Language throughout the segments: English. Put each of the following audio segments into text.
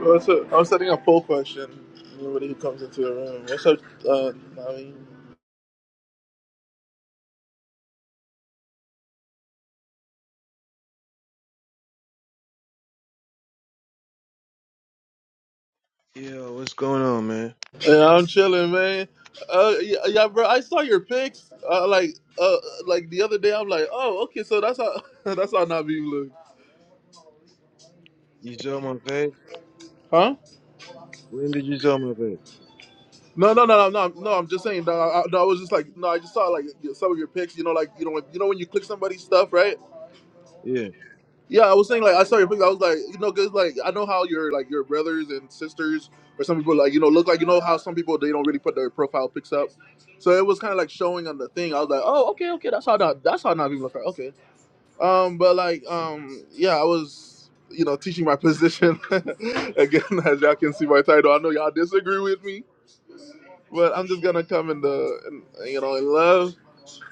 What's up? I was setting a poll question. Everybody who comes into the room. What's up, uh, Nami? Yo, what's going on, man? Yeah, I'm chilling, man. Uh, yeah, yeah, bro. I saw your pics. Uh, like, uh, like the other day. I'm like, oh, okay. So that's how that's how Nami look, You saw my face? huh? When did you saw my face? No, no, no, no, no. no I'm just saying. No, I, no, I was just like, no. I just saw like some of your pics. You know, like you know, when, you know when you click somebody's stuff, right? Yeah. Yeah, I was saying like I saw your picture. I was like, you know, cause like I know how your like your brothers and sisters or some people like you know look like you know how some people they don't really put their profile pics up. So it was kind of like showing on the thing. I was like, oh, okay, okay, that's how not that's how not people look. Like. Okay, um, but like um, yeah, I was you know teaching my position again as y'all can see my title. I know y'all disagree with me, but I'm just gonna come in the in, you know in love.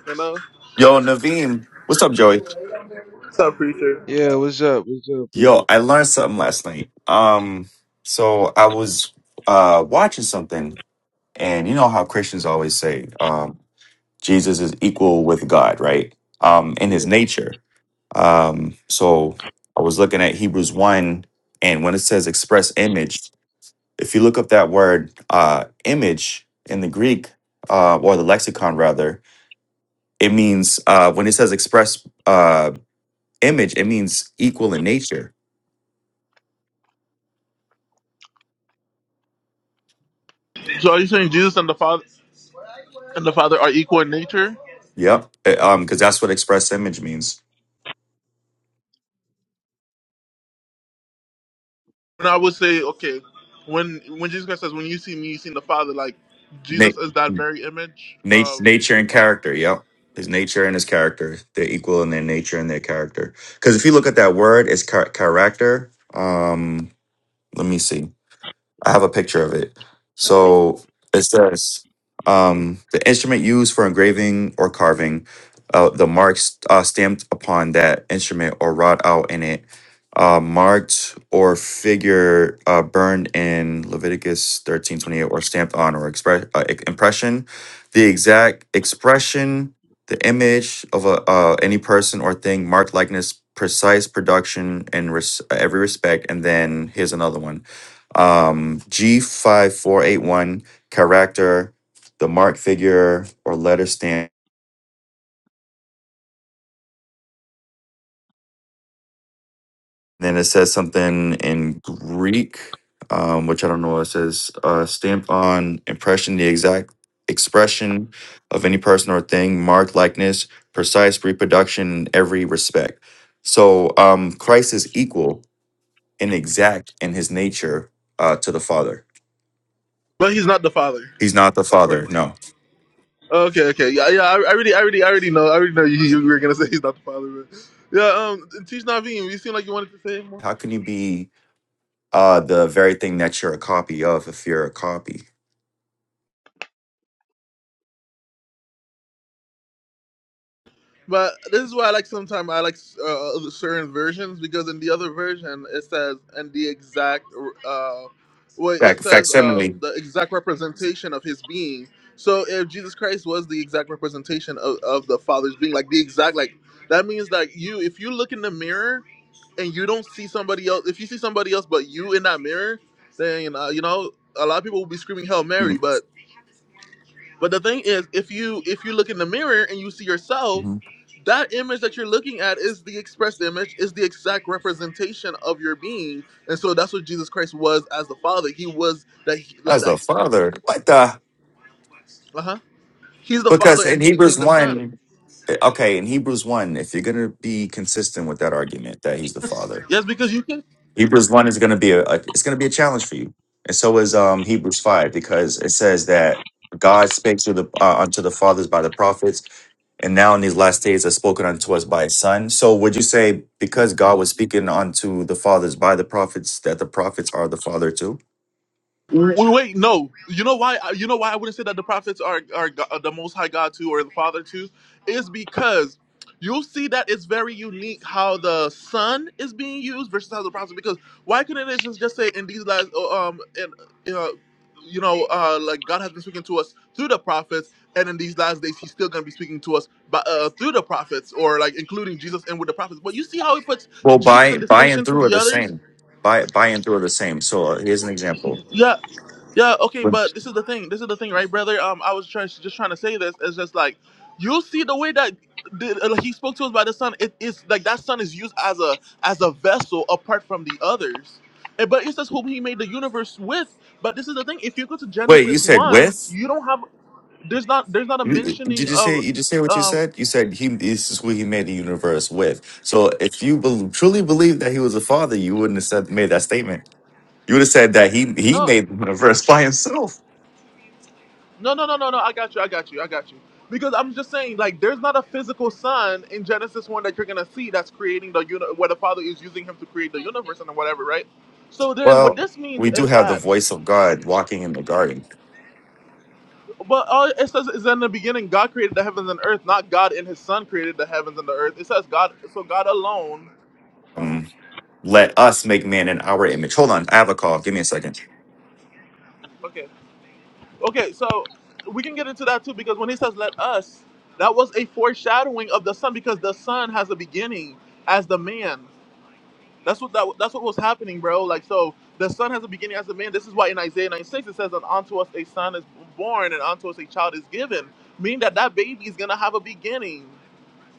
You know, Yo, Naveem. What's up, Joey? what's up, preacher? Yeah, what's up? What's up, preacher? Yo, I learned something last night. Um, so I was uh watching something, and you know how Christians always say, um, Jesus is equal with God, right? Um, in his Yeah. nature. Um, so I was looking at Hebrews 1, and when it says express image, if you look up that word uh image in the Greek, uh, or the lexicon rather, it means uh when it says express uh image, it means equal in nature So are you saying Jesus and the Father and the Father are equal in nature? Yep. Uh, Um, because that's what express image means. And I would say, okay, when when Jesus Christ says, "When you see me, you seen the Father," like Na- Jesus is that very image of nat- nature the and Father, character. Yep. His nature and his character. They're equal in their nature and their character. Because if you look at that word, it's char- character. Um, let me see. I have a picture of it. So it says um, the instrument used for engraving or carving, uh, the marks uh, stamped upon that instrument or wrought out in it, uh, marked or figure uh, burned in Leviticus thirteen twenty eight or stamped on or express uh, i- impression, the exact expression, the image of a, uh, any person or thing, marked likeness, precise production in res- every respect. And then here's another one um, G5481 character, the mark figure or letter stand. Then it says something in Greek, um, which I don't know what it says. Uh, stamped on impression, the exact expression of any person or thing, mark likeness, precise reproduction in every respect. So um, Christ is equal and exact in his nature uh, to the Father. but he's not the Father, He's not the according Father, to. no. Okay, okay, yeah, yeah. I, I already, I already, I already know. I already know you, you were gonna say he's not the Father, but yeah. Um, teach Naveen. You seem like you wanted to say more. How can you be? uh, the very thing that you're a copy of, if you're a copy. But this is why I like sometimes I like uh, other- certain versions because in the other version it says and the exact uh, wait it Fac- says uh, facsimile. the exact representation of his being. So if Jesus Christ was the exact representation of, of the Father's being, like the exact like that means that you if you look in the mirror and you don't see somebody else if you see somebody else but you in that mirror, then uh, you know a lot of people will be screaming Hail Mary, but the thing is, if you if you look in the mirror and you see yourself, Mhm. that image that you're looking at is the expressed image, is the exact representation of your being, and so that's what Jesus Christ was as the Father. He was that like As that. the father. What the? Uh huh. He's the Because Father, and in he Hebrews became the Son. 1, eh, okay, in Hebrews 1, if you're going to be consistent with that argument that he's the father, Yes, because you can. Hebrews 1 is going to be a, a it's going to be a challenge for you. And so is um Hebrews 5 because it says that God speaks to the uh, unto the fathers by the prophets and now in these last days are spoken unto us by his son. So would you say because God was speaking unto the fathers by the prophets, that the prophets are the father too? W- Wait, no. You know why? You know why I wouldn't say that the prophets are are go- the Most High God too, or the Father too, is because you'll see that it's very unique how the Son is being used versus how the prophets. Because why couldn't it just just say in these last uh, um and uh, you know uh like God has been speaking to us through the prophets, and in these last days He's still gonna be speaking to us by, uh, through the prophets, or like including Jesus and with the prophets. But you see how He puts Well, Jesus by in by and distinction to through are the the others same. By by and through are the same. So uh, here's an example. yeah, yeah, okay, When- but this is the thing. This is the thing, right, brother? Um, I was trying, just trying to say this. It's just like you see the way that the, uh, he spoke to us by the son. It is like that son is used as a as a vessel apart from the others. And- But it's just who he made the universe with. But this is the thing. If you go to Wait, you Genesis said one, with? you don't have there's not there's not a You- Did you mentioning just say of you just say what you um said? You said he this is who he made the universe with. So if you bel truly believe that he was a father, you wouldn't have said, made that statement. You would have said that he he no made the universe by himself. No, no, no, no, no. I got you. I got you. I got you. Because I'm just saying, like, there's not a physical son in Genesis one that you're gonna see that's creating the uni- where the Father is using him to create the universe and whatever, right? So then, what Well, this means we do is have the that, voice of God walking in the garden. but all it says is that in the beginning, God created the heavens and earth, not God and His Son created the heavens and the earth. It says God, so God alone. Um, let us make man in our image. Hold on, I have a call. Give me a second. Okay, okay. So we can get into that too, because when He says "let us," that was a foreshadowing of the Son, because the Son has a beginning as the man. That's what that, that's what was happening, bro. Like so, the son has a beginning as a man. This is why in Isaiah 96 it says, "And unto us a son is born, and unto us a child is given," meaning that that baby is gonna have a beginning.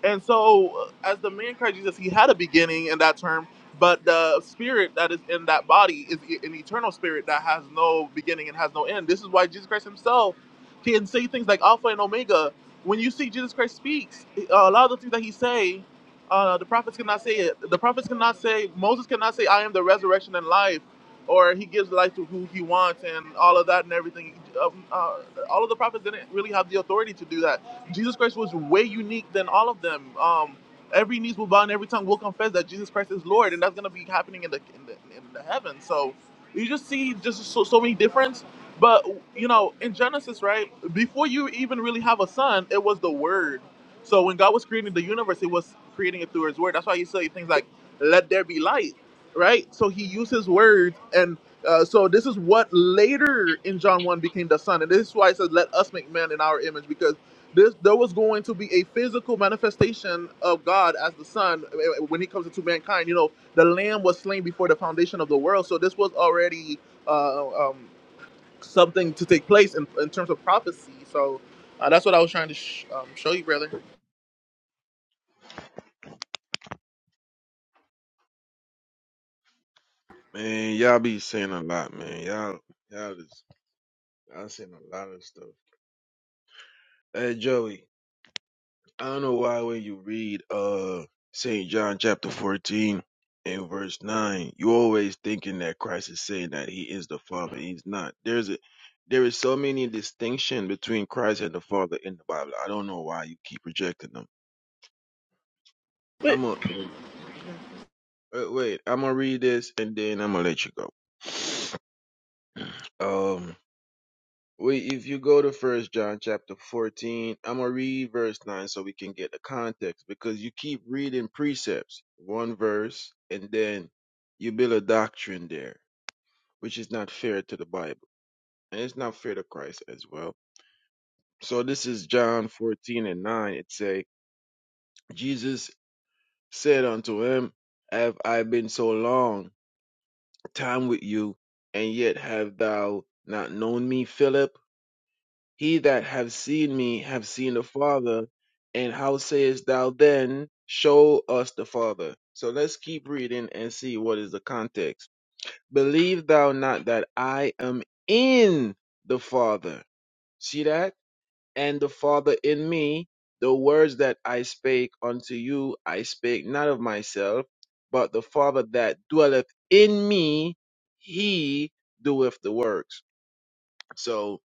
And so, uh, as the man Christ Jesus, he had a beginning in that term, but the spirit that is in that body is e- an eternal spirit that has no beginning and has no end. This is why Jesus Christ himself can say things like Alpha and Omega. When you see Jesus Christ speaks, uh, a lot of the things that he say, uh, the prophets cannot say it. The prophets cannot say, Moses cannot say, I am the resurrection and life, or he gives life to who he wants and all of that and everything. Um, uh, all of the prophets didn't really have the authority to do that Jesus Christ was way unique than all of them. Um, every knees will bow and every tongue will confess that Jesus Christ is Lord, and that's gonna be happening in the in the, in the heavens. So you just see just so so many difference. But you know, in Genesis, right before you even really have a son, it was the Word. So when God was creating the universe, He was creating it through His Word. That's why you say things like "Let there be light," right? So He used His Word and uh, so this is what later in John 1 became the Son. And this is why it says, Let us make man in our image, because this there was going to be a physical manifestation of God as the Son eh, eh, when He comes into mankind. You know, the Lamb was slain before the foundation of the world, so this was already uh, um, something to take place in, in terms of prophecy. So uh, that's what I was trying to sh- um, show you, brother. Man, y'all be saying a lot, man. Y'all, y'all is, y'all saying a lot of stuff. Hey, Joey, I don't know why when you read, uh, St. John chapter 14 and verse 9, you always thinking that Christ is saying that he is the Father. He's not. There's a, there is so many distinction between Christ and the Father in the Bible. I don't know why you keep rejecting them. Wait, I'm gonna uh, wait. I'm gonna read this and then I'm gonna let you go. Um, wait. If you go to First John chapter fourteen, I'm gonna read verse nine so we can get the context because you keep reading precepts, one verse, and then you build a doctrine there, which is not fair to the Bible and it's not fair to Christ as well. So this is John fourteen and nine. It say, Jesus said unto him, Have I been so long? time with you, and yet have thou not known me, Philip? He that hath seen me hath seen the Father, and how sayest thou then, Show us the Father? So let's keep reading and see what is the context. Believe thou not that I am in the Father. See that? and the Father in me, the words that I spake unto you, I spake not of myself, but the Father that dwelleth in me, he doeth the works. So,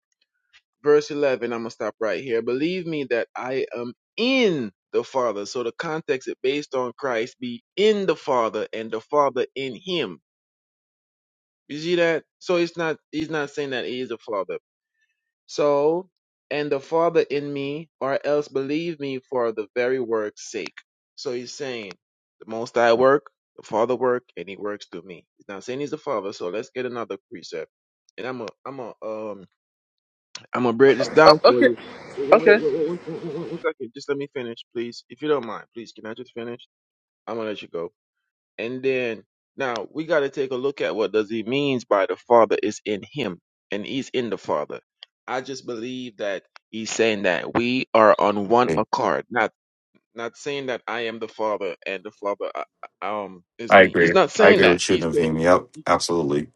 verse 11, I'm going to stop right here. Believe me that I am in the Father. So, the context is based on Christ, be in the Father, and the Father in him. You see that? So it's not he's not saying that he is a father. So, and the Father in me, or else believe me for the very work's sake. So he's saying, the most I work, the Father work, and he works through me. He's not saying he's the Father, so let's get another precept. And I'm a, I'm a, um, I'm gonna break this uh, down for okay, you. Wait, wait, okay. wait, wait, wait, wait, wait, wait, one second. Just let me finish, please. If you don't mind, please, can I just finish? I'm gonna let you go. And then now we got to take a look at what does he means by the Father is in him and he's in the Father. I just believe that he's saying that we are on one Okay. accord, not not saying that I am the Father and the Father uh, uh, um is I me. He's agree. not I saying agree that. with you, He's saying Naveem. Yep, absolutely.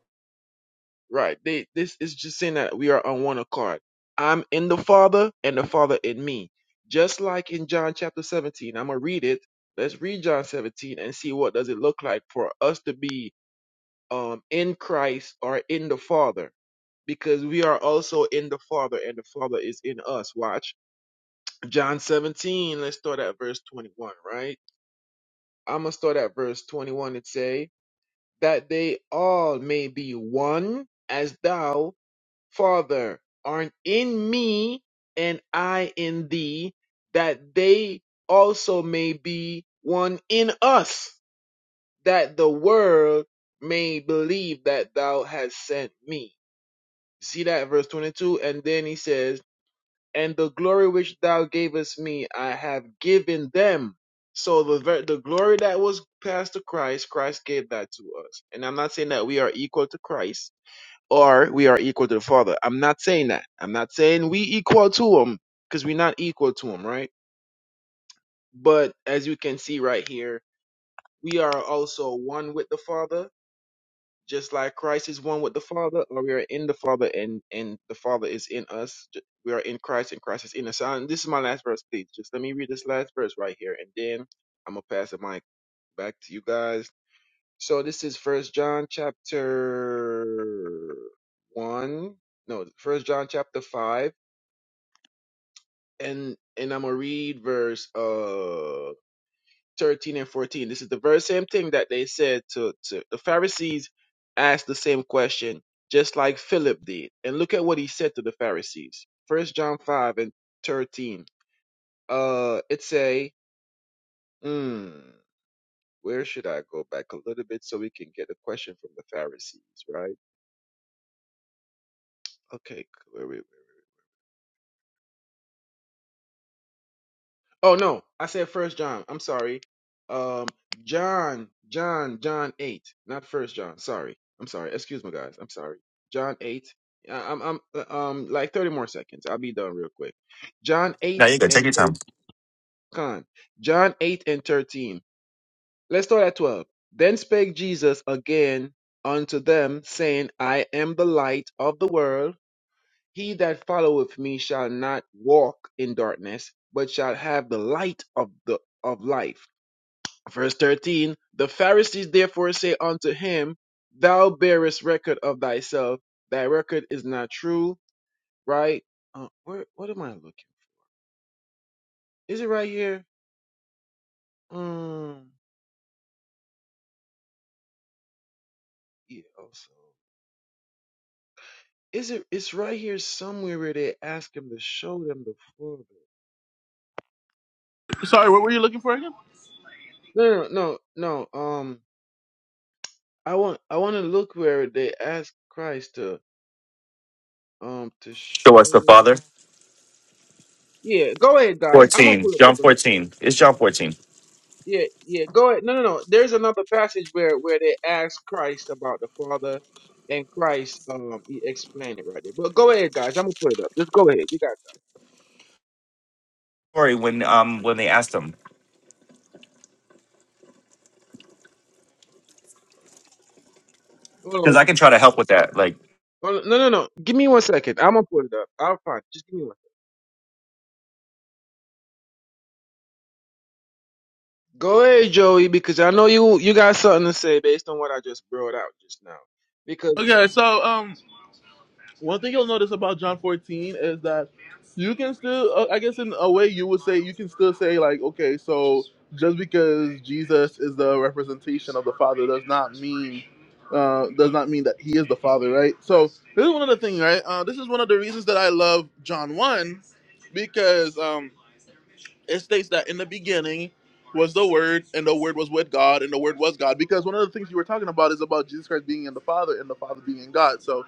right. They this is just saying that we are on one accord. I'm in the Father and the Father in me. Just like in John chapter 17. I'm gonna read it. Let's read John 17 and see what does it look like for us to be um, in Christ are in the Father because we are also in the Father and the Father is in us. Watch. John 17, let's start at verse 21, right? I'm going to start at verse 21 and say, That they all may be one as thou, Father, art in me and I in thee, that they also may be one in us, that the world may believe that thou hast sent me See that verse 22? And then he says, And the glory which thou gavest me, I have given them. So the ver- the glory that was passed to Christ, Christ gave that to us. And I'm not saying that we are equal to Christ or we are equal to the Father. I'm not saying that. I'm not saying we equal to him because we're not equal to him, right? But as you can see right here, we are also one with the Father just like Christ is one with the Father, or we are in the Father and and the Father is in us. J- We are in Christ and Christ is in us. So, And this is my last verse, please. Just let me read this last verse right here, and then I'm gonna pass the mic back to you guys. So this is First John chapter one, no, First John chapter five, and and I'm gonna read verse uh 13 and 14. This is the very same thing that they said to, to the Pharisees, asked the same question, just like Philip did. And look at what he said to the Pharisees. First John 5 and 13. Uh, it's a, hmm, where should I go back a little bit so we can get a question from the Pharisees, right? Okay, Where we? Oh no, I said First John. I'm sorry. Um, John, John, John eight, not First John. Sorry, I'm sorry. Excuse me, guys. I'm sorry. John eight. I- I'm, I'm, uh, um, like thirty more seconds. I'll be done real quick. John Now eight you can take and your thir- time. con. John eight and thirteen. Let's start at twelve. Then spake Jesus again unto them, saying, I am the light of the world. He that followeth me shall not walk in darkness, but shall have the light of the of life. Verse 13 The Pharisees therefore say unto him, Thou bearest record of thyself, thy record is not true, right? Uh, where what am I looking? Is it right here? Um yeah, also. Is it it's right here somewhere where they ask him to show them the Father. Sorry, Oh. what were you looking for again? No, no, no, no. Um I want I want to look where they ask Christ to Um, to Show show. us the Father. Yeah, go ahead, guys. I'm gonna Fourteen, pull up the John verse. fourteen. It's John fourteen. Yeah, yeah. Go ahead. No, no, no. There's another passage where where they ask Christ about the Father, and Christ um he explained it right there. But go ahead, guys. I'm gonna pull it up. Just go ahead. You got. It. Sorry, when um when they asked him, Hold because on. I can try to help with that. Like, Hold on. No, no, no. Give me one second. I'm gonna pull it up. I'll find. It. Just give me one. Go ahead, Joey, because I know you you got something to say based on what I just brought out just now. Because Okay, so um. One thing you'll notice about John 14 is that you can still, uh, I guess, in a way, you would say you can still say like, okay, so just because Jesus is the representation of the Father does not mean uh, does not mean that he is the Father, right? So this is one of the things, right? Uh, this is one of the reasons that I love John 1 because um, it states that in the beginning was the Word, and the Word was with God, and the Word was God. Because one of the things you were talking about is about Jesus Christ being in the Father and the Father being in God. So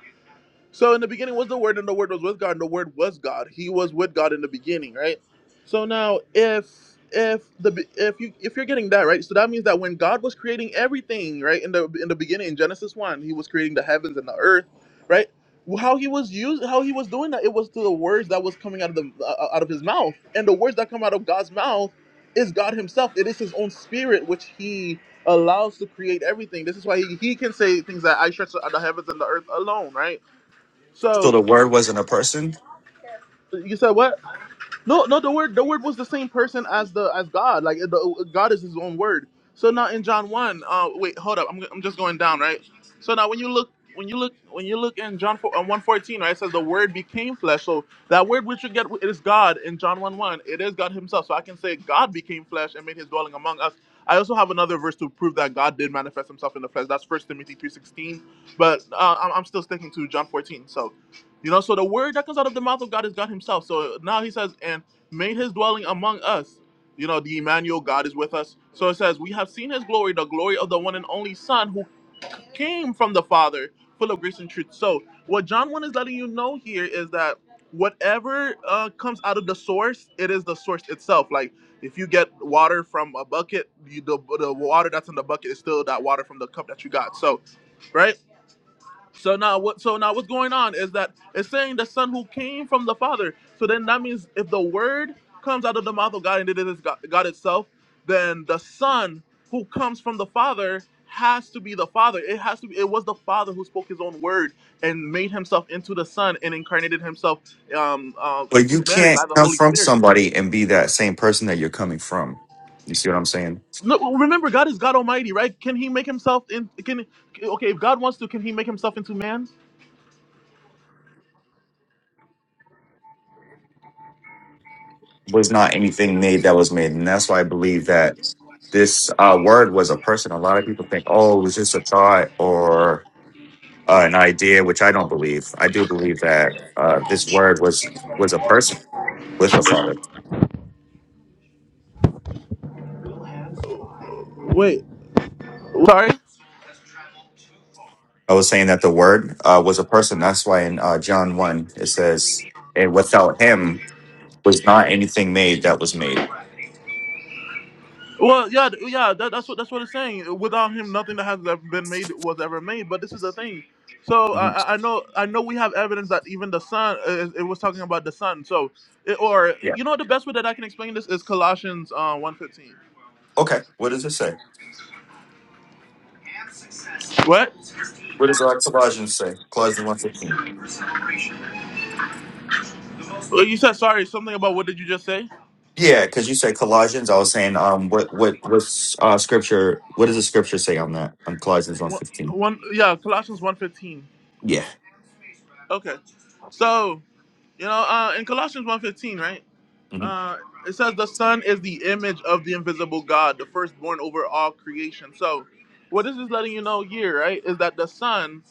so in the beginning was the Word, and the Word was with God, and the Word was God. He was with God in the beginning, right? So now, if if the if you if you're getting that right, so that means that when God was creating everything, right, in the in the beginning, in Genesis one, He was creating the heavens and the earth, right? How He was using, how He was doing that, it was through the words that was coming out of the uh, out of His mouth, and the words that come out of God's mouth is God Himself. It is His own Spirit which He allows to create everything. This is why He, he can say things that I stretch the heavens and the earth alone, right? so So the Word wasn't a person, you said what? No, no. The word, the word was the same person as the as God. Like the, God is His own word. So now in John one, uh, wait, hold up. I'm, I'm just going down, right? So now when you look, when you look, when you look in John 4, uh, one fourteen, right? It says the word became flesh. So that word which you get is God in John one one. It is God Himself. So I can say God became flesh and made His dwelling among us. I also have another verse to prove that God did manifest Himself in the flesh. That's First Timothy three sixteen. But uh, I'm, I'm still sticking to John fourteen. So. You know, so the word that comes out of the mouth of God is God Himself. So now He says, and made His dwelling among us. You know, the Emmanuel God is with us. So it says, we have seen His glory, the glory of the one and only Son who came from the Father, full of grace and truth. So what John 1 is letting you know here is that whatever uh, comes out of the source, it is the source itself. Like if you get water from a bucket, you, the, the water that's in the bucket is still that water from the cup that you got. So, right? So now what so now what's going on is that it's saying the son who came from the father. So then that means if the word comes out of the mouth of God and it is God, God itself, then the son who comes from the father has to be the father. It has to be it was the father who spoke his own word and made himself into the son and incarnated himself um, um but you through Mary can't by the come Holy from Spirit. somebody and be that same person that you're coming from. You see what I'm saying? No, remember God is God Almighty, right? Can he make himself in can okay, if God wants to, can he make himself into man? was not anything made that was made. And that's why I believe that this uh, word was a person. A lot of people think, oh, it was just a thought or uh, an idea, which I don't believe. I do believe that uh, this word was was a person with the Father. Wait. Sorry? I was saying that the word uh, was a person. That's why in uh, John 1, it says, and without him was not anything made that was made. Well, yeah, th- yeah, that, that's what that's what it's saying. Without him, nothing that has ever been made was ever made. But this is the thing. So I, Mhm. I I know I know we have evidence that even the sun it, it was talking about the sun. So it, or Yeah. you know what the best way that I can explain this is Colossians uh, one fifteen. Okay. What does it say? What? What does uh, Colossians say? Colossians one fifteen. Well, You said sorry. Something about what did you just say? Yeah, because you said Colossians. I was saying, um, what what what's uh scripture? What does the scripture say on that? On Colossians one One, fifteen. one yeah, Colossians one fifteen. Yeah. Okay. So you know uh, in Colossians one fifteen, right? hmm Uh, it says the Son is the image of the invisible God, the firstborn over all creation. So, what this is letting you know here, right, is that the Son,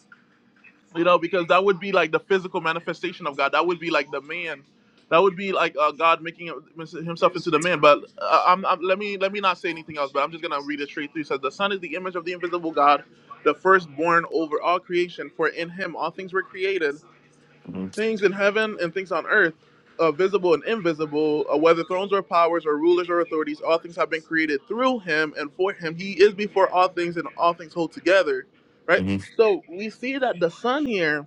you know, because that would be like the physical manifestation of God. That would be like the man. That would be like uh, God making himself into the man. But uh, I'm, I'm, let me let me not say anything else. But I'm just gonna read it straight through. It says the Son is the image of the invisible God, the firstborn over all creation. For in Him all things were created hmm things in heaven and things on earth, uh, visible and invisible, uh, whether thrones or powers or rulers or authorities, all things have been created through him and for him. He is before all things, and all things hold together. Right. hmm So we see that the Son here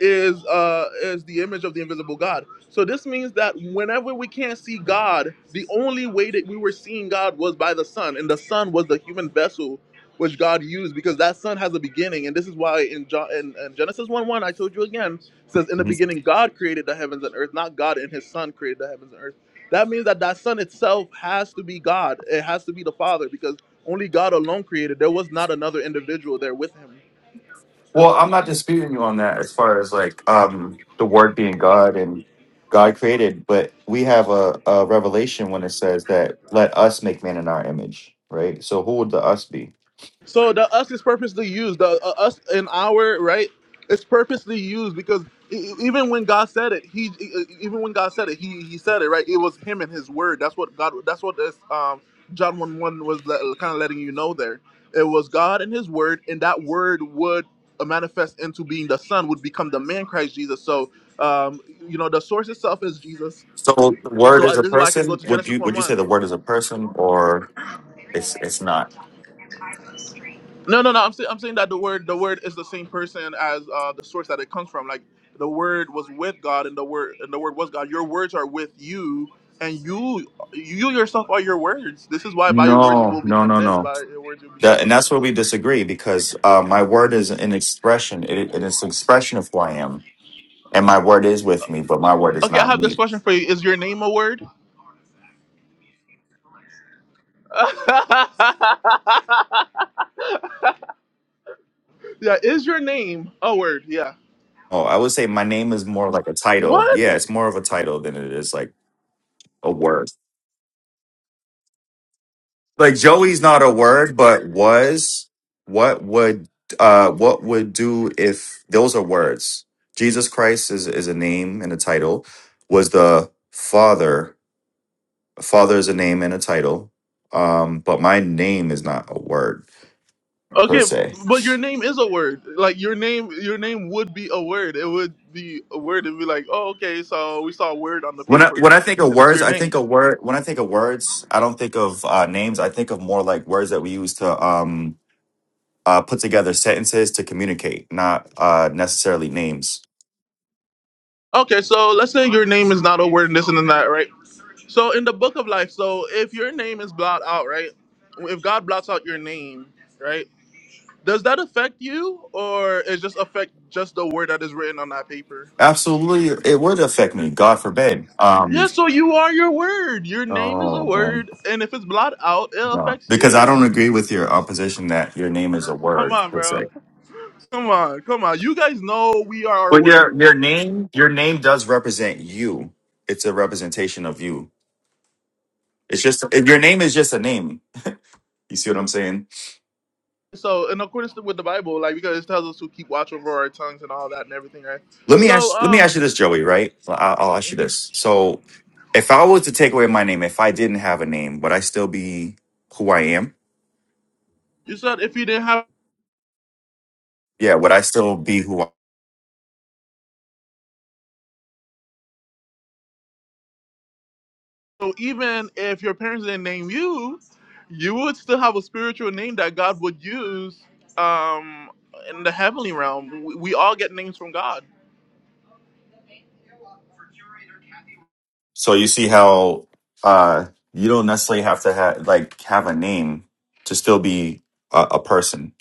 is uh is the image of the invisible God. So this means that whenever we can't see God, the only way that we were seeing God was by the Son, and the Son was the human vessel which God used because that Son has a beginning, and this is why in John in, in Genesis one one I told you again says in the hmm beginning God created the heavens and earth, not God and His Son created the heavens and earth. That means that that Son itself has to be God. It has to be the Father because only God alone created. There was not another individual there with Him. Well, I'm not disputing you on that as far as like um the Word being God and God created, but we have a, a revelation when it says that let us make man in our image, right? So who would the us be? So the us is purposely used. The uh, us and our right, it's purposely used because e- e- even when God said it, he e- e- even when God said it, he he said it right. It was him and his word. That's what God. That's what this um John one one was kind of letting you know there. It was God and his word, and that word would uh, manifest into being the Son, would become the man Christ Jesus. So um you know the source itself is Jesus. So the Word So uh, is a this is why I can go person. to Would Genesis you one would you say one. the Word is a person or it's it's not? No, no, no. I'm saying I'm saying that the word the word is the same person as uh, the source that it comes from. Like the word was with God, and the word and the word was God. Your words are with you, and you you yourself are your words. This is why by your words you No, will be no, no, condemned, and no. by your words you'll be That, and justified. that's where we disagree because uh, my word is an expression. It, it is an expression of who I am, and my word is with me, but my word is Okay, I not have this me. question for you. Is your name a word? yeah, is your name a word? Yeah. Oh, I would say my name is more like a title. What? Yeah, it's more of a title than it is like a word. like Joey's not a word, but was what would uh what would do if those are words. Jesus Christ is is a name and a title. Was the Father Father is a name and a title. Um, but my name is not a word per Okay, se. but your name is a word. Like your name, your name would be a word. It would be a word. It'd be like, oh, okay, so we saw a word on the When I when paper, I think of and it's words, your I name. think of word. When I think of words, I don't think of uh, names. I think of more like words that we use to um, uh, put together sentences to communicate, not uh, necessarily names. Okay, so let's say your name is not a word, and this and then that, right? So in the book of life, so if your name is blot out, right? If God blots out your name, right? Does that affect you, or it just affect just the word that is written on that paper? Absolutely, it would affect me. God forbid. Um, Yeah, so you are your word. Your name is a oh man, word, and if it's blot out, it no, affects because I you. don't agree with your opposition that your name is a Come word on, per bro. se. Come on, come on. You guys know we are our But your word. your name, your name does represent you. It's a representation of you. It's just if your name is just a name. You see what I'm saying? So, in accordance with the Bible, like because it tells us to keep watch over our tongues and all that and everything, right? Let me So, ask. Let me ask um, you this, Joey. Right? Well, I- I'll ask you Mhm. this. So, if I was to take away my name, if I didn't have a name, would I still be who I am? you said if you didn't have, Yeah, would I still be who I? so even if your parents didn't name you, you would still have a spiritual name that God would use, um, in the heavenly realm. We, we all get names from God. So you see how uh, you don't necessarily have to have like have a name to still be a, a person.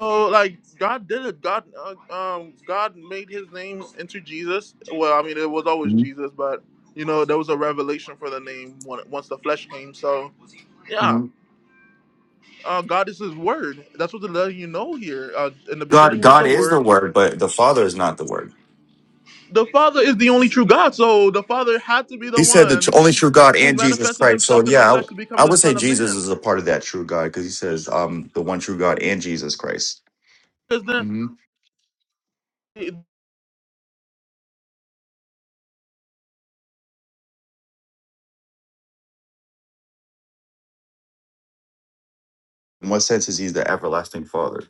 So like God did it. God, uh, um, God made His name into Jesus. Well, I mean, it was always Mhm. Jesus, but you know, there was a revelation for the name when, once the flesh came. So yeah, Mhm. uh, God is His Word. That's what they're letting you know here. Uh, in the God, beginning was the God is the Word. Word, but the Father is not the Word. The Father is the only true God. So the Father had to be the He said the tr- one only true God who and Jesus manifested Christ. So Himself in the yeah, flesh to become I, I the would say Son of Jesus Man. is a part of that true God because he says um, the one true God and Jesus Christ. Because Mhm. then. In what sense is he the everlasting Father?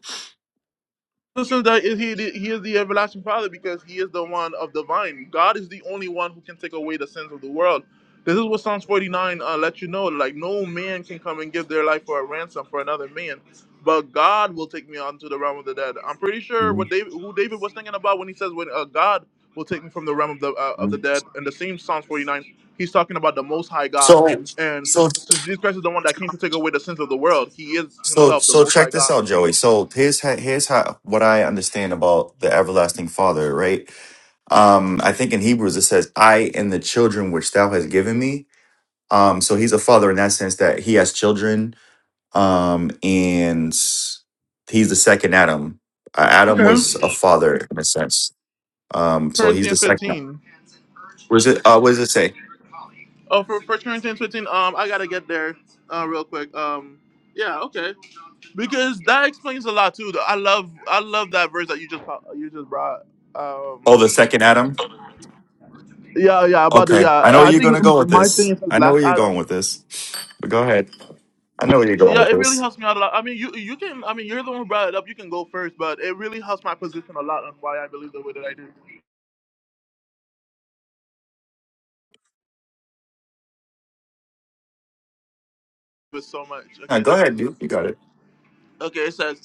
Listen, that is he, he is the everlasting Father because he is the one of the vine. God is the only one who can take away the sins of the world. This is what Psalms 49 uh, let you know. Like, no man can come and give their life for a ransom for another man, but God will take me onto the realm of the dead. I'm pretty sure Mhm. what David, who David was thinking about when he says, when uh, God will take me from the realm of the uh, of the Mhm. dead. In the same Psalms 49, he's talking about the Most High God. So, And so so, so Jesus Christ is the one that came to take away the sins of the world. He is So, himself the so Most High check this God. out, Joey. So here's how, here's how what I understand about the everlasting Father, right? Um, I think in Hebrews it says, "I and the children which Thou hast given me." Um, so he's a father in that sense that he has children, um, and he's the second Adam. Uh, Adam Okay. was a father in a sense. Um, so he's the Corinthians second. 15. Was it? Uh, what does it say? Oh, for First Corinthians 15. Um, I gotta get there, uh, real quick. Um, yeah, okay, because that explains a lot too. I love, I love that verse that you just po- you just brought. Oh, Um, the second Adam. yeah, yeah, about the Okay, I know yeah. where I you're think gonna go with my thing this. is the I know last where you're going item. with this. But go ahead. I know where you're going Yeah, with it really this. helps me out a lot. I mean, you you can. I mean, you're the one who brought it up. You can go first, but it really helps my position a lot on why I believe the way that I do. With so much. Yeah, Okay, go so. ahead, dude. You got it. Okay, it says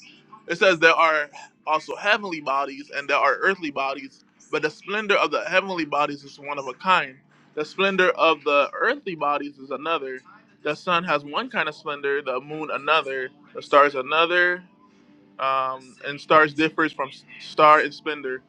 it says there are also heavenly bodies and there are earthly bodies, but the splendor of the heavenly bodies is one of a kind. The splendor of the earthly bodies is another. The sun has one kind of splendor, the moon another, the stars another, um, and stars differs from s- star in splendor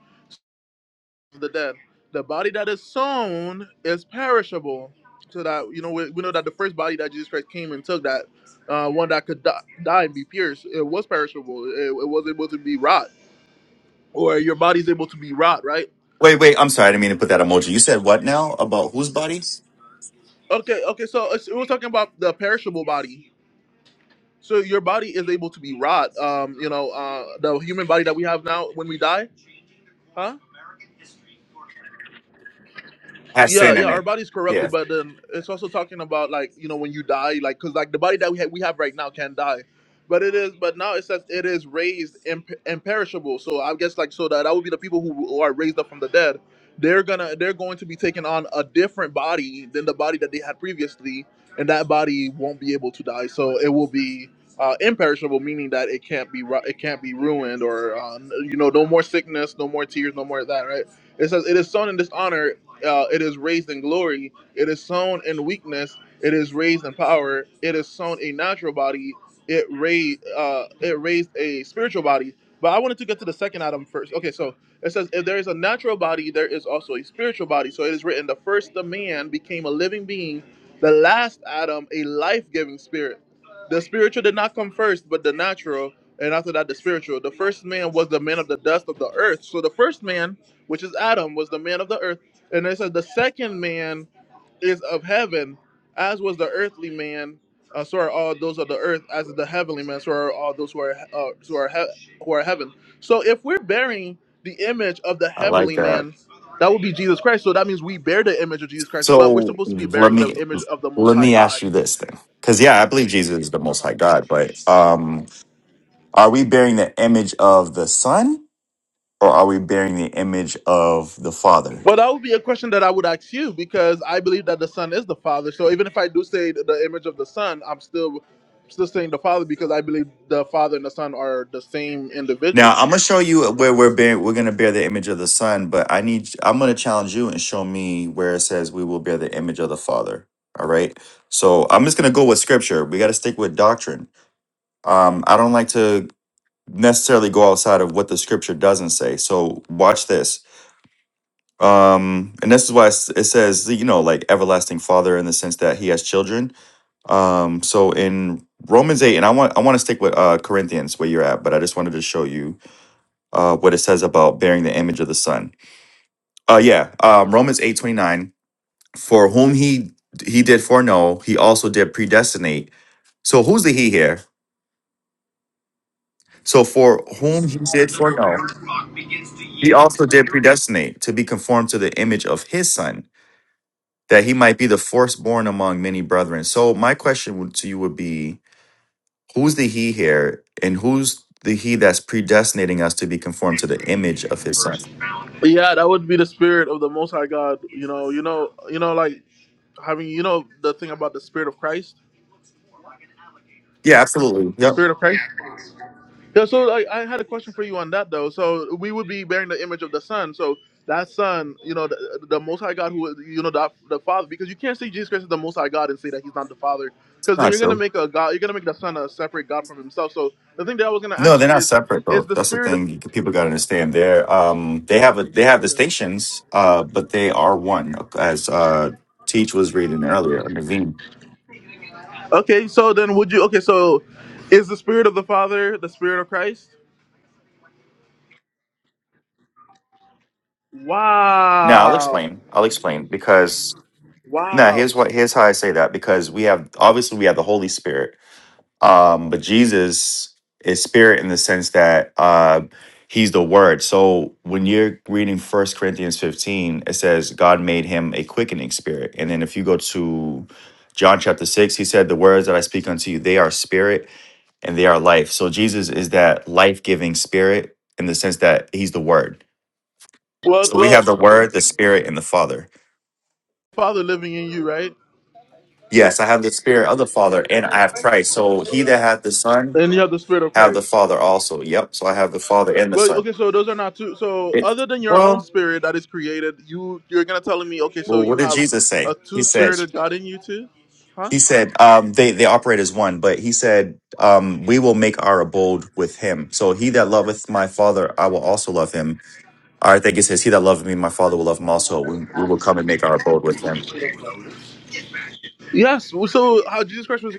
the dead. The body that is sown is perishable. So that you know, we, we know that the first body that Jesus Christ came and took, that uh, one that could die, die and be pierced, it was perishable. It, it was able to be rot, or your body's able to be rot, right? Wait, wait. I'm sorry. I didn't mean to put that emoji. You said what now about whose body Okay, okay. So it's, we're talking about the perishable body. So your body is able to be rot. Um, you know, uh, the human body that we have now when we die, huh? has yeah sin yeah in our it? body's Yeah, corrupted but then it's also talking about like you know when you die like because like the body that we have we have right now can die but it is but now it says it is raised imp- imperishable so i guess like so that that would be the people who, who are raised up from the dead they're gonna they're going to be taking on a different body than the body that they had previously and that body won't be able to die so it will be uh, imperishable meaning that it can't be ru- it can't be ruined or uh, you know no more sickness no more tears no more of that right it says, It is sown in dishonor. Uh, it is raised in glory. It is sown in weakness. It is raised in power. It is sown a natural body. It raised uh, it raised a spiritual body. But I wanted to get to the second item first. Okay, so it says if there is a natural body, there is also a spiritual body. So it is written, the first the man became a living being, the last Adam a life-giving spirit. The spiritual did not come first, but the natural, and after that the spiritual. The first man was the man of the dust of the earth. So the first man, which is Adam, was the man of the earth and it says the second man is of heaven, as was the earthly man. Uh, so are all those of the earth, as is the heavenly man. So are all those who are uh, who are he- who are heaven. So if we're bearing the image of the I like heavenly that. man, that would be Jesus Christ. So that means we bear the image of Jesus Christ, but we're So supposed to be let bearing the me image of the Most let High me ask God. you this then, because yeah, I believe Jesus is the Most Uh-huh. High God, but um, are we bearing the image of the Son or are we bearing the image of the Father? Well, that would be a question that I would ask you because I believe that the son is the father. So even if I do say th- the image of the son, I'm still still saying the father because I believe the father and the son are the same Now individual. I'm gonna show you where we're bearing, we're gonna bear the image of the Son, but I need I'm gonna challenge you and show me where it says we will bear the image of the Father. All right. So I'm just gonna go with Scripture. We got to stick with doctrine. Um, I don't like to necessarily go outside of what the Scripture doesn't say. So watch this. Um, and this is why it's- it says you know like everlasting Father in the sense that He has children. Um, so in Romans eight, and I want I want to stick with uh, Corinthians where you're at, but I just wanted to show you uh, what it says about bearing the image of the Son. Uh, yeah, um, Romans eight twenty nine. For whom he he did foreknow, he also did predestinate. So who's the he here? So for whom he did foreknow, he also did predestinate to be conformed to the image of his Son, that he might be the firstborn among many brethren. So my question would- to you would be, who's the he here, and who's the he that's predestinating us to be conformed to the image of his Son? Yeah, that would be the spirit of the Most High God. You know, you know, you know, like having you know the thing about the spirit of Christ, Yeah, absolutely. the Yep, spirit of Christ. Yeah, so I, I had a question for you on that though. So we would be bearing the image of the Son. So that Son, you know, the, the Most High God, who you know, the, the Father, because you can't say Jesus Christ is the Most High God and say that He's not the Father, it's because then not you're gonna true. make a God, you're gonna make the Son a separate God from Himself. So the thing that I was gonna No, ask they're you not is, separate is though. the That's the Spirit? thing you- people got to understand. They're um they have a they have the Okay, stations, uh, but they are one as uh Teach was reading earlier, or Naveen. Okay, so then would you? Okay, so is the Spirit of the Father the Spirit of Christ? Now I'll Wow, explain. I'll explain because now wow. here's what here's how I say that because we have obviously we have the Holy Spirit Um, but Jesus is spirit in the sense that uh, he's the word. So when you're reading First Corinthians 15, it says God made him a quickening spirit. And then if you go to John chapter 6, he said, The words that I speak unto you, they are spirit and they are life. So Jesus is that life giving spirit in the sense that he's the word. Well, So we well, have the word, the spirit, and the father. Father living in you, right? Yes, I have the spirit of the father and I have Christ. So he that hath the son And you have the Spirit of have the Christ. father also. Yep. So I have the father and the But son. okay, so those are not two. So It's other than your own well, spirit that is created, you you're gonna telling me okay, so well, you what did have Jesus a say? He two said, spirited God in you too, huh? he said, um, they they operate as one, but he said, um, we will make our abode with him. So he that loveth my father, I will also love him. Or I think it says, he that loveth me, my father will love him also. We, we will come and make our abode with him. Yes. well, So how Jesus Christ was?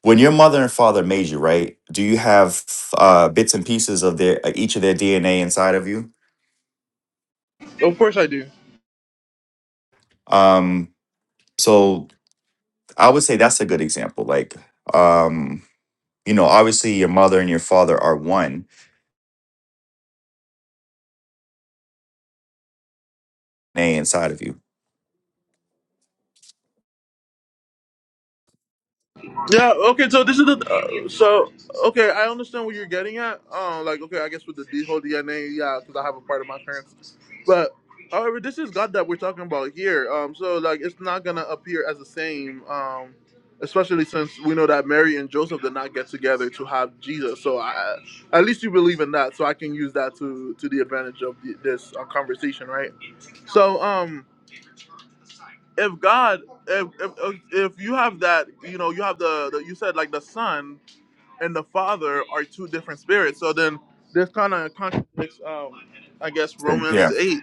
When your mother and father made you, right? Do you have uh, bits and pieces of their each of their DNA inside of you? Of course I do. Um, so I would say that's a good example. Like, um, you know, obviously your mother and your father are one a inside of you. Yeah. Okay. So this is the. Uh, so okay, I understand what you're getting at. Um, like okay, I guess with the D whole DNA, yeah, because I have a part of my parents. But however, this is God that we're talking about here. Um, so like it's not gonna appear as the same. Um, especially since we know that Mary and Joseph did not get together to have Jesus. So I, at least you believe in that. So I can use that to to the advantage of the, this uh, conversation, right? So um, if God, if, if if you have that, you know, you have the, the you said like the Son and the Father are two different spirits. So then this kind of contradicts, um, I guess, Sure. Romans Yeah. eight.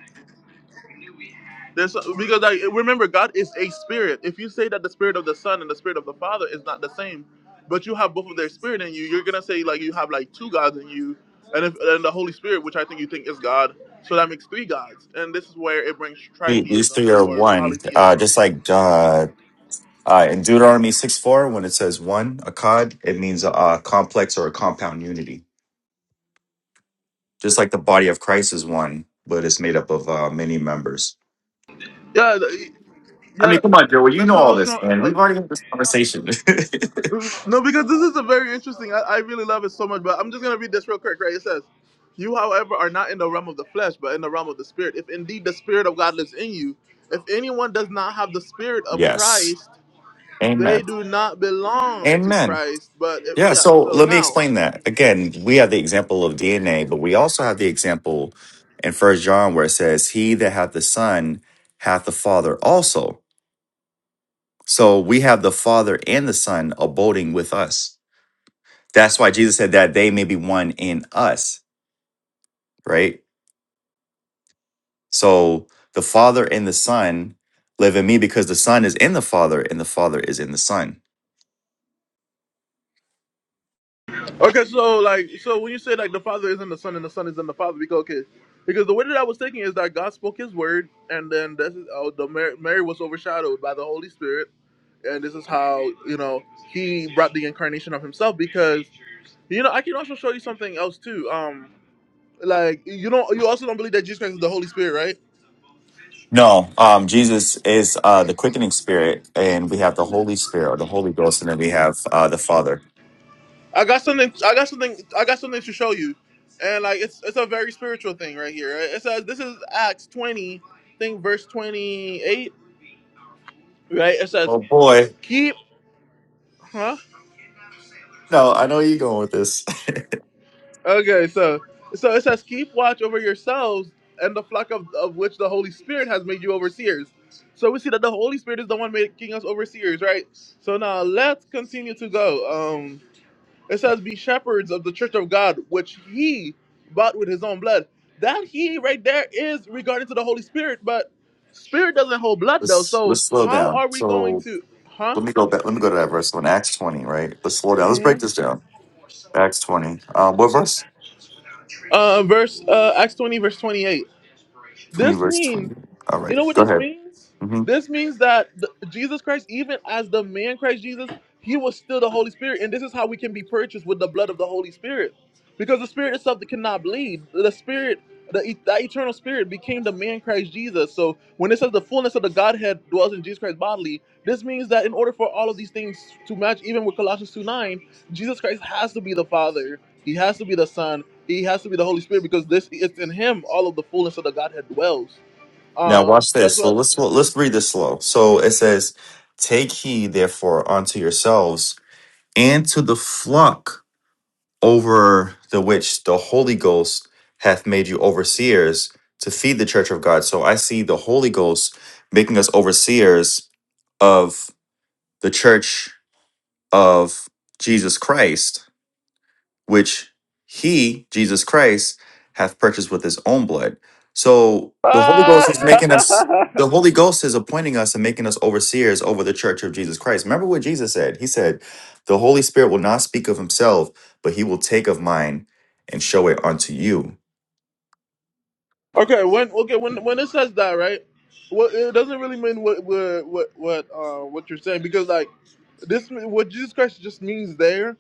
This because like remember, God is a spirit. If you say that the spirit of the Son and the spirit of the Father is not the same, but you have both of their spirit in you, you're gonna say like you have like two gods in you, and if and the Holy Spirit, which I think you think is God. So that makes three gods, and this is where it brings The- These tritheism three are or one. Uh, polytheism. just like uh, uh, in Deuteronomy 6 4, when it says one, akkad, it means a, a complex or a compound unity. Just like the body of Christ is one, but it's made up of uh, many members. Yeah, th- I yeah, mean, come on, Joey, you that's know what I all was this, trying. man. Uh, We've already had this conversation. No, because this is a very interesting. I, I really love it so much, but I'm just gonna read this real quick. Right, it says, "You, however, are not in the realm of the flesh, but in the realm of the spirit. If indeed the spirit of God lives in you, if anyone does not have the spirit of yes. Christ, they Amen. do not belong to Amen. Christ. But if Yeah. yeah, So so let me now." explain that. Again, we have the example of DNA, but we also have the example in First John where it says, He that hath the Son hath the Father also. So we have the Father and the Son abiding with us. That's why Jesus said that they may be one in us, right? So the Father and the Son live in me because the Son is in the Father and the Father is in the Son. Okay, so like, so when you say like the Father is in the Son and the Son is in the Father, because okay, because the way that I was thinking is that God spoke His word, and then this is oh, the Mary, Mary was overshadowed by the Holy Spirit, and this is how you know He brought the incarnation of Himself. Because you know, I can also show you something else too. Um, like you don't, you also don't believe that Jesus Christ is the Holy Spirit, right? No, um, Jesus is uh, the quickening spirit, and we have the Holy Spirit or the Holy Ghost, and then we have uh, the Father. I got something, I got something, I got something to show you, and like it's it's a very spiritual thing right here. Right? It says this is Acts twenty, I think verse twenty eight right? It says Oh boy. keep, huh? No, I know where you're going with this. Okay, so so it says keep watch over yourselves and the flock of, of which the Holy Spirit has made you overseers. So we see that the Holy Spirit is the one making us overseers, right? So now let's continue to go. Um, it says be shepherds of the church of God, which He bought with His own blood. That He right there is regarding to the Holy Spirit, but Spirit doesn't hold blood though. Let's So let's slow how down. are we going So to, huh? let me go back. Let me go to that verse one, Acts 20, right? Let's slow down. Let's break this down. Acts 20. Uh, what verse? Uh, verse uh, Acts twenty, verse twenty-eight. 20, This verse means. 20. All You right, know what go this ahead. means? hmm This means that the, Jesus Christ, even as the man Christ Jesus, he was still the Holy Spirit. And this is how we can be purchased with the blood of the Holy Spirit. Because the Spirit itself that cannot bleed. The Spirit, the, e- that eternal Spirit became the man Christ Jesus. So when it says the fullness of the Godhead dwells in Jesus Christ bodily, this means that in order for all of these things to match, even with Colossians 2 9, Jesus Christ has to be the Father, he has to be the Son, he has to be the Holy Spirit, because this it's in him all of the fullness of the Godhead dwells. Now, Um, watch that's this. So what. let's well, let's read this slow. So it says, Take heed, therefore, unto yourselves and to the flock over the which the Holy Ghost hath made you overseers to feed the church of God. So I see the Holy Ghost making us overseers of the church of Jesus Christ which he, Jesus Christ, hath purchased with his own blood. So the Holy Ghost is making us, the Holy Ghost is appointing us and making us overseers over the church of Jesus Christ. Remember what Jesus said? He said, The Holy Spirit will not speak of himself, but he will take of mine and show it unto you. Okay, when okay when when it says that, right? Well, it doesn't really mean what what what what uh, what you're saying because like this what Jesus Christ just means there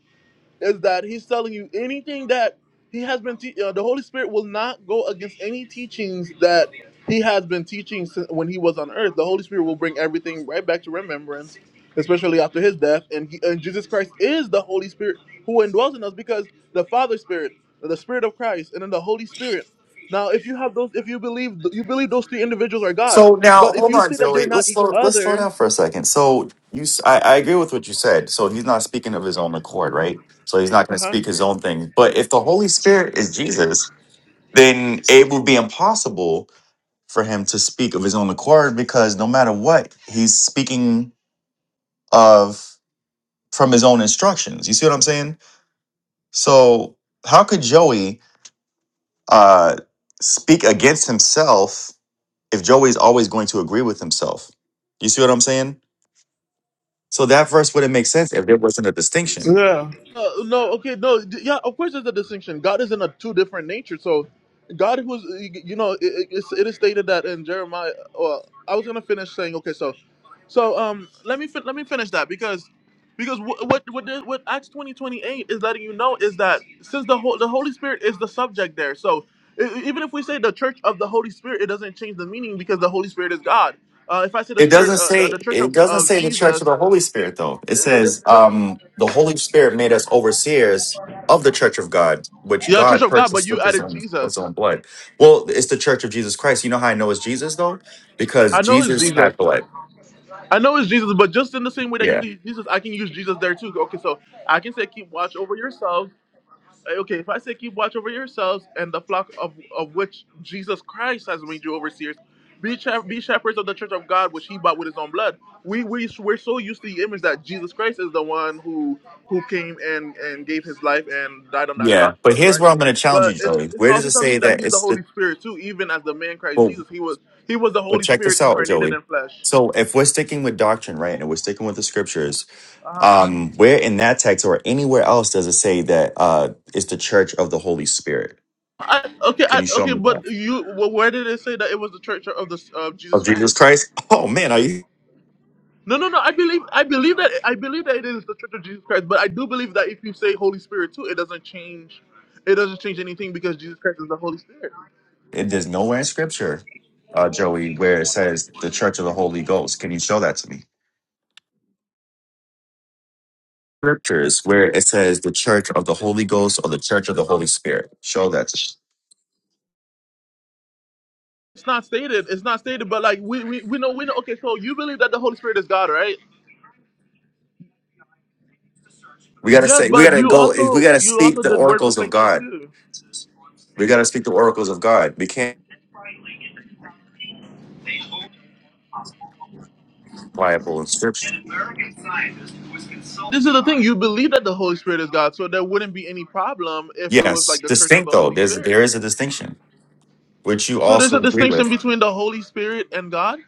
is that he's telling you anything that he has been te- uh, the holy spirit will not go against any teachings that he has been teaching since when he was on earth the holy spirit will bring everything right back to remembrance especially after his death and, he, and jesus christ is the holy spirit who indwells in us because the father spirit the spirit of christ and then the holy spirit now if you have those if you believe you believe those three individuals are god So now, but if hold you on, say that they're Zoe. not Let's each slow, let's slow other down for a second. So you, s- I, I agree with what you said. So he's not speaking of his own accord, right? So he's not uh going to huh. speak his own thing. But if the Holy Spirit is Jesus, then it would be impossible for him to speak of his own accord because no matter what, he's speaking of from his own instructions. You see what I'm saying? So how could Joey uh, speak against himself if Joey's always going to agree with himself? You see what I'm saying? So that verse wouldn't make sense if there wasn't a distinction. Yeah. Uh, no, okay, no, d- yeah, of course there's a distinction. God is in a two different nature. So, God who's, you know, it, it, it's- it is stated that in Jeremiah. Well, I was gonna finish saying, okay, so, so um, let me fin- let me finish that because, because wh- what what the- what Acts twenty twenty eight is letting you know is that since the whole the Holy Spirit is the subject there, so e- e- even if we say the Church of the Holy Spirit, it doesn't change the meaning because the Holy Spirit is God. Uh, if I say the It Spirit, doesn't uh, the, say the Church it of, doesn't of say the church of Jesus. the Holy Spirit though. It says um the Holy Spirit made us overseers of the church of God, which Yeah, Church God of God, but purchased you with his added own, his Jesus. own blood. Well, it's the church of Jesus Christ. You know how I know it's Jesus though? Because I know it's Jesus Jesus. had blood. I know it's Jesus, but just in the same way that you Yeah. can use Jesus, I can use Jesus there too. Okay, so I can say, keep watch over yourself. Hey, Okay, if I say keep watch over yourselves and the flock of, of which Jesus Christ has made you overseers, be, shep- be shepherds of the church of God, which he bought with his own blood. We, we, we're so used to the image that Jesus Christ is the one who who came and, and gave his life and died on that Yeah. cross for But us, here's right? where I'm gonna challenge you, But it's, Joey. it's Where does also it telling say you that that he's the it's the Holy Spirit too, even as the man Christ well, Jesus. He was he was the But Holy check Spirit this out, incarnated Joey. in flesh. So if we're sticking with doctrine, right, and we're sticking with the scriptures, Uh-huh. um, where in that text or anywhere else does it say that uh it's the church of the Holy Spirit? I, okay, Can I, you show okay, me that? but you wh- where did it say that it was the church of the of Jesus Of Jesus Christ? Christ? Oh man, are you No, no, no. I believe, I believe that, I believe that it is the Church of Jesus Christ. But I do believe that if you say Holy Spirit too, it doesn't change, it doesn't change anything because Jesus Christ is the Holy Spirit. it, there's nowhere in scripture, uh, Joey, where it says the church of the Holy Ghost. Can you show that to me? Scriptures where it says the church of the Holy Ghost or the church of the Holy Spirit. Show that to me. It's not stated. It's not stated. But like we, we, we know, we know. Okay, so you believe that the Holy Spirit is God, right? We gotta Yes, say we but gotta you go we also, gotta you speak also the did word oracles of replacement God. too. We gotta speak the oracles of God. We can't Bible and scripture. This is the thing. You believe that the Holy Spirit is God, so there wouldn't be any problem if it was like Yes, the Church of distinct the though. Holy There's Spirit. there is a distinction, which you So there's also a agree distinction with, between the Holy Spirit and God.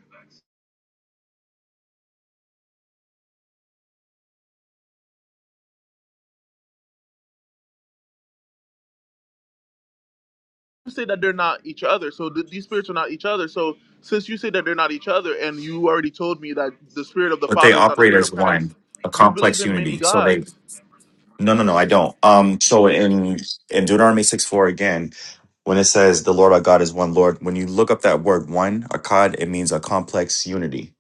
You say that they're not each other. So th- these spirits are not each other. So since you say that they're not each other, and you already told me that the spirit of the but they Father is not the operate spirit of as Christ, one, a you believe complex in many unity. So they gods. no no no, I don't. Um so in in Deuteronomy 6 4 again, when it says the Lord our God is one Lord, when you look up that word one, akkad, it means a complex unity.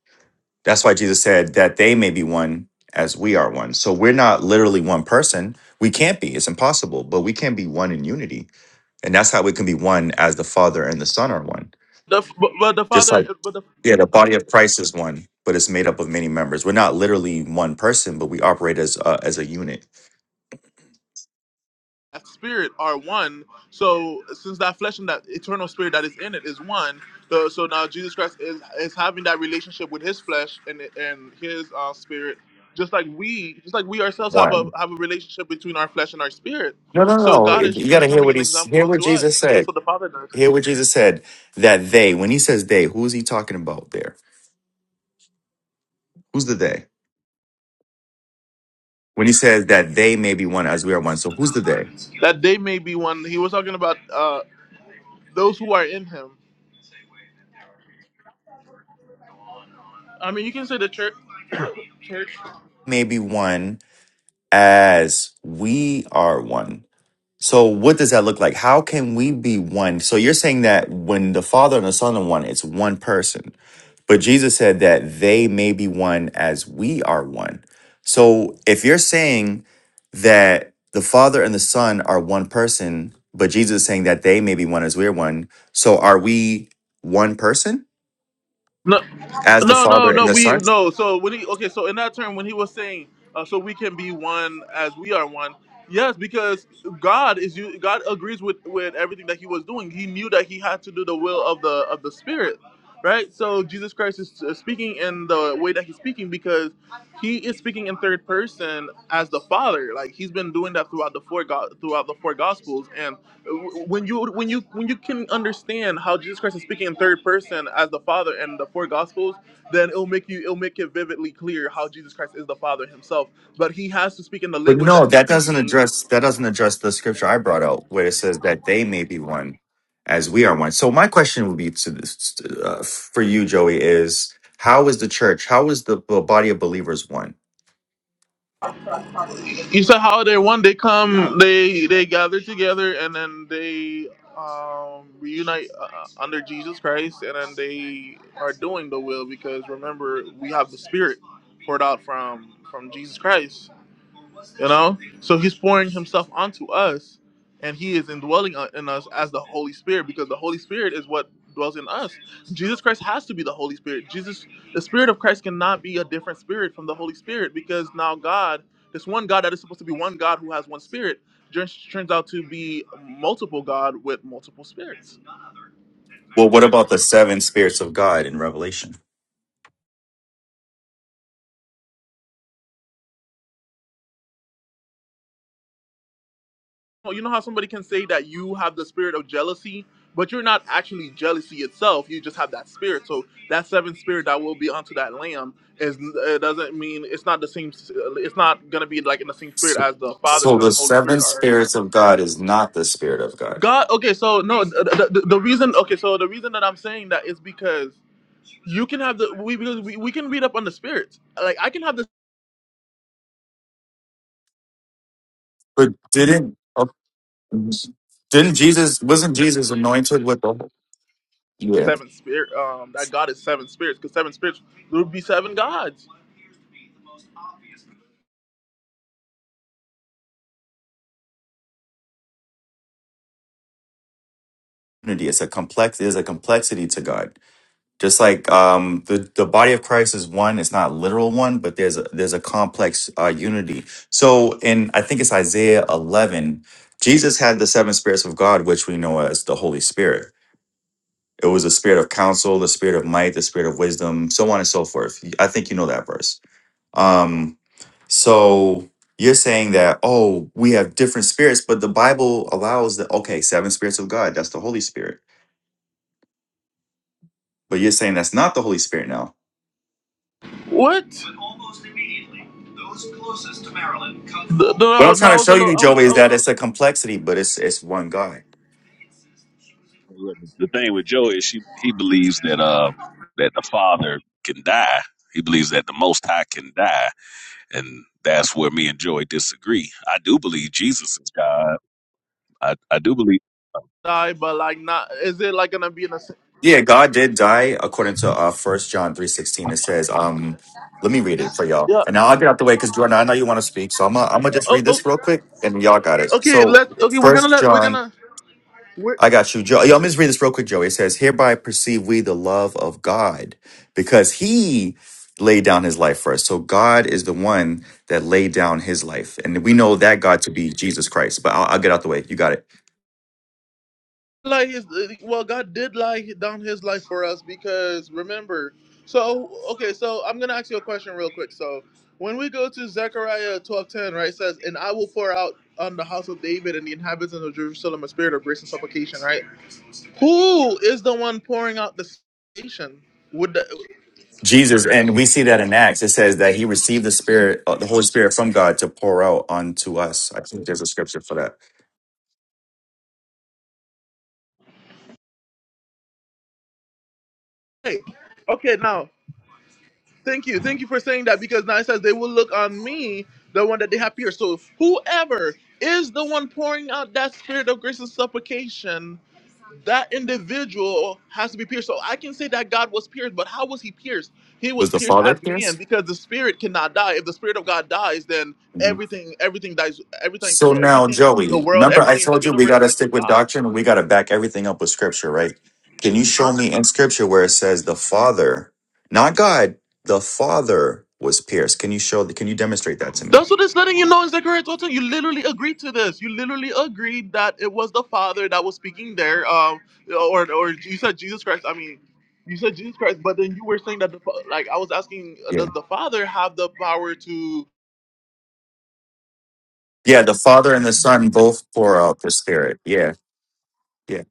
That's why Jesus said that they may be one as we are one. So we're not literally one person. We can't be. It's impossible, but we can be one in unity. And that's how we can be one as the Father and the Son are one. The, f- but, but the Just Father, like, but the yeah, the body of Christ is one, but it's made up of many members. We're not literally one person, but we operate as uh, as a unit. that spirit are one. So since that flesh and that eternal spirit that is in it is one, the, so now Jesus Christ is is having that relationship with His flesh and and His uh, spirit, just like we, just like we ourselves have a One. have a relationship between our flesh and our spirit. No, no, So no. God is It- You got to hear becoming what an he's, example hear what unto us. Jesus That's said. what the Father does. Hear what Jesus said that they, when he says they, who is he talking about there? Who's the they? When he says that they may be one as we are one. So who's the they? That they may be one. He was talking about uh, those who are in Him. I mean, you can say the church. Church. may be one as we are one. So, what does that look like? How can we be one? So, you're saying that when the Father and the Son are one, it's one person. But Jesus said that they may be one as we are one. So, if you're saying that the Father and the Son are one person, but Jesus is saying that they may be one as we're one, so are we one person No, as the no, no, Father no. and the We Son? no. So when he okay, so in that term, when he was saying, uh, so we can be one as we are one. Yes, because God is you. God agrees with with everything that he was doing. He knew that he had to do the will of the of the Spirit, right? So Jesus Christ is uh, speaking in the way that he's speaking because he is speaking in third person as the Father. Like he's been doing that throughout the four go- throughout the four Gospels, and when you when you when you can understand how Jesus Christ is speaking in third person as the Father and the four Gospels, then it'll make you it'll make it vividly clear how Jesus Christ is the Father Himself. But He has to speak in the But language that no, He's that doesn't speaking. address that doesn't address the scripture I brought out where it says that they may be one as we are one. So my question would be to this uh, for you, Joey, is how is the church? How is the b- body of believers one? You said how they one they come they they gather together and then they um, reunite uh, uh, under Jesus Christ and then they are doing the will because remember we have the Spirit poured out from from Jesus Christ. You know? So he's pouring himself onto us and he is indwelling u- in us as the Holy Spirit because the Holy Spirit is what dwells in us. Jesus Christ has to be the Holy Spirit. Jesus, the Spirit of Christ cannot be a different spirit from the Holy Spirit because now God, this one God that is supposed to be one God who has one spirit, just turns out to be multiple God with multiple spirits. Well, what about the seven spirits of God in Revelation? Well, you know how somebody can say that you have the spirit of jealousy, but you're not actually jealousy itself. You just have that spirit. So that seventh spirit that will be onto that lamb is it doesn't mean it's not the same. It's not gonna be like in the same spirit So, as the Father, so Son, the and Holy seven Spirit are not spirits one of spirit. God is not the spirit of God. God. Okay, so no, the, the, the reason. Okay, so the reason that I'm saying that is because you can have the we because we, we can read up on the spirits. Like I can have the But didn't Didn't Jesus wasn't Jesus anointed with the yeah? seven spirit. Um, that God is seven spirits because seven spirits there would be seven gods. unity. It's a complex. There's a complexity to God. Just like um, the the body of Christ is one. It's not literal one, but there's a there's a complex uh, unity. So in I think it's Isaiah 11, Jesus had the seven spirits of God, which we know as the Holy Spirit. It was the spirit of counsel, the spirit of might, the spirit of wisdom, so on and so forth. I think you know that verse. Um, so you're saying that, oh, we have different spirits, but the Bible allows that, okay, seven spirits of God, that's the Holy Spirit. But you're saying that's not the Holy Spirit now. What? But almost immediately, those closest to Marilyn come. The, the, What no, I'm no, I trying to was a show little. you, I was. Joey, I is that was it's a a complexity, but it's it's one God. Yeah, the thing with Joe is she he believes that uh that the father can die. He believes that the Most High can die, and that's where me and Joey disagree. I do believe Jesus is God. I, I do believe. die, but like not. Is it like gonna be in a? s- Yeah, God did die according to uh first John 3.16. It says, um, let me read it for y'all. Yeah. And now I'll get out the way because Jordan, I know you want to speak. So I'm gonna I'm gonna just Oh, read oh, this real quick and y'all got it. okay. So Let's. Okay, we're gonna first let. We're John gonna. We're I got you, Joe. Yo, I'm just read this real quick, Joey. It says, "Hereby perceive we the love of God, because He laid down His life for us. So God is the one that laid down His life, and we know that God to be Jesus Christ. But I'll, I'll get out the way. You got it, like his. Well, God did lie down His life for us because remember. So okay, so I'm gonna ask you a question real quick. So when we go to Zechariah 12:10, right, it says, "And I will pour out on the house of David and the inhabitants of Jerusalem a spirit of grace and supplication," right? Who is the one pouring out the salvation? Would the Jesus. And we see that in Acts. It says that He received the Spirit, uh, the Holy Spirit from God to pour out onto us. I think there's a scripture for that. okay, okay now? Thank you, thank you for saying that because now it says they will look on me, the one that they have pierced. So whoever is the one pouring out that spirit of grace and supplication, that individual has to be pierced. So I can say that God was pierced, but how was he pierced? He was Was the pierced Father as man pierced? because the spirit cannot die. If the spirit of God dies, then Mm-hmm. everything, everything dies, everything, So now, everything in the Joey, world, remember I everything in the told you we universe got to dies stick with with God. doctrine and we got to back everything up with scripture, right? Can you show Huh? me in scripture where it says the Father, not God, the Father was pierced? Can you show, can you demonstrate that to me? That's what it's letting you know in Zechariah twelve ten. You literally agreed to this. You literally agreed that it was the Father that was speaking there. Um, or or you said Jesus Christ. I mean, you said Jesus Christ, but then you were saying that the fa- like I was asking, uh, Yeah. does the Father have the power to Yeah, the Father and the Son both pour out the Spirit. Yeah. Yeah.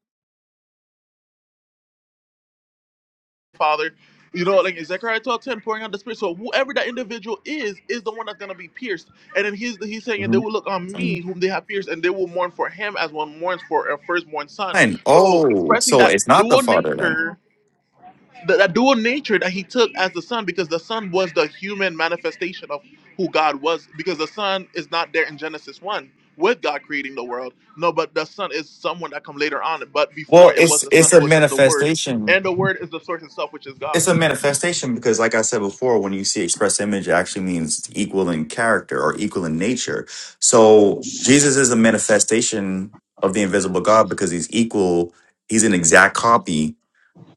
Father? You know, like in Zechariah 12 10, pouring out the Spirit. So whoever that individual is, is the one that's gonna be pierced. And then he's he's saying, and they Mhm. will look on me, whom they have pierced, and they will mourn for him as one mourns for a firstborn son. Fine. So Oh, expressing so that it's not the dual Father then. nature. the, that dual nature that he took as the son because the son was the human manifestation of who god was because the son is not there in genesis 1 with god creating the world no but the son is someone that come later on but before Well, it was it's the son it's it a was just the word manifestation and the word is the source itself which is it's god a manifestation because like i said before when you see express image it actually means it's equal in character or equal in nature so jesus is a manifestation of the invisible god because he's equal he's an exact copy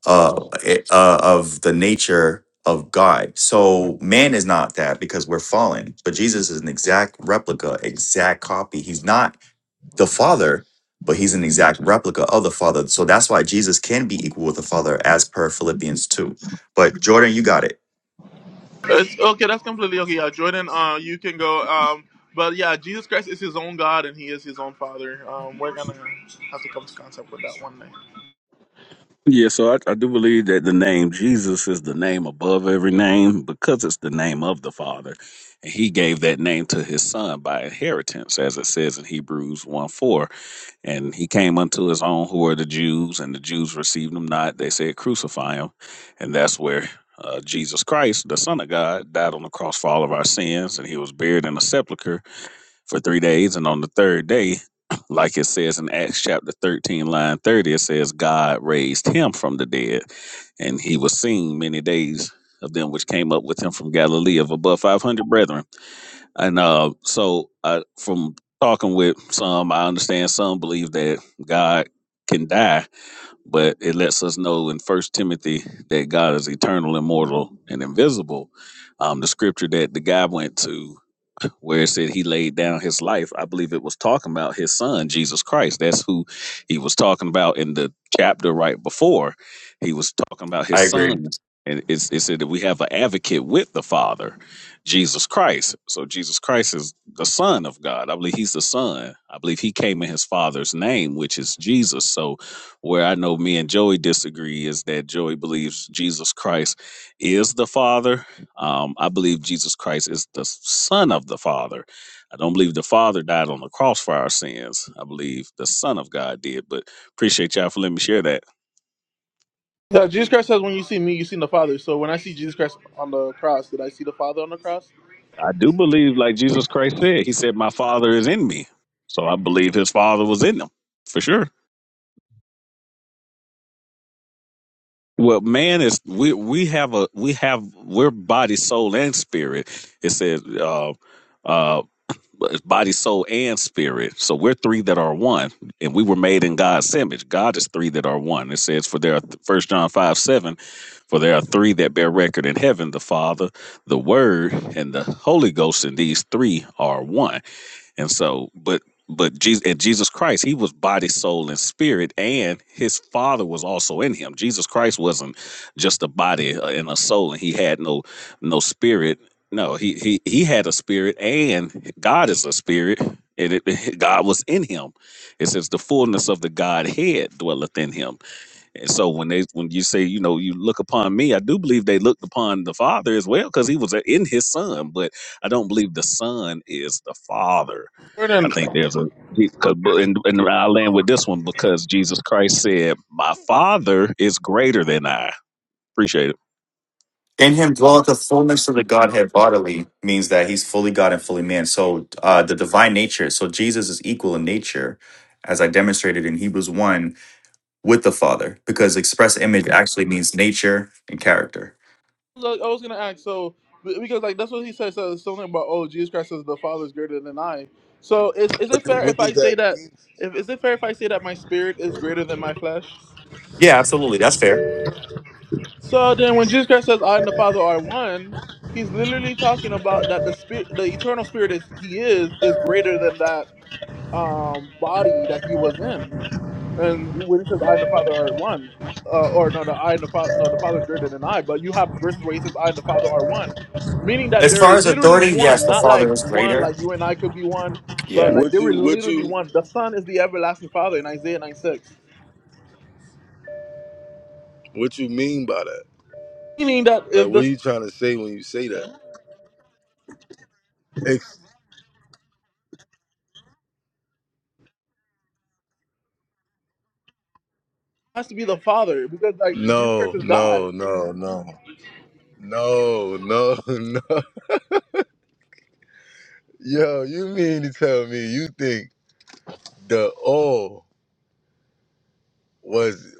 uh, eh, uh of the nature of god so man is not that because we're fallen but jesus is an exact replica exact copy he's not the Father, but he's an exact replica of the Father. So that's why Jesus can be equal with the Father as per Philippians 2. But Jordan, you got it. it's, okay that's completely okay yeah jordan uh you can go um but yeah jesus christ is his own god and he is his own father um we're gonna have to come to concept with that one day Yeah, so I, I do believe that the name Jesus is the name above every name because it's the name of the Father, and He gave that name to His Son by inheritance, as it says in Hebrews one four And he came unto his own, who were the Jews, and the Jews received him not. They said, Crucify him. And that's where uh, Jesus Christ, the Son of God, died on the cross for all of our sins. And he was buried in a sepulchre for three days. And on the third day, like it says in Acts chapter 13, line 30, it says, God raised him from the dead. And he was seen many days of them which came up with him from Galilee of above 500 brethren and uh, so I, from talking with some, I understand some believe that God can die, but it lets us know in First Timothy that God is eternal, immortal, and invisible. Um, the scripture that the guy went to where it said he laid down his life. I believe it was talking about his son, Jesus Christ. That's who he was talking about in the chapter right before. He was talking about I his agree. son. And it's, it said that we have an advocate with the Father, Jesus Christ. So Jesus Christ is the Son of God. I believe he's the Son. I believe he came in his Father's name, which is Jesus. So where I know me and Joey disagree is that Joey believes Jesus Christ is the Father um, I believe Jesus Christ is the Son of the Father. I don't believe the Father died on the cross for our sins. I believe the Son of God did. But appreciate y'all for letting me share that. No, Jesus Christ says, "When you see me, you see the Father." So when I see Jesus Christ on the cross, did I see the Father on the cross? I do believe, like Jesus Christ said, He said, "My Father is in me," so I believe His Father was in Him for sure. Well, man is we we have a we have we're body, soul, and spirit. It says. Uh, uh, uh, body, soul, and spirit. So we're three that are one, and we were made in God's image. God is three that are one. It says, "For there are First John five seven, for there are three that bear record in heaven: the Father, the Word, and the Holy Ghost, and these three are one." And so, but but Jesus and Jesus Christ, he was body, soul, and spirit, and his father was also in him. Jesus Christ wasn't just a body uh, and a soul, and he had no no spirit. No, he he he had a spirit, and God is a spirit, and it, God was in him. It says the fullness of the Godhead dwelleth in him. And so when they when you say you know you look upon me, I do believe they looked upon the Father as well because he was uh, in his Son, but I don't believe the Son is the Father I Jordan, think I there's a because and, and I land with this one because Jesus Christ said, "My Father is greater than I." Appreciate it. In him dwelleth the fullness of the Godhead bodily means that he's fully God and fully man. So uh, the divine nature. So Jesus is equal in nature, as I demonstrated in Hebrews 1 with the Father, because express image actually means nature and character. was gonna ask. So be- because like that's what he says. So something about oh, Jesus Christ says the Father is greater than I. So is is What, it do, fair what if I does say that that? mean? If, is it fair if I say that my spirit is greater than my flesh? Yeah, absolutely. That's fair. So then, when Jesus Christ says I and the Father are one, he's literally talking about that the spirit, the eternal spirit is he is is greater than that um body that he was in. And when he says, "I and the Father are one," uh, or no, no, I and the Father, no, the Father is greater than I. But you have verses where he says, "I and the Father are one," meaning that As they're far as literally authority, yes, one, the not Father like is one, greater. like you and I could be one, Yeah. but like they What were you what literally you one. The Son is the everlasting Father in Isaiah 9 6. what you mean by that? meaning that Like, if the what are Son you trying to say when you say that? Ex- has to be the Father, because like Jesus no, Christ is God. no, no, no, no, no, no. Yo, you mean to tell me you think the all was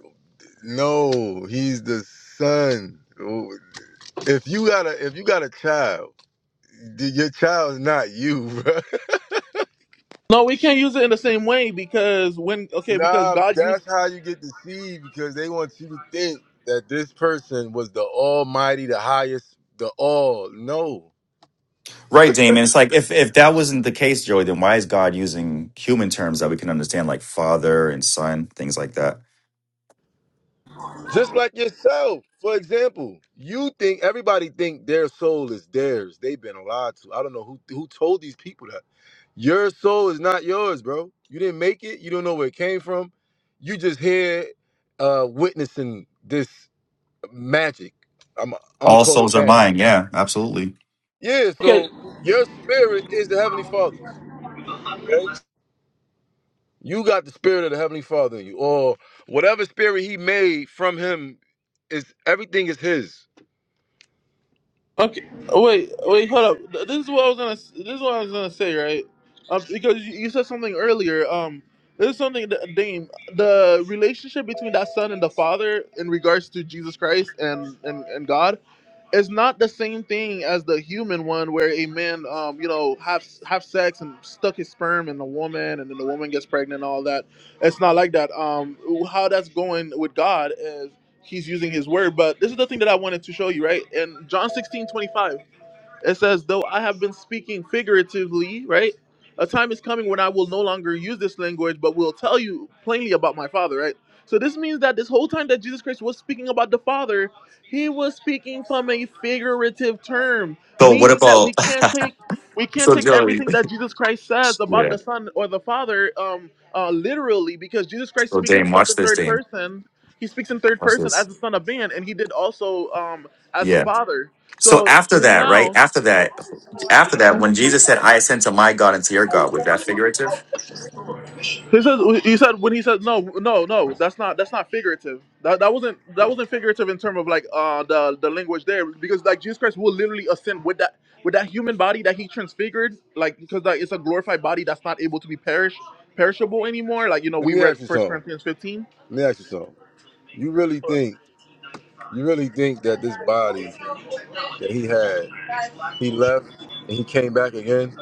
no? He's the son. If you got a if you got a child, your child's not you, bro. No, we can't use it in the same way because when okay, because Nah, God used. that's how you get deceived because they want you to think that this person was the almighty, the highest, the all. No. Right, Damon. It's like if if that wasn't the case, Joey, then why is God using human terms that we can understand, like father and son, things like that? Just like yourself, for example, you think everybody think their soul is theirs. They've been lied to. I don't know who who told these people that. Your soul is not yours, bro. You didn't make it. You don't know where it came from. You just here uh witnessing this magic. I'm I'm gonna All call souls it are magic. mine. Yeah, absolutely. Yeah, Okay, so your spirit is the heavenly father's. Okay? You got the spirit of the Heavenly Father in you, or whatever spirit He made from Him is everything is His. Okay, wait, wait, hold up. Th- This is what I was gonna. s- This is what I was gonna say, right? Um, because you you said something earlier. Um, this is something that Dame, the relationship between that son and the father in regards to Jesus Christ and and, and God, is not the same thing as the human one, where a man, um, you know, have have sex and stuck his sperm in a woman, and then the woman gets pregnant and all that. It's not like that. Um, how that's going with God is he's using his word. But this is the thing that I wanted to show you, right? In John 16:25. It says, though I have been speaking figuratively, right? A time is coming when I will no longer use this language, but will tell you plainly about my Father, right? So this means that this whole time that Jesus Christ was speaking about the Father, he was speaking from a figurative term, So what meaning that we about can't take we can't so take Joey? everything that Jesus Christ says about Yeah. the Son or the Father um, uh, literally, because Jesus Christ So speaks Dame, himself watch in this, third Dame. person. He speaks in third Watch person this. as the Son of Man, and he did also um, as the Yeah. Father. So So after then that, right? now After that, after that, when Jesus said, "I ascend to my God and to your God," was that figurative? he said he said when he said no no no that's not that's not figurative. That that wasn't that wasn't figurative in terms of like uh the the language there because like Jesus Christ will literally ascend with that with that human body that he transfigured like because like, it's a glorified body that's not able to be perish perishable anymore like you know Let we me read ask you First something. Corinthians 15. Let me ask you something. You really think you really think that this body that He had, He left and He came back again?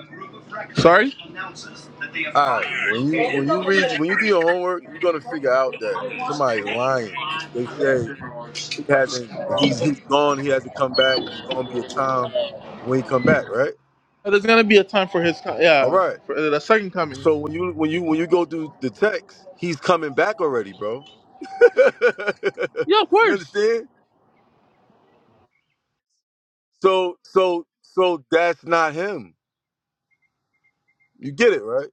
Sorry. Uh, All right. When you when you read when you do your homework, you're gonna figure out that somebody's lying. They say he hasn't. He's he's gone. He hasn't come back. It's gonna be a time when he come back, right? There's gonna be a time for his co- All yeah right. for the second coming. So when you when you when you go through the text, he's coming back already, bro. you Yeah, of course. understand? So so so that's not him. You get it, right?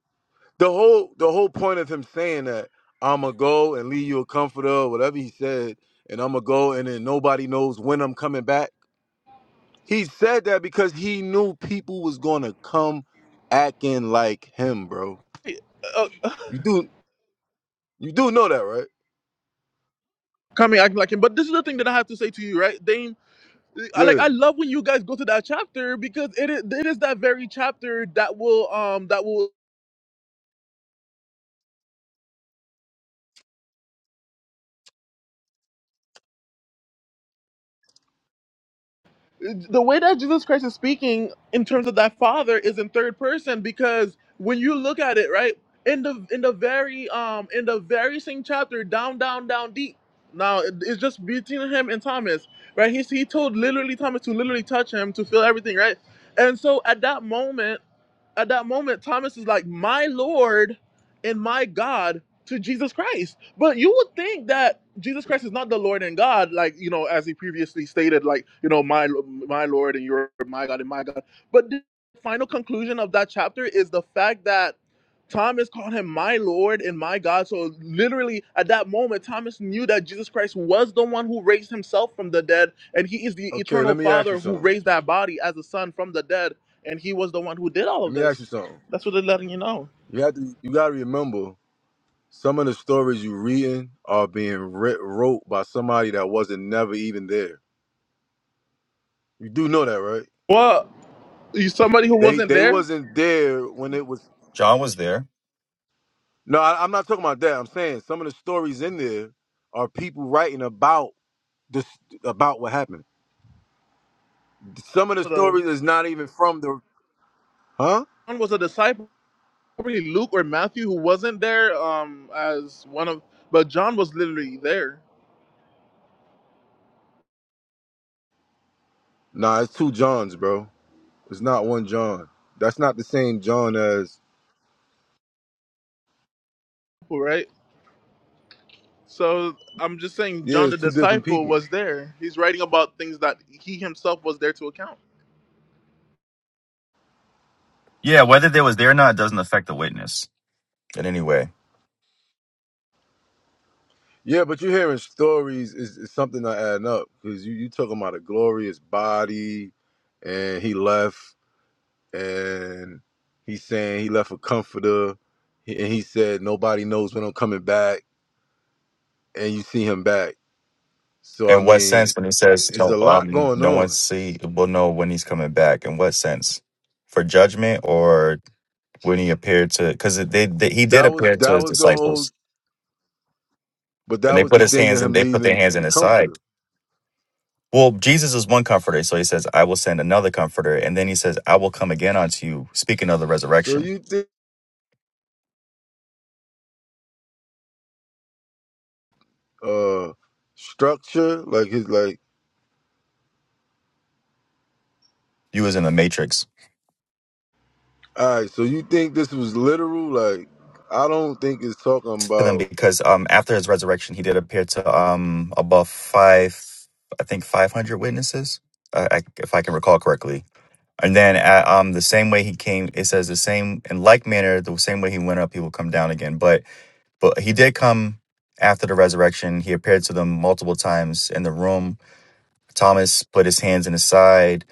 The whole the whole point of him saying that I'ma go and leave you a comforter, or whatever he said, and I'ma go and then nobody knows when I'm coming back. He said that because he knew people was gonna come acting like him, bro. Hey, Uh, You do you do know that, right? coming acting like him. But this is the thing that I have to say to you, right, Dame? I like Yeah. I love when you guys go to that chapter because it is it is that very chapter that will um that will the way that Jesus Christ is speaking in terms of that Father is in third person because when you look at it, right, in the in the very um in the very same chapter, down down down deep. Now it- it's just between him and Thomas, right? He he told literally Thomas to literally touch him to feel everything, right? And so at that moment. at that moment, Thomas is like, My Lord and my God to Jesus Christ. But you would think that Jesus Christ is not the Lord and God, like, you know, as he previously stated, like, you know, my my Lord and your my God and my God. But the final conclusion of that chapter is the fact that Thomas called him my Lord and my God. So literally at that moment, Thomas knew that Jesus Christ was the one who raised himself from the dead, and he is the Okay, let eternal me ask you father who something. raised that body as a son from the dead and he was the one who did all of Let me ask you this. something. That's what they're letting you know. You have to. You gotta remember some of the stories you reading are being writ wrote by somebody that wasn't never even there. You do know that, right? Well, you somebody who They wasn't they there. wasn't there when it was. John was there. No, I, I'm not talking about that. I'm saying some of the stories in there are people writing about this about what happened. Some of the The stories is not even from the. Huh? one was a disciple, probably Luke or Matthew, who wasn't there um as one of, but John was literally there, Nah, it's two Johns, bro. It's not one John. That's not the same John as. right? So I'm just saying, Yeah, John it's the two different disciple people. was there. He's writing about things that he himself was there to account. Yeah. Whether they was there or not doesn't affect the witness in any way. Yeah, but you're hearing stories is, is something that adding up because you you talking about a glorious body, and he left, and he's saying he left a comforter, he- and he said nobody knows when I'm coming back, and you see him back. So I In what mean, sense when he says there's no a lot um going no one on. see will know when he's coming back? In what sense? For judgment or when he appeared to because they, they he did That was appear to that his was the whole, disciples but and that they was put the his thing hands of and him they put their leaving hands in the his side. comforter. Well, Jesus is one comforter, so he says, I will send another comforter, and then he says, I will come again unto you, speaking of the So resurrection. you think uh structure like his like You was in the matrix All right, so you think this was literal? Like, I don't think it's talking to them about. because um after his resurrection he did appear to um above five I think five hundred witnesses. Uh, I, if I can recall correctly And then uh, um the same way he came, it says the same in like manner, the same way he went up, he will come down again. But but he did come after the resurrection. He appeared to them multiple times in the room. Thomas put his hands in his side.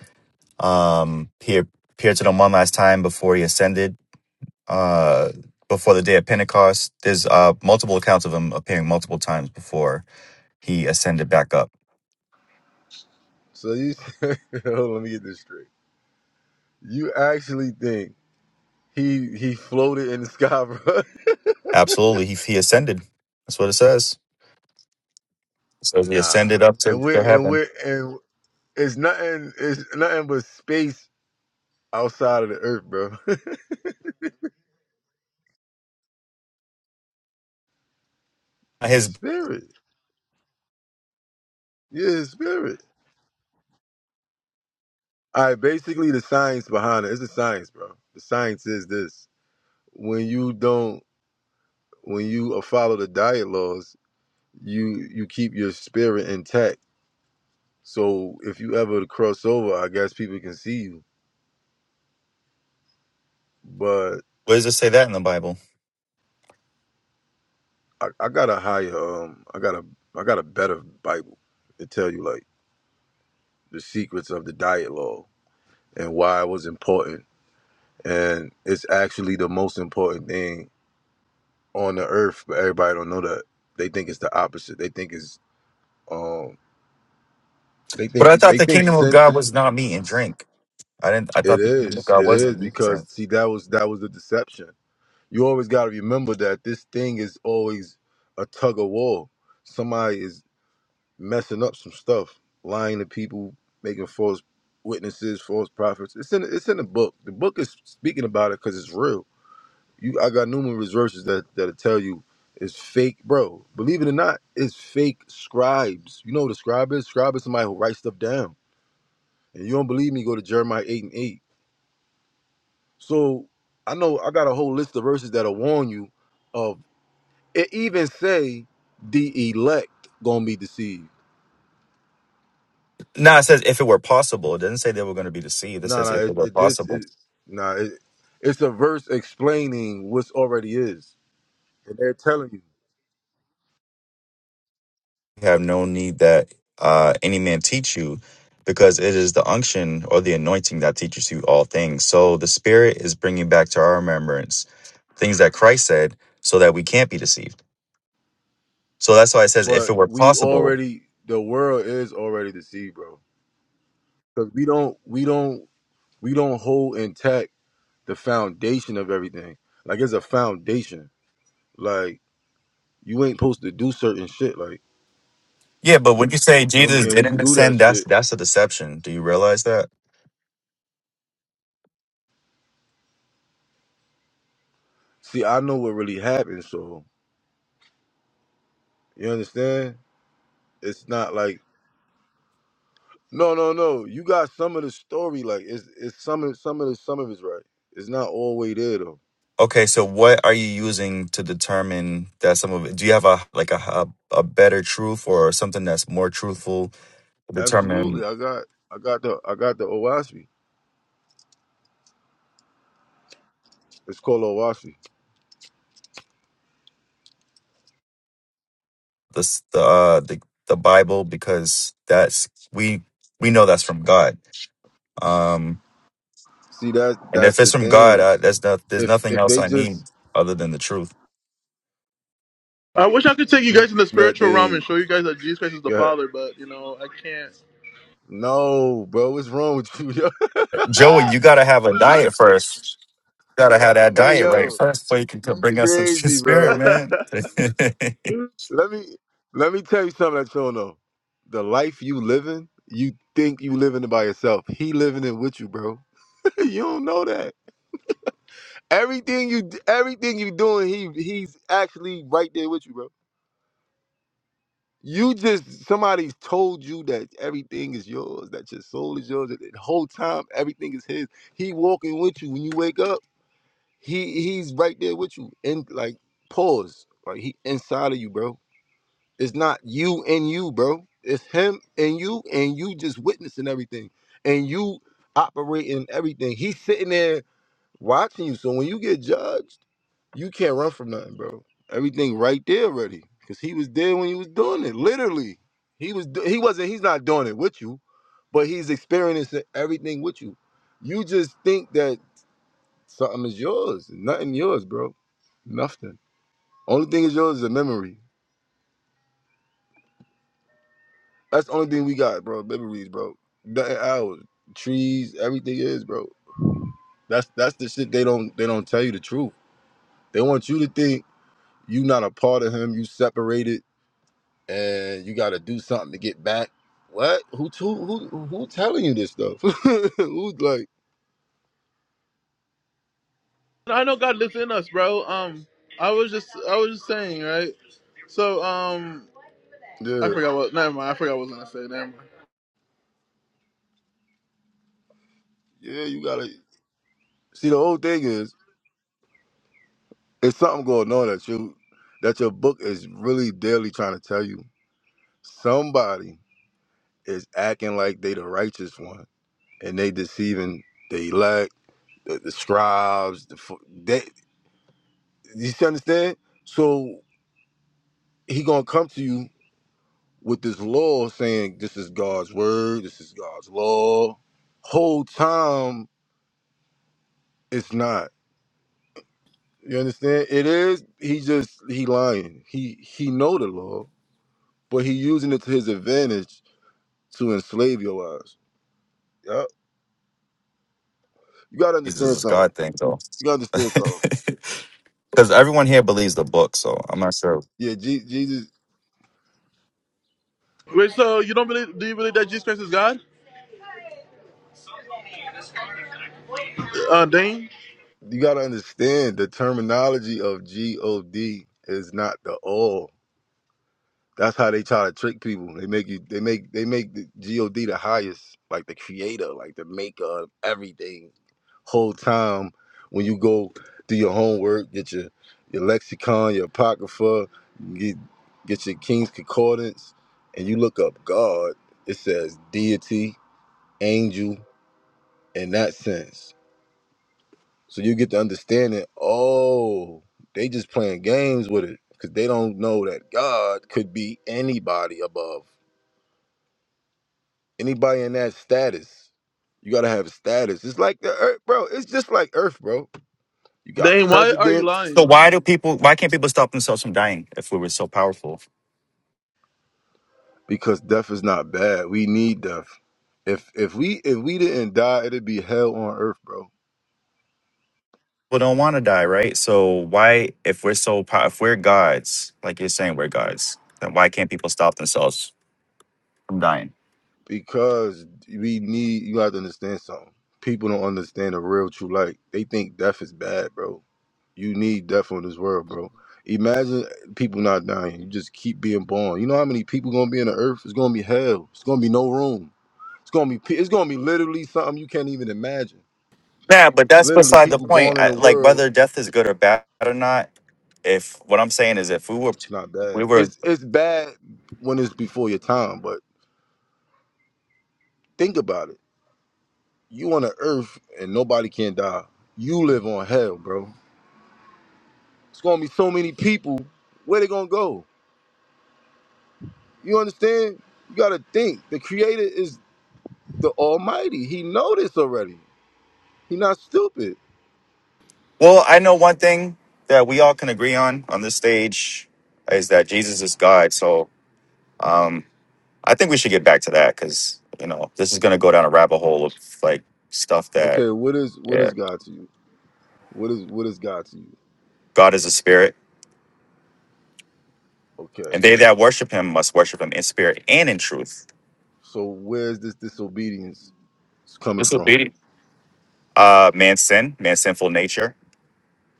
Um he appeared to them one last time before he ascended, uh before the day of Pentecost. There's uh multiple accounts of him appearing multiple times before he ascended back up. So you, hold on, let me get this straight. You actually think he he floated in the sky, bro? Absolutely, he he ascended. That's what it says. It says he Nah, ascended up to, and we're to and heaven. we're and it's nothing. It's nothing but space outside of the earth, bro. His his spirit, yeah, his spirit. All right, basically the science behind it. It's the science, bro. The science is this: when you don't, when you uh, follow the diet laws you you keep your spirit intact. So if you ever cross over, I guess people can see you. But Where does it say that in the Bible? I, I got a higher um I got a I got a better Bible to tell you like the secrets of the diet law and why it was important. And it's actually the most important thing on the earth, but everybody don't know that. They think it's the opposite. They think it's um they But think I thought they the think kingdom of sin God was not meat and drink. I didn't. I it thought the kingdom of is. God It wasn't is meat and because drink. see that was that was the deception you always got to remember that this thing is always a tug of war. Somebody is messing up some stuff, lying to people, making false witnesses, false prophets. It's in it's in the book. The book is speaking about it because it's real. You, I got numerous verses that that'll tell you it's fake, bro. Believe it or not, it's fake scribes. You know what a scribe is? Scribe is somebody who writes stuff down. And you don't believe me? Go to Jeremiah eight and eight. So I know I got a whole list of verses that'll warn you of. It even say the elect gonna be deceived. No, it says if it were possible. It doesn't say they were going to be deceived. It No, says no, if it it, were it this possible. it, no, it, it's a verse explaining what's already is, and they're telling you. You have no need that uh, any man teach you, because it is the unction or the anointing that teaches you all things. So the Spirit is bringing back to our remembrance things that Christ said, so that we can't be deceived. So that's why it says if But it were we possible. already, the world is already deceived, bro. Because we don't, we don't, we don't hold intact the foundation of everything. Like it's a foundation. Like you ain't supposed to do certain shit. Like Yeah, but when you say feel Jesus me? And we didn't do that ascend, that's shit. that's a deception. Do you realize that? See, I know what really happened. So you understand? It's not like No, no, no. You got some of the story. Like it's it's some of some of the some of it's right. It's not all way there though. Okay, so what are you using to determine that some of it? Do you have a like a a, a better truth or something that's more truthful to Absolutely. determine I got I got the I got the Owaspi. It's called Owaspi. this the uh, the the Bible because that's we we know that's from God. Um, See that's and if that's it's the from God, thing. I, that's not there's If nothing if else they I need just other than the truth. I wish I could take you guys in the that spiritual realm and they show you guys that Jesus Christ is the yeah Father, but you know I can't. no, bro, what's wrong with you? Yo? Joey, you gotta have a diet first. You gotta have that hey diet right yo, first, so you can co- you bring us into the crazy, spirit, bro. man. Let me let me tell you something that you don't know. The life you living, you think you living it by yourself. He living it with you, bro. you don't know that. Everything you everything you doing, he he's actually right there with you, bro. You just somebody's told you that everything is yours, that your soul is yours, that the whole time everything is his. He walking with you when you wake up. He he's right there with you. And like pause. Like he inside of you, bro. It's not you and you, bro. It's him and you and you just witnessing everything. And you operating everything. He's sitting there watching you. So when you get judged You can't run from nothing, bro. Everything right there already. Cause he was there when he was doing it. Literally. He was do- he wasn't he's not doing it with you, but he's experiencing everything with you. You just think that something is yours. Nothing yours, bro. Nothing. Only thing is yours is a memory. That's the only thing we got, bro. Memories, bro. Nothing ours. Trees, everything is, bro. That's that's the shit they don't they don't tell you the truth. They want you to think you not a part of him, you separated and you got to do something to get back. What? Who to, who who telling you this stuff? Who's like, I know God lives in us, bro. Um, I was just, I was just saying, right? So, um, I yeah, forgot what. Never mind. I forgot what I was gonna say. Never mind. yeah, you gotta see. The whole thing is, it's something going on that you that your book is really daily trying to tell you. Somebody is acting like they the righteous one, and they deceiving the elect, the, the scribes. The fo- they, you see, understand? So he gonna come to you with this law saying this is God's word, this is God's law. Whole time it's not. You understand? It is. He just he lying. He he know the law, but he using it to his advantage to enslave your ass. Yup. You gotta Jesus understand is something. God thing though. You gotta understand something. Because everyone here believes the book, so I'm not sure. Yeah, Je- Jesus. Wait, so you don't believe? Do you believe that Jesus Christ is God? Uh, Dane, You gotta understand the terminology of God is not the all. That's how they try to trick people. They make you. They make. They make the God the highest, like the creator, like the maker of everything. Whole time when you go do your homework, get your your lexicon, your apocrypha, get get your King's Concordance, and you look up God. It says deity, angel, in that sense. So you get to understanding. Oh, they just playing games with it because they don't know that God could be anybody above. Anybody in that status, you gotta have a status. It's like the earth, bro. It's just like earth, bro. You got Dane, why are you presidents So lying? why do people? Why can't people stop themselves from dying if we were so powerful? because death is not bad. We need death. If if we if we didn't die, it'd be hell on earth, bro. People don't want to die, right? So why, if we're so, pow- if we're gods, like you're saying, we're gods, then why can't people stop themselves from dying? Because we need you have to understand something. People don't understand the real true light. They think death is bad, bro. You need death on this world, bro. Imagine people not dying. You just keep being born. You know how many people gonna be in the earth? It's gonna be hell. It's gonna be no room. It's gonna be it's gonna be literally something you can't even imagine. Yeah, but that's Literally, beside the people point. born in I, the like world. whether death is good or bad or not. If what I'm saying is, if we were, It's not bad. we were. It's it's bad when it's before your time. But think about it. You on the earth and nobody can die. You live on hell, bro. It's gonna be so many people. Where they gonna go? You understand? You gotta think. The Creator is the Almighty. He know this already. He not stupid. Well, I know one thing that we all can agree on on this stage is that Jesus is God. So. um I think we should get back to that because you know this is going to go down a rabbit hole of like stuff that Okay, what is what yeah, is God to you? What is what is God to you? God is a spirit, Okay, and they that worship Him must worship Him in spirit and in truth. so where's this disobedience it's coming from. Disobedient. Uh, man's sin, man's sinful nature,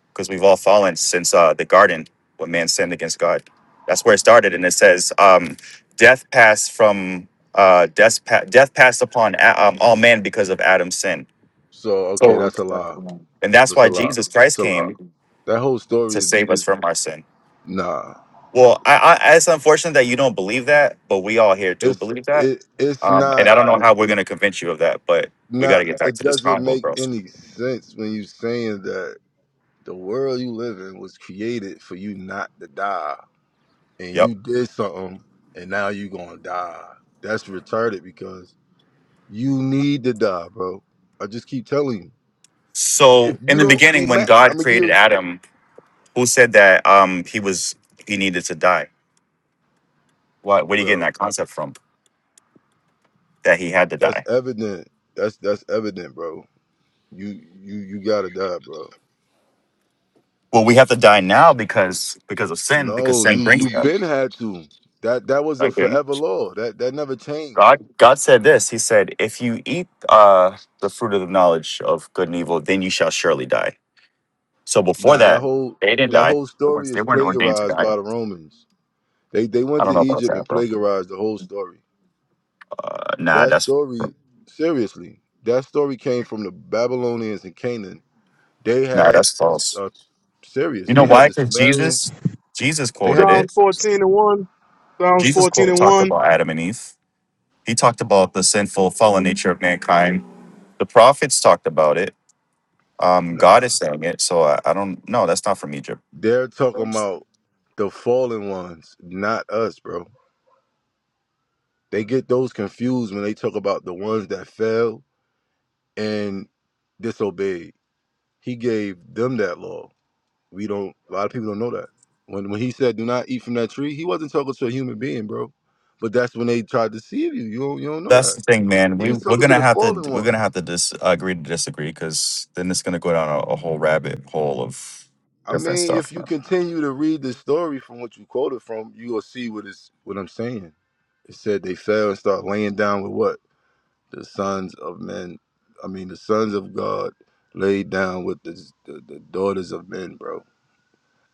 because we've all fallen since uh, the garden when man sinned against God. That's where it started, and it says, um, "Death passed from uh, death, pa- death passed upon a- um, all men because of Adam's sin," So okay, So that's a lie. and that's That's a why lie. Jesus Christ That's a lie. came That whole story to is, save us is from our sin. nah. Well, I, I it's unfortunate that you don't believe that, but we all here do It's believe that. it it's Um, and not I don't know how we're gonna convince you of that, but we got to not get back it to this doesn't combo, make bro. any sense when you saying that the world you live in was created for you not to die and Yep. you did something and now you gonna die. That's retarded because you need to die, bro. I just keep telling you. So If you in the don't beginning, eat, when I'm God gonna give created you, Adam, who said that um he was he needed to die? What where are you getting bro. that concept from? That he had to That's die. evident. That's that's evident, bro. You you you gotta die, bro. Well, we have to die now because because of sin, because No, sin you brings you death. been had to. That that was a Like, didn't- forever law. That that never changed. God God said this. He said, "If you eat uh the fruit of the knowledge of good and evil, then you shall surely die." So before Nah, that that, whole they didn't that die. whole They weren't, story they is weren't ordained to plagiarized die. by the Romans. They they I went don't to know about Egypt that, and bro. plagiarized the whole story. Uh, nah, That that's story, seriously, that story came from the Babylonians and Canaan. They nah, had that's this false. uh, You serious. know They had why? the Because Sumerian. Jesus, Jesus They quoted had this. Psalms it. 14 and 1. Psalms Jesus 14 quote, and talked 1. about Adam and Eve. He talked about the sinful, fallen nature of mankind. The prophets talked about it. Um, God Nah, is saying it. So I, I don't. No, that's not from Egypt. they're talking about the fallen ones, not us, bro. They get those confused when they talk about the ones that fell and disobeyed. He gave them that law. We don't. A lot of people don't know that. When when he said, "Do not eat from that tree," he wasn't talking to a human being, bro. But that's when they tried to deceive you. You don't you don't know That's that. the thing, man. He We was we're talking to gonna the have to fallen we're gonna ones. have to dis, agree to disagree because then it's gonna go down a, a whole rabbit hole of I different mean, stuff. if you continue to read the story from what you quoted from, you will see what it's what is what I'm saying. It said they fell and started laying down with what the sons of men, I mean, the sons of God laid down with the, the, the daughters of men, bro.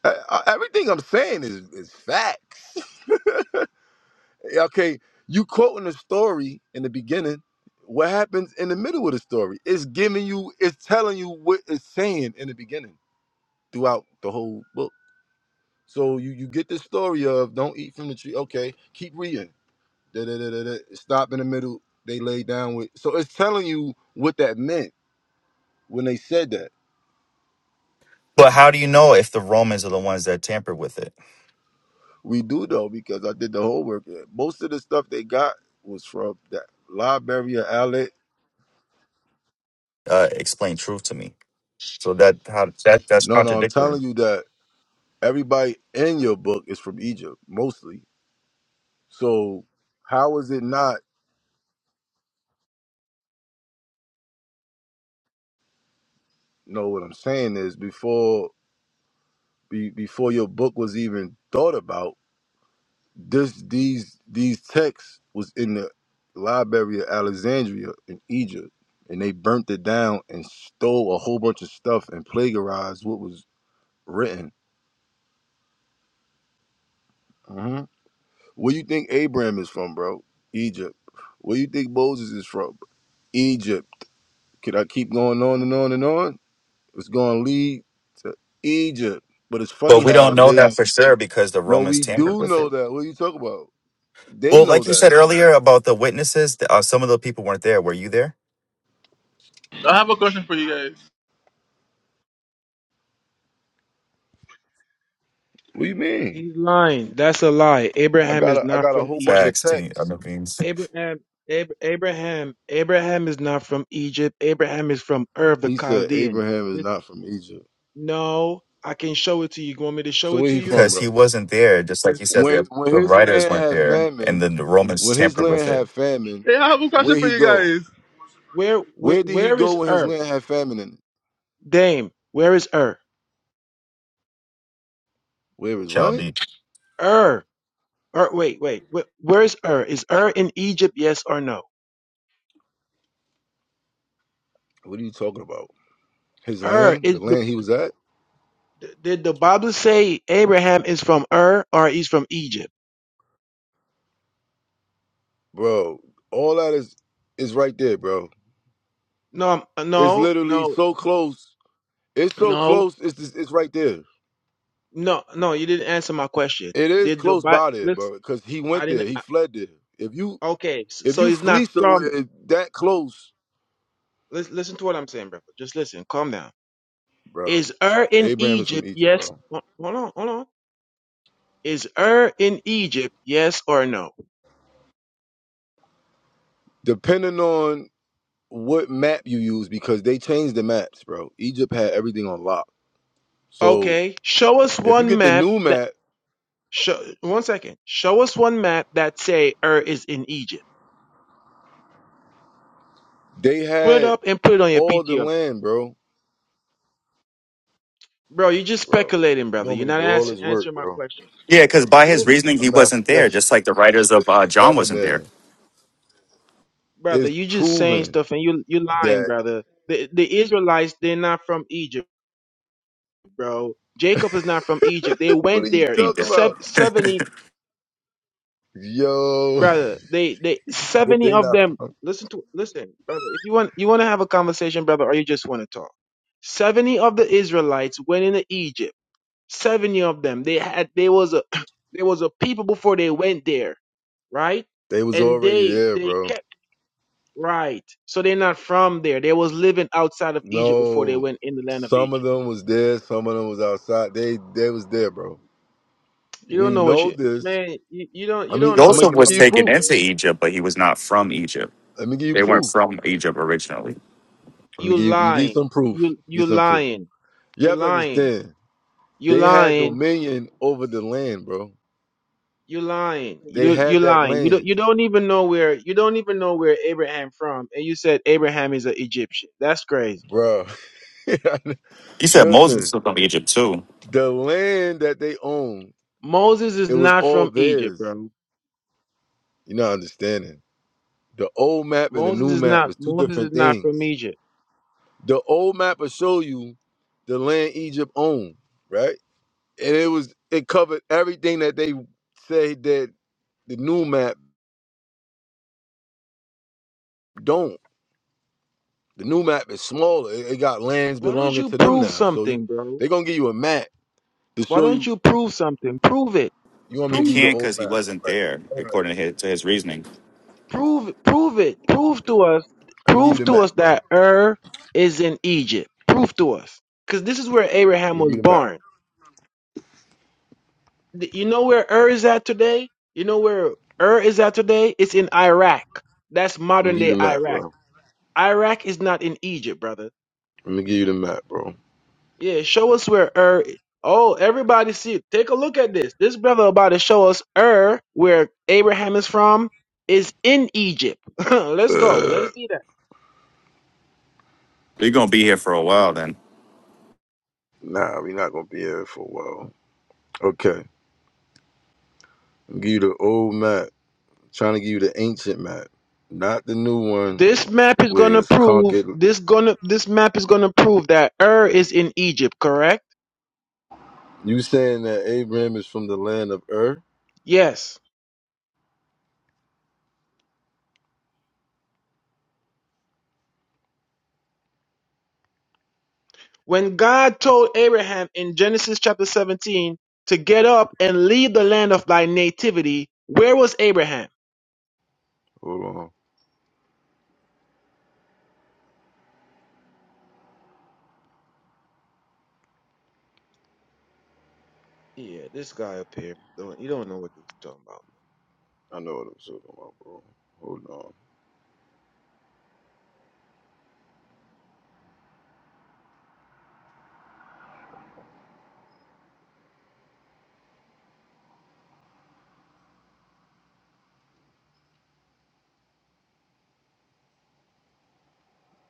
I, I, everything I'm saying is, is facts. okay, you quoting the story in the beginning. What happens in the middle of the story? It's giving you, it's telling you what it's saying in the beginning throughout the whole book. So you, you get the story of don't eat from the tree. Okay, keep reading. Da, da, da, da, da. Stop in the middle. They laid down with. So it's telling you what that meant when they said that. But how do you know if the Romans are the ones that tampered with it? We do though because I did the homework. Most of the stuff they got was from that Liberia outlet. Uh, explain truth to me. So that how that that's No, no, I'm contradictory. telling you that everybody in your book is from Egypt mostly. So how is it not? No, what I'm saying is before be, before your book was even thought about, this these these texts was in the Liberia Alexandria in Egypt. And they burnt it down and stole a whole bunch of stuff and plagiarized what was written. Mm-hmm. Where you think Abraham is from, bro? Egypt. Where you think Moses is from? Egypt. Could I keep going on and on and on? It's going to lead to Egypt. But it's funny But we don't how know they that for sure because the no, Romans we tampered do with know it. that. What are you talking about? They Well, know like you that. said earlier about the witnesses, th- uh, some of the people weren't there. Were you there? I have a question for you guys. What do you mean? he's lying. That's a lie. I Abraham got is a, I not got a from whole bunch Egypt. of Facts to I texts. mean, Abraham, Ab- Abraham, Abraham is not from Egypt. Abraham is from Ur of the He said Chaldeans. Abraham is This, not from Egypt. no, I can show it to you. You want me to show So it where to he you? from, because he bro? wasn't there. Just like you said, When the, when the his writers land weren't had there, and famine, then the Romans when his tampered with land it. had famine, Hey, I have a question where for he you go? guys. Where, where, Where did he where go is when his Ur? land had famine in it? Dame, where is Ur? Where is what? Chaldee. Ur, Ur. Wait, wait. wh- Where is Ur? Is Ur in Egypt? Yes or no? What are you talking about? His Ur land, the is the. land he was at, Did the Bible say Abraham is from Ur or he's from Egypt? bro. All that is is right there, bro. No, um, It's no, literally no, so close. It's so no, close. It's just, it's right there. no, no. You didn't answer my question. It is Did the close Bible? by there, Listen, bro. Because he I went there. didn't. He fled there. If you Okay, s- if so you it's flee not somewhere from. that close, Listen, listen to what I'm saying, brother. Just listen. Calm down. bro. Is Ur in Abraham is from Egypt? Egypt, Yes. bro. Ho- Hold on, hold on. Is Ur in Egypt? Yes or no? Depending on what map you use, because they changed the maps, bro. Egypt had everything on lock. So Okay. Show us if you one get the map new that. map, Show, one second. Show us one map that say Ur is in Egypt. they Pull it had up and put it on your all the PTO. land, bro. Bro, you're just Bro, speculating, you brother. want me You're to not do all ask, this work, answering my bro? question. Yeah, because by his No, reasoning, he I'm not wasn't there, speculating, just like the writers of uh, John brother, wasn't there. man. brother. It's you just saying proven stuff and you you lying, that. brother. The the Israelites, they're not from Egypt. bro. Jacob is not from Egypt. They what are went you there. talking either. Sev- about, seventy, yo? brother. They they he said seventy they of not them. from. Listen to listen, brother. If you want you want to have a conversation, brother, or you just want to talk. Seventy of the Israelites went into Egypt. Seventy of them. They had they was a there was a people before they went there, right? They was And already they there, they bro. kept right. So they're not from there. They was living outside of Egypt before they No, went in the land of some of Egypt. them was there, some of them was outside. They they was there, bro. You don't We know what know you this. man. You, you don't I you mean, don't know I'm what gonna, you're Joseph let me was give you talking taken about, proof. man. into Egypt, but he was not from Egypt. Let me give you They weren't proof. from Egypt originally. Let me You give you, let me give you lying. some proof. You Get you some proof. lying. You You have to lying. understand. You They had lying. dominion over the land, bro You lying. They You you had that lying. You don't land, you don't even know where you don't even know where Abraham from, and you said Abraham is an Egyptian. That's crazy. bro. He said Moses Listen, was from Egypt too. the land that they own, Moses is it was not all from Egypt, theirs. bro. You're not understanding. The old map and the Moses new is map not is two Moses is different not from things. Egypt. The old map will show you the land Egypt owned, right? And it was it covered everything that they say that the new map don't. The new map is smaller. It, it got lands Why don't belonging you to them prove now. So you, something, bro? they're gonna give you a map to Why show don't you. you prove something? Prove it. You want me He to Prove. give you the can't old because he map? All wasn't right. there, All right. according to his, to his reasoning. Prove prove it. Prove to us Let me give you prove the to map, us bro. that Ur is in Egypt. Prove to us. Because this is where Let Abraham me give was you the map. born. Th- You know where Ur is at today? You know where Ur is at today? It's in Iraq. That's Let me modern give you day the map, Iraq. bro. Iraq is not in Egypt, brother. Let me give you the map, bro. Yeah, show us where Ur i- Oh, everybody see take a look at this. This brother about to show us Ur, where Abraham is from, is in Egypt. Let's go. Uh, Let's see that. You're going to be here for a while then. nah, we not gonna be here for a while. Okay, I'll give you the old map. I'm trying to give you the ancient map, not the new one This map is where gonna it's prove conquered. this gonna this map is gonna prove that Ur is in Egypt, correct? You saying that Abraham is from the land of Ur? Yes. When God told Abraham in Genesis chapter 17 to get up and leave the land of thy nativity, where was Abraham? Hold on, Yeah, this guy up here, don't, you don't know what he's talking about. I know what I'm talking about, bro. Hold on,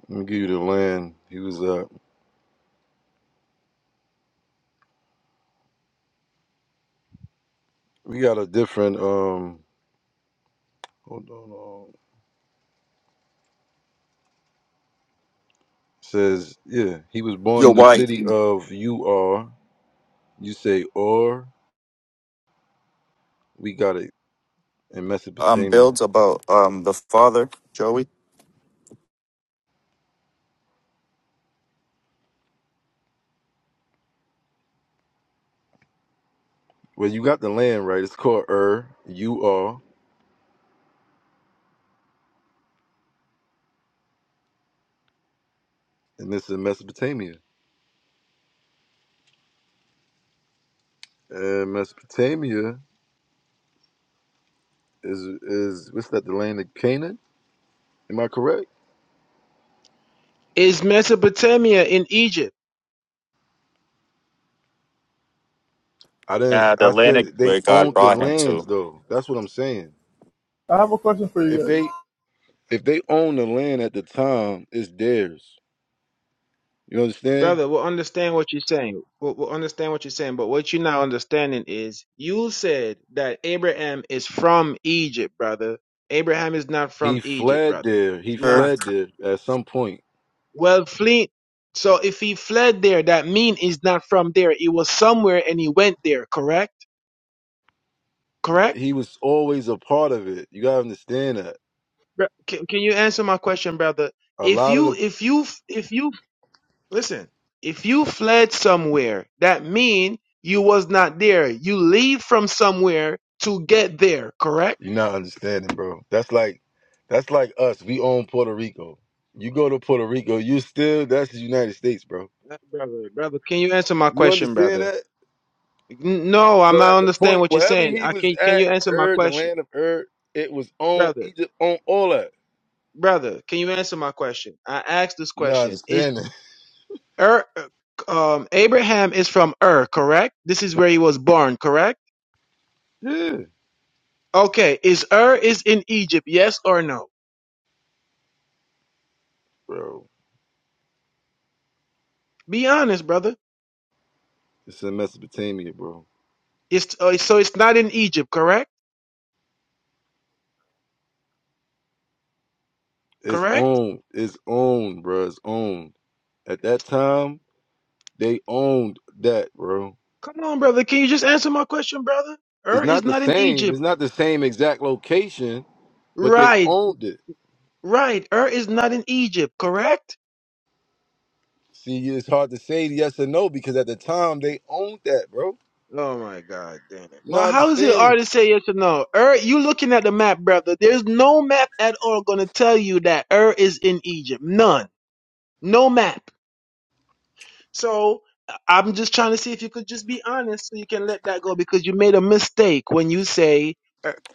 let me give you the land he was at. We got a different um. Hold on, um, says yeah, he was born Yo, in the why? city of Ur. You say Ur. We got it in Um, Mesopotamia. builds about um the father, Joey? Well, you got the land right. It's called Ur. You are, and this is Mesopotamia. And Mesopotamia is is what's that? The land of Canaan. Am I correct? Is Mesopotamia in Egypt? I Yeah, didn't. the I land said they where God owned the brought him lands though. That's what I'm saying. I have a question for If you they if they own the land at the time, it's theirs. You understand? brother, we'll understand what you're saying. We'll, we'll understand what you're saying, but what you're not understanding is you said that Abraham is from Egypt, brother. Abraham is not He from Egypt, fled brother. there. He He's to. not. fled there at some point. Well, flee. So if he fled there, that mean he's not from there. He was somewhere and he went there. Correct? Correct? He was always a part of it. You gotta understand that. Br- Can, can you answer my question, brother? A If lot of the you if you if you Listen, if you fled somewhere, that mean you was not there. You leave from somewhere to get there, correct? You're not understanding, bro. That's like that's like us. We own Puerto Rico. You go to Puerto Rico, you still that's the United States, bro. Uh, Brother, brother, can you answer my You question, understand brother? that? N- No, I'm So not at the understand point what you're wherever saying. he I was can can at, you answer my Ur, the question? land of Ur, it was on Brother, Egypt, on all that. brother, can you answer my question? I asked this You not question. Is understanding? Ur uh, um Abraham is from Ur, correct? This is where he was born, correct? yeah, Okay, is Ur is in Egypt, yes or no? bro. Be honest, brother. It's in Mesopotamia, bro. It's uh, so it's not in Egypt, correct? It's Correct? owned. It's owned, bro. It's owned. At that time, they owned that, bro. Come on, brother. Can you just answer my question, brother? It's Ur is not the not in same. Egypt. It's not the same exact location, but they Right, owned it. right. Ur is not in Egypt, correct? See, it's hard to say yes or no because at the time they owned that, bro. Oh my god, damn it. You Well, not how is it hard understanding? to say yes or no? Ur, you looking at the map, brother. There's no map at all gonna tell you that Ur is in Egypt. None. No map. So I- I'm just trying to see if you could just be honest so you can let that go because you made a mistake when you say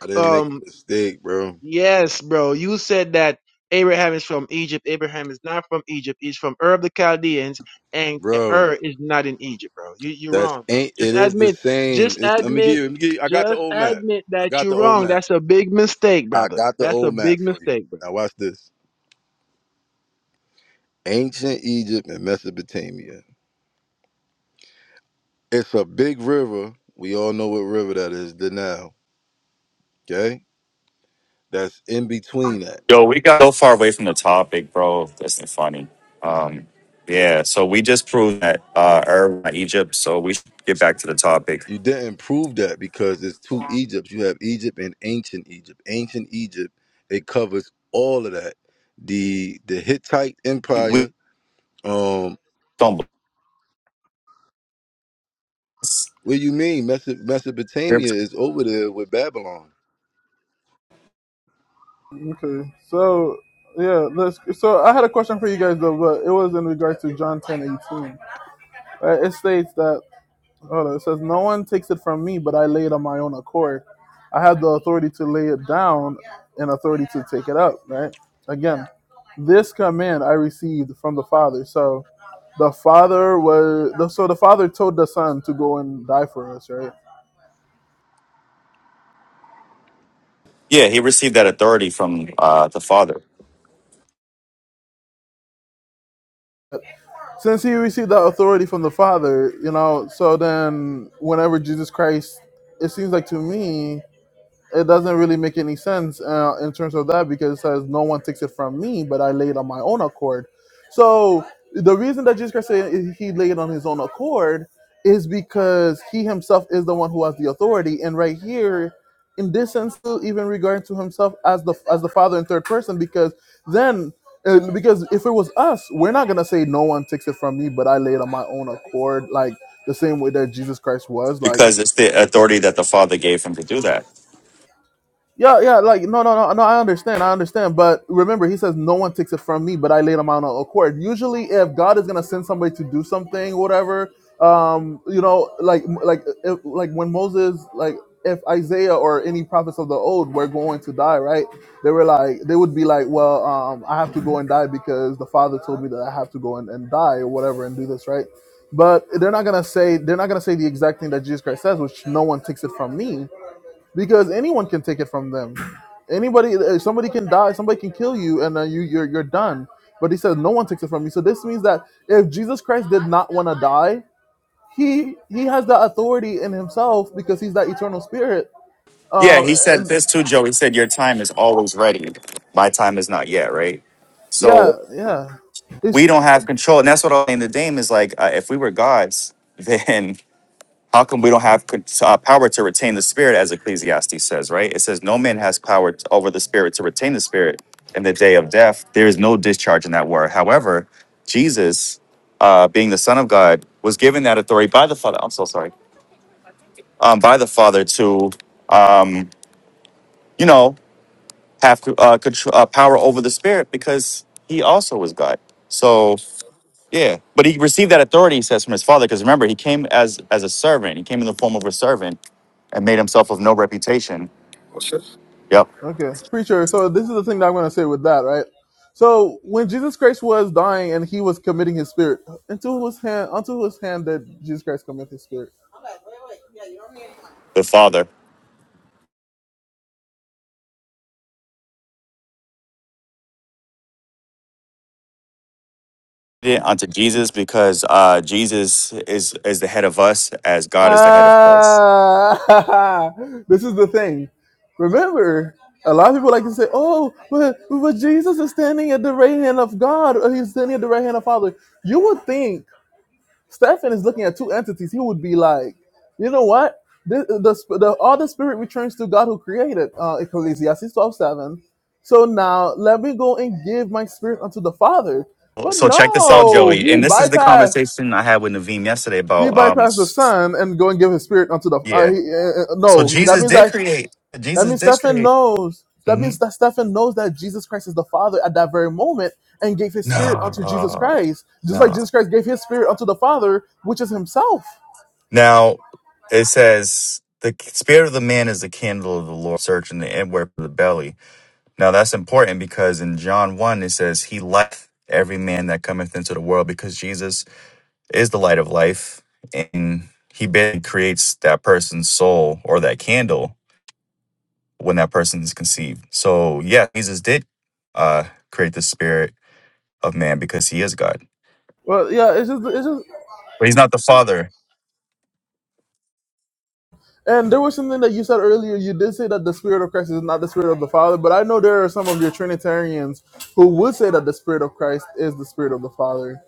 I didn't make Ur. a mistake, bro. Yes, bro. You said that Abraham is from Egypt. Abraham is not from Egypt. He's from Ur of the Chaldeans, and Ur Bro, is not in Egypt, bro. You, you're that's wrong, bro. ain't Just it is the admit, same. just It's let me give admit, you, let me give you I got the just old map. admit I that got you're the old wrong. map. That's a big mistake, I brother. got the That's a old map big for you. mistake, bro. Now watch this. Ancient Egypt and Mesopotamia. It's a big river. We all know what river that is, the Nile. Okay? That's in between that. Yo, we got so far away from the topic, bro. That's not funny. Um, yeah, so we just proved that uh, Arab are Egypt, so we should get back to the topic. You didn't prove that because there's two Egypts. You have Egypt and ancient Egypt. Ancient Egypt, it covers all of that. The the Hittite We Empire. Um, don't. what do you mean? Meso- Mesopotamia is over there with Babylon. guys. Okay, so yeah, let's. So I had a question for you guys though, but it was in regards to John ten eighteen. Right? It states that. Hold on, It says, No one takes it from me, but I lay it on my own accord. I have the authority to lay it down and authority to take it up, right? Again, this command I received from the Father. So the Father was, the- so the Father told the Son to go and die for us, right? Yeah, he received that authority from uh, the father Since he received that authority from the Father, you know, so then whenever Jesus Christ, it seems like to me, it doesn't really make any sense uh, in terms of that because it says no one takes it from me, but I laid on my own accord. So the reason that Jesus Christ said he laid it on his own accord is because he himself is the one who has the authority. And right here, in this sense, even regarding to himself as the as the Father in third person, because then. uh, Because if it was us, we're not gonna say no one takes it from me, but I laid on my own accord, like the same way that Jesus Christ was. Like because it's the authority that the father gave him to do that. Yeah, yeah, like no, no, no, no. I understand, I understand. But remember, he says no one takes it from me, but I laid them out on accord. Usually, if God is gonna send somebody to do something, whatever, um, you know, like like if, like when Moses, like if Isaiah or any prophets of the old were going to die, right? They were like, they would be like, well, um, I have to go and die because the Father told me that I have to go and, and die or whatever and do this, right? But they're not gonna say they're not gonna say the exact thing that Jesus Christ says, which no one takes it from me because anyone can take it from them. Anybody, uh, somebody can die, somebody can kill you, and then you you're you're done. But he says no one takes it from you. So this means that if Jesus Christ did not want to die, he he has the authority in himself because he's that eternal spirit. Yeah, Um, he said and this too, Joe. He said, "Your time is always ready. My time is not yet." Right. yeah, So yeah, it's we don't have control, and that's what I'm saying. The Dame is like, uh, if we were gods, then How come we don't have con- uh, power to retain the spirit, as Ecclesiastes says, right? It says, No man has power t- over the spirit to retain the spirit in the day of death. There is no discharge in that word. However, Jesus, uh, being the Son of God, was given that authority by the Father. I'm so sorry. Um, by the Father to, um, you know, have uh, control, uh, power over the spirit because he also was God. So yeah, but he received that authority, he says, from his father. Because remember, he came as as a servant. He came in the form of a servant and made himself of no reputation. What's this? Yep, okay, preacher. So this is the thing that I'm gonna say with that, right? So when Jesus Christ was dying and he was committing his spirit, into whose hand, unto whose hand did Jesus Christ commit his spirit? the Father did unto Jesus because uh, Jesus is is the head of us as God is the head of Christ. Ah, this is the thing. Remember, a lot of people like to say, "Oh, but, but Jesus is standing at the right hand of God, or he's standing at the right hand of Father." You would think Stephen is looking at two entities. He would be like, "You know what? The, the, sp- the all the spirit returns to God who created." Uh, Ecclesiastes twelve seven. So now let me go and give my spirit unto the Father. But So check this out, no, Joey. he And this is the bypassed. conversation I had with Naveem yesterday He about um bypassed the Son and go and give His Spirit unto the. Uh, yeah. he, uh, uh, So no, that Jesus means did that create. that Jesus means did Stephen create. knows. That hmm means that Stephen knows that Jesus Christ is the Father at that very moment and gave His Spirit unto Jesus No, Christ, just like no. Jesus Christ gave His Spirit unto the Father, which is Himself. Now it says the spirit of the man is the candle of the Lord, searching the inward of the belly. Now that's important because in John 1 it says he light every man that cometh into the world because Jesus is the light of life and he basically creates that person's soul or that candle when that person is conceived. So yeah, Jesus did uh create the spirit of man because he is God. Well, yeah, it's just, it's just, But he's not the father. and there was something that you said earlier. You did say that the Spirit of Christ is not the Spirit of the Father, but I know there are some of your Trinitarians who would say that the Spirit of Christ is the Spirit of the Father.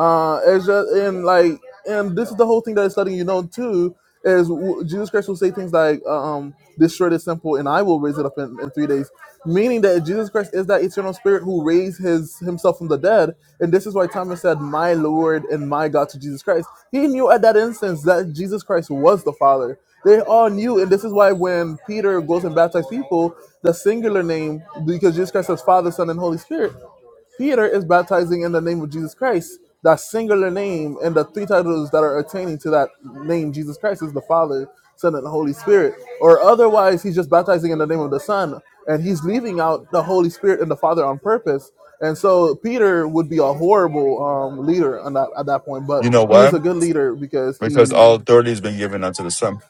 Uh, it's just and like and this is the whole thing that is letting you know too is w- Jesus Christ will say things like uh, um this shirt is simple and I will raise it up in, in three days, meaning that Jesus Christ is that eternal Spirit who raised his himself from the dead, and this is why Thomas said, "My Lord and my God" to Jesus Christ. He knew at that instance that Jesus Christ was the Father. They all knew, and this is why when Peter goes and baptizes people, the singular name because Jesus Christ says Father, Son, and Holy Spirit. Peter is baptizing in the name of Jesus Christ, that singular name, and the three titles that are attaining to that name, Jesus Christ, is the Father, Son, and the Holy Spirit. Or otherwise, he's just baptizing in the name of the Son, and he's leaving out the Holy Spirit and the Father on purpose. And so Peter would be a horrible um, leader on that, at that point, but You know he is why? a good leader because Because he all authority has been given unto the son.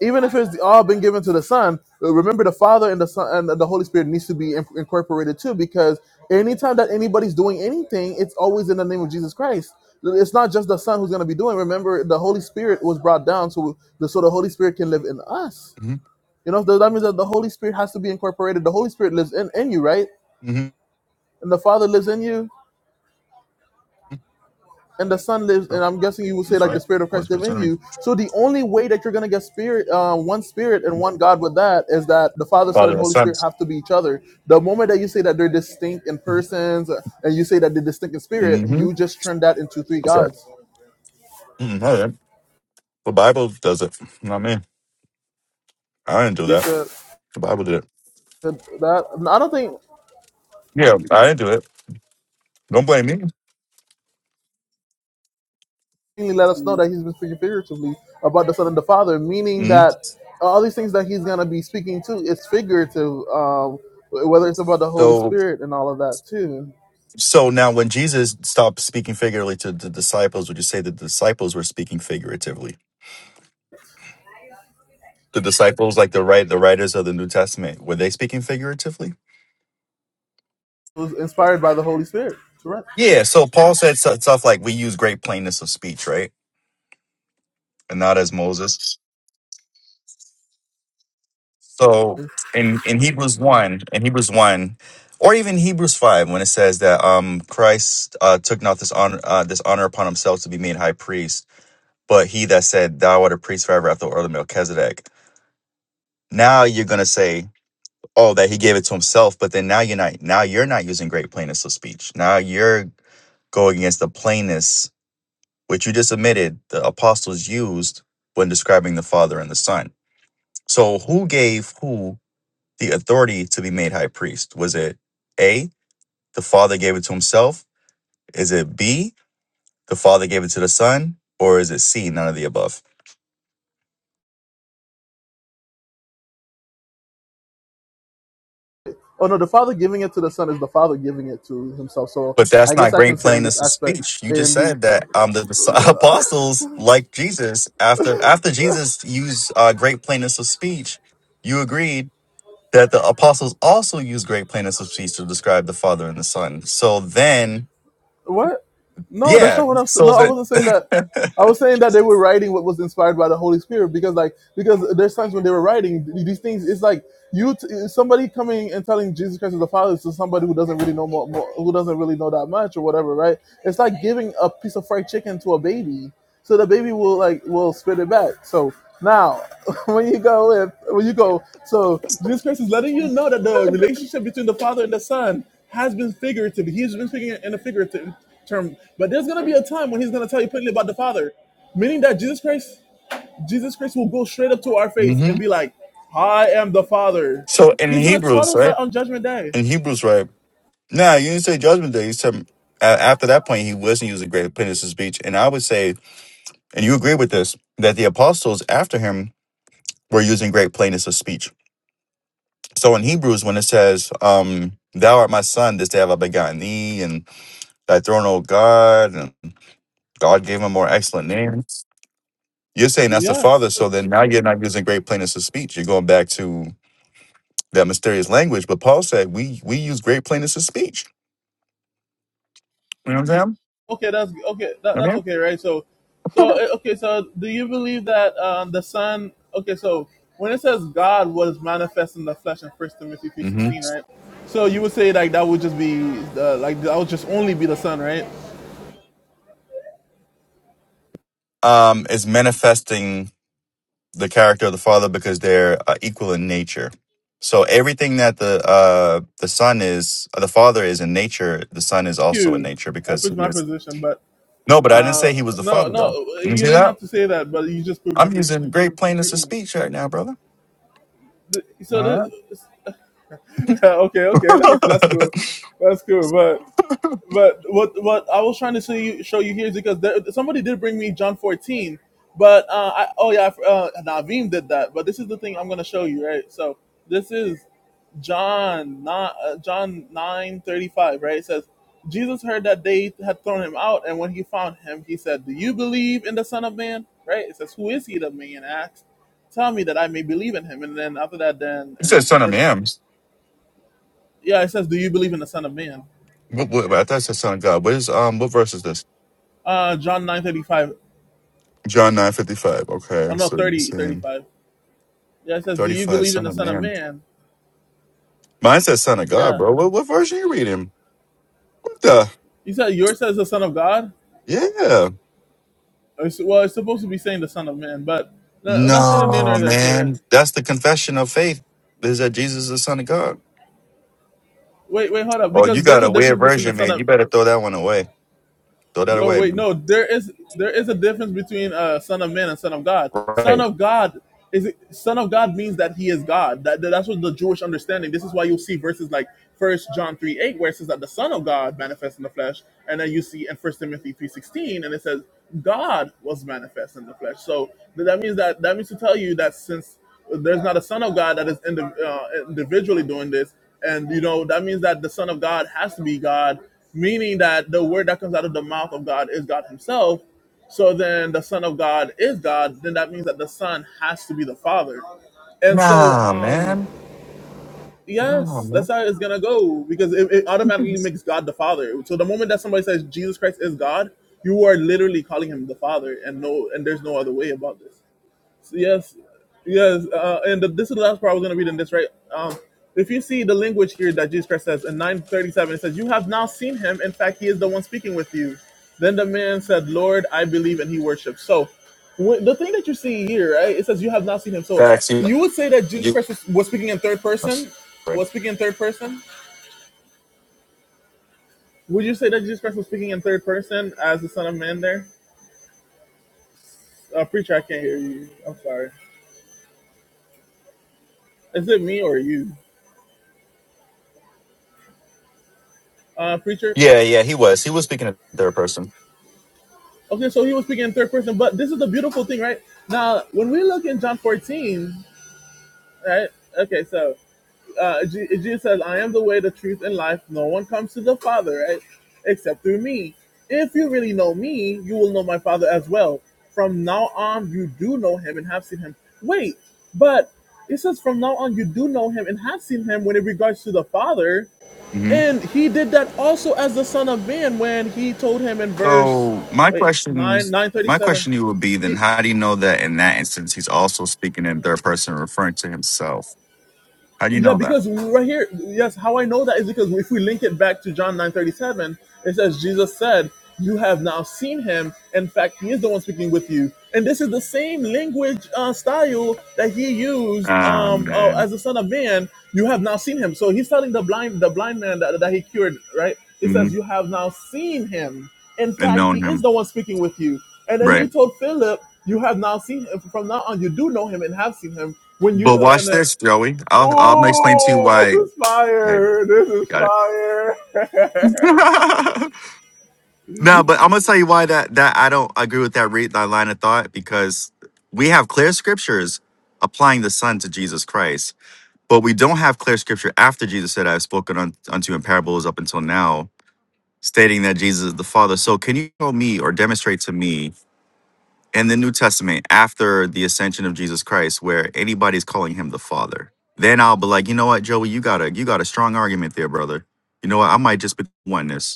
even if it's all been given to the son uh, remember the father and the son and the holy spirit needs to be in- incorporated too because anytime that anybody's doing anything it's always in the name of jesus christ it's not just the son who's going to be doing remember the holy spirit was brought down so the so the holy spirit can live in us hmm you know so that means that the holy spirit has to be incorporated the holy spirit lives in, in you right hmm and the father lives in you and the Son lives, and I'm guessing you would say that's like the right. Spirit of Holy Christ live Spirit's in enemy. you. So the only way that you're gonna get Spirit, uh, one Spirit and one God with that is that the Father, Son, Father and and Holy son. Spirit have to be each other. The moment that you say that they're distinct in persons, uh, and you say that they're distinct in spirit, hmm you just turn that into three That's right. gods. Mhm. All right. The Bible does it, not me. I didn't do You that. said The Bible did it. that. I don't think Yeah, I didn't do it. Don't blame he let us know me. that he's been speaking figuratively about the Son and the Father, meaning hmm that all these things that he's gonna be speaking to is figurative. Um, whether it's about the Holy So, Spirit and all of that too. so now when Jesus stopped speaking figuratively to the disciples, would you say that the disciples were speaking figuratively? The disciples, like the right, the writers of the New Testament, were they speaking figuratively? was inspired by the Holy Spirit to write. Yeah. So Paul said stu- stuff like, "We use great plainness of speech, right, and not as Moses." So in in Hebrews one, in Hebrews one, or even Hebrews five, when it says that um Christ uh, took not this honor uh, this honor upon himself to be made high priest, but he that said, "Thou art a priest forever after the order of Melchizedek." Now you're gonna say, "Oh, that he gave it to himself," but then now you're not now you're not using great plainness of speech. Now you're going against the plainness which you just admitted the apostles used when describing the Father and the Son. So who gave who? the authority to be made high priest? Was it A, the Father gave it to himself? Is it B, the Father gave it to the Son? Or is it C, none of the above? Oh no, the Father giving it to the Son is the Father giving it to Himself. So But I that's guess not I can great say in this plainness of aspect speech. You A just and B. said that um, the dis- apostles, like Jesus, after after Jesus used uh, great plainness of speech, you agreed that the apostles also used great plainness of speech to describe the Father and the Son. So then, What? No, that's yeah, not what I'm saying. so No, I that. wasn't saying that. I was saying that they were writing what was inspired by the Holy Spirit because, like, because there's times when they were writing these things. It's like you, t- somebody coming and telling Jesus Christ is the Father to somebody who doesn't really know more, more, who doesn't really know that much or whatever, right? It's like giving a piece of fried chicken to a baby so the baby will like will spit it back. So now when you go with when you go so jesus christ is letting you know that the relationship between the father and the son has been figurative he's been speaking in a figurative term but there's going to be a time when he's going to tell you plainly about the father meaning that jesus christ jesus christ will go straight up to our face hmm and be like i am the father So in he's going to tell Hebrews, us right? that on judgment day In Hebrews, right? Nah, you didn't say Judgment Day. You said uh, after that point, he wasn't using great plainness of speech. And I would say, and you agree with this, that the apostles after him were using great plainness of speech. So in Hebrews, when it says, um, Thou art my son, this day have I begotten thee, and thy throne, O God, and God gave him more excellent names. You're saying that's the father. yes So then now you're not using great plainness of speech. You're going back to that mysterious language. But Paul said, we we use great plainness of speech. You know what I'm okay that's okay that, saying? that's I okay right so so eh, okay so do you believe that um the son okay so when it says god was manifest in the flesh in first timothy mean, 3.16 right so you would say like that would just be the like that would just only be the son right Thank hmm um, is manifesting the character of the father because they're uh, equal in nature. So everything that the uh, the son is, uh, the father is in nature, the son is also in you nature that because proves he my is. position but No, but I didn't say he was the no father no though. You you see didn't that? have to say that but you just proved my I'm using position great plainness of greatly speech right now, brother. The- so All this right. okay okay that's that's cool that's cool But what what I was trying to show you, show you here is because there, somebody did bring me John 14, but uh, I, oh yeah, uh, Naveem did that. But this is the thing I'm going to show you, right? So this is John not uh, John 9:35, right? It says Jesus heard that they had thrown him out, and when he found him, he said, "Do you believe in the Son of Man?" Right? It says, "Who is he?" The man asked, "Tell me that I may believe in him." And then after that, then it says and son of verse man. yeah, it says, "Do you believe in the Son of Man?" What, what, I thought it said son of God. What is um? What verse is this? Uh, John 9:35 John nine fifty five. Okay, Oh no, so you're 30, saying 35. Yeah, it says, Do thirty you five, believe in son the of Son of man. Man? Mine says son of God, Yeah. bro. What what verse are you reading? What the? He said, Yours says the Son of God? Yeah. Or s- well, it's supposed to be saying the Son of Man, but no, nothing new No, nor there for that. man. That's the confession of faith is that Jesus is the Son of God. Wait, wait, hold up. Oh, you Because there's got a a weird difference between the version, Son man. You of better throw that one away. Throw that No, away. wait, man. no. There is there is a difference between uh, son of man and son of God. Son Right. of God is son of God means that he is God. That, that's what the Jewish understanding. This is why you'll see verses like First John three eight, where it says that the Son of God manifests in the flesh, and then you see in First Timothy three sixteen, and it says God was manifest in the flesh. So that means that that means to tell you that since there's not a son of God that is indi- uh, individually doing this, and you know that means that the son of God has to be God, meaning that the word that comes out of the mouth of God is God Himself. So then the son of God is God. Then that means that the son has to be the father. And so, um, yes, that's how it's gonna go because it, it automatically makes God the Father. So the moment that somebody says Jesus Christ is God, you are literally calling him the Father, and no, and there's no other way about this. Yes, yes, uh, and the, this is the last part I was going to read in this, right? Um, if you see the language here that Jesus Christ says in 937, it says, You have now seen him. In fact, he is the one speaking with you. Then the man said, Lord, I believe, and he worshipped. So when, the thing that you see here, right, it says, You have not seen him. So Facts. You, you would say that Jesus you, Christ was, was speaking in third I'm person? sorry. Was speaking in third person? Would you say that Jesus Christ was speaking in third person as the Son of Man there? Uh, preacher, I can't hear you. I'm sorry. Is it me or you? Uh, preacher? yeah, yeah, he was. He was speaking in third person. Okay, so he was speaking in third person, but this is the beautiful thing, right? Now, when we look in John 14, right? Okay, so uh, Je- Jesus says, I am the way, the truth, and life. No one comes to the Father, right? Except through me. If you really know me, you will know my Father as well. From now on, you do know him and have seen him. Wait, but it says, from now on, you do know him and have seen him when it regards to the Father. hmm And he did that also as the Son of Man when he told him in verse, So my wait, question, 9, my 937. question to you would be then, It, how do you know that in that instance he's also speaking in third person, referring to himself? How do you yeah, know that? because right here, yes, how I know that is because if we link it back to John 9:37, it says Jesus said, "You have now seen him. In fact, he is the one speaking with you." And this is the same language uh, style that he used Ah, um, uh, man. as the Son of Man. You have now seen him. So he's telling the blind, the blind man that, that he cured, right? It hmm says, "You have now seen him. In And fact, he known is him, the one speaking with you." And then right? he told Philip, "You have now seen him. From now on, you do know him and have seen him." When you But uh, and watch uh, this, Joey. I'll I'll explain to you Ooh, this why is Hey, fire! This is got it. fire! okay, no, but I'm gonna tell you why that that I don't agree with that read that line of thought because we have clear scriptures applying the Son to Jesus Christ, but we don't have clear scripture after Jesus said, "I've spoken un, unto you in parables up until now," stating that Jesus is the Father. So, can you show me or demonstrate to me in the New Testament after the ascension of Jesus Christ where anybody's calling him the Father? Then I'll be like, you know what, Joey, you got a you got a strong argument there, brother. You know what, I might just be oneness.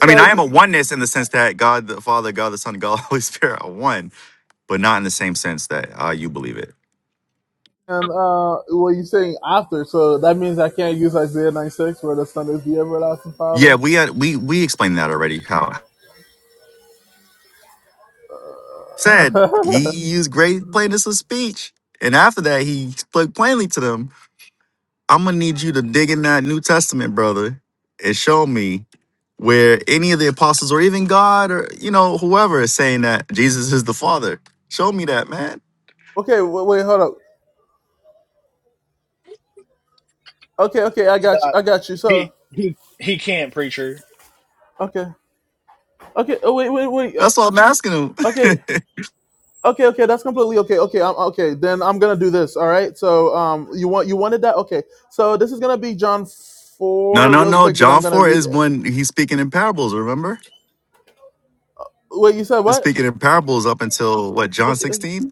I mean, so I am you, a oneness in the sense that God the Father, God the Son, God the Holy Spirit are one, but not in the same sense that uh, you believe it. and uh, well, you saying after, so that means I can't use Isaiah 96 where the Son is the everlasting Yeah, Father. we had, we we explained that already. How said he used great plainness of speech, and after that he spoke plainly to them. I'm gonna need you to dig in that New Testament, brother, and show me where any of the apostles or even God or you know whoever is saying that Jesus is the Father. Show me that, man. Okay, wait, wait, hold up. Okay, okay, I got you. Nah, I got you. So, he he he can't, preacher. okay, okay. Oh, wait, wait, wait. Uh, That's what I'm asking him. okay. Okay, okay, that's completely okay. Okay, I'm okay. Then I'm gonna do this. All right. So, um, you want you wanted that? Okay. So this is gonna be John No, four, no, real no. quick. That I'm John gonna 4 read. is when he's speaking in parables, remember? Wait, you said He's what? speaking in parables up until what, John Okay. okay. 16?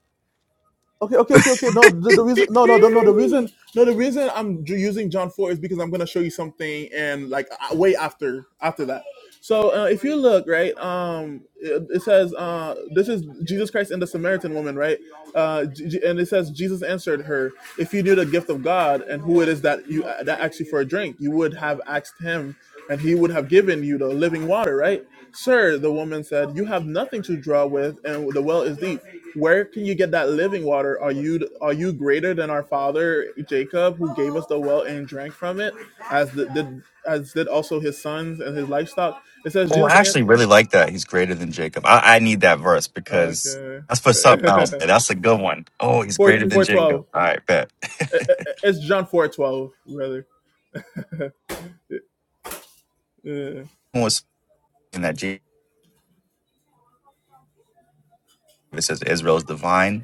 Okay, okay, okay, okay. No, the, the reason, no, no, no, no. The reason, no, the reason I'm ju- using John four is because I'm gonna show you something, and like uh, way after after that. So uh, if you look right, um, it, it says uh, this is Jesus Christ and the Samaritan woman, right? Uh, J- J- and it says Jesus answered her, "If you knew the gift of God and who it is that you that asked you for a drink, you would have asked him." and he would have given you the living water, right? Sir, the woman said, You have nothing to draw with, and the well is deep. Where can you get that living water? Are you are you greater than our father Jacob, who gave us the well and drank from it, as did, did as did also his sons and his livestock? It says Oh, I Jesus. actually An- really like that. He's greater than Jacob. I, I need that verse because okay, that's for something else. Yeah, That's a good one. Oh, he's four greater than four twelve. Jacob. All right, bet. It- it- Someone It's John four twelve, rather. Yeah. was saying that Jesus is Israel's divine.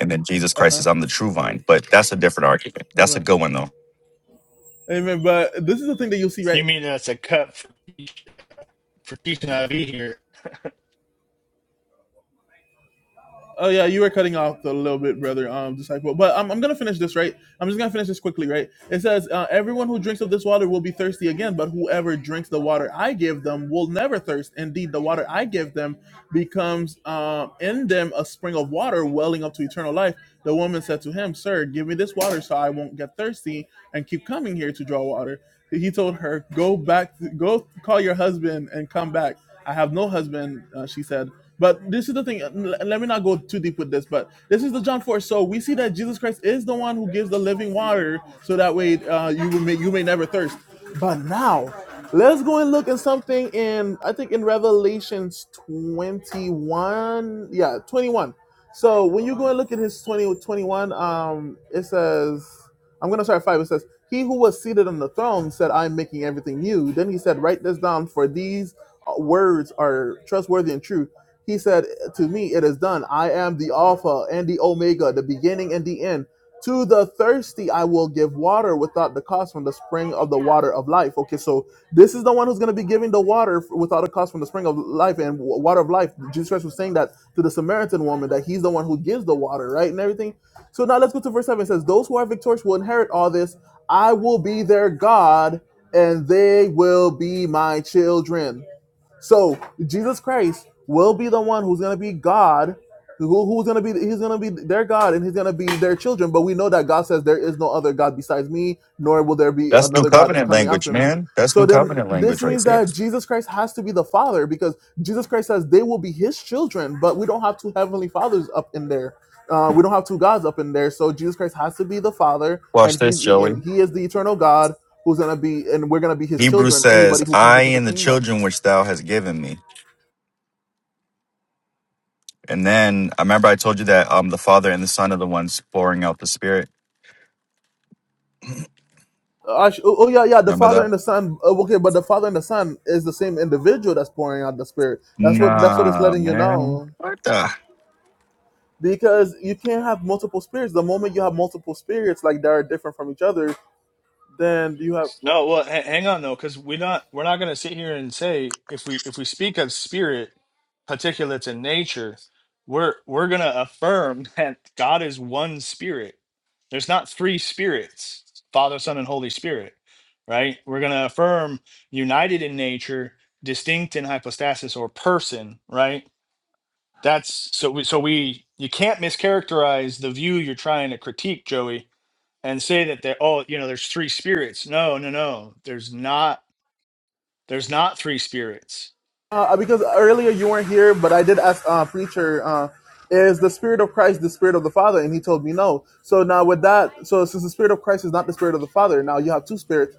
And then Jesus Uh Christ huh. says, I'm the true vine. But that's a different argument. That's a Amen. good one, though. Amen. But this is the thing that you'll see, You right? mean that's a cut for for teaching I be here? Oh yeah, you were cutting off a little bit, brother. Um, disciple. But I'm, I'm gonna finish this right. I'm just gonna finish this quickly, right? It says, uh, "Everyone who drinks of this water will be thirsty again, but whoever drinks the water I give them will never thirst. Indeed, the water I give them becomes um in them a spring of water welling up to eternal life." The woman said to him, "Sir, give me this water so I won't get thirsty and keep coming here to draw water." He told her, "Go back, go call your husband and come back." I have no husband," uh, she said. But this is the thing. l- Let me not go too deep with this, but this is the John four. So we see that Jesus Christ is the one who gives the living water, so that way uh, you will may you may never thirst. But now, let's go and look at something in I think in Revelations twenty one. Yeah, twenty one. So when you go and look at his 20 21, um, it says, I'm going to start at 5. It says, He who was seated on the throne said, I'm making everything new. Then he said, Write this down, for these uh, words are trustworthy and true. He said, To me it is done. I am the Alpha and the Omega, the beginning and the end. To the thirsty I will give water without the cost from the spring of the water of life. Okay, so this is the one who's going to be giving the water f- without a cost from the spring of life and w- water of life. Jesus Christ was saying that to the Samaritan woman that he's the one who gives the water, right? And everything. So now let's go to verse 7. It says, Those who are victorious will inherit all this. I will be their God, and they will be my children. So Jesus Christ will be the one who's gonna be God, who, who's gonna be he's gonna be their God and he's gonna be their children. But we know that God says there is no other God besides me, nor will there be That's new another God covenant coming language, after me. man. That's So new then covenant this language right means there. that Jesus Christ has to be the Father because Jesus Christ says they will be his children, but we don't have two heavenly fathers up in there. Uh, we don't have two gods up in there, so Jesus Christ has to be the Father, Watch and he's this, Joey. and he is the eternal God who's gonna be, and we're gonna be his Hebrews children. says, Anybody who comes I into the and the kingdom. children which thou hast given me. And then I remember I told you that um the Father and the Son are the ones pouring out the Spirit. Uh, sh- oh, oh, yeah, yeah. The Remember that? Father and the Son. uh, Okay, but the Father and the Son is the same individual that's pouring out the Spirit. That's what that's what it's Nah, letting you man. know. What the? Because you can't have multiple spirits. The moment you have multiple spirits, like they are different from each other, then you have. No, well, ha- hang on though, because we're not we're not going to sit here and say if we if we speak of spirit, particulates, and nature, we're we're going to affirm that God is one spirit. There's not three spirits, Father, Son, and Holy Spirit, right? We're going to affirm united in nature, distinct in hypostasis or person, right? that's so we so we you can't mischaracterize the view you're trying to critique joey and say that they oh you know there's three spirits no no no there's not there's not three spirits Uh, uh, because earlier you weren't here, but I did ask uh, preacher, uh, is the Spirit of Christ the Spirit of the Father? And he told me no. So now with that, so since the Spirit of Christ is not the Spirit of the Father, now you have two spirits,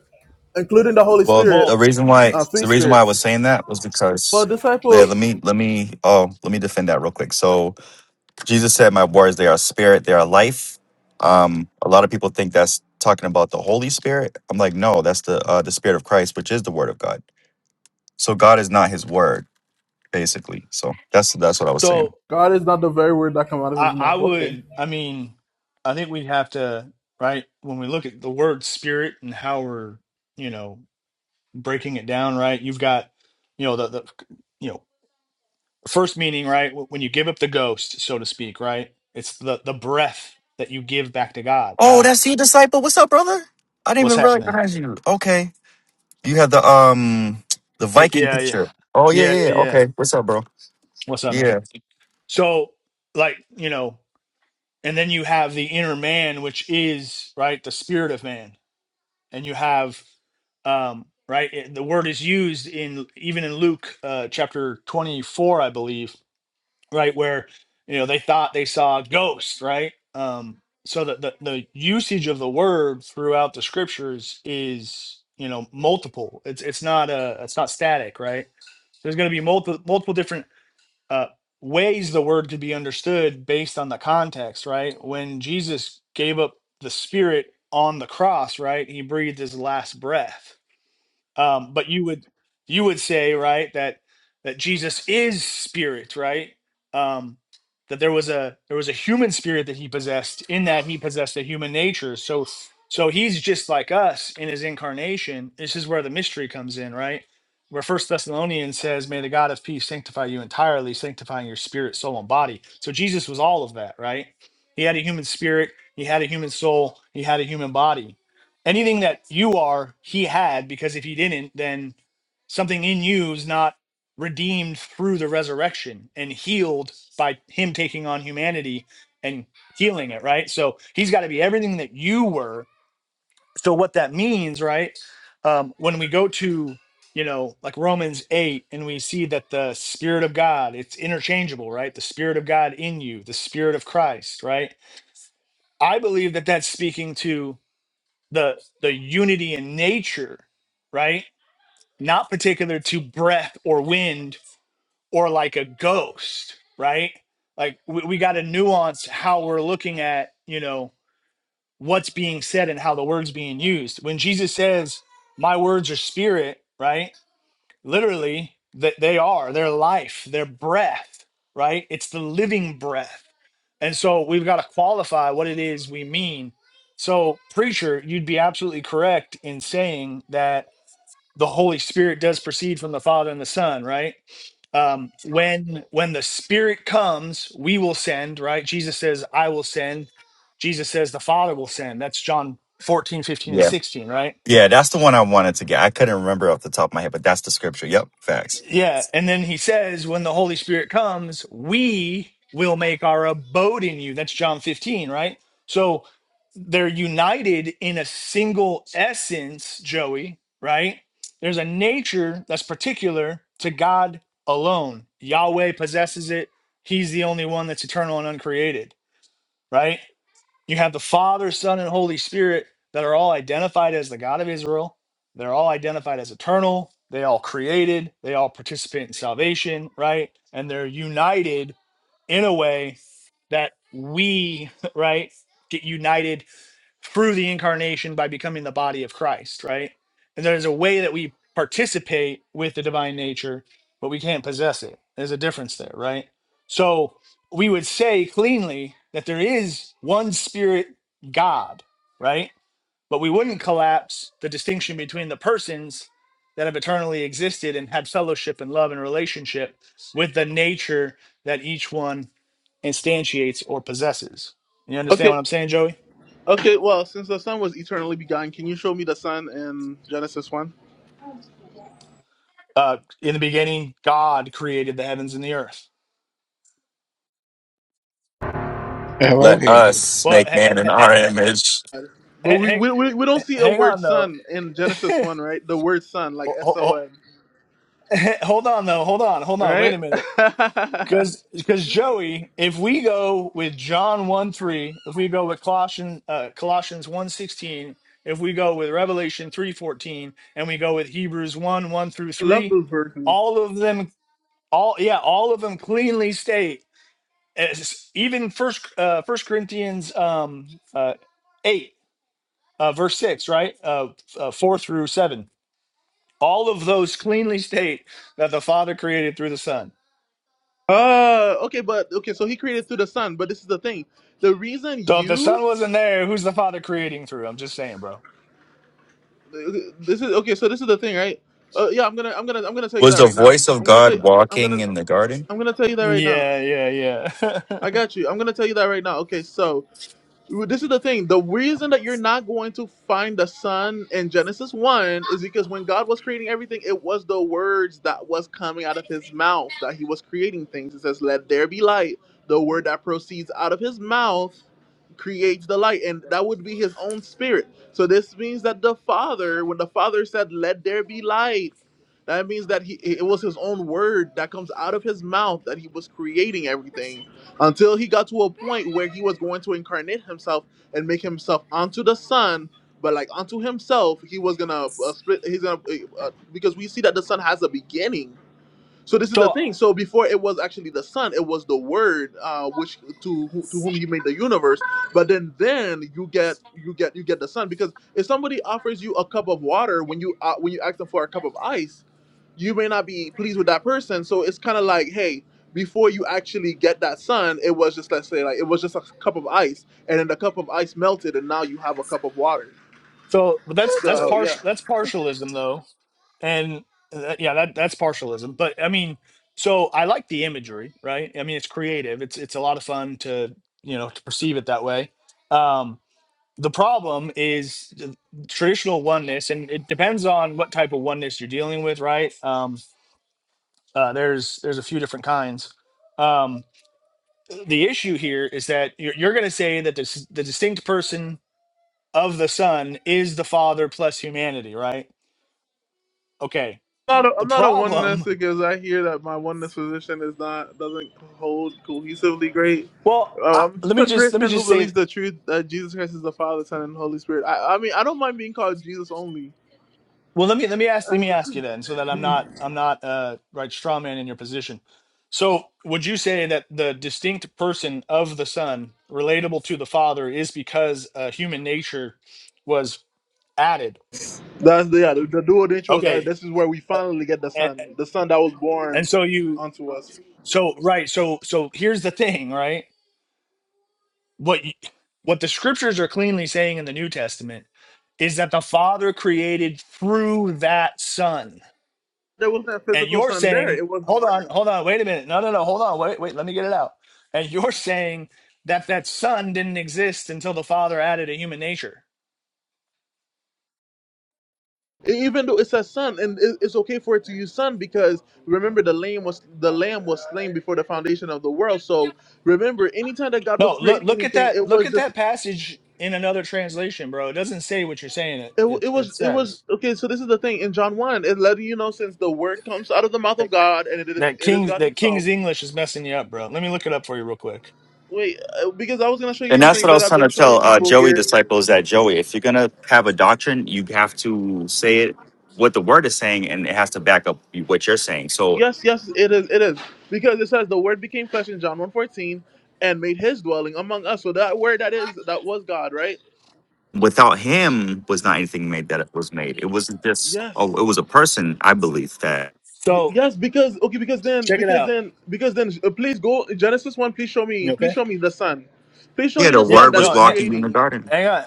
including the Holy Well, Spirit, the well reason why uh, three the reason why I spirits. was saying that was because But yeah, disciple. let me let me oh let me defend that real quick. So Jesus said, "My words, they are spirit, they are life." Um, a lot of people think that's talking about the Holy Spirit. I'm like, no, that's the uh, the Spirit of Christ, which is the Word of God. So God is not His Word, basically. So that's that's what I was so saying. God is not the very word that come out of i his i mouth. Okay. would i mean i think we have to right when we look at the word spirit and how we're you know breaking it down right you've got you know the, the you know first meaning right wh- when you give up the ghost so to speak right it's the the breath that you give back to god Oh, right that's he disciple. What's up, brother? I didn't What's even happening? recognize you. Okay. You had the um the Y- Viking Yeah, yeah, picture. Oh yeah, yeah, yeah. yeah, yeah. yeah. Okay. What's up, bro? What's up, man? Yeah. So, like, you know, and then you have the inner man, which is right the spirit of man, and you have, um, right, it- the word is used in even in Luke uh, chapter twenty four, I believe, right, where you know they thought they saw a ghost, right? Um, so the, the the usage of the word throughout the scriptures is you know multiple. It's it's not a it's not static, right? There's going to be multiple multiple different uh, ways the word could be understood based on the context, right? When Jesus gave up the Spirit on the cross, right, he breathed his last breath um, but you would you would say right that that Jesus is spirit, right? Um, that there was a there was a human spirit that he possessed. In that he possessed a human nature. So so he's just like us in his incarnation. This is where the mystery comes in, right? Where First Thessalonians says, "May the God of peace sanctify you entirely, sanctifying your spirit, soul, and body." So Jesus was all of that, right? He had a human spirit. He had a human soul. He had a human body anything that you are he had because if he didn't then something in you is not redeemed through the resurrection and healed by him taking on humanity and healing it right so he's got to be everything that you were so what that means right um, when we go to you know like romans 8 and we see that the spirit of god it's interchangeable right the spirit of god in you the spirit of christ right i believe that that's speaking to the the unity in nature, right? Not particular to breath or wind or like a ghost, right? Like we, we got to nuance how we're looking at, you know, what's being said and how the words being used. When Jesus says, "My words are spirit," right? literally that they are their life their breath right it's the living breath and so we've got to qualify what it is we mean so preacher you'd be absolutely correct in saying that the holy spirit does proceed from the father and the son right um, when when the spirit comes we will send right jesus says i will send jesus says the father will send that's john 14, fifteen, and Yeah. 16 right Yeah, that's the one I wanted to get. I couldn't remember off the top of my head, but that's the scripture. Yep, facts. Yeah, and then he says, when the Holy Spirit comes, we will make our abode in you. That's John 15, right? So they're united in a single essence, Joey, right? There's a nature that's particular to God alone. Yahweh possesses it. He's the only one that's eternal and uncreated, right? You have the Father, Son, and Holy Spirit that are all identified as the God of Israel. They're all identified as eternal. They all created. They all participate in salvation, right? And they're united in a way that we, right, get united through the incarnation by becoming the body of Christ, right? And there's a way that we participate with the divine nature, but we can't possess it. There's a difference there, right? So we would say cleanly that there is one spirit God, right? But we wouldn't collapse the distinction between the persons that have eternally existed and had fellowship and love and relationship with the nature that each one instantiates or possesses. You understand Okay, what I'm saying, Joey? okay. Well, since the Son was eternally begotten, can you show me the Son in Genesis one? Uh, in the beginning, God created the heavens and the earth. Elohim. Well, h- h- h- But we hang, we, we, we don't see a hang word on though. Son in Genesis one, right? The word Son, like Ho- S ho- O ho- N, Hold on though. Hold on. Hold on. Wait right? a minute. I Because because Joey, if we go with John one three, if we go with Colossians uh, Colossians one sixteen, if we go with Revelation three fourteen, and we go with Hebrews one one through love three, those verses. all of them, all yeah, all of them cleanly state. As, even first uh, First Corinthians um, uh, eight uh, verse 6, right? Uh, uh, 4 through 7. All of those cleanly state that the Father created through the Son. Uh okay, but okay. So he created through the Son, but this is the thing. The reason So if the you Son wasn't there, who's the Father creating through? I'm just saying, bro. this is okay. So this is the thing, right? Uh, yeah, I'm gonna I'm gonna I'm gonna tell you Was that the right now. voice of I'm gonna tell God you I'm gonna walking in the garden? I'm gonna tell you that right now. Yeah, yeah, yeah. I got you. I'm gonna tell you that right now. Okay, so this is the thing. The reason that you're not going to find the son in Genesis one is because when God was creating everything, it was the words that was coming out of His mouth that He was creating things. It says, "Let there be light." The word that proceeds out of His mouth creates the light, and that would be His own spirit. So this means that the Father, when the Father said, "Let there be light," that means that He it was His own word that comes out of His mouth that He was creating everything until he got to a point where he was going to incarnate himself and make himself onto the son but like unto himself he was gonna uh, split he's gonna uh, uh, because we see that the son has a beginning so this is the so thing. So before it was actually the Son, it was the Word, uh, which to who- to whom He made the universe. But then then you get you get you get the Son because if somebody offers you a cup of water when you uh, when you ask them for a cup of ice, you may not be pleased with that person. So it's kind of like hey. Before you actually get that sun, it was just let's say like it was just a cup of ice, and then the cup of ice melted, and now you have a cup of water. so but that's that's So yeah. partial that's partialism though and uh, that, yeah that that's partialism but i mean so i like the imagery right i mean it's creative it's it's a lot of fun to you know to perceive it that way um the problem is the traditional oneness and it depends on what type of oneness you're dealing with right um uh, there's there's a few different kinds um the issue here is that you're, you're going to say that this, the distinct person of the son is the father plus humanity right okay not a, the I'm not a problem oneness because I hear that my oneness position is not doesn't hold cohesively great. Well, I, Uh, I'm let just me a just let me Christian who just say. believes the truth that Jesus Christ is the Father, Son, and Holy Spirit. I, I mean, I don't mind being called Jesus only. Well, let me let me ask let me ask you then, so that I'm not I'm not uh, right straw man in your position. So, would you say that the distinct person of the Son, relatable to the Father, is because uh, human nature was added? That's the yeah, the, the dual nature. Was, uh, Okay, this is where we uh, finally get the and, Son, the Son that was born and so you unto us. so right so so here's the thing, right? What you, what the Scriptures are cleanly saying in the New Testament is that the Father created through that Son There was not a and physical you're Son there. saying, It was the hold on, Word. hold on, wait a minute. No, no, no, hold on, wait, wait, let me get it out. And you're saying that that son didn't exist until the father added a human nature. E, even though it says son and it- it's okay for it to use son because remember the lamb was the lamb was slain before the foundation of the world so remember anytime that god was No, look, creating look at anything that, it look was at just that passage in another translation, bro. It doesn't say what you're saying. It, it, wa- it it, it was it was says okay so this is the thing in john 1 it let you know since the word comes out of the mouth of that, god and it is that it is King's god that himself King's English is messing you up, bro. Let me look it up for you real quick. wait uh, because i was going to show you And that's something what I that was i've trying been to showing tell uh, people Joey here disciples that Joey, if you're gonna have a doctrine, you have to say it what the word is saying, and it has to back up what you're saying. So yes yes it is it is because it says the word became flesh in john one fourteen, and made his dwelling among us so that word that is that was god right without him was not anything made that it was made. It wasn't just oh, yes it was a person, I believe that. Y- So Yes, because okay, because then, check it because out. then, because then, uh, please go Genesis one. Please show me, You please okay? show me the sun. Please show Yeah, me the the Yeah, sun word that was no, is hang, walking in the creating, garden. hang on.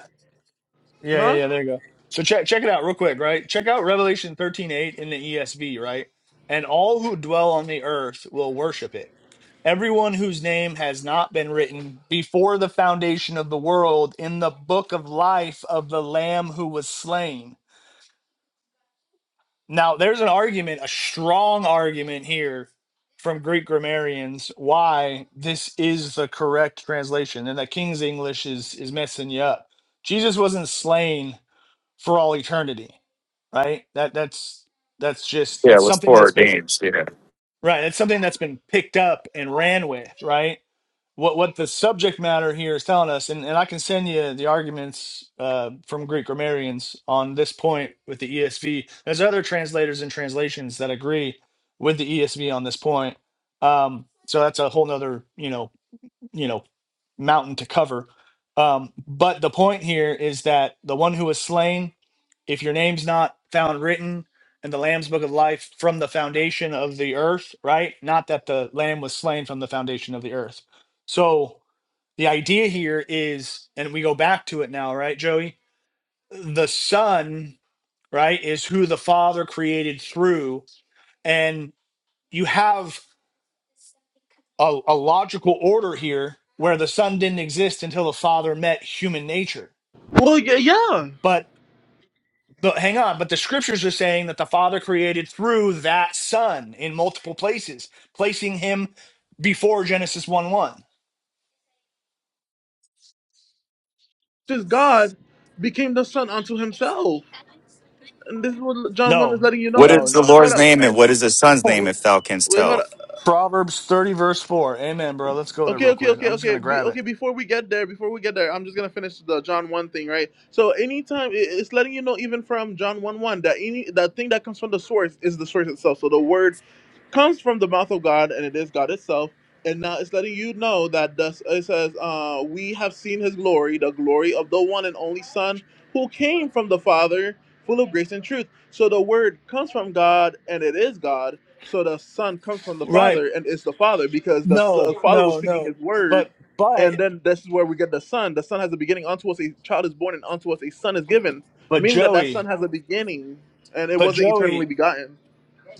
Yeah, yeah, huh? yeah. There you go. So check check it out real quick, right? Check out Revelation thirteen eight in the ESV, right? And all who dwell on the earth will worship it. Everyone whose name has not been written before the foundation of the world in the book of life of the Lamb who was slain. Now, there's an argument, a strong argument here from Greek grammarians why this is the correct translation and that King's English is is messing you up. Jesus wasn't slain for all eternity right that that's that's just Yeah, that's it was something that's been foreordained. Yeah. right that's something that's been picked up and ran with right what what the subject matter here is telling us and, and i can send you the arguments uh, from greek grammarians on this point with the esv there's other translators and translations that agree with the esv on this point um, so that's a whole nother you know you know mountain to cover. Um, but the point here is that the one who was slain, if your name's not found written in the Lamb's Book of Life from the foundation of the earth, right? Not that the Lamb was slain from the foundation of the earth. So the idea here is, and we go back to it now, right, Joey? The Son, right, is who the Father created through. And you have a, a logical order here where the son didn't exist until the father met human nature. Well, yeah, yeah. But but hang on, but the scriptures are saying that the father created through that son in multiple places, placing him before Genesis 1 1. Just God became the son unto Himself, and this is what John one is No, letting you know. What no, And is the no, hold Lord's up, name no. and what is his son's name wait, if thou canst wait, hold tell? up. Proverbs 30, verse 4. Amen, bro. Let's go there Okay, real okay, quick. okay, I'm just okay. gonna Be, grab okay, it. before we get there, before we get there, I'm just gonna finish the John one thing, right? So anytime it- it's letting you know, even from John one one, that any that thing that comes from the source is the source itself. So the word comes from the mouth of God, and it is God itself. And now it's letting you know that thus it says, uh, "We have seen His glory, the glory of the one and only Son, who came from the Father, full of grace and truth." So the Word comes from God, and it is God. So the Son comes from the Right. Father, and is the Father, because the S- uh, No, Father was no, speaking no. His Word, But and but then this is where we get the Son. The Son has a beginning. Unto us a child is born, and unto us a Son is given, but meaning that that Son Joey, has a beginning, and it but wasn't Joey, eternally begotten.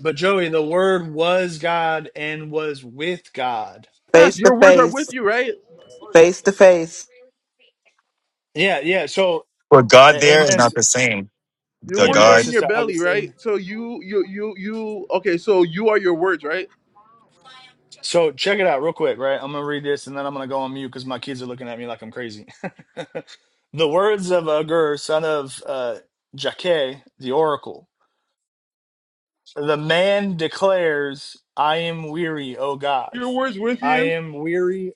But Joey, the Word was God and was with God. Yes, Face to your words are face. with you, right? Face to face. Yeah, yeah. So, For God a- there amen, is not s- the same. Your The words are amen, God in your Sister belly, right? Augustine. So you, you, you, you. Okay, so you are your words, right? So, check it out real quick, right? I'm gonna read this and then I'm gonna go on mute because my kids are looking at me like I'm crazy. the words of Agur, son of uh, Jakeh, the oracle. The man declares, "I am weary, O God. Your words with I you. am weary."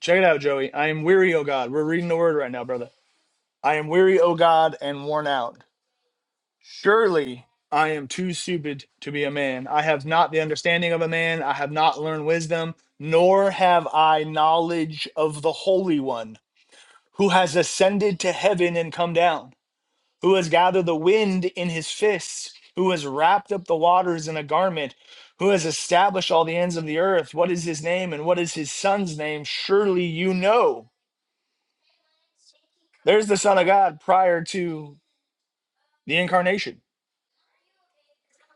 Check it out, Joey. I am weary, O God. We're reading the Word right now, brother. I am weary, O God, and worn out. Surely I am too stupid to be a man. I have not the understanding of a man. I have not learned wisdom, nor have I knowledge of the Holy One, who has ascended to heaven and come down, who has gathered the wind in his fists, who has wrapped up the waters in a garment, who has established all the ends of the earth. What is his name and what is his son's name? Surely you know. There's the Son of God prior to the incarnation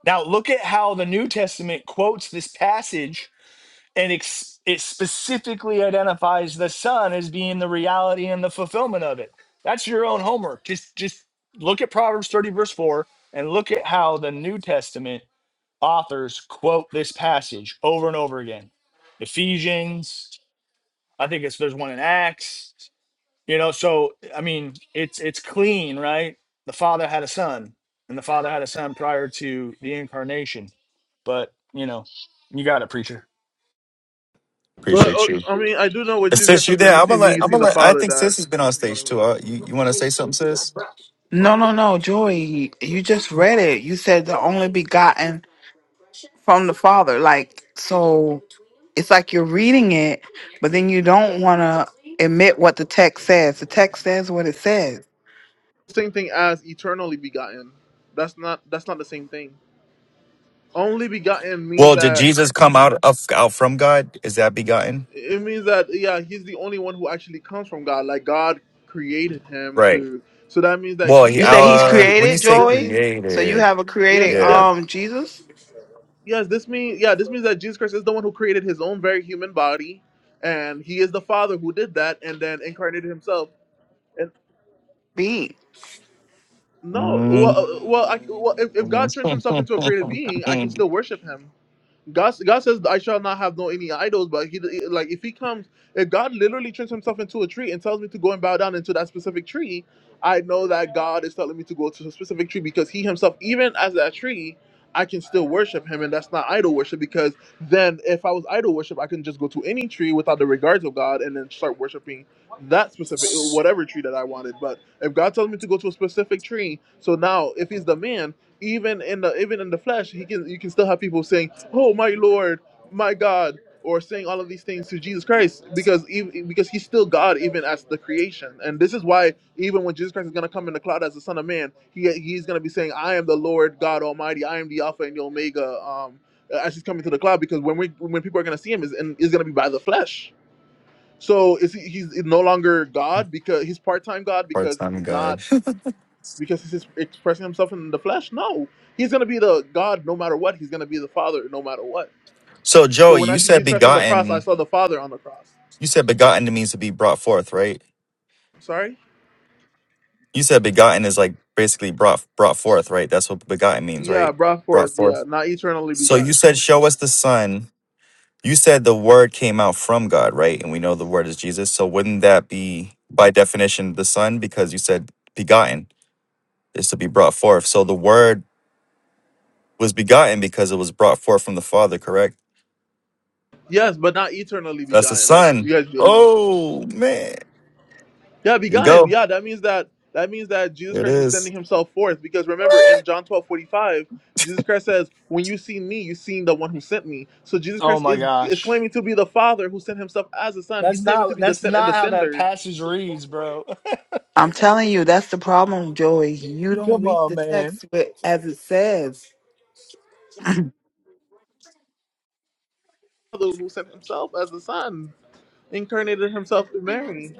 Now, look at how the New Testament quotes this passage and ex- it specifically identifies the Son as being the reality and the fulfillment of it. That's your own homework. Just, just look at Proverbs 30, verse 4, and look at how the New Testament authors quote this passage over and over again. Ephesians, I think it's there's one in Acts. You know, so I mean, it's it's clean, right? The Father had a son, and the Father had a son prior to the incarnation but you know, you got it, preacher. But uh, appreciate you. I mean, I do know what Uh, Jesus Christ. Sis, you said, When there? you I'm see gonna me, let you I'm see gonna the let I Father. think That sis has been on is the only stage way. too. Uh, you you wanna say something, sis? No, no, no, Joey, you just read it. You said the only begotten from the Father. Like, so it's like you're reading it, but then you don't want to admit what the text says. The text says what it says. Same thing as eternally begotten. That's not. That's not the same thing. Only begotten means Well, did that Jesus come out of out from God? Is that begotten? it means that yeah, he's the only one who actually comes from God. Like God created him Right. through. So that means that Well, he he, You is say the he's one uh, who. when you created, say This Joey. means So you created, have a yes, created yeah. yes. um Jesus Yes, this means yeah, this means that Jesus Christ is the one who created his own very human body, and he is the Father who did that, and then incarnated himself. And being. no, well, Mm. uh, well, I, well if, if God turns himself into a created being, I can still worship him. God, God says, "I shall not have no any idols." But he, like, if he comes, if God literally turns himself into a tree and tells me to go and bow down into that specific tree, I know that God is telling me to go to a specific tree because He Himself, even as that tree, I can still worship Him, and that's not idol worship. Because then, if I was idol worship, I can just go to any tree without the regards of God and then start worshiping that specific whatever tree that I wanted. But if God tells me to go to a specific tree, so now if He's the man, even in the even in the flesh, He can you can still have people saying oh my lord my god or saying all of these things to jesus christ because even, because he's still god even as the creation and this is why even when jesus christ is going to come in the cloud as the son of man he, he's going to be saying i am the lord god almighty i am the alpha and the omega um as he's coming to the cloud because when we when people are going to see him is and is going to be by the flesh so is he, he's no longer god because he's part-time god because Part-time he's not God. because he's just expressing himself in the flesh no he's going to be the god no matter what he's going to be the father no matter what So so Joey, when I you see said Jesus Christ on the cross, I begotten. saw the Father on the cross. You said begotten means to be brought forth, right? Sorry? You said begotten is like basically brought brought forth, right? That's what begotten means, Yeah, right? brought Brought forth. forth. Yeah, not eternally So you begotten. said, "Show us the Son." You said the Word came out from God, right? And we know the Word is Jesus. So wouldn't that be by definition the Son? Because you said begotten is to be brought forth. So the Word was begotten because it was brought forth from the Father, correct? Yes, but not eternally That's the begotten, like you sun. guys believe. Oh man. Yeah, There you begot him. go. Yeah, that means that that means that Jesus There it Christ is is. sending himself forth. Because remember in What? John twelve forty five, Jesus Christ says, When you see me, you seen the one who sent me. So Jesus Oh Christ my is is gosh, claiming to be the Father who sent himself as the Son. He's that's claiming to not be the that's sent and the not how that sender. passage reads, bro. I'm telling you, that's the problem, Joey. You don't Come read on, the man, text but as it says. Father who sent himself as the Son, incarnated himself in Mary.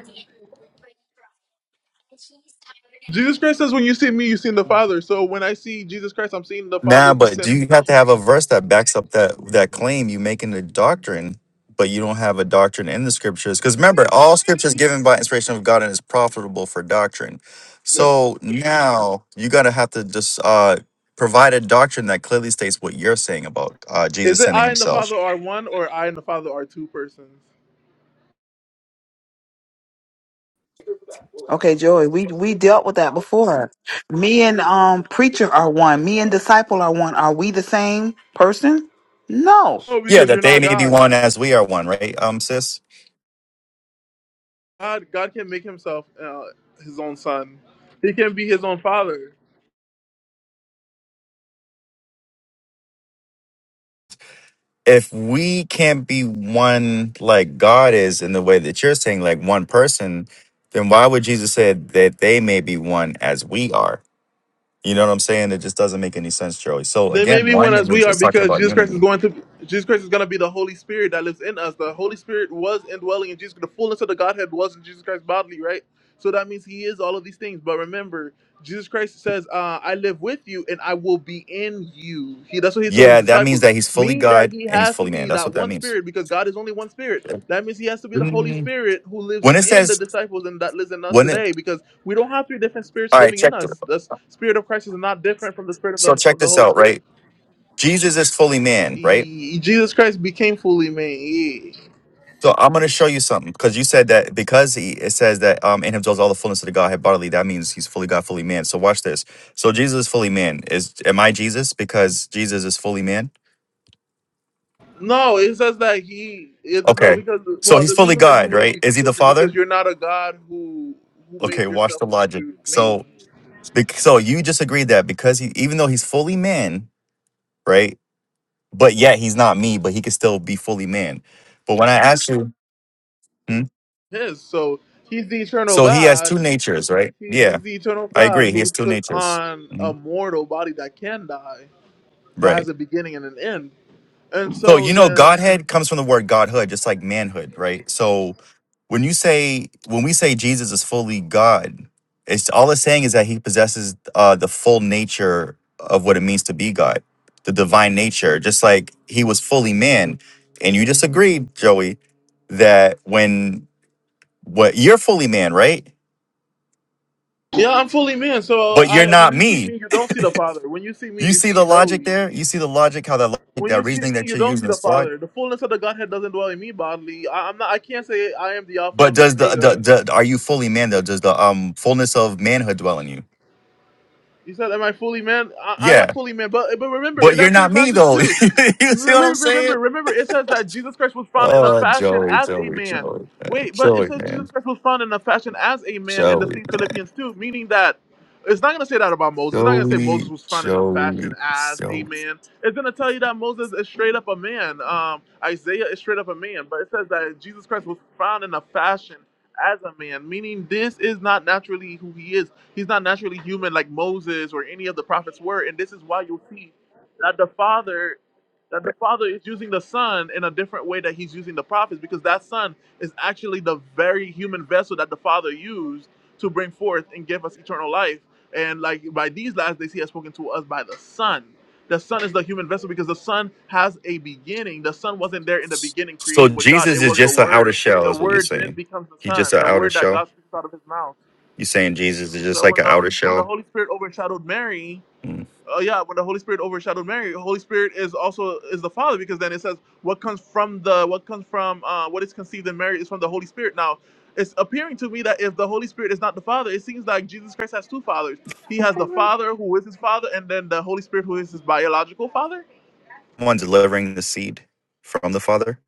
Jesus Christ says, When you see me, you seen the Father. So when I see Jesus Christ, I'm seeing the Father Nah, who but do sent you have to have a verse that backs up that that claim you make in the doctrine, but you don't have a doctrine in the scriptures? Because remember, all scripture is given by inspiration of God and is profitable for doctrine. So now you gotta have to just uh provide a doctrine that clearly states what you're saying about uh is Jesus it sending I and the himself. Father are one or I and the Father are two persons? Okay, Joey, we we dealt with that before. Me and um preacher are one. Me and disciple are one. Are we the same person? No. Oh, Yeah, because that you're they not may be God. one as we are one, right? Um sis? God, God can make himself uh, his own son. He can be his own father. if we can't be one like God is in the way that you're saying, like one person, then why would Jesus say that they may be one as we are? You know what I'm saying? It just doesn't make any sense, Joey. So They may again, be one one it as we means are it's talking because about Jesus Christ is unity. going to Jesus Christ is going to be the Holy Spirit that lives in us. The Holy Spirit was indwelling in Jesus. The fullness of the Godhead was in Jesus Christ bodily, right? So that means He is all of these things. But remember, Jesus Christ says, uh, "I live with you, and I will be in you." He that's what He told His Yeah, that means disciples. that he's fully Meaning that God He and he's has to fully be man. That's that what that one means. Spirit because God is only one Spirit. That means He has to be the Holy Spirit who lives When it in the says disciples and that lives in us when it today because we don't have three different spirits all right, living in check th- us. The Spirit of Christ is not different from the Spirit of so the, check of the this Holy out, Spirit right? Jesus is fully man, right? he, Jesus Christ became fully man. He, So I'm going to show you something because you said that because he it says that um in him dwells all the fullness of the Godhead bodily. That means he's fully God, fully man. So watch this. So Jesus is fully man. Is am I Jesus because Jesus is fully man? no, it says that he it, no Okay. because So well he's the fully reason that you God, wouldn't right? be Is he Jesus the is because Father? you're not a God who who Okay. made Watch yourself the logic. into man. So bec- so you just agreed that because he even though he's fully man, right? But yet he's not me, but he can still be fully man. But when I asked you, Hmm? Yes. so he's the eternal so he has two God. natures, right? He, Yeah, he's the eternal I God agree. He who has two took natures. on a Mhm. mortal body that can die, that Right. has a beginning and an end. And So so you know, then, Godhead comes from the word Godhood, just like manhood, right? So when you say when we say Jesus is fully God, it's all it's saying is that he possesses uh, the full nature of what it means to be God, the divine nature, just like he was fully man. And you just agreed, Joey, that when what you're fully man, right? yeah, I'm fully man. So But you're I when not you see me, me. you don't see the Father. When you see me, You you see see the logic Joey. there? You see the logic, how that logic, when you that see reasoning me, that you you're don't see using the is flawed? Father. The fullness of the Godhead doesn't dwell in me bodily. I, I'm not. I can't say I am the Alpha But and the does the, the Omega the are you fully man though? Does the um fullness of manhood dwell in you? He said, "Am I fully man? I, I am Yeah, fully man." But but remember in but you're that same not me passage though. you too, see re- what I'm saying? remember remember it says that Jesus Christ was found in a Oh, fashion Joey, as a Joey, man. Joey, man. Wait, but it Joey, says Jesus man, Christ was found in a fashion as a man in the Joey, same Philippians too, meaning that it's not gonna say that about Moses. It's not gonna say Moses Joey, was found in a Joey, fashion as a Joey. man. It's gonna tell you that Moses is straight up a man. Um, Isaiah is straight up a man, but it says that Jesus Christ was found in a fashion as a man, meaning this is not naturally who he is. He's not naturally human like Moses or any of the prophets were, and this is why you'll see that the Father that the Father is using the Son in a different way that he's using the prophets, because that Son is actually the very human vessel that the Father used to bring forth and give us eternal life. And like by these last days, he has spoken to us by the Son. The Son is the human vessel because the Son has a beginning. The Son wasn't there in the beginning So creating with God. It Jesus is was the just an outer Word. shell, The is what you're Word then saying. becomes the He just Son. an The outer Word that shell. God speaks out of His mouth. You're saying Jesus is just So like when an the outer when the shell. Holy Spirit overshadowed Mary, Mm. oh yeah, when the Holy Spirit overshadowed Mary, the Holy Spirit is also is the Father because then it says what comes from the what comes from uh, what is conceived in Mary is from the Holy Spirit. Now, it's appearing to me that if the Holy Spirit is not the Father, it seems like Jesus Christ has two fathers. He has the Father who is his Father, and then the Holy Spirit who is his biological Father. One delivering the seed from the Father.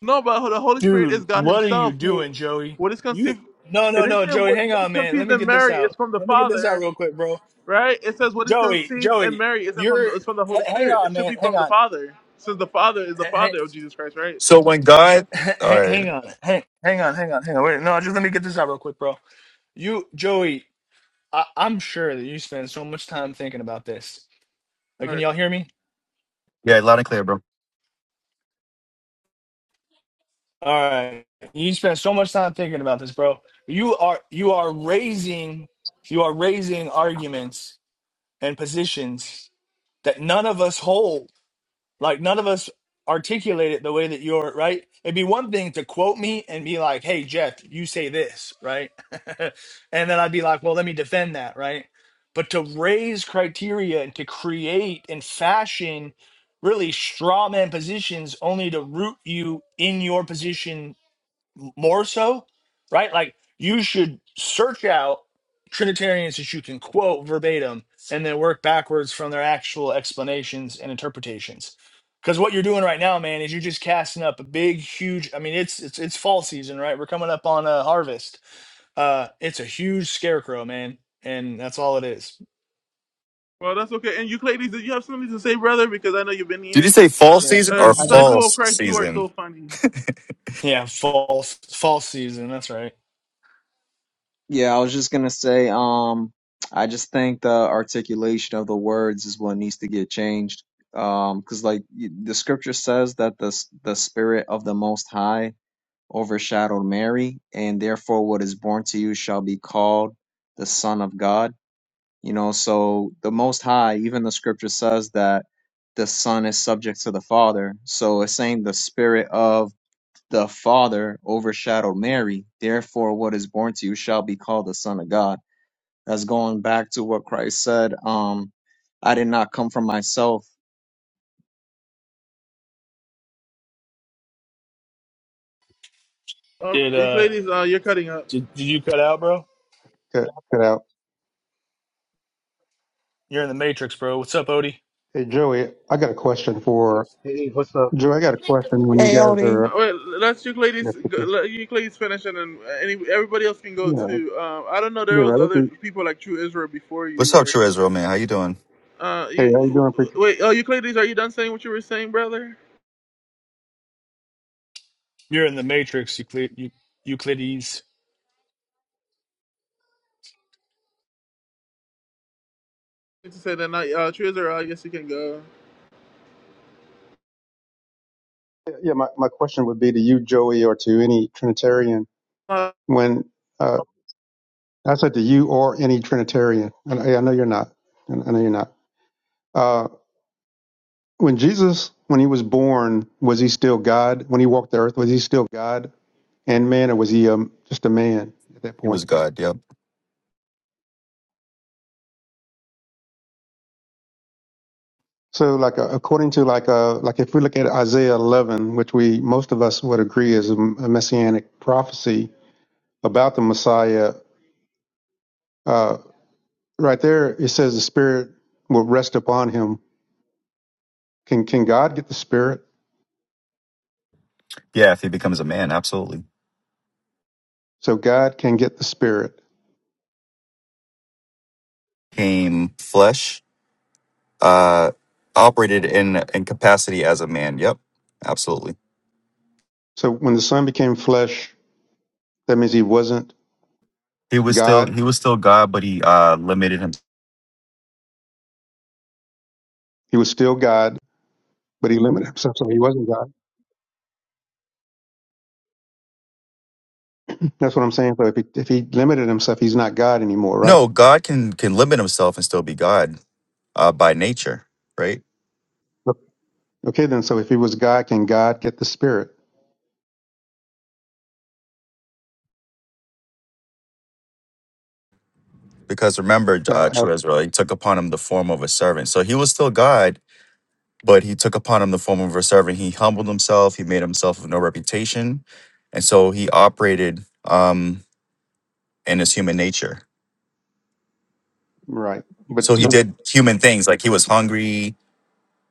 No, but the Holy Spirit is dude. God What are you Himself who doing, Joey? what is You conceived. no, It no, is no, there. Joey. what, Hang what is on, man. Let conceived me in get this Mary out. is from the Let me get this out Father, real quick, bro. Right? It says what is Joey, conceived in Joey, Mary isn't from you're. the, h- it's from the Holy Hang Spirit. on, It should man. be Hang from the on. Father. Since the Father is the Hang, Father of Jesus Christ, right? So when God, all hang right, hang on. Hang, hang on. Hang on. Hang on. Wait. No, just let me get this out real quick, bro. You, Joey. I, I'm sure that you spend so much time thinking about this. All Like, can right. y'all hear me? yeah, loud and clear, bro. All right. You spent so much time thinking about this, bro. You are you are raising you are raising arguments and positions that none of us hold. Like none of us articulate it the way that you're right. It'd be one thing to quote me and be like, hey Jeff, you say this, right? and then I'd be like, well, let me defend that, right? But to raise criteria and to create and fashion really straw man positions only to root you in your position more so, right? Like you should search out Trinitarians that you can quote verbatim and then work backwards from their actual explanations and interpretations. Because what you're doing right now, man, is you're just casting up a big, huge. I mean, it's it's it's fall season, right? We're coming up on a harvest. Uh, it's a huge scarecrow, man, and that's all it is. Well, that's okay. And Euclides, did you have something to say, brother? Because I know you've been Did you here. say fall Yeah, season or And I just disciple of false Christ, you are so season? funny. Yeah, fall fall season. That's right. yeah, I was just gonna say, um, I just think the articulation of the words is what needs to get changed. Um, because like y- the scripture says that the s- the spirit of the Most High overshadowed Mary, and therefore what is born to you shall be called the Son of God. You know, so the Most High, even the scripture says that the Son is subject to the Father. So it's saying the spirit of the Father overshadowed Mary. Therefore, what is born to you shall be called the Son of God. That's going back to what Christ said. Um, I did not come from myself. Uh, Did uh Euclides, uh, you're cutting up. did, did you cut out, bro? Cut, cut out. You're in the matrix, bro. What's up, Odie? Hey, Joey, I got a question for Hey, what's up? Joey. I got a question when you Hey, guys Odie. Uh, are, wait, let's if Euclides. it go- was, Let Euclides finish, and then uh, any, everybody else can go you know, too. Um, I don't know. There was other theoretically. people like True Israel before What's you, up, or True Israel, man? How you doing? uh, Hey, how you you, doing, preacher? wait. Oh, Euclides, are you done saying what you were saying, brother? You're in the Matrix, Euclid, Eu- Euclides. to say that not uh, True Israel. I guess you can go. Yeah, my, my question would be to you, Joey, or to any Trinitarian. uh, When uh, I said to you or any Trinitarian, and I, I know you're not, and I know you're not. Uh, when Jesus, when he was born, was he still God? When he walked the earth, was he still God and man, or was he um, just a man at that He point? was God. Yep. So, like, uh, according to like, uh, like if we look at Isaiah 11, which we most of us would agree is a a messianic prophecy about the Messiah, uh, right there it says the Spirit will rest upon him. Can can God get the Spirit? Yeah, if he becomes a man, absolutely. So God can get the Spirit. Came flesh, uh, operated in in capacity as a man. Yep, absolutely. So when the Son became flesh, that means he wasn't He was still God. he was still God, but he uh limited him. He was still God, but he limited himself, so he wasn't God. That's what I'm saying. So if he, if he limited himself, he's not God anymore, right? No, God can can limit himself and still be God uh, by nature, right? Okay, then. So if he was God, can God get the Spirit? Because remember, I, uh, I True Israel, he took upon him the form of a servant, so he was still God, but he took upon him the form of a servant. He humbled himself. He made himself of no reputation, and so he operated um, in his human nature. Right. But So he you know So did human things, like he was hungry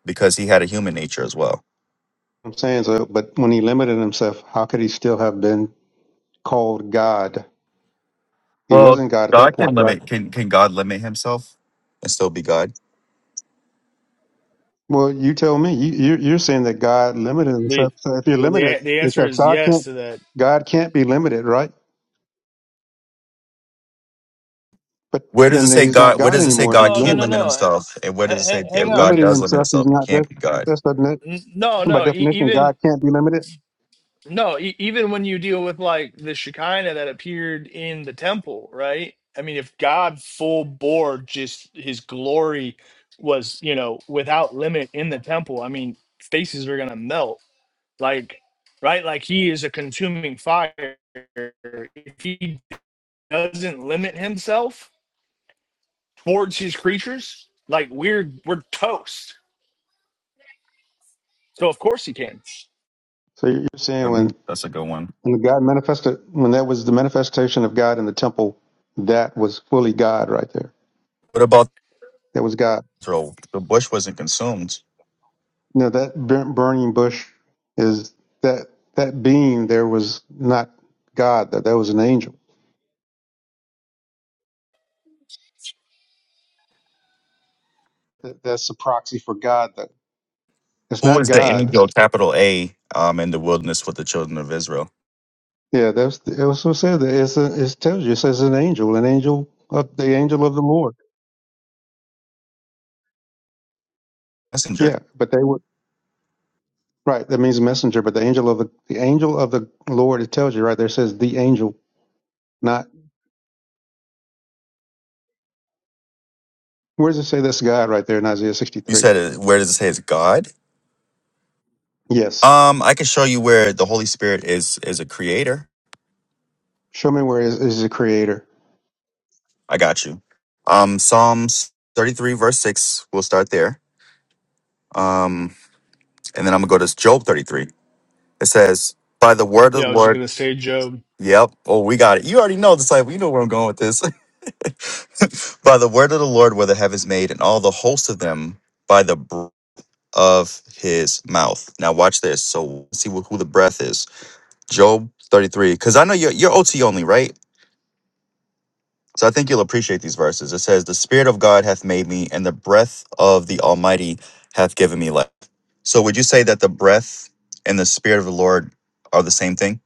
because he had a human nature as well. what I'm saying so but when he limited himself, how could he still have been called God? He Well, wasn't God at that God point, can right? limit. Can can God limit himself and still be God? Well, you tell me. You you're, you're saying that God limited The himself. So if you're well, the limited, a- the answer because is God yes can't to that. God can't be limited, right? But Where does it then say he's not God? Where God does it say anymore if God he's No, no, can't limiting no, limit no. Uh, himself? And where does ha- it say He's hang if on, God limiting does because limit himself. He's himself, It not can't that's be God? that's doesn't it- no, by no. E- definition even God can't be limited. no, e- even when you deal with like the Shekinah that appeared in the temple, right? I mean, if God full bore just His glory was, you know, without limit in the temple, I mean, faces are gonna melt. Like, right? Like He is a consuming fire. If He doesn't limit himself towards his creatures, like we're we're toast. So of course he can. So you're saying when That's a good one. when God manifested when that was the manifestation of God in the temple, that was fully God right there. What about That was God. Israel? The bush wasn't consumed No, that burnt burning bush is that that being there was not God. That that was an angel. That, that's the proxy for God. That it's Who not is the God. angel, capital A, um, in the wilderness with the children of Israel? Yeah, that's it was so said that it's a, it tells you it says an angel, an angel of the angel of the Lord. Messenger. Yeah, but they were right. That means messenger. But the angel of the the angel of the Lord. It tells you right there. It says the angel, not where does it say that's God right there in Isaiah sixty You three? said, it, where does it say it's God? Yes, Um, I can show you where the Holy Spirit is is a creator. show me where is is the creator. I got you. Um, Psalms 33, verse 6. We'll start there. Um, and then I'm gonna go to Job 33. It says, By the word of Yeah, I the was just Lord. gonna say, Job. Yep. Oh, we got it. You already know, disciple. You know where I'm going with this. by the word of the Lord were the heavens made, and all the hosts of them by the of his mouth. Now watch this. So see wh- who the breath is. Job 33. Because I know you're, you're OT only, right? So I think you'll appreciate these verses. It says, The Spirit of God hath made me, and the breath of the Almighty hath given me life. So would you say that the breath and the Spirit of the Lord are the same thing?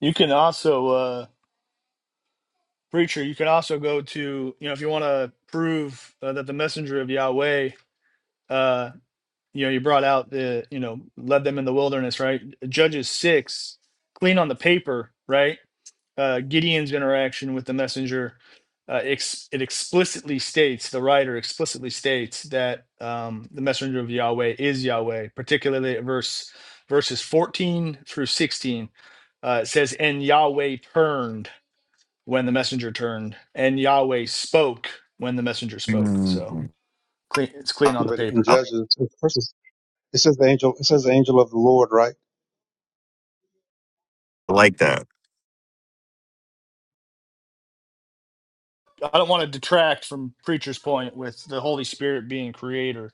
You can also, uh, preacher. You can also go to, you know, if you want to prove uh, that the messenger of Yahweh, uh, you know, you brought out the, you know, led them in the wilderness, right? Judges six, clean on the paper, right? uh, Gideon's interaction with the messenger, uh, ex- it explicitly states, the writer explicitly states that um, the messenger of Yahweh is Yahweh, particularly at verse verses 14 through 16. Uh, it says, And Yahweh turned when the messenger turned, and Yahweh spoke when the messenger spoke. So Mm, clean, it's I clean on Yeah, the but in paper. I Judges, it's It says the angel. It says the angel of the Lord, right? like that. I don't want to detract from preacher's point with the Holy Spirit being creator.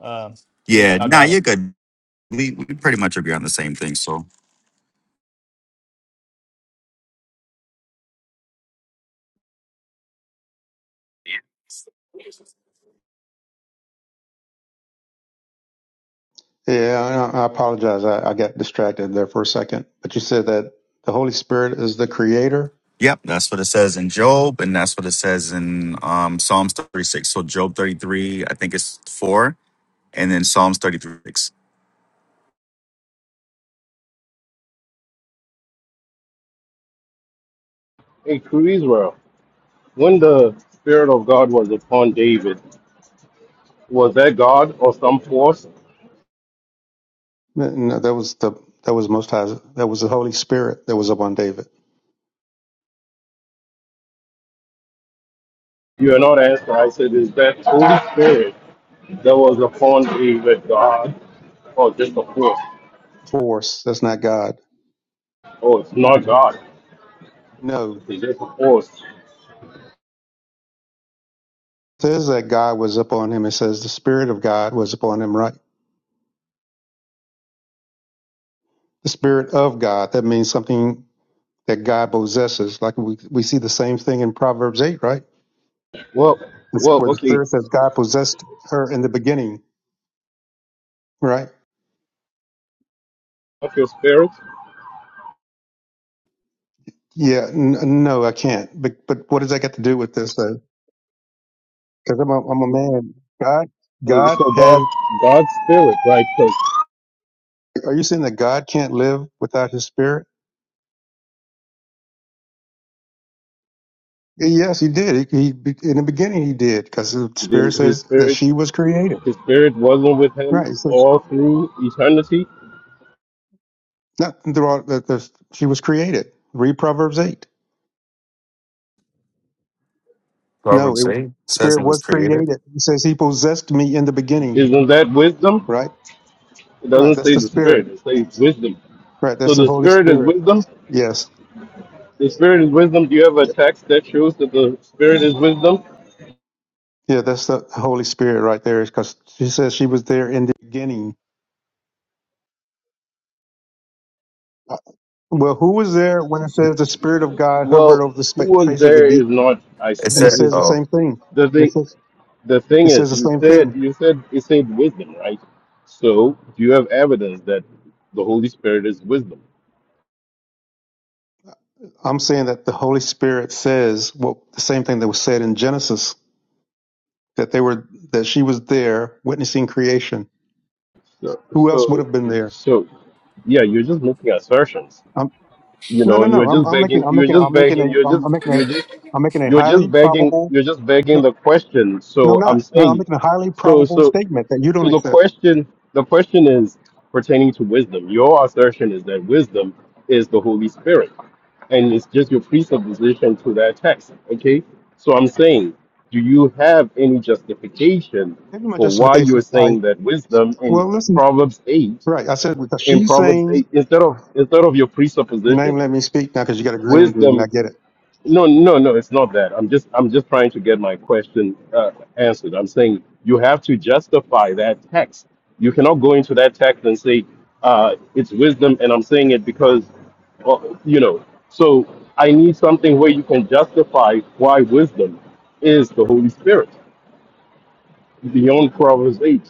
Um, yeah, Yeah, I got nah, it. you're good. We, we pretty much agree on the same thing. So Yeah, I, I apologize. I, I got distracted there for a second. But you said that the Holy Spirit is the Creator. Yep, that's what it says in Job, and that's what it says in um, Psalms 36. So Job 33, I think it's four, and then Psalms 36. Hey, true Israel. When the Spirit of God was upon David, was that God or some force? No, that was the that was Most High. That was the Holy Spirit that was upon David. You are not asking. I said, is that Holy Spirit that was upon David God or just a force? Force. That's not God. Oh, it's not God. No, it It's just a force. says that God was upon him. It says the Spirit of God was upon him. Right. The Spirit of God. That means something that God possesses. Like we we see the same thing in Proverbs eight, right? Well, It's well, where the okay. Spirit says God possessed her in the beginning, right? Of your spirit, Yeah, n- no, I can't. But but what does that got to do with this though? Because I'm a, I'm a man. God Uh, God so God, has. God's spirit, right? Because Are you saying that God can't live without His Spirit? Yes, He did. He, he in the beginning He did because the Spirit then his says that spirit, she was created. his spirit wasn't with him Right. So she- all through eternity. not throughout that the, she was created. Read Proverbs eight. No, it, Proverbs 8 says Spirit it was was created. created. It says He possessed me in the beginning. Isn't that wisdom? Right. It Right. doesn't That's say the the spirit, Spirit. it says wisdom. Right. So That's the the Holy spirit is Spirit. wisdom. Yes. The spirit is wisdom. Do you have a text that shows that the spirit is wisdom? Yeah, that's the Holy Spirit right there, because she says she was there in the beginning. Uh, Well, who was there when it says the Spirit of God hovered Well, over the who spa- was face of the there is deep, not. I It said and it said, is says the oh, same thing? the And it thing. says The thing it says is, the you same said thing. you said it said wisdom, right? So do you have evidence that the Holy Spirit is wisdom? I'm saying that the Holy Spirit says what the same thing that was said in Genesis that they were that she was there witnessing creation. So Who else would so have been there? so yeah, you're just making assertions. Um, you no, know, no, and you're no. I'm, just I'm making begging, I'm you're making just I'm making a begging, you're I'm, just, I'm making a you're just, I'm making a you're just highly begging, probable. you're just begging the question. No, I'm So I'm not. No, I'm saying, making a highly so, probable so, statement that you don't so the accept. question, the question is pertaining to wisdom. Your assertion is that wisdom is the Holy Spirit, and it's just your presupposition to that text. Okay, so I'm saying, do you have any justification Give me my for why justification. you're All right. saying that wisdom in Well, listen. Proverbs eight, Right. I said because in she's Proverbs saying eight, instead of instead of your you ain't presupposition? let me speak now because you got a green bean. And wisdom I get it no no no it's not that i'm just i'm just trying to get my question uh, answered i'm saying you have to justify that text you cannot go into that text and say uh, it's wisdom and i'm saying it because well, you know so i need something where you can justify why wisdom is the holy spirit beyond proverbs 8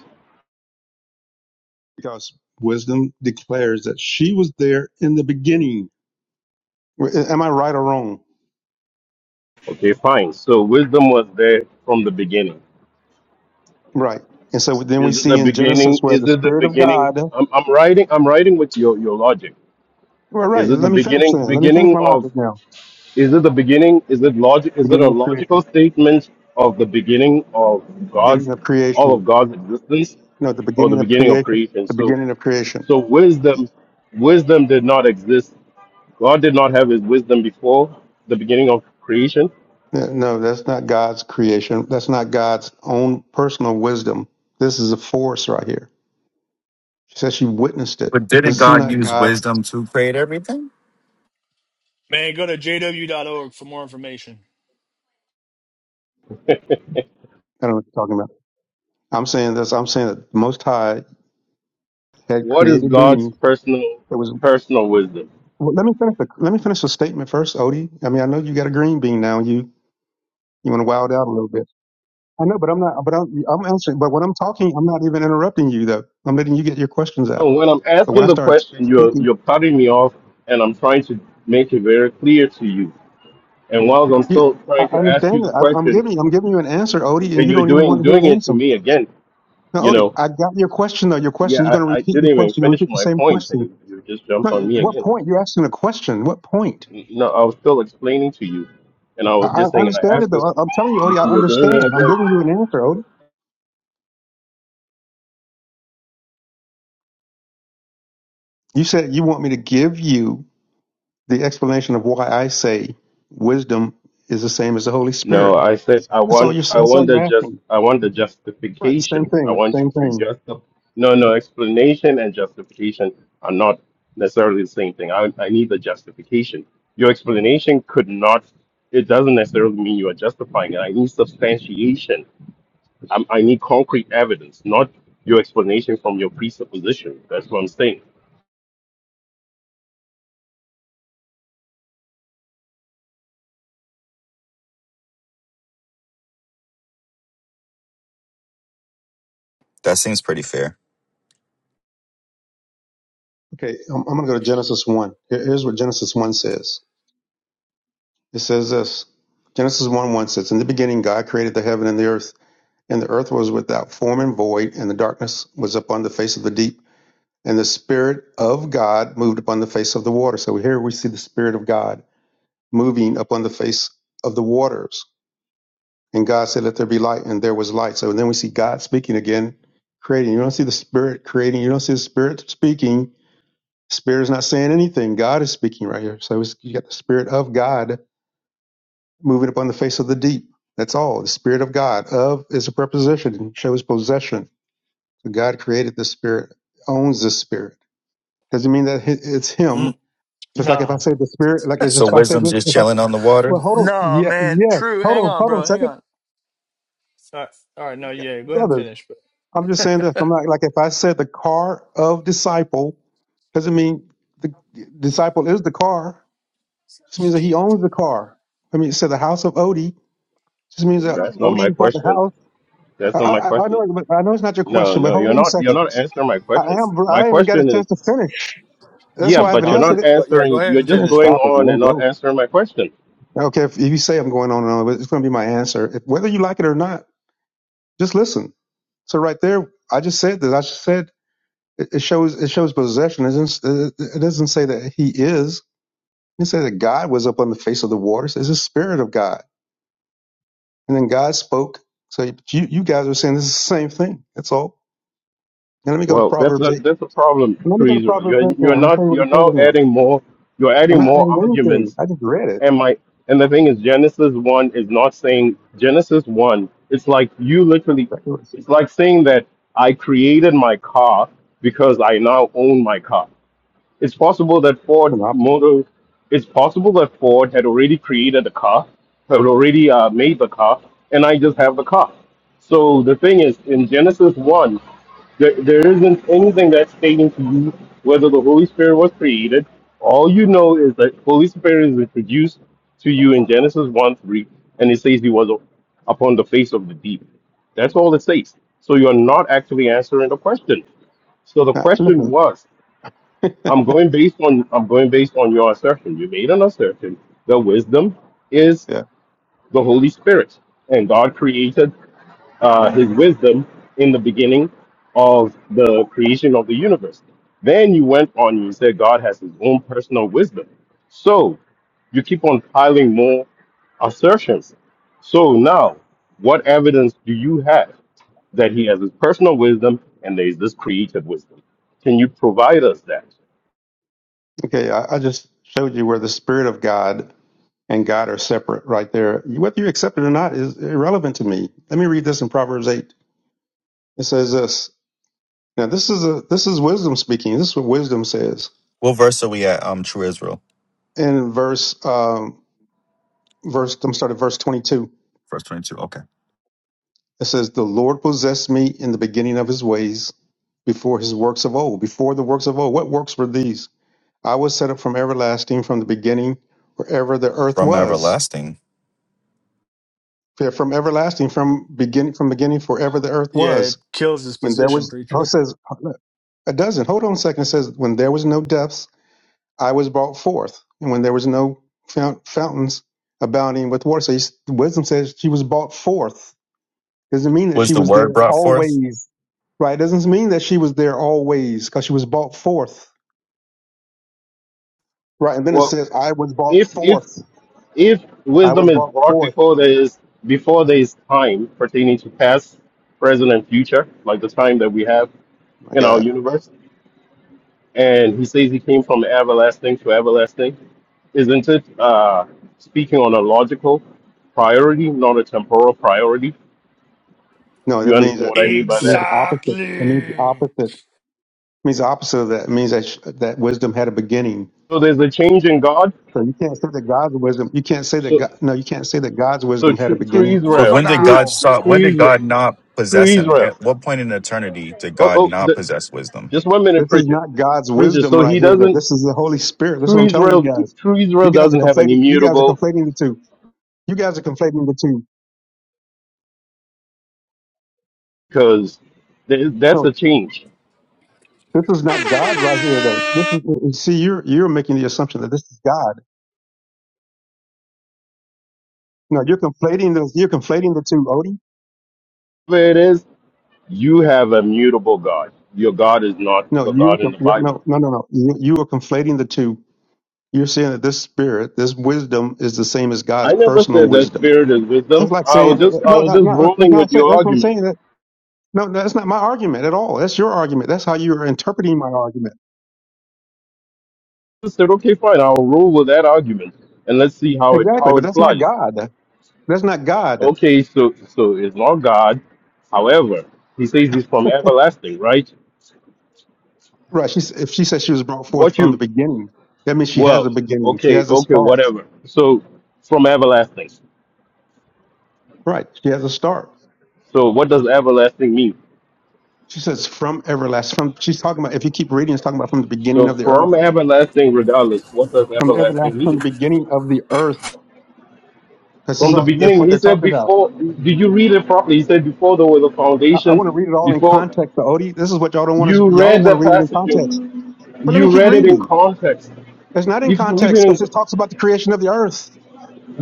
because wisdom declares that she was there in the beginning. W- Am I right or wrong? okay fine so wisdom was there from the beginning Right. And so then we is it see the in Genesis beginning where is the it the Spirit of beginning God. i'm, I'm writing i'm writing with your your logic Well, Is right. it the Let me finish beginning then. Let me finish beginning my of logic now. is it the beginning? Is it logic is it a Beginning of logical creation. statement of the beginning of God's Beginning of all creation. of God's existence No, the or the beginning of beginning of creation. creation? The So beginning of creation. so wisdom wisdom did not exist. God did not have his wisdom before the beginning of creation. Yeah, No, that's not God's creation. That's not God's own personal wisdom. This is a force right here She said she witnessed it. but didn't This is God not use God's. wisdom to create everything? Man, go to JW dot org for more information. I don't know what you're talking about. I'm saying this. I'm saying that the Most High had What is created God's beings. personal It was. personal wisdom? Well, let me finish. The, let me finish the statement first, Odie. I mean, I know you got a green bean now. You you want to wild out a little bit. I know, but I'm not. But I'm, I'm answering. But when I'm talking, I'm not even interrupting you though. I'm letting you get your questions So out. when I'm But when asking I the start question, you're speaking, you're cutting me off, and I'm trying to make it very clear to you. And while I'm you. still I trying I to ask you understand the that. I, I'm question, giving. I'm giving you an answer, Odie, and and you you're don't even want doing to hear doing an it to answer. me again. Now, You Odie, know, I got your question though. Your yeah, question. You're going to I, I repeat didn't your even question. You finish repeat the my same points, and question. you, you just jumped No, on me What again. point? You're asking a question. What point? No, I was still explaining to you, and I I, was I just saying, I understand asked it you though. I, I'm telling you, Odie, I you're doing it understand. I'm again. giving you an answer, Odie. You said you want me to give you the explanation of why I say wisdom is the same as the Holy No, Spirit. I said I That's all want you're. I That's want all you're the just asking. I want the Right. The same justification. I thing. want Same you to thing. just no no explanation and justification are not necessarily the same thing. I I need the justification. Your explanation could not. It doesn't necessarily mean you are justifying it. I need substantiation I'm, I need concrete evidence, not your explanation from your presupposition. That's what I'm saying. That seems pretty fair. Okay. I'm, I'm going to go to Genesis one. Here- Here's what Genesis one says. It says this. Genesis one one says, "In the beginning, God created the heaven and the earth, and the earth was without form and void, and the darkness was upon the face of the deep." And the Spirit of God moved upon the face of the water. So here we see the Spirit of God moving upon the face of the waters. And God said, Let there be light, and there was light. So then we see God speaking again, creating. You don't see the Spirit creating, you don't see the Spirit speaking. Spirit is not saying anything. God is speaking right here. So it's, you got the Spirit of God moving upon the face of the deep. That's all. The Spirit of God. Of is a preposition, it shows possession. So God created the Spirit, owns the Spirit. Doesn't mean that it's Mm, Him, Just like if I No. say the spirit, like it's So just if I say wisdom's this, just if I chilling on the water. well, hold on, No, yeah, man. yes, True. hold Hang on, on, hold on, a bro. Hang second, on. All right. All right. No, Yeah, yeah. Go ahead and brothers. finish, bro. I'm just saying this. I'm not like if I said the car of disciple doesn't mean the disciple is the car. Just means that he owns the car. I mean, it said the house of Odie just means that That's not Odie my is not the question. house. That's I, not my I, I question. know, but I know it's not your No, question. But no, hold you're on a not. You're second. not answering my I question. am. bro, My I haven't even got a question is, chance to finish. That's yeah, why I haven't but No, you're go, answered not it. go- yeah, go answering. ahead You're and just Man, finish, going bro. stop it, on man, and not bro. answering my question. Okay, if, if you say I'm going on and on, but it's going to be my answer, if, whether you like it or not. Just listen. So right there, I just said this. I just said it, it shows it shows possession. It doesn't, it doesn't say that he is. It says that God was up on the face of the waters. It's the spirit of God, and then God spoke. So you you guys are saying this is the same thing. That's all. And let me go to Well, that's Proverbs a, eight. that's a problem, Let me go to Teresa. Proverbs You're eight you're now. Let me tell not. you what he You're now told her now. adding more. You're I'm adding not more adding anything. arguments I just read it. and my and the thing is genesis 1 is not saying genesis 1 it's like you literally Exactly what it said. it's like saying that i created my car because i now own my car it's possible that Ford It's an opposite. Motor, it's possible that Ford had already created the car, had already uh, made the car, and I just have the car. So the thing is, in Genesis 1, there, there isn't anything that's stating to you whether the Holy Spirit was created. All you know is that Holy Spirit is introduced to you in Genesis 1 3, and it says he was upon the face of the deep. That's all it says. So you're not actually answering the question. So the Uh, question was I'm Listen. going based on I'm going based on your assertion. You made an assertion. The wisdom is yeah. the Holy Spirit, and God created uh, His wisdom in the beginning of the creation of the universe. Then you went on. You said God has His own personal wisdom. So you keep on piling more assertions. So now, what evidence do you have that He has His personal wisdom and there is this created wisdom? Can you provide us that? Okay. I, I just showed you where the spirit of God and God are separate right there. Whether you accept it or not is irrelevant to me. Let me read this in Proverbs 8. It says this. Now this is a this is wisdom speaking. This is what wisdom says. What verse are we at? Um, True Israel. In verse um verse I'm starting at verse 22. Verse 22. Okay. It says the Lord possessed me in the beginning of his ways before his works of old. Before the works of old. What works were these? I was set up from everlasting from the beginning wherever the earth From was. everlasting. From everlasting from beginning from beginning forever the earth Yeah, was. it kills his When there position, was, oh, it preacher. says, a dozen. Hold on a second. It says, when there was no depths, I was brought forth. And when there was no fount- fountains abounding with water. So he's- wisdom says she was brought forth. Doesn't mean that Was she the was there word brought forth? always. Right. Doesn't mean that she was there always because she was brought forth. Right. And then it says, I was brought if if forth. if I wisdom was is brought brought forth. before there is before there is time pertaining to past, present, and future, like the time that we have My in our God. universe, and he says he came from everlasting to everlasting, isn't it uh, speaking on a logical priority, not a temporal priority? No, You that means understand that what I it mean by means that? the opposite. It means the Exactly. opposite. It means the opposite of that. It means that, sh- that wisdom had a beginning So there's a change in God. So you can't say that God's wisdom. You can't say that So God. No, you can't say that God's so wisdom had a true, true beginning. But Over Israel, for when did true God thou. stop? true When did God Israel, not true possess him? Israel. At what point in eternity did Oh God oh, not the, possess wisdom? just one minute, This is preacher not God's preacher. wisdom So right he here. Though doesn't. this is the Holy Spirit. That's True what I'm telling you Israel, guys. true You Israel guys are doesn't have an conflating. You guys are immutable conflating the two. You guys are conflating the two. because that's No, a change. this is not God right here though. This is uh, see you're you're making the assumption that this is God. No, you're conflating the you're conflating the two, Odie. Where it is, you have a mutable God. Your God is not No, the you're God in conf- the Bible. no no no no. You, you are conflating the two. You're saying that this spirit, this wisdom, is the same as God's I never personal said that wisdom. spirit is wisdom. That's like I saying was no, just I was not, just not, rolling not with say, your that's what I'm argument. saying. That no, no, that's not my argument at all. That's your argument. That's how you're interpreting my argument. I said, okay, fine, I'll roll with that argument and let's see how it Exactly, how but it that's not flies. God. That's not God. Okay, so so it's not God. However, he says he's from everlasting, right? Right? She's if she says she was brought forth What from the you beginning, that means she has Well, a beginning. She okay, has a okay, start. whatever. So from everlasting. Right? She has a start. So what does everlasting mean? She says from everlasting. From she's talking about. If you keep reading, it's talking about from the So beginning of the from earth, everlasting, regardless, what does from everlasting everlasting, from the mean? beginning of the earth. Because From the all that's what beginning, he they're said talking about. before. Did you read it properly? He said before there were the I, I foundations. want to read it all in Before context, but Odie, this is what y'all don't want to. you Y'all don't read want the to read it in passage, context. in- But let me you keep read it in reading. context. It's not in If you read it, context because it in, talks about the creation of the earth.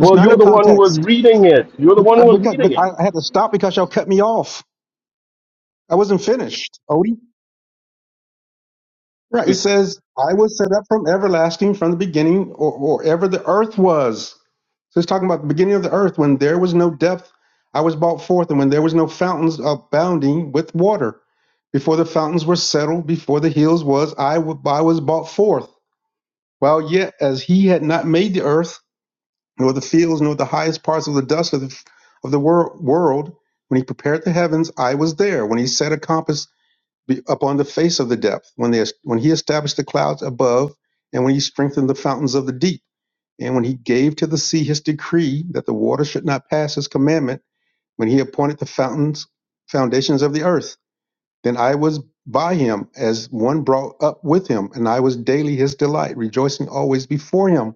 It's not you're in the one who was context. reading it. You're the But, one who uh, was because, but reading I I it. had to stop because y'all cut me off. I wasn't finished, Odie. Right. It says, I was set up from everlasting, from the beginning, or, or ever the earth was. So it's talking about the beginning of the earth when there was no depth, I was brought forth, and when there was no fountains abounding with water. Before the fountains were settled, before the hills was, I, w- I was brought forth. While yet, as he had not made the earth, nor the fields, nor the highest parts of the dust of the, of the wor- world. When he prepared the heavens, I was there. When he set a compass be- upon the face of the depth, when, they, when he established the clouds above, and when he strengthened the fountains of the deep, and when he gave to the sea his decree that the water should not pass his commandment, when he appointed the fountains, foundations of the earth, then I was by him as one brought up with him, and I was daily his delight, rejoicing always before him.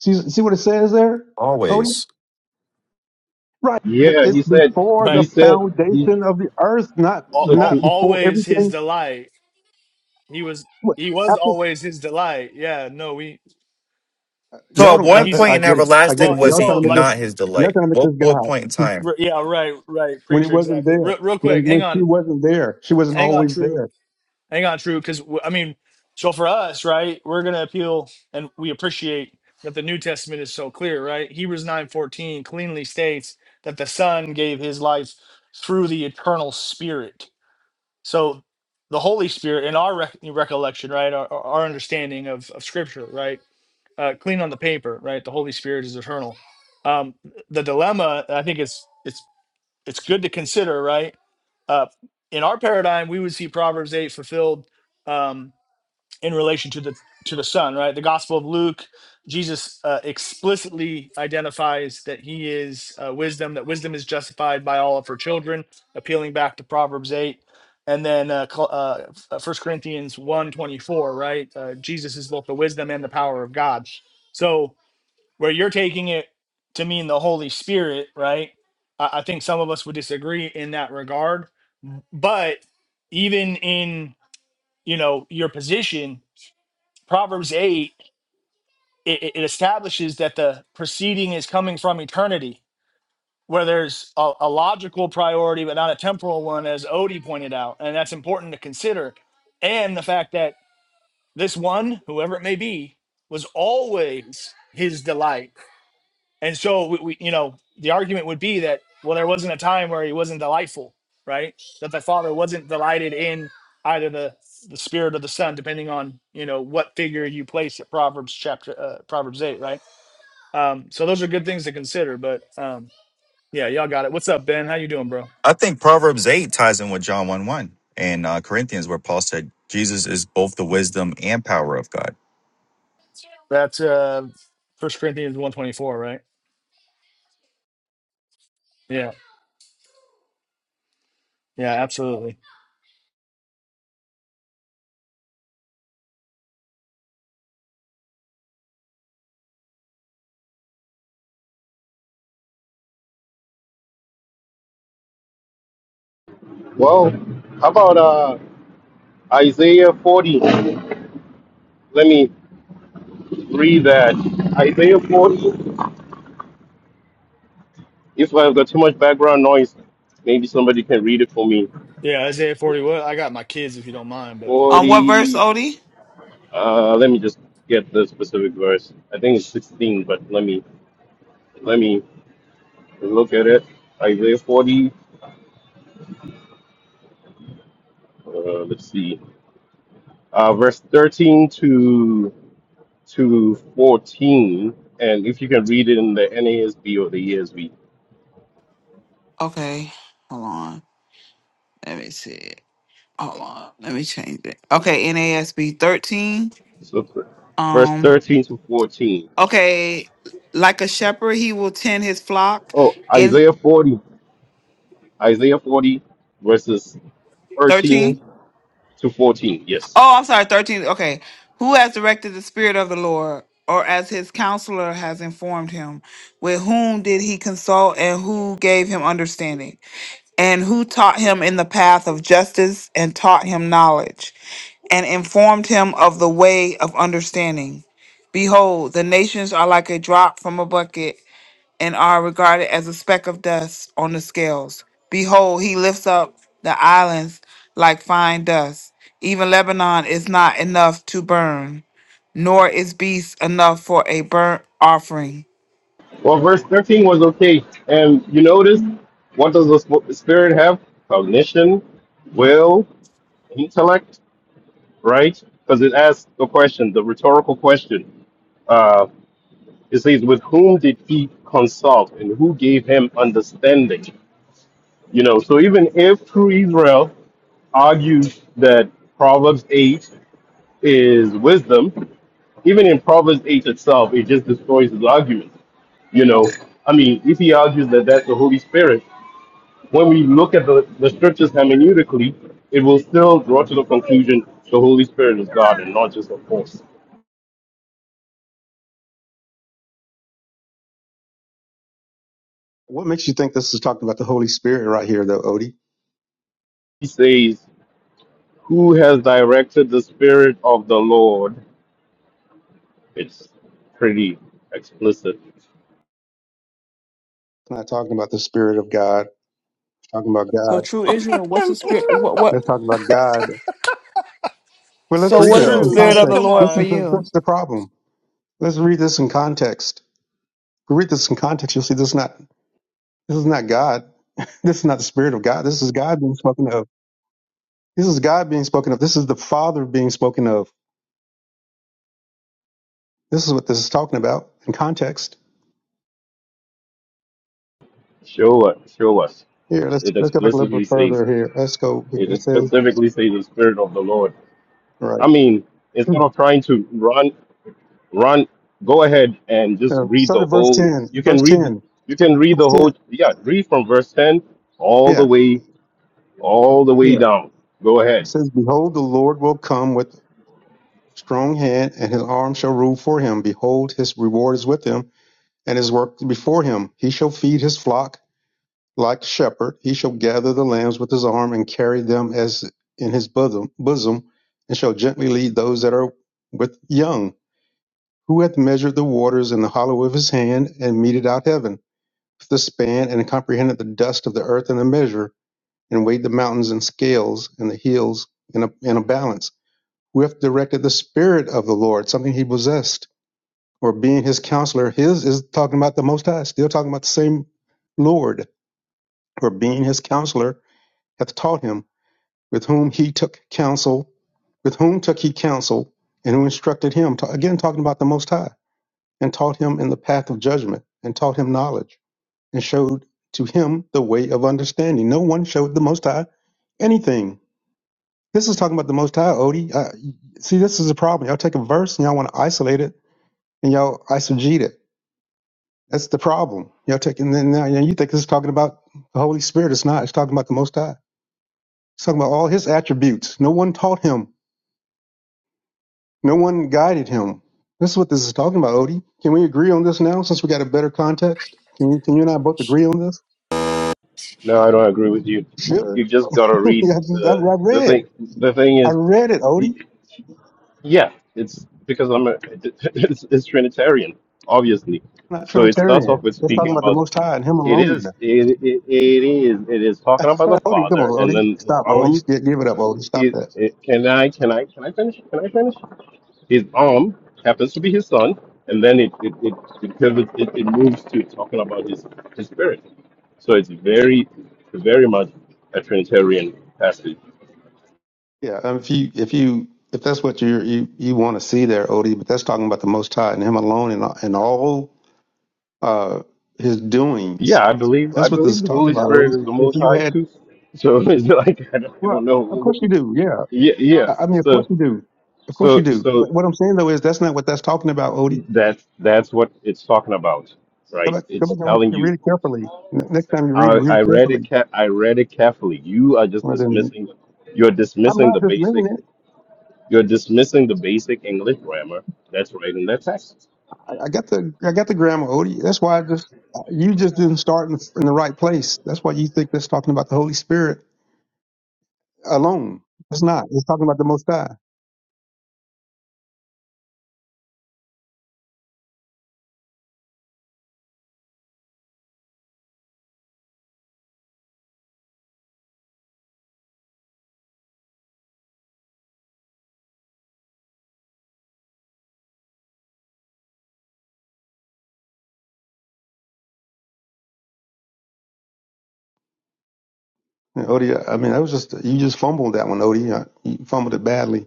See, see what it says there? Always. Right, but Yeah, it's he said. before He the Right. said. He, foundation of the earth, not Al- so al- not true. before always his everything. delight. He was What he was after always his delight. Yeah, no, we So y'all at don't? yeah, what I, he's I point I in get it. I get well, everlasting it. and was Y'all he trying so to make like this. not his Y'all delight? trying to make What this what God point in time? r- yeah, right, right, when it preacher wasn't exactly. Re- there. real When quick, hang when she on. wasn't there, she wasn't Hang on, always true. there. Hang on, true. Because I mean, so for us, right, we're gonna appeal, and we appreciate that the New Testament is so clear, right? Hebrews nine fourteen cleanly states that the Son gave His life through the eternal Spirit. So the Holy Spirit, in our rec- recollection, right, our, our understanding of of Scripture, right, uh, clean on the paper, right, the Holy Spirit is eternal. Um, the dilemma, I think, it's it's it's good to consider, right? uh, in our paradigm, we would see Proverbs eight fulfilled um, in relation to the to the Son, right? The Gospel of Luke, Jesus uh, explicitly identifies that He is uh, wisdom, that wisdom is justified by all of her children, appealing back to Proverbs eight, and then uh, Col- uh, First Corinthians one twenty four, right? Uh, Jesus is both the wisdom and the power of God. So where you're taking it to mean the Holy Spirit, right? I, I think some of us would disagree in that regard. But even in you know your position, Proverbs eight it, it it establishes that the proceeding is coming from eternity, where there's a, a logical priority but not a temporal one, as Odie pointed out, and that's important to consider. And the fact that this one, whoever it may be, was always his delight And so we, we, you know, the argument would be that well, there wasn't a time where he wasn't delightful, right? That the Father wasn't delighted in either the the Spirit or the Son, depending on you know what figure you place at Proverbs chapter uh, Proverbs eight, right? Um, so those are good things to consider. But um, yeah, y'all got it. What's up, Ben? How you doing, bro? I think Proverbs 8 ties in with John 1 1 and uh, Corinthians, where Paul said, Jesus is both the wisdom and power of God. That's uh, First Corinthians one twenty four, right? Yeah, yeah, absolutely. Well, how about uh? Isaiah 40. Let me read that. Isaiah 40. If I've got too much background noise, maybe somebody can read it for me. Yeah, Isaiah forty. What I got my kids, if you don't mind, but On what verse, 40. Odie? Uh, let me just get the specific verse. I think it's 16, but let me let me look at it. Isaiah 40. Uh, let's see. Uh, verse 13 to to 14, and if you can read it in the NASB or the ESV. Okay, hold on. Let me see. Hold on. Let me change it. Okay, NASB thirteen. So verse Um. 13 to 14. Okay, like a shepherd, he will tend his flock. Oh, In Isaiah 40, Isaiah 40, verses 13 thirteen. to 14. Yes. Oh, I'm sorry, 13. Okay. Who has directed the Spirit of the Lord, or as his counselor has informed him? With whom did he consult, and who gave him understanding? And who taught him in the path of justice, and taught him knowledge, and informed him of the way of understanding? Behold, the nations are like a drop from a bucket and are regarded as a speck of dust on the scales. Behold, he lifts up the islands like fine dust. Even Lebanon is not enough to burn, nor is beast enough for a burnt offering. Well, verse 13 was okay. And you notice what does the sp- spirit have? Cognition, will, intellect, right? Because it asks the question, the rhetorical question. Uh, it says, with whom did he consult and who gave him understanding? You know, so even if true Israel argues that Proverbs 8 is wisdom, even in Proverbs 8 itself, it just destroys his argument. You know, I mean, if he argues that that's the Holy Spirit, when we look at the, the scriptures hermeneutically, it will still draw to the conclusion the Holy Spirit is God and not just a force. What makes you think this is talking about the Holy Spirit right here, though, Odie? He says, Who has directed the Spirit of the Lord? It's pretty explicit. It's not talking about the Spirit of God. It's talking about So, God. true Israel, what's the spirit? What? What? Let's What? talk about God Well, let's So, Uh, read what it is the Israel, in true, spirit of man. the context. Come Lord This for is on, the, you? that's the problem. Let's read this in context. If we read this in context, you'll see this is not this is not God. This is not the Spirit of God. This is God being spoken of. This is God being spoken of. This is the Father being spoken of. This is what this is talking about in context. Show us, show us. Here, let's It let's go back a little explicitly bit says, further. Here, let's go. Here. it It says specifically says the Spirit of the Lord. right. I mean, instead of trying to run Ron, go ahead and just Uh, read start the at verse whole. ten. You can Verse read. ten. You can read Verse the whole. ten. Yeah, read from verse ten all the Yeah, way, all the way yeah. down. Go It ahead. says, "Behold, the Lord will come with strong hand, and his arm shall rule for him. Behold, his reward is with him." and his work before him. He shall feed his flock like a shepherd. He shall gather the lambs with his arm and carry them as in his bosom, bosom and shall gently lead those that are with young. Who hath measured the waters in the hollow of his hand and meted out heaven with the span and comprehended the dust of the earth in a measure and weighed the mountains in scales and the hills in a, in a balance? Who hath directed the spirit of the Lord, something he possessed? or being his counselor. His is talking about the Most High, still talking about the same Lord, or being his counselor, hath taught him, with whom he took counsel, with whom took he counsel, and who instructed him. Ta- Again, talking about the Most High, and taught him in the path of judgment, and taught him knowledge, and showed to him the way of understanding. No one showed the Most High anything. This is talking about the Most High, Odie. Uh, see, this is a problem. Y'all take a verse and y'all want to isolate it, and y'all eisegete it That's the problem. Y'all taking then now you think this is talking about the Holy Spirit. It's not. It's talking about the Most High. It's talking about all His attributes. No one taught him. No one guided him. This is what this is talking about, Odie. Can we agree on this now, since we got a better context? Can we, Can you and I both agree on this? No, I don't agree with you. Sure. You just gotta Yeah, read I I the the read. thing. The thing I is, read it, Odie. yeah, it's because I'm a it's, it's Trinitarian, obviously. I'm Not So it starts Trinitarian. off with It's speaking talking about the about Most High and Him it alone. is it, it, it is it is talking about the Odie, come Father, on, and Odie. then Stop, um Odie. give it up, Odie. Stop It, that. it, can I can I can I finish? Can I finish? His arm happens to be his son, and then it it it it, pivots, it, it moves to talking about his his spirit. So it's very very much a Trinitarian passage. Yeah, um, if you if you if that's what you're, you you want to see there, Odie, but that's talking about the Most High and Him alone and and all uh, His doings. Yeah, I believe I That's what this believe is the Holy talking about, Spirit Odie. is the If Most you High had, too. So it's like I don't, I well, don't of course you know. do. Yeah, Yeah, yeah. I, I mean, of course So you do. Of course you so do. so But what I'm saying though is that's not what that's talking about, Odie. that's that's what it's talking about, Go right? back, It's go back and telling read you. it carefully. N- Next time you read it, I, read I it read carefully. it. Ca- I read it carefully. You are just Well, then, dismissing. You're I'm dismissing the not basic. dismissing it. You're dismissing the basic English grammar that's right in that text. I I got the I got the grammar, Odie. That's why I just you just didn't start in the, in the right place. That's why you think that's talking about the Holy Spirit alone. It's not. It's talking about the Most High. Yeah, Odie, I mean, that was just you just fumbled that one, Odie. Uh, You fumbled it badly.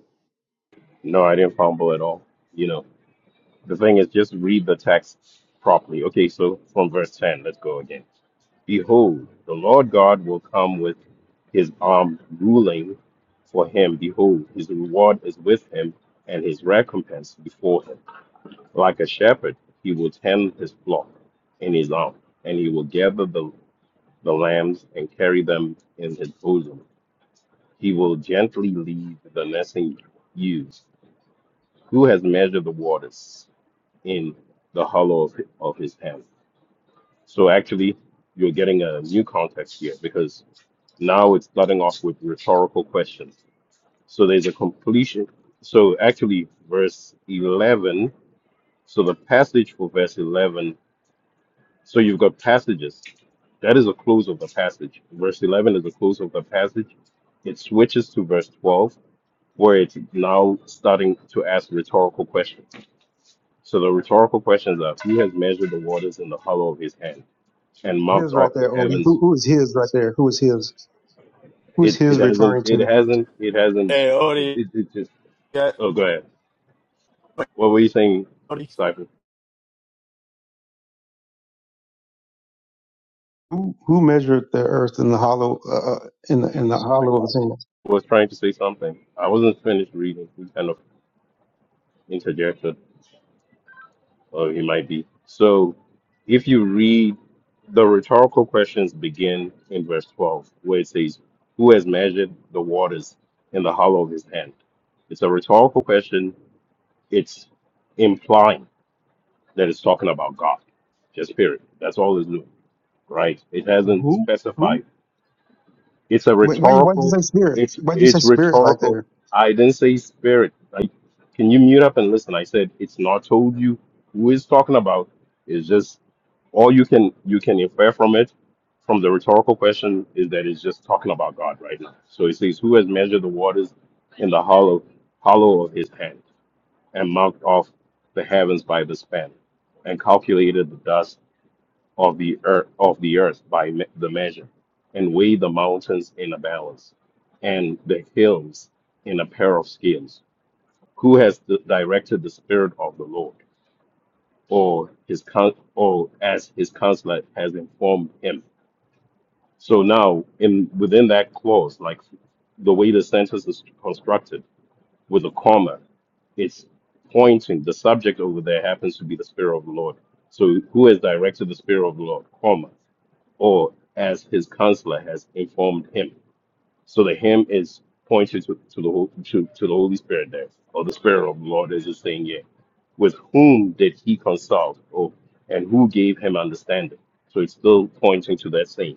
No, I didn't fumble at all. You know, the thing is, just read the text properly. Okay, so from verse ten, let's go again. Behold, the Lord God will come with his arm ruling for him. Behold, his reward is with him and his recompense before him. Like a shepherd, he will tend his flock in his own, and he will gather the, the lambs and carry them in his bosom. He will gently lead the nesting ewes. Who has measured the waters in the hollow of, of his hand? So actually, you're getting a new context here because now it's starting off with rhetorical questions. So there's a completion. So actually, verse 11. So the passage for verse 11 So you've got passages. That is a close of the passage. Verse 11 is a close of the passage. It switches to verse 12, where it's now starting to ask rhetorical questions. So the rhetorical questions are Who has measured the waters in the hollow of his hand and marked His right off the there, Odie. Who, heavens? who is his right there? Who is his? Who is It, it his hasn't, referring it to? hasn't, it hasn't, hey, Odie. it, it just, yeah, oh, go ahead. What were you saying, Odie. Stephen? Who who measured the earth in the hollow uh, uh, in the in the hollow of his hand? was trying to say something. I wasn't finished reading. You kind of interjected. or he might be. So if you read the rhetorical questions begin in verse 12, where it says, Who has measured the waters in the hollow of his hand? It's a rhetorical question. It's implying that it's talking about God, just period. That's all it's doing, right? It Wh- hasn't Who who? specified it's a Wait, why you why'd you rhetorical. say spirit? It's Why'd you say it's spirit right rhetorical. there? I didn't say spirit. Like, can you mute up and listen? I said it's not told you who is talking about. It's just all you can you can infer from it, from the rhetorical question, is that it's just talking about God right now. So it says, "Who has measured the waters in the hollow hollow of His hand, and marked off the heavens by the span, and calculated the dust of the earth of the earth by me- the measure, and weigh the mountains in a balance, and the hills in a pair of scales. Who has di- directed the spirit of the Lord, or his con- or as his counselor has informed him? So now, in within that clause, like the way the sentence is constructed with a comma, it's pointing the subject over there happens to be the spirit of the Lord. So who has directed the spirit of the Lord, comma? or as his counselor has informed him. So the him is pointing to, to the Hol- to, to the Holy Spirit there, or the Spirit of the Lord as it's saying here. With whom did he consult, or and who gave him understanding? So it's still pointing to that same.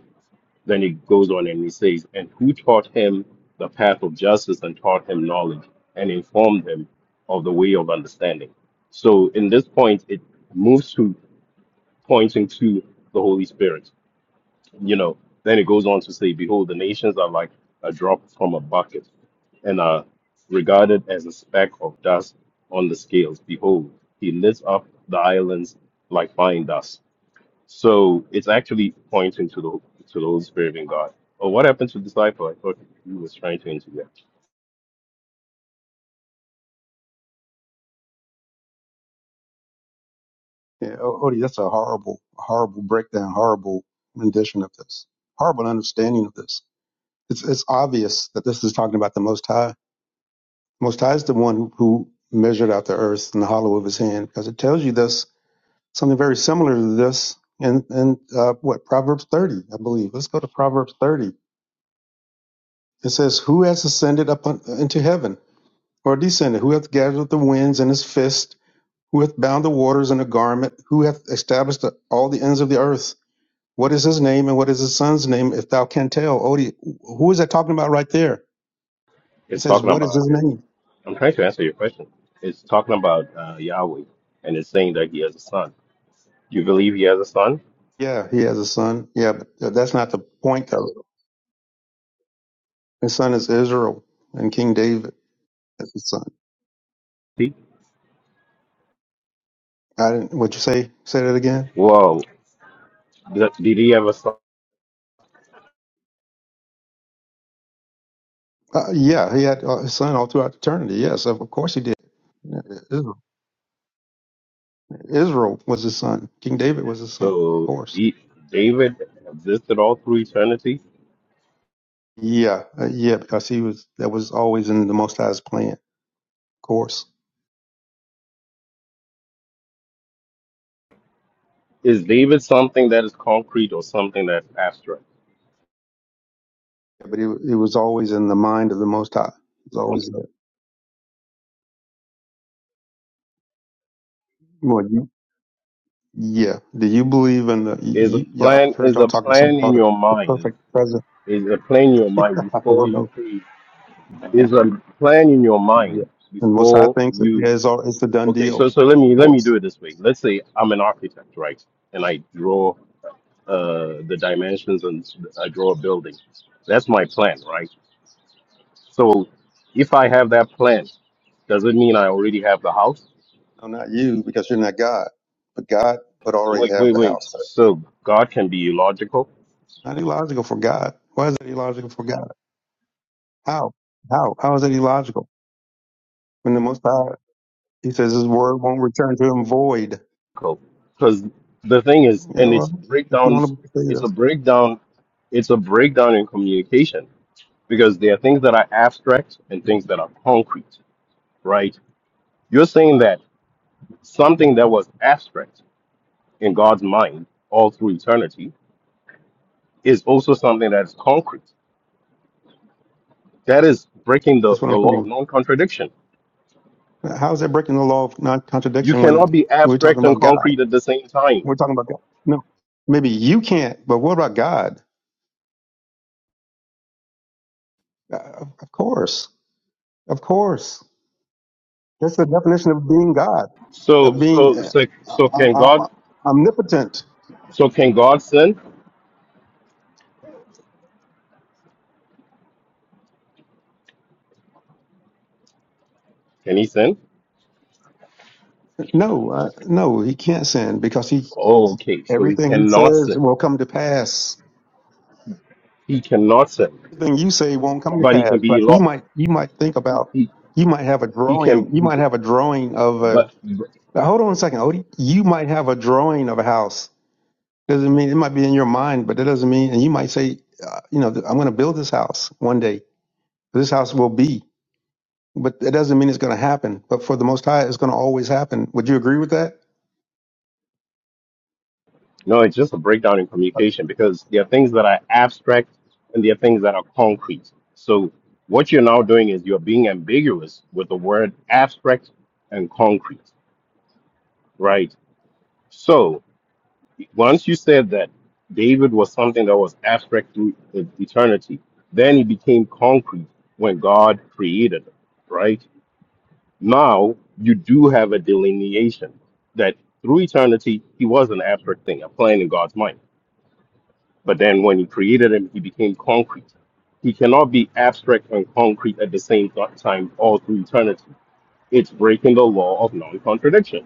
Then he goes on and he says, and who taught him the path of justice and taught him knowledge and informed him of the way of understanding. So in this point, it moves to pointing to the Holy Spirit you know, then it goes on to say, Behold, the nations are like a drop from a bucket and are regarded as a speck of dust on the scales. Behold, he lifts up the islands like fine dust. So it's actually pointing to the to the Holy Spirit in God. Oh, what happened to the disciple? I thought you was trying to interject. Yeah, O- Odie, that's a horrible, horrible breakdown, horrible rendition of this, horrible understanding of this. It's it's obvious that this is talking about the Most High. Most High is the one who, who measured out the earth in the hollow of His hand, because it tells you this something very similar to this in in uh, what Proverbs thirty, I believe. Let's go to Proverbs thirty. It says, "Who has ascended up un- into heaven, or descended? Who hath gathered the winds in his fist? Who hath bound the waters in a garment? Who hath established the, all the ends of the earth?" What is his name and what is his son's name? If thou canst tell, Odie, who is that talking about right there? It It's says, talking what is about his name? I'm trying to answer your question. It's talking about uh, Yahweh and it's saying that he has a son. Do You believe he has a son? Yeah, he has a son. Yeah, but that's not the point though. His son is Israel and King David is his son. See? I didn't. Would you say say that again? Whoa. Did did he have a son? Uh, yeah, he had uh, his son all throughout eternity. Yes, of course he did. Israel, Israel was his son. King David was his son. Of So course. he, David existed all through eternity. Yeah, uh, yeah, because he was that was always in the Most High's plan. Of course. Is David something that is concrete or something that's abstract? But it, it was always in the mind of the Most High. It's always there. Well, you, yeah. Do you believe in the? Is You, a yeah, plan I've heard is y'all a talk about plan something in called the, your the mind? perfect present. Is a plan in your I mind before don't you know. create? Is a plan in your Yeah, mind and Most High before thinks yeah, you? it is. all- It's the done Okay, deal. so so let me Of let me do course. it this way. Let's say I'm an architect, right? And I draw uh, the dimensions and I draw a building. That's my plan, right? So if I have that plan, does it mean I already have the house? No, not you because you're not God. But God would already Wait, have wait, the wait. house. Set. So God can be illogical? Not illogical for God. Why is that illogical for God? How? How? How is that illogical? When the Most High, He says His word won't return to Him void. Cool. Because the thing is, Yeah, and it's well, if you breakdown, want to say it's a this, breakdown, it's a breakdown in communication because there are things that are abstract and things that are concrete, right? You're saying that something that was abstract in God's mind all through eternity is also something that is concrete. That is breaking the, that's what the I'm law saying. of non contradiction How is that breaking the law of You non-contradiction when cannot be we're talking abstract and about God? concrete at the same time. We're talking about God. No, maybe you can't, but what about God? Uh, of course, of course. That's the definition of being God, So, of being so, uh, so, so om- can God? om- omnipotent. So can God sin? Can he sin? No, uh, no, he can't sin because he Oh, okay. So he everything he cannot says sin. will come to pass. He cannot sin, Everything you say won't come to but he can pass. be Like you lo- might, you might think about, He you might have a he can. drawing, you He might can have a drawing of a but, but Now, hold on a second, Odie. You might have a drawing of a house. Doesn't mean it might be in your mind, but that doesn't mean. And you might say, uh, you know, I'm going to build this house one day. This house will be, but it doesn't mean it's going to happen. But for the Most High, it's going to always happen. Would you agree with that? no, it's just a breakdown in communication because there are things that are abstract and there are things that are concrete. So what you're now doing is you're being ambiguous with the word abstract and concrete, right? So. Once you said that David was something that was abstract through e- eternity, then he became concrete when God created him, right? Now you do have a delineation that through eternity, he was an abstract thing, a plan in God's mind. But then when he created him, he became concrete. He cannot be abstract and concrete at the same th- time all through eternity. It's breaking the law of non contradiction.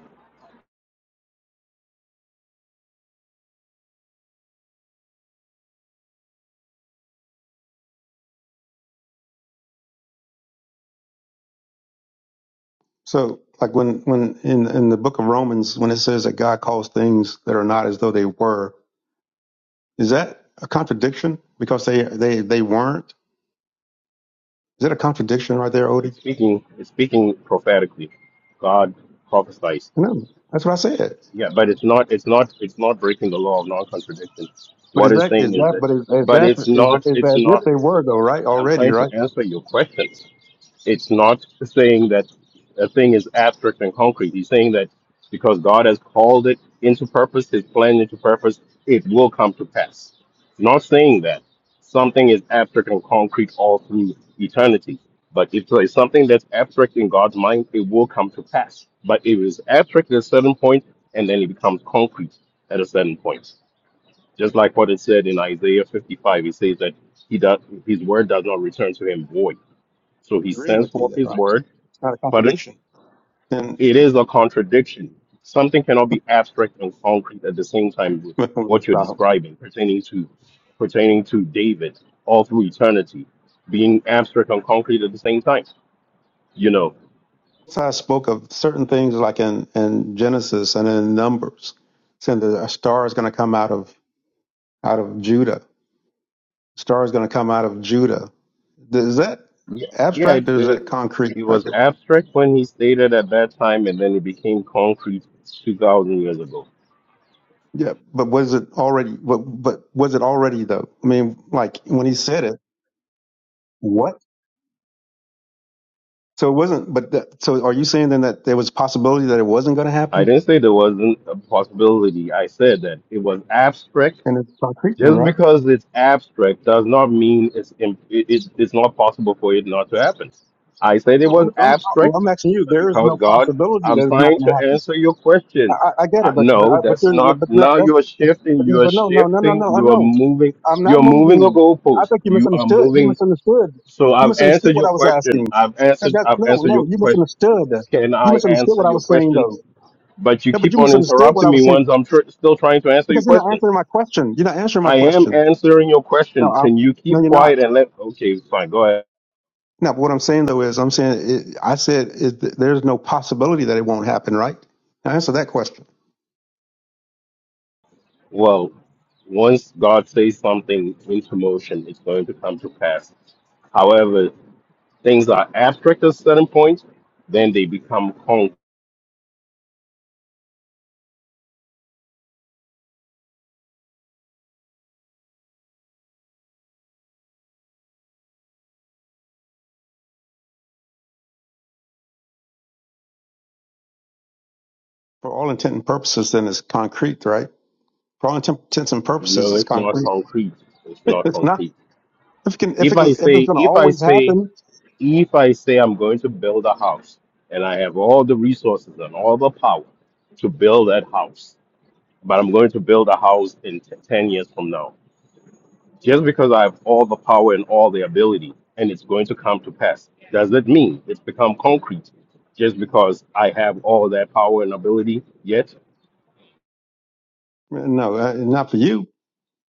So, like when when in in the book of Romans, when it says that God calls things that are not as though they were, is that a contradiction because they they they weren't? Is that a contradiction right there, Odie? It's speaking, it's speaking prophetically. God prophesies No, that's what I said. Yeah, but it's not it's not it's not breaking the law of non-contradiction. But What is it's that saying is is that that, but is is but it's that is not is it's as if not. they were though, right? I'm Already, trying to right? answer your question. It's not saying that a thing is abstract and concrete. He's saying that because God has called it into purpose, His plan into purpose, it will come to pass. not saying that something is abstract and concrete all through eternity. But if there is something that's abstract in God's mind, it will come to pass. But it is abstract at a certain point, and then it becomes concrete at a certain point. Just like what it said in Isaiah 55, it says that he does, his word does not return to him void so he Agreeing sends with me forth then, his right? It's word. not a Pardon? contradiction. And It is a contradiction. Something cannot be abstract and concrete at the same time with what you're describing pertaining to pertaining to David all through eternity, being abstract and concrete at the same time. You know, I spoke of certain things like in, in Genesis and in Numbers, saying that a star is going to come out of out of Judah. Star is going to come out of Judah. Is that yeah, yeah abstract it, or is it, that concrete? it Like, was abstract when he stated at that time, and then it became concrete 2,000 years ago. yeah, but was it already? But, but was it already though? I mean, like when he said it, what? So it wasn't. But that, so are you saying then that there was a possibility that it wasn't going to I happen? didn't say there wasn't a possibility. I said that it was abstract And it's concrete, then, Just right? because it's abstract does not mean it's im- it, it, it's not possible for it not to happen. I said it No, was I'm I'm well, I'm abstract, asking you. but There is because no God, possibility I'm that it's not trying going to to happen. answer your I, question. I, I get Uh, it, but but no, I, but that's there, not. but no, Now that's you are but, shifting. You are but no no no no shifting. no I You are know. moving. I'm You not are moving the moving. I goalpost. think you You are misunderstood. You moving. misunderstood. So You I've misunderstood answered what your I was question. asking. I've That, answered. that, I've no, answered your no, you question. misunderstood. Can You I misunderstood answer what I your was saying, question? though. But you No, but keep you on misunderstood what interrupting I me was saying once I'm tr- still trying to answer your because you're not question. answering my question. You're not answering my I am question. answering your No, question. I'm, Can you no, keep you're not. quiet and let? Okay, fine. Go ahead. No, but what I'm saying though is, I'm saying it, I said it, th- there's no possibility that it won't happen, right? Now answer that question. Well, once God says something into motion, it's going to come to pass. However, things are abstract at certain points, then they become concrete. For all intent and purposes, then it's concrete, right? For all intent- intents and purposes, No, it's it's not concrete. concrete. It's not it's not concrete. if it can if, If it, I if it's say, going to if I always say, happen. if I say I'm going to build a house and I have all the resources and all the power to build that house, but I'm going to build a house in t- 10 years from now Just because I have all the power and all the ability and it's going to come to pass, does that mean it's become concrete just because I have all that power and ability yet? No, uh, not for you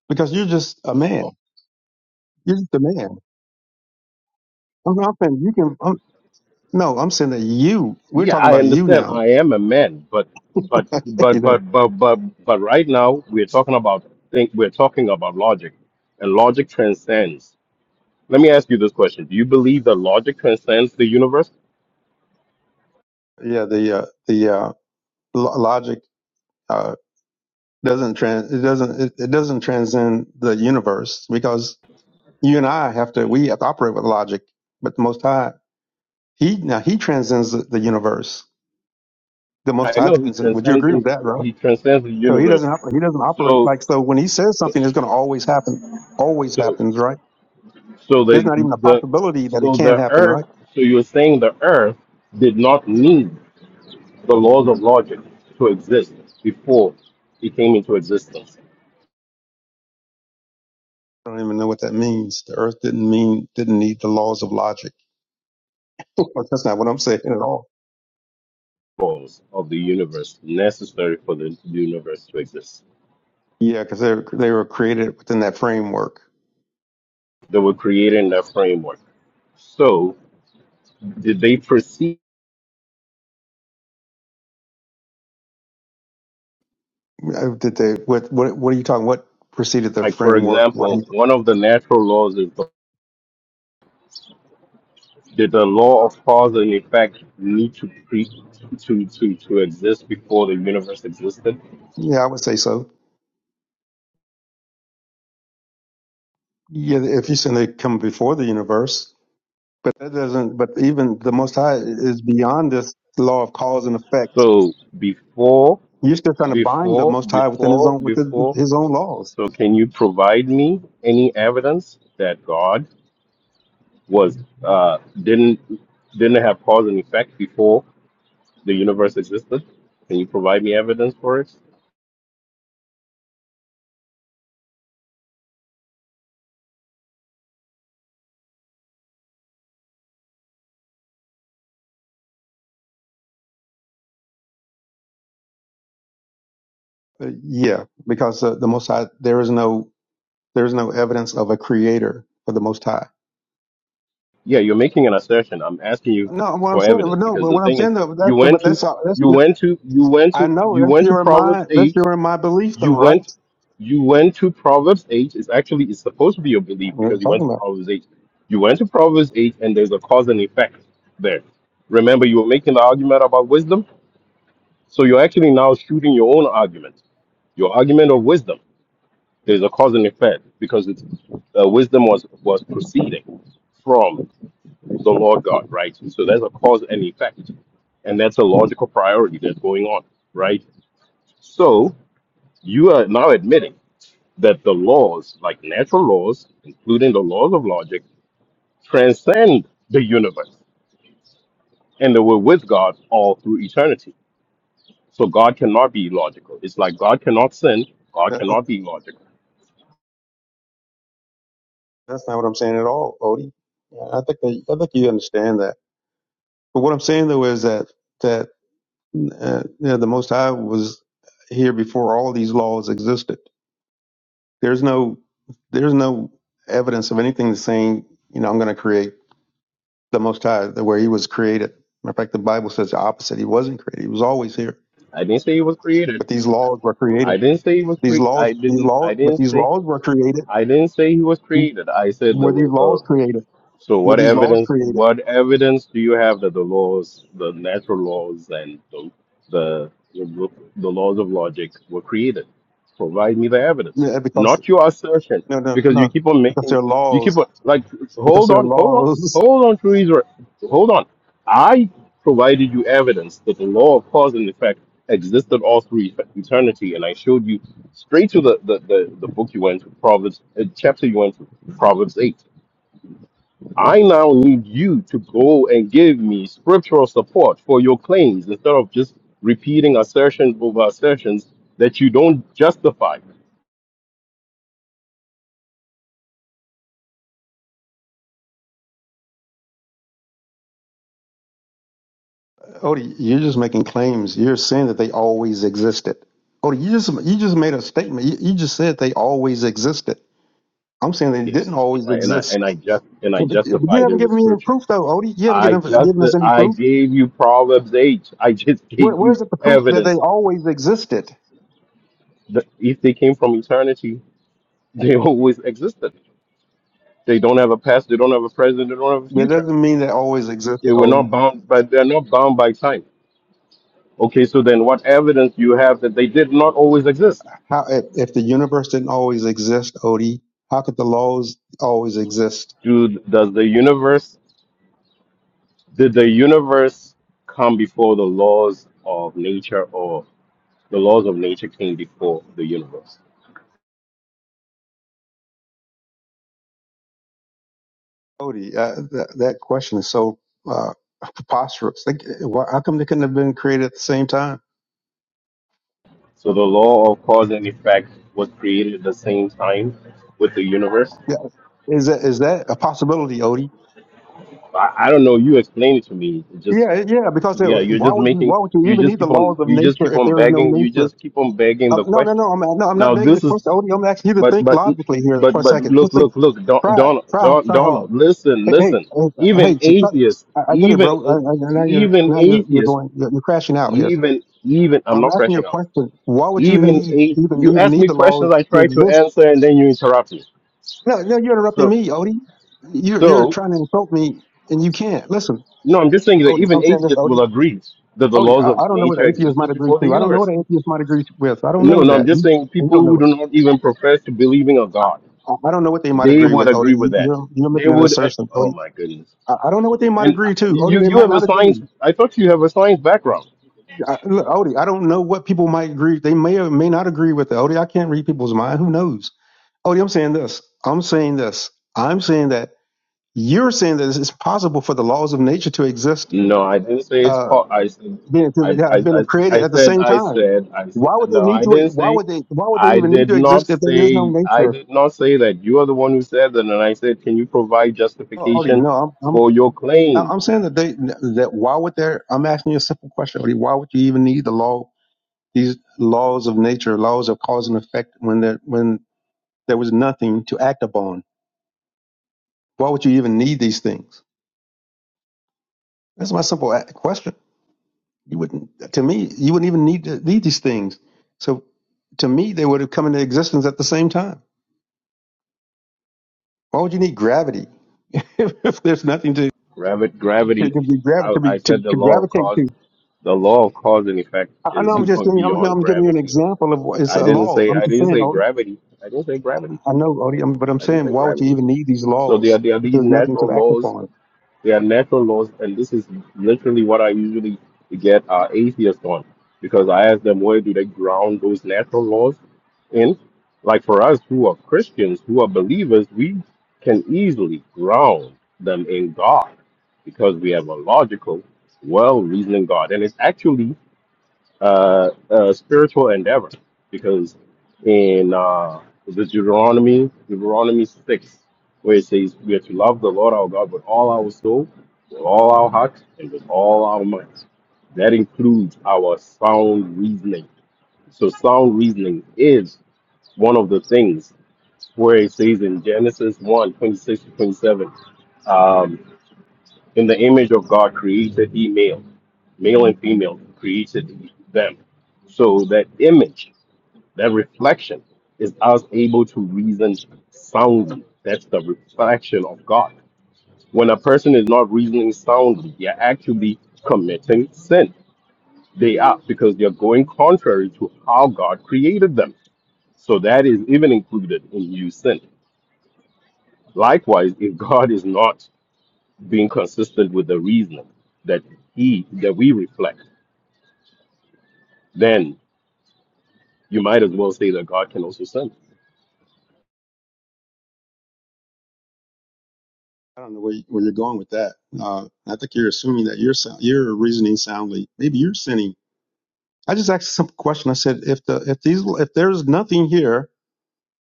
because you're just a man. You're just a man. I'm, I'm saying you can. I'm, no, I'm saying that you. We're Yeah, talking I about you understand now. I am a man, but but you but know? but but but but right now we're talking about think we're talking about logic and logic transcends. Let me ask you this question. Do you believe that logic transcends the universe? Yeah, the uh, the uh, lo- logic. uh, doesn't trans it doesn't it, it doesn't transcend the universe because you and I have to we have to operate with logic, but the Most High he now he transcends the, the universe. The Most I High know he transcends. Would you transcends agree this, with that, bro? he transcends the So he universe. doesn't op- he doesn't operate So like so when he says something it's going to always happen, always so happens, right? So There's the not even a the possibility that it so can't the happen, earth. right? So you're saying the earth did not need the laws of logic to exist before it came into existence. I don't even know what that means. The Earth didn't mean didn't need the laws of logic. That's not what I'm saying at all. Laws of the universe necessary for the universe to exist. Yeah, because they they were created within that framework. They were created in that framework. So did they proceed? Uh, Did they, what, what, what are you talking, what preceded the Like for framework? What do example, one of the natural laws is the, did the law of cause and effect need to pre to to to exist before the universe existed? you- Yeah, I would say so. Yeah, if you say they come before the universe, but that doesn't, but even the Most High is beyond this law of cause and effect. So before You're still trying to bind the Before, Most High within his before, own, within before. his own laws. So, can you provide me any evidence that God was uh, didn't didn't have cause and effect before the universe existed? Can you provide me evidence for it? Uh, yeah, because uh, the Most High, there is no, there is no evidence of a creator for the Most High. Yeah, you're making an assertion. I'm asking you No, what I'm for saying, evidence no, because but the what I'm thing is, saying though, you that's, went but to that's, all- that's, you your- went to you went I to know you that's went to your, and Proverbs my, that's eight your and my belief You though, right? went you went to Proverbs 8. It's actually it's supposed to be your belief What are because you you went talking to about? Proverbs 8. You went to Proverbs 8 and there's a cause and effect there. Remember you were making the argument about wisdom? So you're actually now shooting your own argument. Your argument of wisdom. There's a cause and effect because it's uh, wisdom was was proceeding from the Lord God, right? So there's a cause and effect. And that's a logical priority that's going on, right? So you are now admitting. that the laws, like natural laws, including the laws of logic, transcend the universe and they were with God all through eternity. So God cannot be logical. It's like God cannot sin, God That, cannot be logical. that's not what I'm saying at all, Odie. Yeah, I think that, I think you understand that. But what I'm saying though is that that uh, you know, the Most High was here before all these laws existed. There's no there's no evidence of anything saying you know I'm going to create the Most High the way He was created. Matter of fact, the Bible says the opposite. He wasn't created. He was always here. I didn't say he was created. But these laws were created. I didn't say he was These cre- laws, I these didn't I laws, but didn't these say laws were created. I didn't say he was created. I said there Were these was laws created? So Were what these laws evidence created? what evidence do you have that the laws, the natural laws and the the the, laws of logic were created? Provide me the evidence, Yeah, because not your assertion, No, no, because you no. keep on Because making they're you keep on laws. like Because hold they're on, hold on, laws. hold on, true Israel, hold on. I provided you evidence that the law of cause and effect existed all through eternity, and I showed you straight to the the, the, the book you went to, Proverbs uh, chapter you went to, Proverbs eight I now need you to go and give me scriptural support for your claims instead of just repeating assertions over assertions that you don't justify. Odie, you're just making claims. You're saying that they always existed. Odie, you just you just made a statement. You, you just said they always existed. I'm saying they didn't Yes, always I- and I exist. and I just and I But you but you justified it haven't with given me any scripture. proof, though, Odie. You haven't I given, just given us any I proof. gave you Proverbs eight. I just Where, gave you where's the proof that they evidence always existed? that if they came from eternity, they always existed. They don't have a past. They don't have a present. They don't have a That future. doesn't mean they always They existed, were not Odie. bound, but they're not bound by time. Okay, so then what evidence do you have that they did not always exist? How if, if the universe didn't always exist, Odie? How could the laws always exist? Do does the universe did the universe come before the laws of nature or the laws of nature came before the universe? Cody, uh, that, that question is so uh, preposterous. Like, why, how come they couldn't have been created at the same time? So the law of cause and effect was created at the same time with the universe. Yeah, is that is that a possibility, Odie? I, I don't know, you explain it to me. It just Yeah, yeah. Because it, yeah, you're why just would you making why would you you even just need the keep on laws of you just nature keep if on there is no begging you nature? just keep on begging Um, the no, no, question. no. I'm no, I'm not Now begging the this is question, Odie. I'm asking you to But think but logically here but for a but second. look Just think, look look Don- try, Donald try, Don- try hard. Donald listen Hey, hey, listen hey, even hey so try, atheists I, I get it, even bro. I, I, now you're even now you're you're atheists going you're, you're crashing out here. even even I'm I'm not asking you a crashing out question. Why would you even need a even you even ask need me the laws questions I to try to exist? answer and then you interrupt me No, no, you're interrupting so me, Odie. You're you're so trying to insult me, and you can't. Listen, no I'm just saying that Odie, even I'm saying this, atheists Odie. will agree that the Odie, laws I, of I don't know what nature an atheist might existed agree before the to. I don't know what universe an atheist might agree with. I don't no know no I'm that. just You, saying you people don't who know it. do not even profess to believing a god I, I don't know what they might they agree would with, Odie. agree with You, that you're you're they making an would eh, assertion, oh Odie. my goodness I, I don't know what they might And agree to, Odie. you They you might have a not science. agree. I thought you have a science background. I, look, Odie, I don't know what people might agree. They may or may not agree with it, Odie. I can't read people's mind. Who knows? Odie, I'm saying this. I'm saying this. I'm saying that you're saying that it's possible for the laws of nature to exist No, I didn't say it's uh, part. I said being I, that I, have been I, I created at the said same I time. said I said Why would no. they need I to? didn't Why say. would they? Why would they I even need did to not exist if there is no say. I nature? did not say that you are the one who said that. And I said, can you provide Oh, Already, justification no. I'm for your I'm claim? I'm saying that they that why would there? I'm asking you a simple question. Artie. Why would you even need the law? These laws of nature, laws of cause and effect, when there when there was nothing to act upon. Why would you even need these things? That's my simple a- question. You wouldn't. To me, you wouldn't even need to need these things. So, to me, they would have come into existence at the same time. Why would you need gravity if there's nothing to Gravity. to, Gravity. to be gravi- I, to be I to, said the to law of gravitate cause. to? The law of cause and effect I, I know is I'm just going giving you, I'm, no, beyond I'm giving you an gravity. example of what it's I a didn't law. say. I'm I just didn't saying. say Oh, gravity. I didn't say gravity. I know, Odie, I'm, but I'm I didn't saying, say why would you gravity. even need these So there, laws there are if these there's nothing natural to act laws. upon? There are natural laws, and this is literally what I usually get uh, atheists on, because I ask them where do they ground those natural laws in. Like for us who are Christians, who are believers, we can easily ground them in God, because we have a logical, well-reasoning God, and it's actually uh, uh, spiritual endeavor because in uh, the Deuteronomy, Deuteronomy 6, where it says, We are to love the Lord our God with all our soul, with all our heart, and with all our might. That includes our sound reasoning. So, sound reasoning is one of the things where it says in Genesis 1 twenty-six to 27, um, in the image of God created he male, male and female created them. So, that image that reflection is us able to reason soundly. That's the reflection of God. When a person is not reasoning soundly, they're actually committing sin. They are because they're going contrary to how God created them. So that is even included in you sin. Likewise, if God is not being consistent with the reasoning that he that we reflect, then you might as well say that God can also sin. I don't know where, you, where you're going with that. Uh, I think you're assuming that you're sou- you're reasoning soundly. Maybe you're sinning. I just asked a simple question. I said, if the if these if there's nothing here,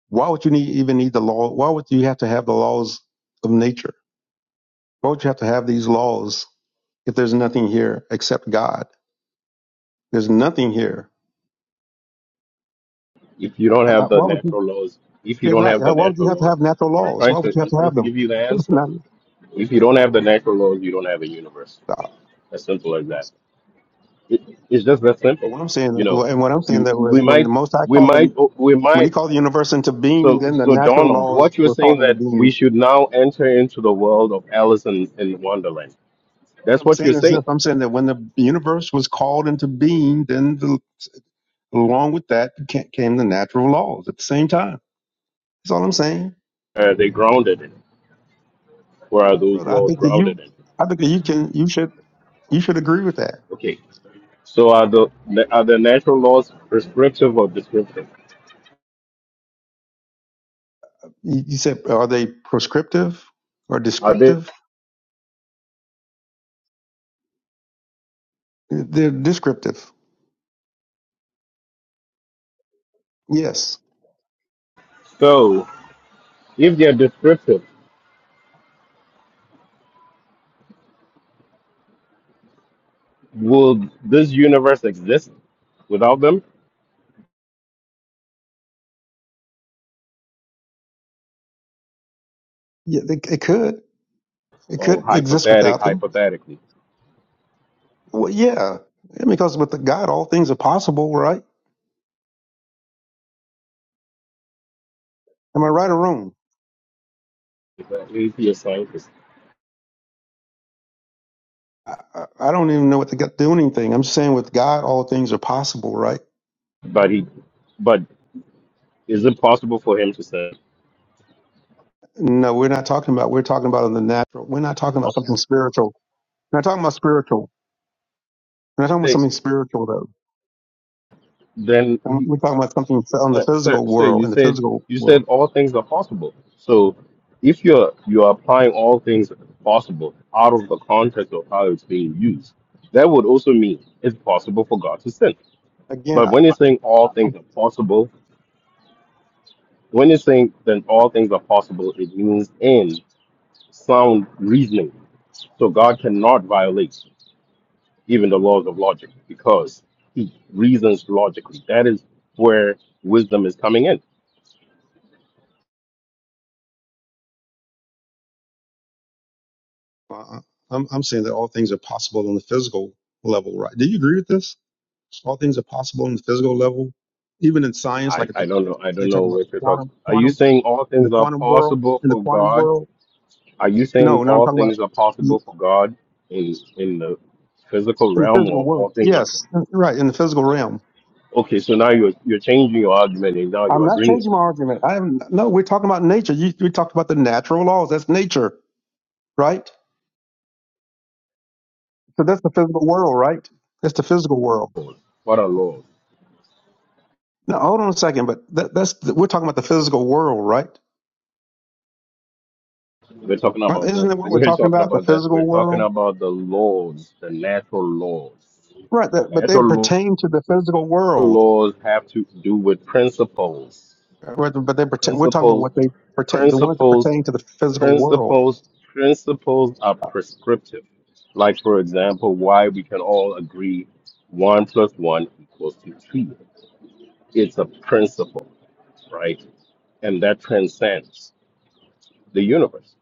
why would you need even need the law? Why would you have to have the laws of nature? Why would you have to have these laws if there's nothing here except God? There's nothing here. If you don't Uh, uh, have the Why would you? natural laws, if you Yeah, don't right. have the Uh, Why would you natural have to laws, have natural I'm laws? trying Why would to you have I'm to trying have to them? give you the answer. Not- If you don't have the natural laws, you don't have a universe. Stop. As simple as that. It, it's just that simple. What I'm saying, You know, well, and what I'm saying you that we was when the might Most High we called, might in, we when He might. called the universe into being, So then the so natural Donald, laws what you're were saying called into that we being. should now enter into the world of Alice in, in Wonderland. What That's I'm what you're saying is saying. this: I'm saying that when the universe was called into being, then the, along with that ca- came the natural laws at the same time. That's all I'm saying, Are they grounded in? Where are those brother. I laws think that grounded you, in? I think that you can, you should, you should agree with that. Okay. So are the are the natural laws prescriptive or descriptive? You you said, are they prescriptive or Are they descriptive? They're descriptive. Yes. So, if they're descriptive, will this universe exist without them? Yeah, it, it could. It Oh, could exist hypothetic, without them. hypothetically. Well, yeah. I mean, because with the God, all things are possible, right? Am I right or wrong? He's a he's a scientist, I, I I don't even know what the God doing anything. I'm saying with God, all things are possible, right? but he, but is it possible for him to say? No, we're not talking about, we're talking about in the natural. We're not talking about something spiritual. We're not talking about spiritual. We're not talking about this? something spiritual, though. Then Um, he, We're talking about something on the sir, sir, physical sir, world, you in the said physical you said world. all things are possible. So, if you're you're applying all things possible out of the context of how it's being used, that would also mean it's possible for God to sin. Again, But when you're saying all things are possible When you saying then all things are possible, it means in sound reasoning. So God cannot violate even the laws of logic because he reasons logically. That is where wisdom is coming in. Well, I- I'm, I'm saying that all things are possible on the physical level, right? Do you agree with this? All things are possible on the physical level, even in science, I, like at the, I don't know. I they don't know talk about the what you're talking. quantum, Are you quantum, saying all in the things are quantum world, possible in the for quantum God? world. Are you No, saying no, I'm all talking about things are in possible for God in in the physical the realm physical or all world. things are Yes, right, in the physical realm. okay, so now you're you're changing your argument and now I'm you're not agreeing with changing my me. argument. I am no. We're talking about nature. You, we talked about the natural laws. That's nature, right? So that's the physical world, right? That's the physical world. What a law. Now, hold on a second, but that, that's we're talking about the physical world, right? We're talking Aren't- about Isn't the that what we're we're talking talking about? The about that. We're physical talking world, about the laws, the natural laws. right? That, but they Natural law- pertain to the physical world. laws have to do with principles. Right, But they pertain. We're talking about Principles, what they pertain. The ones that principles, pertain to the physical world. principles, principles are I prescriptive. Like for example, why we can all agree one plus one equals to three. It's a principle, right? And that transcends the universe.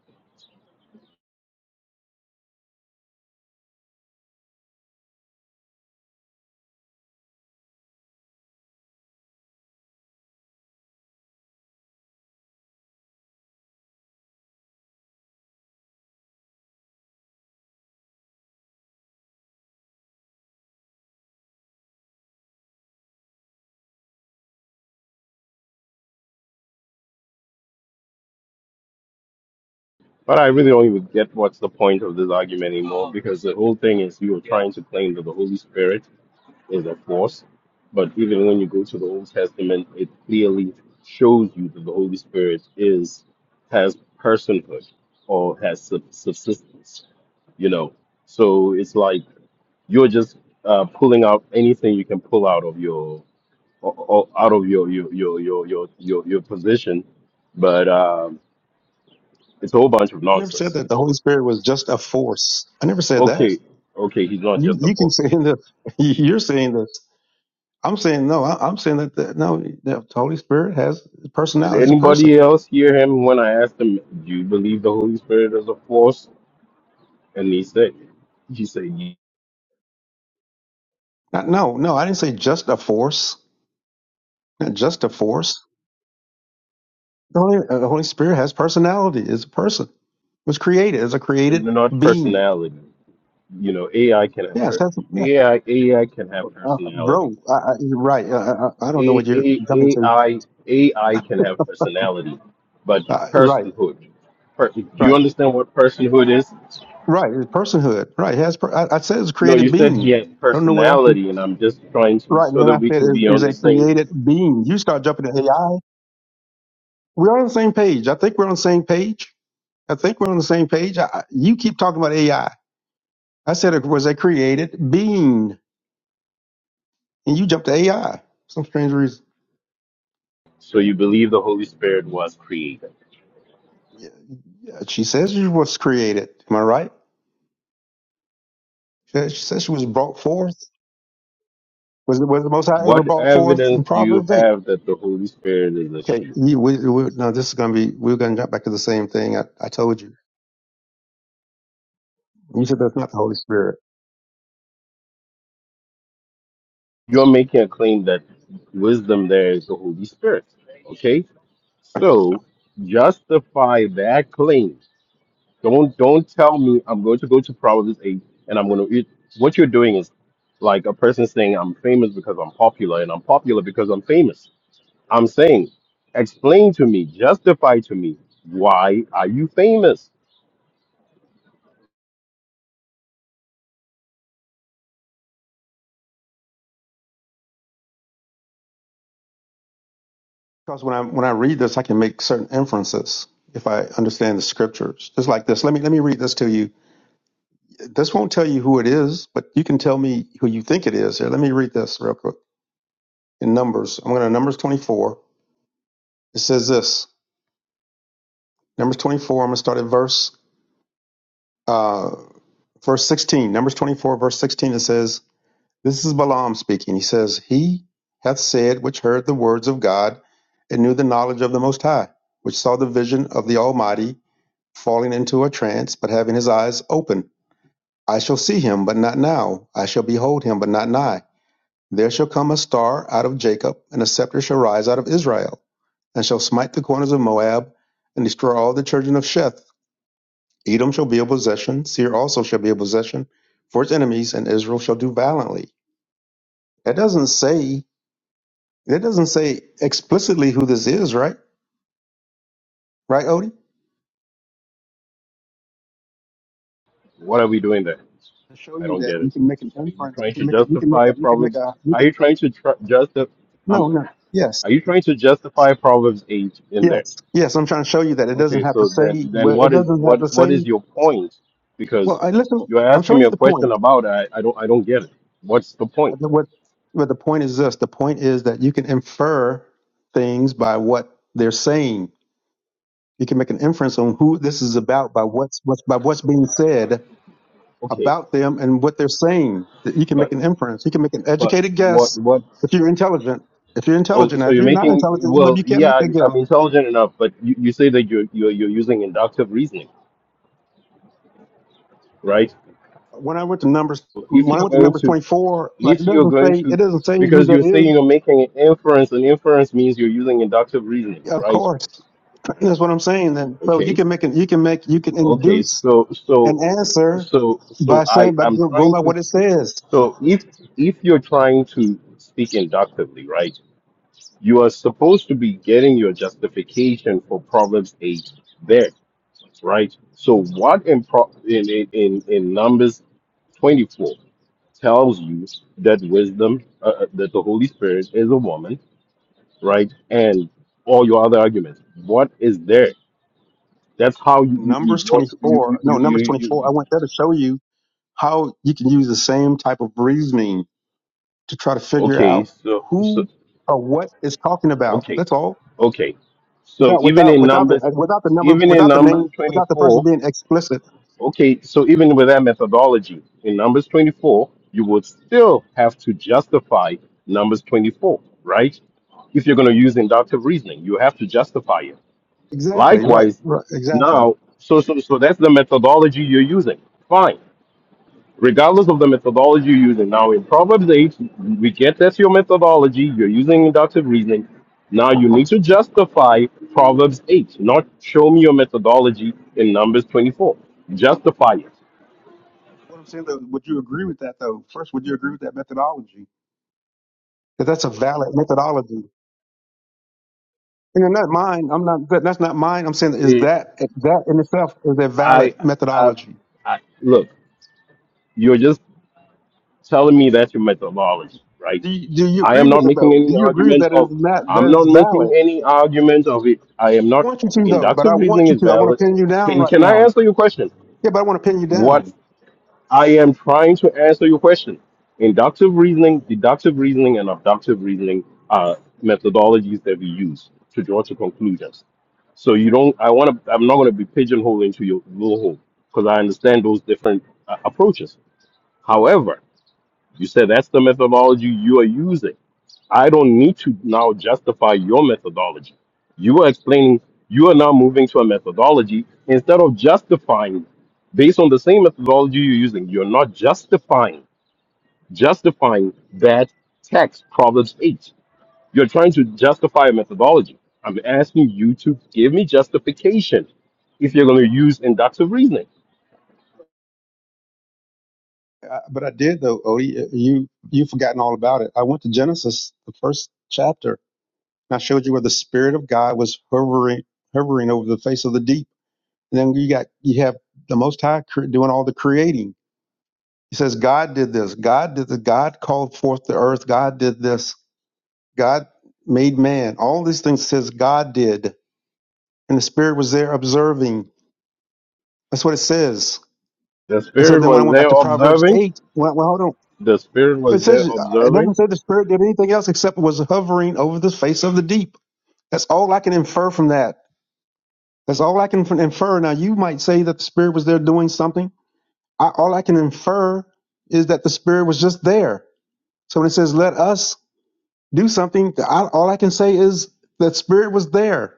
But I really don't even get what's the point of this argument anymore because the whole thing is you're trying to claim that the Holy Spirit is a force. But even when you go to the Old Testament, it clearly shows you that the Holy Spirit is has personhood or has sub- subsistence, you know. So it's like you're just uh, pulling out anything you can pull out of your o- o- out of your your your your your your, your position, but um, it's a whole bunch of I never nonsense said that the Holy Spirit was just a force. I never said that. Okay, okay, he's not You just a you keep force. saying that. You're saying this. I'm saying no. I, I'm saying that the, no. The Holy Spirit has Did personality as a person. anybody else hear him when I asked him, "Do you believe the Holy Spirit is a force?" And he said, "He said, "Ye- Not, no, no. I didn't say just a force. Not just a force. The Holy, uh, the Holy Spirit has personality as a person. Was created as a created not being. personality. You know, AI can have Yes, per- that's, yeah, AI AI can have uh, personality. bro. I, I, you're right. Uh, I, I I don't know A, what you're A, jumping to. AI AI can have personality, but Uh, you're right, personhood. Per- do you right, understand what personhood is? right. It's personhood, right? It has per, I, I said it's a No, you created said being. he has I don't know what else. personality, and I'm just trying to Right, and so then that I we said can be it on is the a same. created being. You start jumping to AI. We're on the same page. I think we're on the same page. I think we're on the same page. I, I- you keep talking about AI. I I said it was a created being, and you jumped to AI. Some strange reason. So you believe the Holy Spirit was created. Yeah, She says she was created. Am I right? She says she says she was brought forth. Was it was the Most High ever What brought forth evidence in do you Proverbs eight? have that the Holy Spirit is a Okay, she? you, we, we, no, this is going to be we're going to jump back to the same thing I, I told you. You said that's not the Holy Spirit You're making a claim that wisdom there is the Holy Spirit. Okay? right? So justify that claim. Don't don't tell me I'm going to go to Proverbs eight and I'm going to. It, what you're doing is like a person saying I'm famous because I'm popular and I'm popular because I'm famous. I'm saying, explain to me, justify to me why are you famous? because when I when I read this, I can make certain inferences if I understand the scriptures. Just like this, let me let me read this to you. This won't tell you who it is, but you can tell me who you think it is. Here, let me read this real quick in Numbers. I'm going to Numbers 24. It says this. Numbers 24. I'm going to start at verse uh, verse 16. Numbers 24, verse 16. It says. This is Balaam speaking. He says, He hath said, which heard the words of God, and knew the knowledge of the Most High, which saw the vision of the Almighty, falling into a trance, but having his eyes open. I shall see him, but not now. I shall behold him, but not nigh. There shall come a star out of Jacob, and a scepter shall rise out of Israel, and shall smite the corners of Moab, and destroy all the children of Sheth. Edom shall be a possession, Seir also shall be a possession for its enemies, and Israel shall do valiantly. That doesn't say It doesn't say explicitly who this is, right? Right, Odie? What are we doing there? To show I you don't that get you it. can make an Are you inference, you trying can to make it, you can make justify a, you can make Proverbs? a, you Are can, you trying to tr- justify? Um, no, no, yes, are you trying to justify Proverbs eight in there? yes, yes. I'm trying to show you that it doesn't Okay, have to so say. then then Well, it what is doesn't what have to what is say. your point? Well, Because I listen. you're I'm asking showing me you a the question point. about I, I don't I don't get it. What's the I point? think What, what the point is this? The point is that you can infer things by what they're saying. You can make an inference on who this is about by what's what's by what's being said Okay, about them and what they're saying. That you can but make an inference, you can make an but educated what guess what? if you're intelligent. If you're Oh, intelligent, now, so if you're you're not making intelligent, maybe well, you can't make yeah, that I'm guess. intelligent enough, but you, you say that you're, you're you're using inductive reasoning, right? When I went to numbers, If when I you're went to going numbers to 24, like it if you're doesn't going say it to doesn't say who because you're that saying is. you're making an inference and inference means you're using inductive reasoning Of right course, that's what I'm saying. Then, so you okay can make an you can make you can okay induce so an so answer so so by i saying by i'm go- going trying by to what it says. so if if you're trying to speak inductively right you are supposed to be getting your justification for proverbs 8 there right so what in Pro- in in in in numbers 24 tells you that wisdom uh, uh, that the holy spirit is a woman right? And all your other arguments. What is there? That's how you you, you Numbers draw. To, you, you, 24, you, no, you, numbers you, 24. you- I went there to show you how you can use the same type of reasoning to try to figure Okay, out so so who or what is talking about. okay, That's all. okay. So Without even without in without the numbers, without the number even in without the numbers name twenty without the person four. being explicit. Okay, so even with that methodology, in numbers twenty four, you would still have to justify numbers twenty four, right? If you're going to use inductive reasoning, you have to justify it. Exactly. Right. Likewise, Right. Exactly. now, so so so that's the methodology you're using. Fine regardless of the methodology you're using. Now, in Proverbs 8, we get that's your methodology. You're using inductive reasoning. Now, you need to justify Proverbs 8, not show me your methodology in Numbers 24. Justify it. What I'm saying though, would you agree with that though? First, would you agree with that methodology? That that's a valid methodology. And you're not mine. I'm not. That, that's not mine. I'm saying is it that that in itself is a valid I, I, methodology. I, look, you're just telling me that's your methodology, right? Do you, do you I agree am with not it making though? Do any you agree argument that is of, not I'm that not is making valid? any argument of it. I am I not, want you to though, but inductive I want reasoning you is to. I want valid. to pin you down Can, right can I now. answer your question? Yeah, but I want to pin you What down. I am trying to answer your question. Inductive reasoning, deductive reasoning, and abductive reasoning are methodologies that we use to draw to conclusions. So you don't. I want to. I'm not going to be pigeonholed into your little hole because I understand those different uh, approaches. However, you said that's the methodology you are using. I don't need to now justify your methodology. You are explaining you are now moving to a methodology instead of justifying it. based on the same methodology you're using. You're not justifying justifying that text, Proverbs 8. You're trying to justify a methodology. I'm asking you to give me justification if you're going to use inductive reasoning. Uh, but I did though, Odie. Uh, You you've forgotten all about it. I went to Genesis, the first chapter, and I showed you where the Spirit of God was hovering hovering over the face of the deep. And then you got you have the Most High cre- doing all the creating. He says, God did this. God did the. God called forth the earth. God did this. God made man. All these things says God did, and the Spirit was there observing. That's what it says. The And so spirit then when I was went there back to Proverbs observing. eight, well, well hold on. The spirit was It there says it observing doesn't say the spirit did anything else except was hovering over the face of the deep. That's all I can infer from that. That's all I can f- infer. Now you might say that the spirit was there doing something. I, all I can infer is that the spirit was just there. So when it says let us do something, I, all I can say is that spirit was there.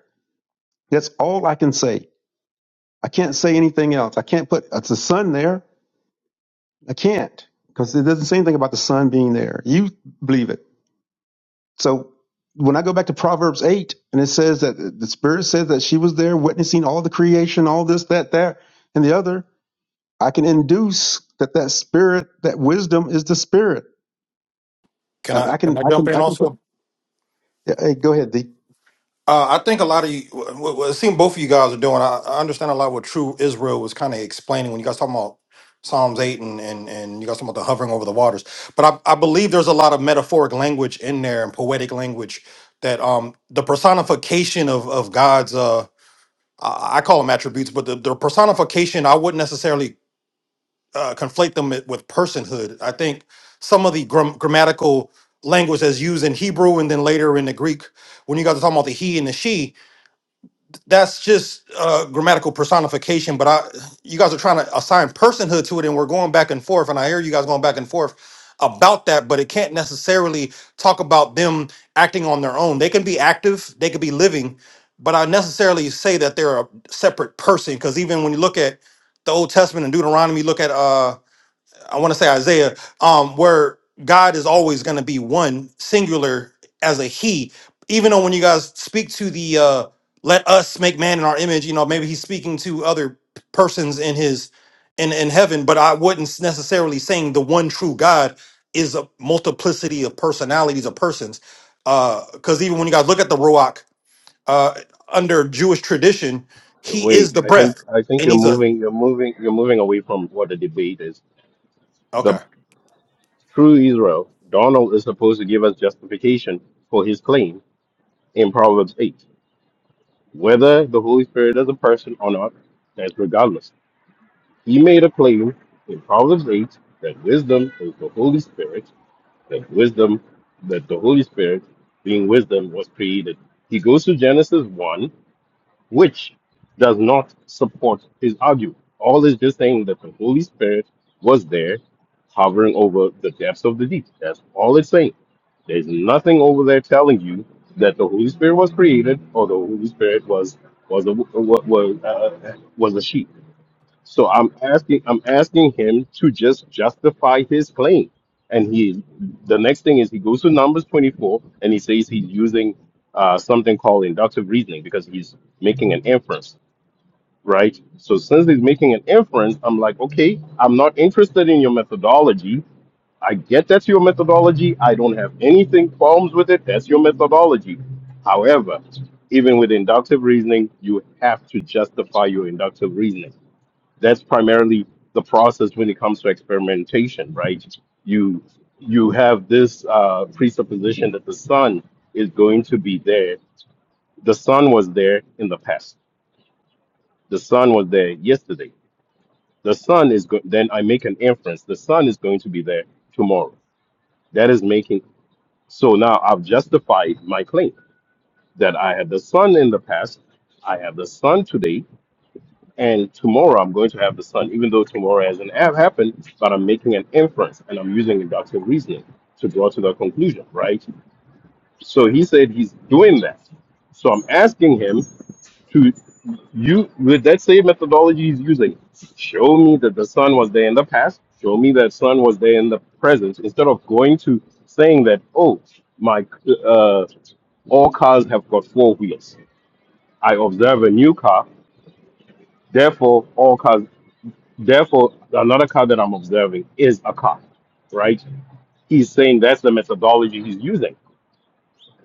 That's all I can say. I can't say anything else. I can't put it's the sun there. I can't because it doesn't say anything about the sun being there. You believe it. So when I go back to Proverbs 8, and it says that the Spirit says that she was there witnessing all the creation, all this, that, that, and the other, I can induce that that Spirit, that wisdom is the Spirit. I Can I I can can, I I jump can, in I can put, also? yeah, hey, go ahead, D. Uh, I think a lot of you, what, what it seems both of you guys are doing. I, I understand a lot what True Israel was kind of explaining when you guys talking about Psalms eight and and and you guys talking about the hovering over the waters. But I, I believe there's a lot of metaphoric language in there and poetic language that um the personification of of God's uh I I call them attributes, but the, the personification I wouldn't necessarily uh, conflate them with personhood. I think some of the gram- grammatical language that's used in Hebrew and then later in the Greek, when you guys are talking about the he and the she, that's just uh, grammatical personification. But I, you guys are trying to assign personhood to it, and we're going back and forth. And I hear you guys going back and forth about that, but it can't necessarily talk about them acting on their own. They can be active, they could be living, but I necessarily say that they're a separate person because even when you look at the Old Testament and Deuteronomy, look at uh I want to say Isaiah, um, where God is always going to be one, singular as a He. Even though when you guys speak to the uh, "Let us make man in our image," you know maybe He's speaking to other persons in His in in heaven, but I wouldn't necessarily saying the one true God is a multiplicity of personalities of persons. Because even when you guys look at the Ruach uh, under Jewish tradition, He Wait, is the I think breath, I think and you're He's a moving you're moving you're moving away from what the debate is. The okay. true Israel, Donald is supposed to give us justification for his claim in Proverbs eight. Whether the Holy Spirit is a person or not, that's regardless. He made a claim in Proverbs eight that wisdom is the Holy Spirit, that wisdom that the Holy Spirit being wisdom was created. He goes to Genesis 1 which does not support his argument. All is just saying that the Holy Spirit was there hovering over the depths of the deep. That's all it's saying. There's nothing over there telling you that the Holy Spirit was created or the Holy Spirit was was a was, was, uh, was a sheep. So I'm asking I'm asking him to just justify his claim. And he the next thing is he goes to Numbers 24 and he says he's using uh, something called inductive reasoning because he's making an inference, right? So since he's making an inference, I'm like, okay, I'm not interested in your methodology. I get that's your methodology. I don't have anything problems with it. That's your methodology. However, even with inductive reasoning, you have to justify your inductive reasoning that's primarily the process when it comes to experimentation, right? You you have this uh, presupposition that the sun is going to be there. The sun was there in the past. The sun was there yesterday. The sun is go- then I make an inference. The sun is going to be there tomorrow. That is making so now I've justified my claim that I had the sun in the past. I have the sun today And tomorrow I'm going to have the sun, even though tomorrow hasn't have happened, but I'm making an inference and I'm using inductive reasoning to draw to the conclusion, right? So he said he's doing that. So I'm asking him to you with that same methodology he's using, show me that the sun was there in the past, show me that sun was there in the present, instead of going to saying that, oh, my uh, all cars have got four wheels. I observe a new car, therefore all cars Therefore, another car that I'm observing is a car, right? He's saying that's the methodology he's using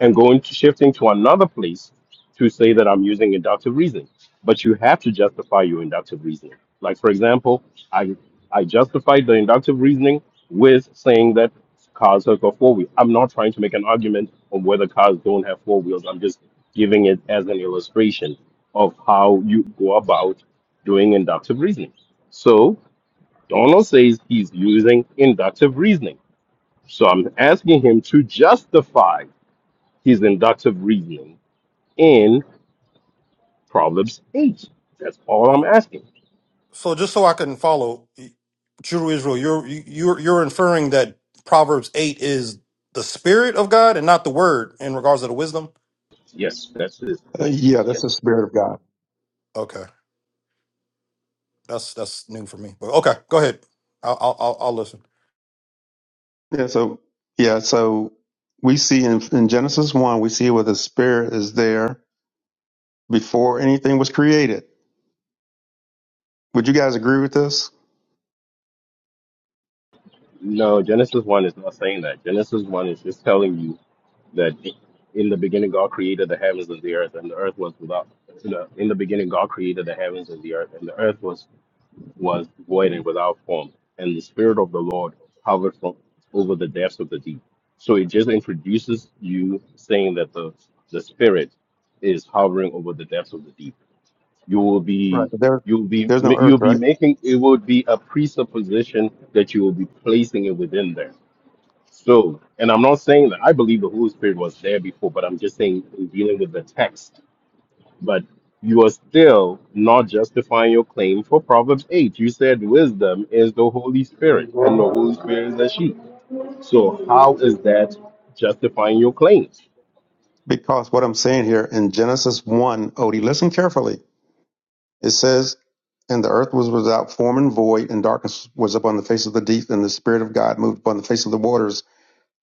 and going to shifting to another place to say that I'm using inductive reasoning. But you have to justify your inductive reasoning. Like for example, I I justified the inductive reasoning with saying that cars have got four wheels. I'm not trying to make an argument on whether cars don't have four wheels. I'm just giving it as an illustration of how you go about doing inductive reasoning. So. Donald says he's using inductive reasoning. So I'm asking him to justify his inductive reasoning in Proverbs 8. That's all I'm asking. So just so I can follow, true Israel, you're you're you're inferring that Proverbs eight is the spirit of God and not the word in regards to the wisdom. Yes, that's his Uh, claim. yeah, that's the Spirit of God. Okay, that's that's new for me. But okay, go ahead. I'll I'll, I'll I'll listen. Yeah, so, yeah, so we see in, in Genesis 1, we see where the Spirit is there before anything was created. Would you guys agree with this? No, Genesis 1 is not saying that. Genesis 1 is just telling you that in the beginning God created the heavens and the earth, and the earth was without. In the in the beginning God created the heavens and the earth, and the earth was was void and without form, and the Spirit of the Lord hovered from over the depths of the deep. So it just introduces you saying that the the Spirit is hovering over the depths of the deep. You will Right. be There, you'll be there's no earth, you'll be right? making it would be a presupposition that you will be placing it within there. So, and I'm not saying that I believe the Holy Spirit was there before, but I'm just saying in dealing with the text but you are still not justifying your claim for Proverbs 8. You said wisdom is the Holy Spirit, and the Holy Spirit is a she. So, how is that justifying your claims? Because what I'm saying here in Genesis 1, Odie, listen carefully. It says, And the earth was without form and void, and darkness was upon the face of the deep, and the Spirit of God moved upon the face of the waters.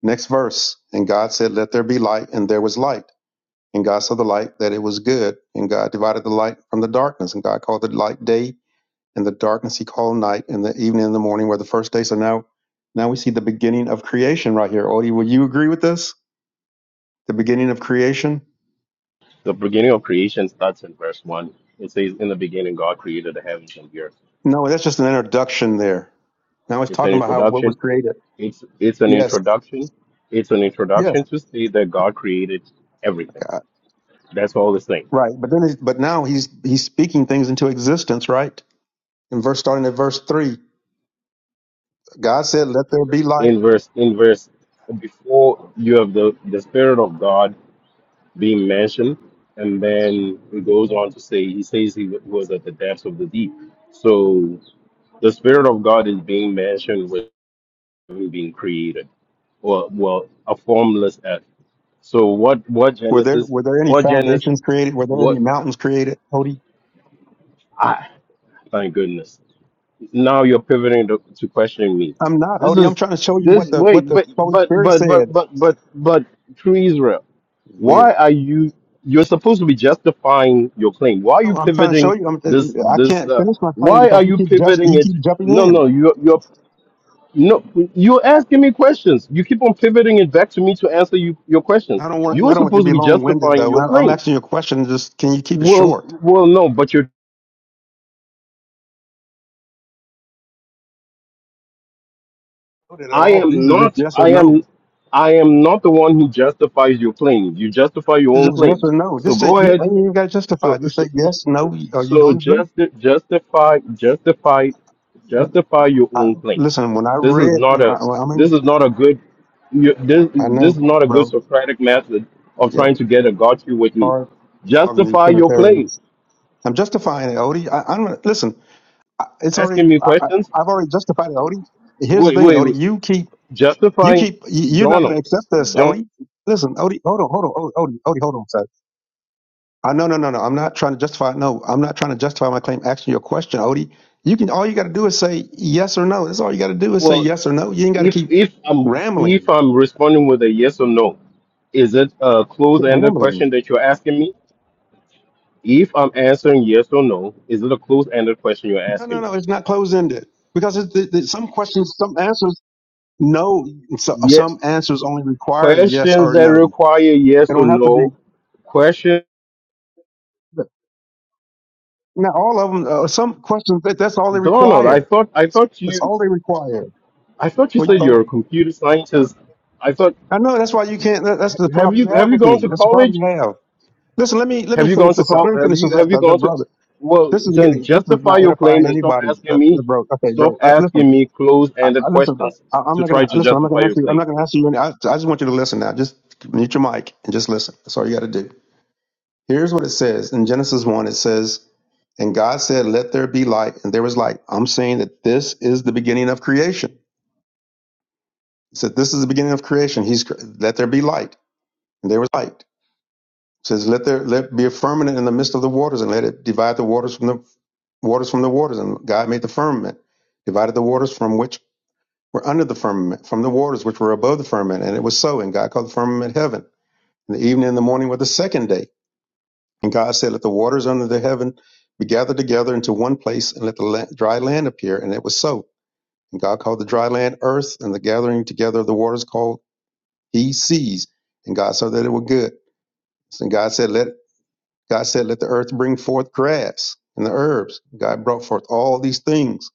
Next verse. And God said, Let there be light, and there was light. And God saw the light that it was good. And God divided the light from the darkness. And God called the light day, and the darkness he called night, and the evening and the morning were the first day. So now, now we see the beginning of creation right here. Odie, will you agree with this? The beginning of creation? The beginning of creation starts in verse 1. It says, In the beginning, God created the heavens and the earth. No, that's just an introduction there. Now he's It's an talking about how what was introduction. created. It's, it's an Yes, introduction. It's an yes, introduction to say that God created everything. God. That's all it's saying. right. But then, he's- but now he's he's speaking things into existence, right? In verse starting at verse three, God said, "Let there be light." In verse, in verse, before you have the, the Spirit of God being mentioned. And then it goes on to say, he says he was at the depths of the deep. So the Spirit of God is being mentioned with him being created, or well, a formless earth. So what? What Were there Genesis? were there any What Genesis? foundations created? Were there What? any mountains created? Odie, Ah, thank goodness. Now you're pivoting to, to question me. I'm not This Odie. I'm is trying to show you this. what the what Wait, the but Holy but Spirit but said. but but but but through Israel. Weird. why are you you're supposed to be justifying your claim why are you No, I'm trying to show pivoting you. I'm, this I this can't uh, finish my claim why are because you you keep just pivoting you it keep jumping no in. no you you're you're no you're asking me questions you keep on pivoting it back to me to answer you your questions I don't you want I are don't want you to supposed to be be long winded justifying though. your I- I'm claim asking you a question. Just can you keep it well short? well no but you're loaded at i all. am These are just not yes or i no. am i am not the one who justifies your claim you justify your It's own just yes claims or no. so Just say go you ahead ain't even got to justify. So. Just say so, yes, no, or you So don't agree. justi- justify, justify, justify your I, own claim. listen, when I This is read, not a, I, well, I this mean, is not a good, you, this, I this know, is not a good bro. Socratic method of Yeah, trying it's to get a got you with me. hard talking to you Justify your claim. Trinitarians. I'm justifying it, Odie. I, I'm gonna- listen. I, it's already. Asking me I, I, questions. I've already justified it, Odie. Here's the Wait, thing, wait, Odie. wait. You keep. You justifying keep. You, you're not going Donald. to accept this, Don. Odie. Listen, Odie. Hold on. Hold on. Odie. Odie. Odie, Hold on, sir. I no no no no. I'm not trying to justify. No, I'm not trying to justify my claim. Asking your question, Odie. You can all you got to do is say yes or no. That's all you got to do is say Well, yes or no. You ain't got to if keep if I'm if rambling, I'm responding with a yes or no, is it a Quit closed-ended rambling. question that you're asking me? If I'm answering yes or no, is it a closed-ended question you're No asking no me? no. It's not closed ended because it's, it, it- some questions, some answers, no. So, uh, Yes. some answers only require yes Questions or that no. require They yes or don't have to be. no. Question, Now all of them. Uh, some questions that, that's all they Donald. I require. thought I thought That's you all they require. I thought you Well, you- said you're a oh, computer scientist. I thought I know that's why you can't. That, that's the have problem you you have have you with me. gone to That's the problem college? you have. Listen, let me let Have me you finish gone to this up. call? Let me Have finish this you up, have you 'cause, uh, gone to? brother. Well, This is then getting this is justify not your claim edifying and stop anybody, asking Uh, uh, me. bro. Okay, Stop bro. Uh, listen, asking me I, I, closed-ended listen. Uh, questions I, I'm to not try gonna to listen. I'm not justify gonna your ask you. I'm claim. not gonna ask you. Any, I, I just want you to listen now. Just mute your mic and just listen. That's all you got to do. Here's what it says in Genesis one. It says, "And God said, Let there be light, and there was light." I'm saying that this is the beginning of creation. He said, "This is the beginning of creation." He's cre- let there be light, and there was light. It says, let there let be a firmament in the midst of the waters, and let it divide the waters from the waters from the waters. And God made the firmament, divided the waters from which were under the firmament, from the waters which were above the firmament. And it was so. And God called the firmament heaven. And the evening and the morning were the second day. And God said, Let the waters under the heaven be gathered together into one place, and let the la- dry land appear. And it was so. And God called the dry land earth, and the gathering together of the waters called he seas. And God saw that it were good. And God said, Let God said, Let the earth bring forth grass and the herbs. God brought forth all these things.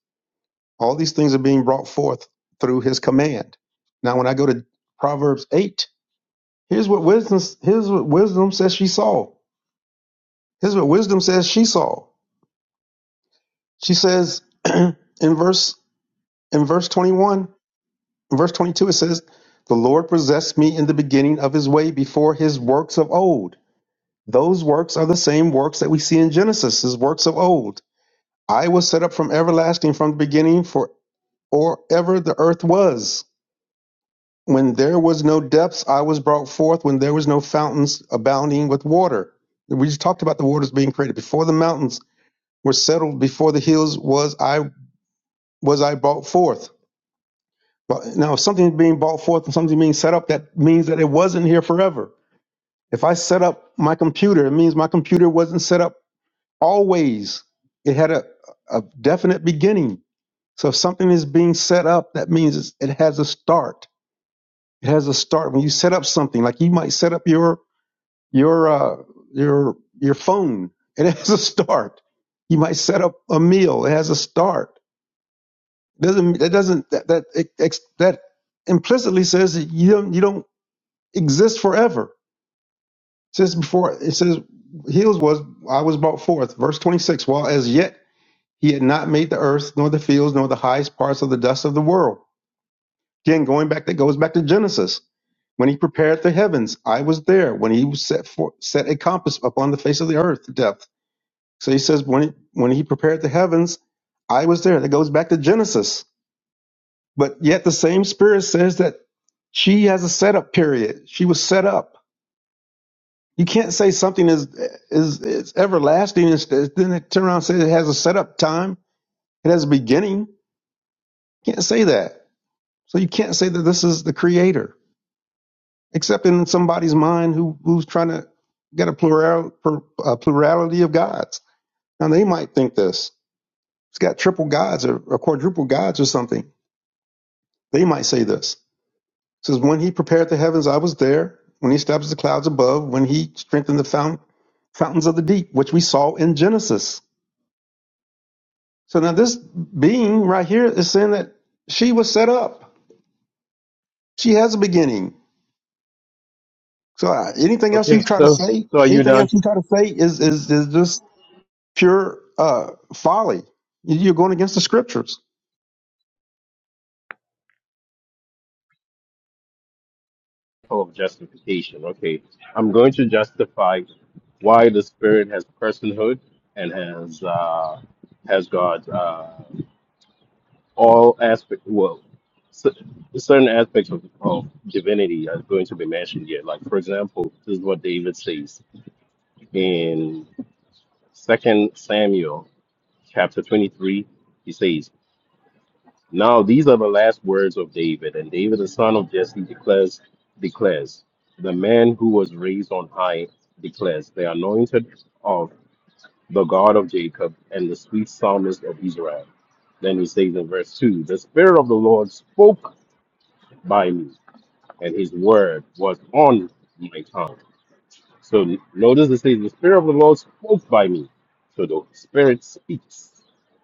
All these things are being brought forth through his command. Now, when I go to Proverbs 8, here's what wisdom, here's what wisdom says she saw. Here's what wisdom says she saw. She says in verse in verse 21, in verse 22, it says, The Lord possessed me in the beginning of his way before his works of old. Those works are the same works that we see in Genesis, his works of old I was set up from everlasting, from the beginning, for or ever the earth was. When there was no depths, I was brought forth. When there was no fountains abounding with water, we just talked about the waters being created before the mountains were settled, before the hills was I was I brought forth. But now, if something's being brought forth and something being set up, that means that it wasn't here forever. If I set up my computer, it means my computer wasn't set up always. It had a, a definite beginning So if something is being set up, that means it has a start. It has a start. When you set up something, like you might set up your your uh, your your phone, it has a start. You might set up a meal. It has a start. It doesn't that doesn't that that it, that implicitly says that you don't you don't exist forever. It says before it says heals was I was brought forth. Verse twenty six. While as yet he had not made the earth nor the fields nor the highest parts of the dust of the world Again, going back, that goes back to Genesis. When he prepared the heavens, I was there. When he set for, set a compass upon the face of the earth, depth. So he says, when he, when he prepared the heavens, I was there. That goes back to Genesis. But yet the same Spirit says that she has a setup period. She was set up. You can't say something is is is everlasting and st- then it turn around and say it has a setup time. It has a beginning. You can't say that. So you can't say that this is the Creator. except in somebody's mind who who's trying to get a plural per, a plurality of gods. Now they might think this. It's got triple gods or, or quadruple gods or something. They might say this. It says when he prepared the heavens, I was there. When he established the clouds above, when he strengthened the fount, fountains of the deep, which we saw in Genesis. So now this being right here is saying that she was set up. She has a beginning. So uh, anything else you Okay. try to So say, so are you anything done? else you try to say is is is just pure uh, folly. You- are going against the scriptures. Oh, of justification. Okay. I'm going to justify why the spirit has personhood and has uh, has got uh, all aspect. Well, c- certain aspects of, of divinity are going to be mentioned here. Like for example, this is what David says in Second Samuel chapter 23. He says. Now these are the last words of David, and David, the son of Jesse, declares, declares, the man who was raised on high declares, the anointed of the God of Jacob and the sweet psalmist of Israel. Then he says in verse 2, the Spirit of the Lord spoke by me, and his word was on my tongue. So n- notice it says, The Spirit of the Lord spoke by me. So the Spirit speaks.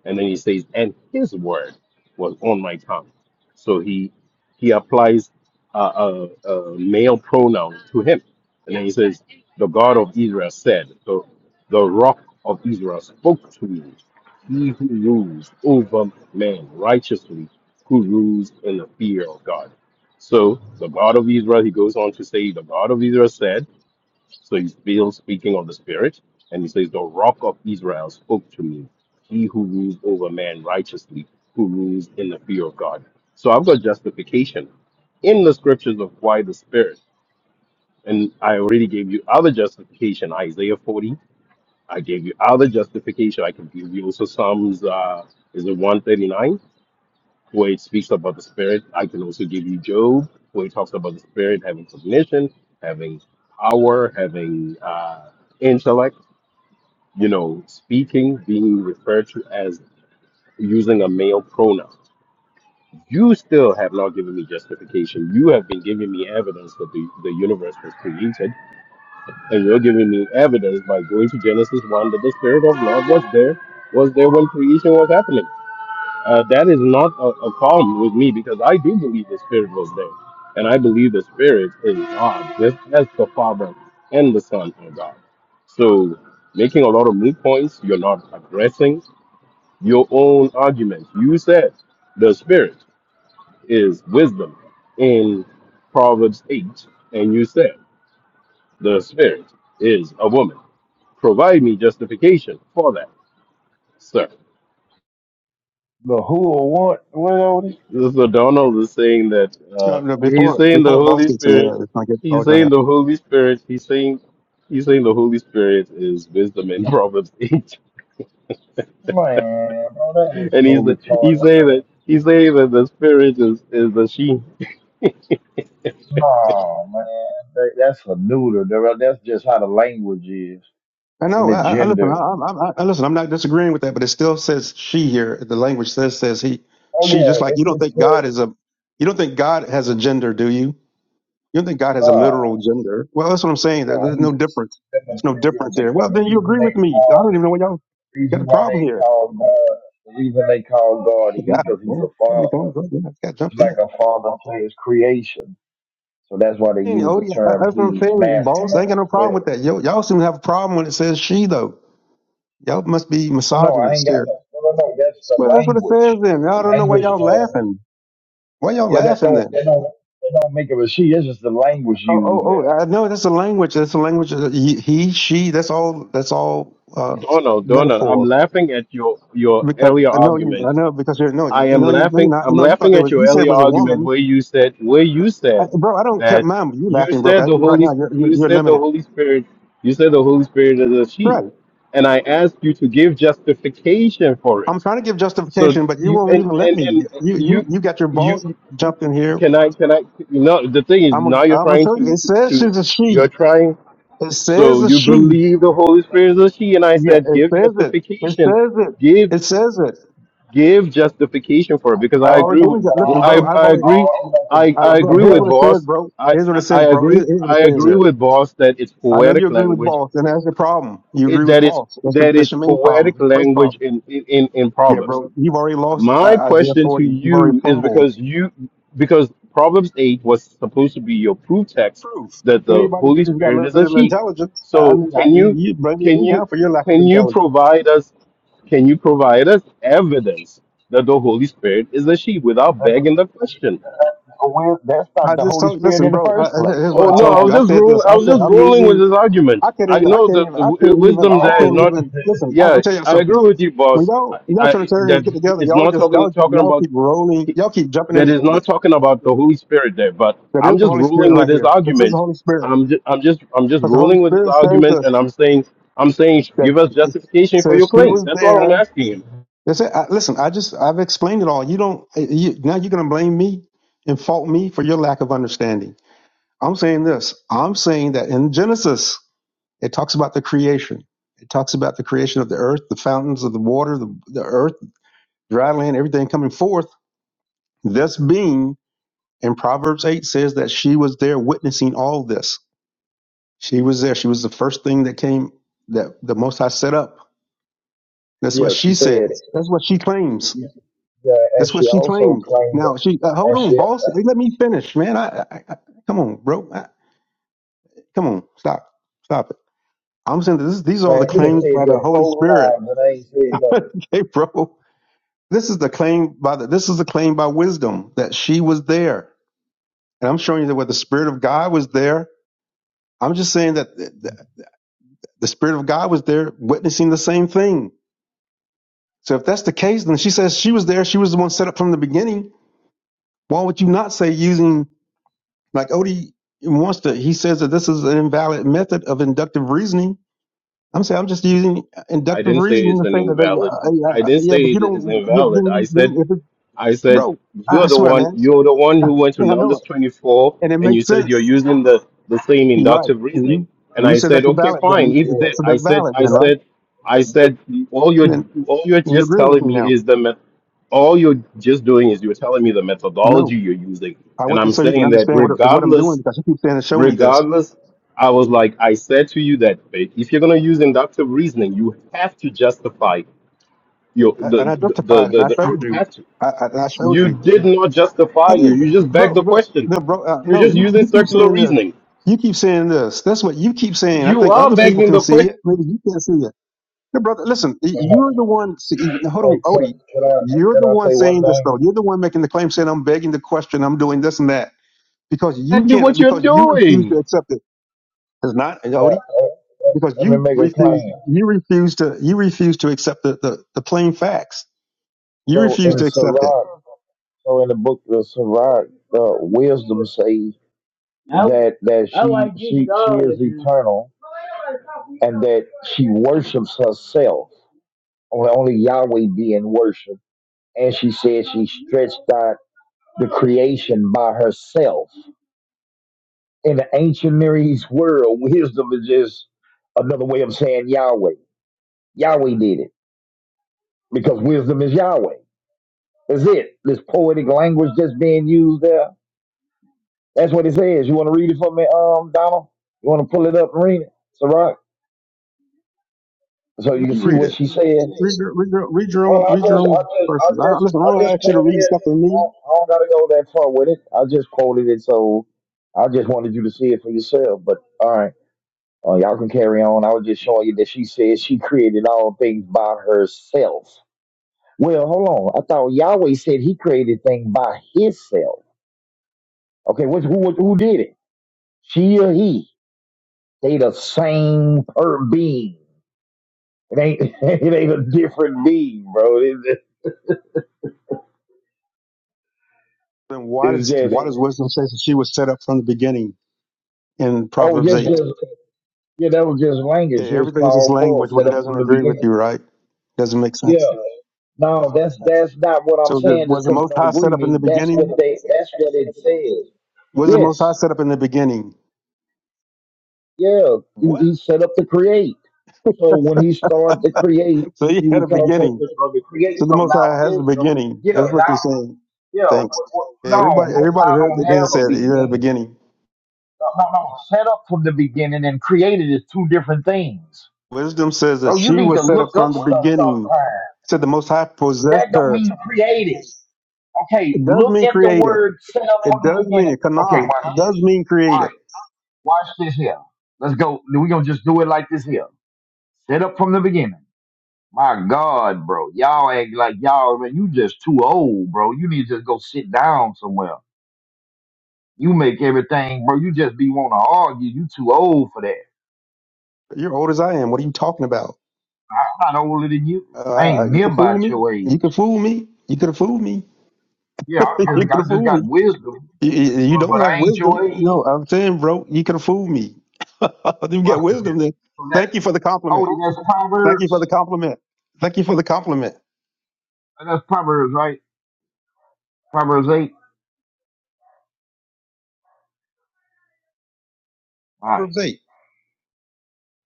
And then he says, And his word was on my tongue. So he he applies a, a, a male pronoun to him. And then he says, The God of Israel said, So the rock of Israel spoke to me. He who rules over man righteously, who rules in the fear of God. So the God of Israel, he goes on to say, The God of Israel said, so he's still speaking of the Spirit, and he says, The rock of Israel spoke to me, he who rules over man righteously, who rules in the fear of God. So I've got justification in the scriptures of why the Spirit, and I already gave you other justification, Isaiah 40. I gave you other justification. I could give you also Psalms, uh, is it 139? where it speaks about the spirit. I can also give you Job, where it talks about the spirit having cognition, having power, having uh, intellect, you know, speaking, being referred to as using a male pronoun. You still have not given me justification. You have been giving me evidence that the, the universe was created, and you're giving me evidence by going to Genesis 1 that the spirit of God was there, was there when creation was happening. uh, that is not a, a problem with me because I do believe the Spirit was there. And I believe the Spirit is God, just as the Father and the Son are God. So, making a lot of moot points, you're not addressing your own arguments. You said the Spirit is wisdom in Proverbs 8, and you said the Spirit is a woman. Provide me justification for that, sir. The who or what? What Odie? So Donald is saying that uh, Uh, no, he's before saying the before boss Holy gets in here, Spirit. it's gonna get He's all done. saying up. the Holy Spirit. He's saying he's saying the Holy Spirit is wisdom in Proverbs eight, Man, bro, that is and he's so retarded. he's saying Man. that he's saying that the Spirit is is the she. No, man, that, that's a neuter. bro. That's just how the language is I and know. the I, I listen. I, gender. I, I I- listen. I'm not disagreeing with that, but it still says she here. The language says says he, Oh she. Just like yeah, it, you don't it think God says is a, you don't think God has a gender, do you? You don't think God has a no. literal gender? Well, that's what I'm saying. There- No, There's no he's difference. the There's no material. difference The, here. Well, the then you reason agree they with me. I don't even call, know what y'all got reason a why problem they here. call God, the reason they call God he, God, because he's man, a Here father. it comes right now. it got He's jumped in. like a father to his creation. So that's why they saying, use the Odie, that- term that's what I'm he's saying, masculine boss. I ain't got as no problem well. with that. Yo, y'all seem to have a problem when it says she, though. Y'all must be No, no, I ain't misogynist got here. no. No, no, no. That's the Well, that's what it says language. then. The I don't know why language. y'all Uh, laughing. Why y'all yeah, that laughing don't. then? That don't. That don't make it a she. It's just the language Oh, oh, used there. oh! I know that's a language. That's a language. of He, he, she. That's all. That's all uh, Donald, Donald, I'm metaphor. laughing at your your Because earlier I know you. argument. I know because you're no. I You am know you. no, You're laughing. not. I'm You know you thought laughing there at was. your You said it earlier was a argument woman, where you said where you I, said bro. I don't care, that mom. You you laughing, bro? said 'cause the You right Holy now. You're you're, you you're said the limited, Holy Spirit you said the Holy Spirit is a she, right? and I asked you to give justification for I'm it. trying to give So justification, but you you won't and even let and me. and You you you you got your boss you jumped in here. can I can I no the thing is I'm a, now you're I'm gonna trying show you. to It to, says to she's a you're she. trying It says so a you she. believe the Holy Spirit is a she and I Yeah, said it give says it. It justification says it. give It says it. give justification for it because I've I Yo, already agree given with you. but Listen, all bro. I, you, I've I already. all agree you have to I, I, do I- I is bro, look agree it here's up. with what it says, boss bro. I, Here's what it I I says, bro. Here- agree Here's what I it says agree here. with boss that it's I know poetic you agree with language boss, and that's the problem. You agree it, with that it's boss. That's the that that's it's your main problem. poetic It's the first language problem. in in, in in Yeah, proverbs bro. You've already lost uh, my Isaiah question to 40. You've already you is fumbled. because you because Proverbs 8 was supposed to be your proof text proof. that the Anybody Holy who just got a Spirit little is bit a of sheep. intelligence, I So mean, I, can you you bring can me you out for your lack of can you intelligence. provide us can you provide us evidence that the Holy Spirit is a sheep without That, begging the question? That's a weird- that's not I the just Holy told, Spirit listen, in the bro. I, first I- place. here's what Oh I I no, told I was you. don't. I just said roll this. I I was said just I'm rolling with using. his I argument. can't I even. I know can't that even. the I w- can't even. wisdom I there is can't oh, not even. Listen, I, yeah, I'm telling you I agree something. with you, When boss. y'all I, y'all I, Trinitarians that get together, it's y'all not just talking y'all talking y'all about. keep rolling. Y'all keep jumping that in. is The, not talking about the Holy Spirit there, but that is I'm the just Holy Spirit ruling with right his here. This is the argument. Holy Spirit I'm just, I'm just I'm just because the Holy ruling with his Spirit says argument, us. and I'm saying I'm saying That give us it justification for says your she claims. was That's all I'm there asking him. That's it. I, listen, I just I've explained it all. You don't eh, you, now you're going to blame me and fault me for your lack of understanding. I'm saying this. I'm saying that in Genesis it talks about the creation. It talks about the creation of the earth, the fountains of the water, the, the earth, dry land, everything coming forth. This being in Proverbs 8 says that she was there witnessing all this. She was there. She was the first thing that came that the Most High set up. That's what Yeah, she she said, says. That's what she claims. uh, and That's what she she also claimed. claimed that. Now she uh, hold And on, she, boss. Hey, Let me finish, man. I, I, I come on, bro. I, come on, stop, stop it. I'm saying that this. These are all the man, you done claims said by the that Holy four Spirit. times and I ain't said okay, bro. This is the claim by the. This is the claim by wisdom that she was there, and I'm showing you that where the Spirit of God was there. I'm just saying that the, the the Spirit of God was there, witnessing the same thing. So if that's the case, then she says she was there. She was the one set up from the beginning. Why would you not say using? Like Odie wants to, he says that this is an invalid method of inductive reasoning. I'm saying I'm just using I inductive didn't say reasoning it's to an say that, invalid. uh, uh, yeah, I uh, didn't yeah, say but you it is don't, yeah, but invalid. then, I you- said then if it, I said, bro, I you're I the swear, one, man, you're the one who went to yeah, I know Numbers it, 24 and it and you makes said you're sense. using the, the same You're right, inductive and reasoning. you And and you I said said, that's okay, valid. Then fine. If you, that, that's I that's said, valid, I then right? said, I nothing. said, all you're, And then all you're and you're just agreeing with telling me now. me is the, met- all you're just doing is you're telling me the I methodology know. you're using. I And want you I'm so you can saying that understand what what I'm doing regardless, because you keep saying, "Show me this," regardless, I was like, I said to you that Faith, if you're going to use inductive reasoning, you have to justify your, I, and the, I the, the, justified it, and the, I the showed you you. have to. I, I, and I showed You you. did not justify I you. did, You just begged bro. the bro question. no, bro. Uh, You're no, just you, using you keep circular saying this. reasoning. You keep saying this. That's what you keep saying. I You think are other people begging can the see question. it. Maybe you can't see it. Hey, brother, listen. y- Yeah, You're the one. See, y- hold Hey, on, can, Odie. can I You're can the I one say one saying this thing? though. You're the one making the claim, saying I'm begging the question. I'm doing this and that because you Exactly can't. what you're Because you refuse to doing. accept it. It's not hey, Yeah, Odie. uh, uh, Because let me you make a refuse. claim. You refuse to. You refuse to accept the, the, the plain facts. You So refuse in to accept it. Sirach, so in the book of Sirach, uh, wisdom says that that she she she is eternal and that she worships herself. Only only Yahweh being worshipped, and she said she stretched out the creation by herself. In the ancient Near East world, wisdom is just another way of saying Yahweh. Yahweh did it because wisdom is Yahweh. Is it this poetic language that's being used there? That's what it says. You want to read it for me, um, Donald? You want to pull it up and read it, Sirach, so you can You see read what it. she said. read your, read your, read your own, Well, I read your just, I own just, I verses. I, just, listen, I I don't just ask you to quoted read it. stuff in I me. don't, I don't gotta go that far with it. I just quoted it, so I just wanted you to see it for yourself. But all right, uh, y'all can carry on. I was just showing you that she said she created all things by herself. Well, hold on. I thought Yahweh said He created things by Himself. Okay, what, who, who did it? She or he, they the same per being. It ain't it ain't a different being, bro. It, it- Then why it's does, just why does wisdom say that she was set up from the beginning in oh, Proverbs just 8? just yeah, that was just Yeah, language. It was everything's just called for, language when set it up doesn't from the agree with you, beginning. right? Doesn't make Yeah, sense. no, that's that's not what I'm So the, saying. was Just the because they Most don't High set agree with up in me, the that's beginning? what they that's what it says. Was the Most High Yes, set up in the beginning? yeah, he, What? he set up to create. So when he started to create, So he he had was a called for beginning. to uh, to create. So the So Most High now has a wisdom. beginning. That's Yeah, now what they're saying. Yeah, wh- Thanks. wh- Yeah, no, Everybody, Most everybody High heard don't the man have a said it. He had a beginning. beginning. No, no, no, set up from the beginning and created is two different things. Wisdom says that Bro, you she need to was set up look from up the stuff beginning. sometimes. Said the Most High possessed That don't her. mean created. Okay, It does look mean at the created. word set up It from the does mean beginning. it. Okay, Kana. watch It does this. mean All right, created. watch this here. Let's go. We're going to just do it like this here. Set up from the beginning. My God, bro. Y'all act like y'all, man, you just too old, bro. You need to just go sit down somewhere. You make everything, bro. You just be want to argue. You too old for that. You're old as I am. What are you talking about? I'm not older than you. I Uh, ain't you near can fool about me. your You age. can fool me. You could have fooled me. Yeah, you I just, could I have just fooled got me. wisdom, You, you you but, don't but have I ain't wisdom. your age. No, I'm saying, bro, you could have fooled me. you get Watch the wisdom tip. then. So that, Thank you for the compliment. oh, that's Thank you for Proverbs. the compliment. Thank you for the compliment. That's Proverbs, right? Proverbs 8. All right. Proverbs eight.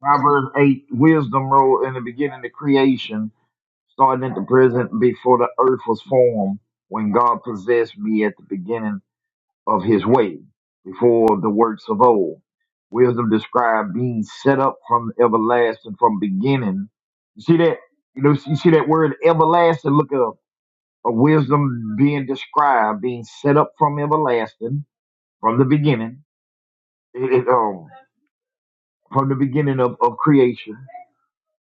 Proverbs 8, wisdom wrote in the beginning of creation, starting at the present before the earth was formed, when God possessed me at the beginning of his way before the works of old. Wisdom described being set up from everlasting, from beginning. You see that? You know, you see that word everlasting? Look at a wisdom being described, being set up from everlasting, from the beginning, it, it, um, from the beginning of, of creation,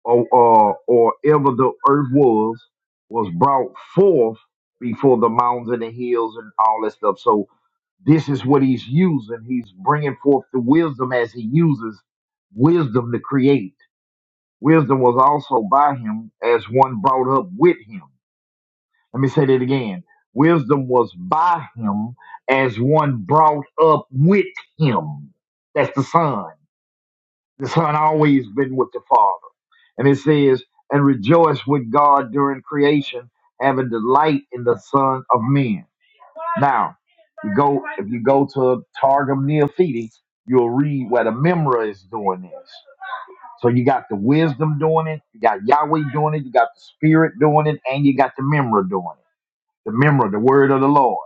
or, or, or ever the earth was, was brought forth before the mountains and the hills and all that stuff. So, This is what he's using. He's bringing forth the wisdom as he uses wisdom to create. Wisdom was also by him as one brought up with him. Let me say that again. Wisdom was by him as one brought up with him. That's the Son. The Son always been with the Father. And it says, and rejoice with God during creation, having delight in the Son of man. Now, you go if you go to Targum Neofiti, you'll read where the Memra is doing this. So you got the wisdom doing it, you got Yahweh doing it, you got the Spirit doing it, and you got the Memra doing it. The Memra, the Word of the Lord.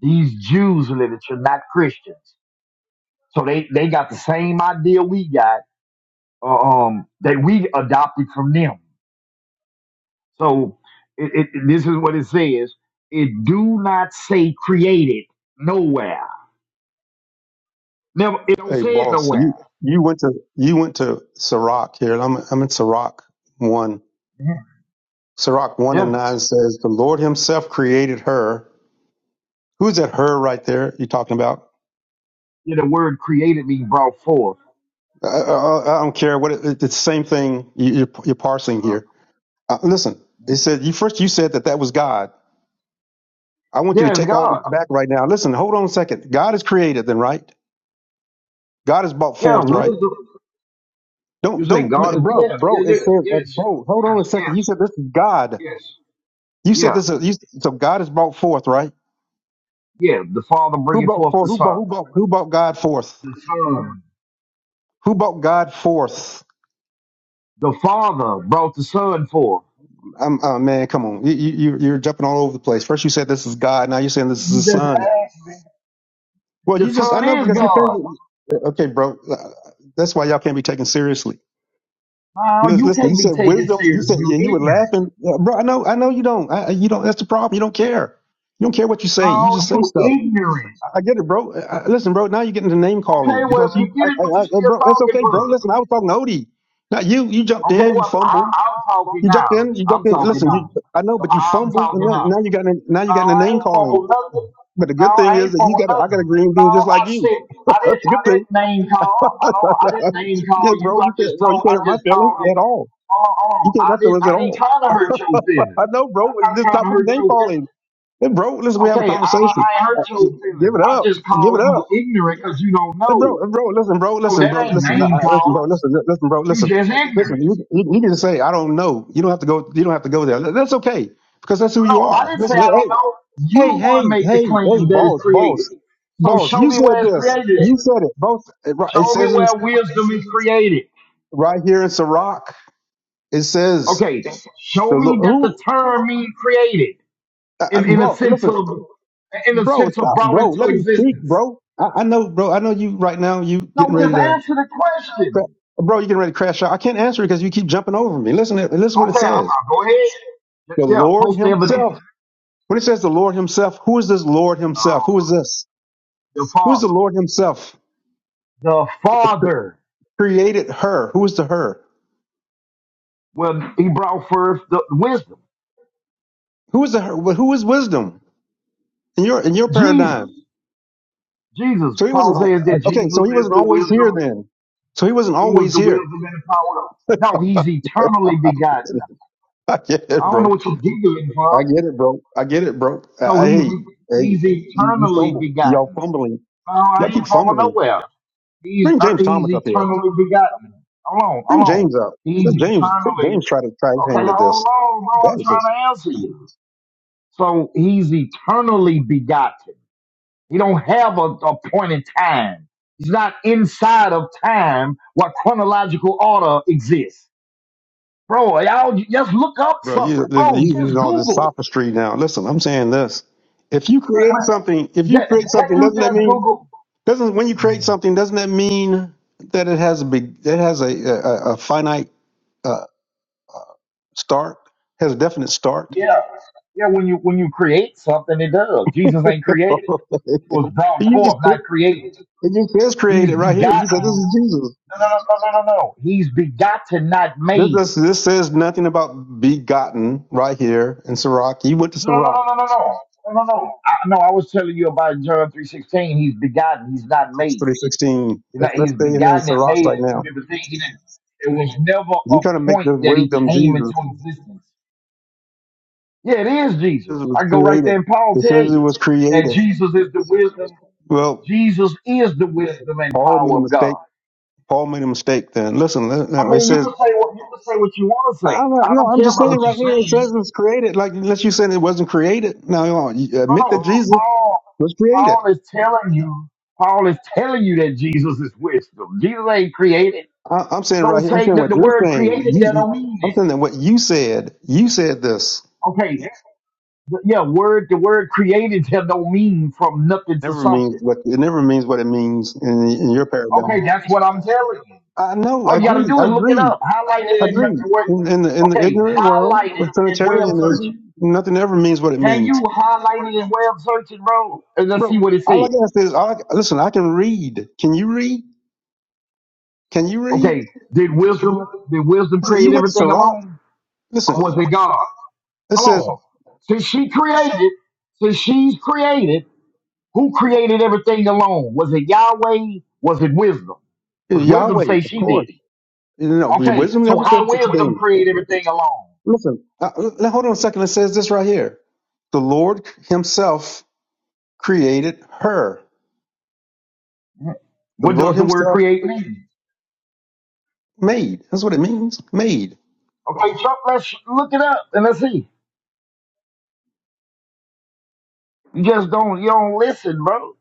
These Jews literature, not Christians, so they they got the same idea we got, uh, um, that we adopted from them. So it, it, this is what it says: It do not say created nowhere. Never, it don't Hey, say it boss, nowhere. you you went to you went to Sirach here, and I'm I'm in Sirach one. Yeah. Sirach one and Yeah. nine says, "The Lord Himself created her." Who's that? Her right there? You talking about? Yeah, the word created me brought forth. I, I, I don't care what it, it's the same thing you, you're you're parsing here. Uh, listen, it said you first. You said that that was God. I want you to Yeah, it's take all this God. back right now. Listen, hold on a second. God is created, then right? God is brought Yeah, forth, right? wisdom. You Don't say don't, God is yeah, bro, yeah, bro. It yeah, says, uh, yes, bro. Hold on yes, a second. yes, You said this is God. yes, You said yeah, this is you, so God is brought forth, right? yeah. The Father Who bringing brought forth forth? the Who brought? Son. Who brought? Who brought God forth? Um, Who brought God forth? The Father brought the Son forth. Um, uh, man, come on, you, you you- you're jumping all over the place. First you said this is God, now you're saying this is the You just Son. asked me. Well, The you just I Son know is because you're God. thinking. Okay, bro, uh, that's why y'all can't be taken seriously. Now Listen, you listen, you can't be said taken wisdom. You serious. said You and you were ignorant. laughing, Yeah, bro. I know, I know you don't. I, I- you don't. That's the problem. You don't care. You don't care what you say. You Now just say you stuff. ignorant. I get it, bro. Uh, uh, listen, bro. Now you're getting to name calling Okay, because well if you he, I, get it, what I, I, you uh, still bro. That's talking okay, bro. for? Listen, I was talking to Odie. Now you, you jumped Okay, in, you well, I, fumbled. I'm talking You jumped now. in, you jumped I'm in. talking Listen, you, now. I know, So but you I'm fumbled, and talking now, now. now you got, in, now you Now got in the I name ain't calling. fumble nothing. But the good Now thing I is ain't that you fumble got, a, I got a nothing. green bean Now just like I you. said I didn't That's a I good thing. didn't name call. I don't I didn't name call yeah, bro. you. I You just can't, bro. You told can't I hurt my just feelings called it. at all. Oh, You oh can't I hurt my didn't feelings I at didn't all. trying to hurt your feelings. I know, bro. I'm It's not just trying not to with the hurt name your feelings. calling. And bro, listen, we have a Okay, I I conversation. ain't hurt your Give feelings. it I up. just Give it called up. you ignorant because you don't Hey, bro, know. hey, bro, listen, bro, So listen, that bro, ain't listen, I- name I- listen, bro, calling. listen, li- listen, bro, You listen, just listen. ignorant. You, you you can just say I don't know. You don't have to go. You don't have to go there. Th- That's okay because that's who No, you no, I are. didn't say Listen, I li- don't hey, know. You hey, want to hey, make the hey, hey, claim that it's boss, created. boss, So boss. show You me said where it's this. created. at. You said it. Both. It ri- it Show me says in, where wisdom is created. right here in Sirach. It says Okay, show the Lord. me that the Who, term means created uh, uh, in, in a bro? sense Listen, of in a bro, sense of stop, brought bro. Let into me speak, existence. bro. I, I know, bro. I know you right now. You No, getting ready just to. answer the Cra- question. Bro, you getting ready to crash out. I can't answer because you keep jumping over me. Listen, to- listen what it Okay, I'm, i says. go ahead. The Yeah, Lord post evidence. Himself. When it says the Lord Himself, who is this Lord Himself? Um, Who is this? the Who is the Father. Lord Himself? The Cre- cre- Father. Created her. Who is the her? Well, he brought forth the wisdom. Who is the her? Well, Who is wisdom in your in your Jesus. paradigm? Jesus. So he Paul wasn't says al- that okay. So Jesus he is wasn't the always here wisdom. then. So he wasn't He was always the here. wisdom and the power. of- No, I he's eternally begotten. get it, I don't know bro. what you're giggling I from. get it, bro. I get it, bro. I, I So he's hey, hey, he's you, you eternally fumble. Y'all begotten. fumbling. No, I Y'all keep ain't from fumbling. nowhere. He's Bring er, James he's Thomas up here. eternally begotten. Hold on, Bring hold on. James up. Let He's James eternally James try to try his okay. hand at this. Hold on, bro. How bad I'm is trying this? to answer you. So he's eternally begotten. We don't have a, a point in time. It's not inside of time what chronological order exists. Bro, y'all j- just look up Bro, some. you you Bro, using just all this Google. sophistry now. Listen, I'm saying this. If you create something, if you Yeah, create can something, you doesn't that just mean Google? doesn't when you create something, doesn't that mean that it has a big that has a a, a finite uh, start, has a definite start? Yeah. Yeah, when you when you create something, it does. Jesus ain't created. He was brought you just forth, not it created. just says He's created right here. You said this begotten. is Jesus. No, no, no, no, no, no. no. He's begotten, not This, made. this, this says nothing about begotten right here in Sirach. He went to No, no, Sirach. no, no, no, no, no. No, no, no. I, no, I was telling you about John 3.16. He's begotten. He's not It's made. three sixteen. It's Let's not, let's he's stay here in begotten and Sirach made right as two now. different things. He didn't, it was never You a kind of make point this that he wisdom came into Jesus. existence. Yeah, it is This Jesus. I was can go right created. there and Paul It tell says it you was that created. Jesus is the wisdom. Well, Jesus is the wisdom and Paul made a power of mistake. God. Paul made a mistake. Then listen. li- I no, It mean, you says can say what you can say what you want to I'm say. not, I no. don't I'm care just about saying what you're right here. It saying. says it was created. Like unless you said it wasn't created. No, you know, you No, admit that no. Jesus Paul, was created. Paul is telling you. Paul is telling you that Jesus is wisdom. Jesus ain't created. I, I'm saying right Don't here. I'm say saying that what the you're word saying. created You, there you- don't mean I'm saying that that. what you said. You said this. Okay, The- yeah, word the word created here don't mean from nothing to Never means something. what it never means what it means in, in your Okay, paradigm. that's what I'm telling you. I know, I All you gotta agree, do I is look it agree. up. Highlight it and and Agreed. web In, in the in the okay, ignorant world highlight it of and web search it. Trinitarianism, nothing ever means what it Can means, you highlight it and web search it, bro? And let's bro. see what it All I says. can say is, all I, listen. I can read. Can you read? Can you read? Okay, did wisdom did wisdom Listen, you create went to everything Sirach. alone? Or was Listen, it God? it says Hold on. Since she created, since she's created, who created everything alone? Was it Yahweh? Was it wisdom? Because wisdom Yahweh, say of she course. did it. You know, your Okay, wisdom so never how said such a wisdom thing. create everything alone? Listen, uh, l- hold on a second. It says this right here: the Lord Himself created her. The What Lord does the word Himself create mean? made. That's what it means. Made. Okay, so let's look it up and let's see. You just don't you don't listen, bro.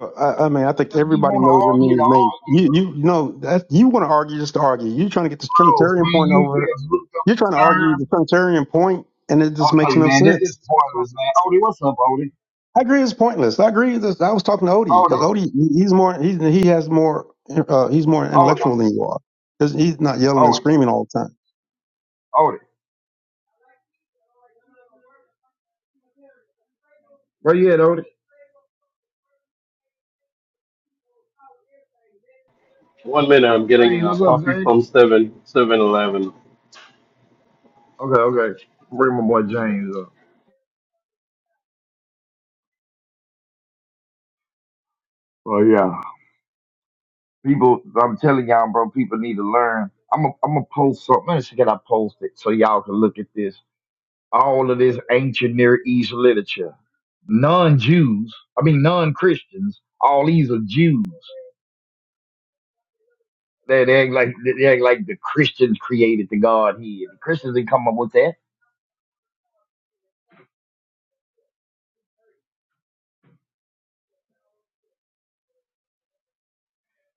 I, I mean, I think Just be everybody want to knows what argue to means made. argue, You bro. you know that you want to argue just to argue. You're trying to get this Bro, can Trinitarian point you over. just look up You're the trying to argue the term? Trinitarian point, and it just makes Okay, no man, this is sense. pointless, man. Odie, what's up, Odie? I agree, it's pointless. I agree. This, I was talking to Odie because Odie, Odie he- he's more he's, he has more uh, he's more Odie, intellectual than you are. He's he's not yelling and Odie, screaming all the time. Odie. Where you at, Odie? One minute, I'm getting James, uh, what's coffee up, James? from Seven Seven Eleven. Okay, okay. Bring my boy James up. Oh yeah. People, I'm telling y'all, bro, people need to learn. I'm gonna I'm gonna post something. Let When should I post it so y'all can look at this? All of this ancient Near East literature. Non-Jews, I mean non-Christians. All these are Jews. They, they act like they act like the Christians created the Godhead. The Christians didn't come up with that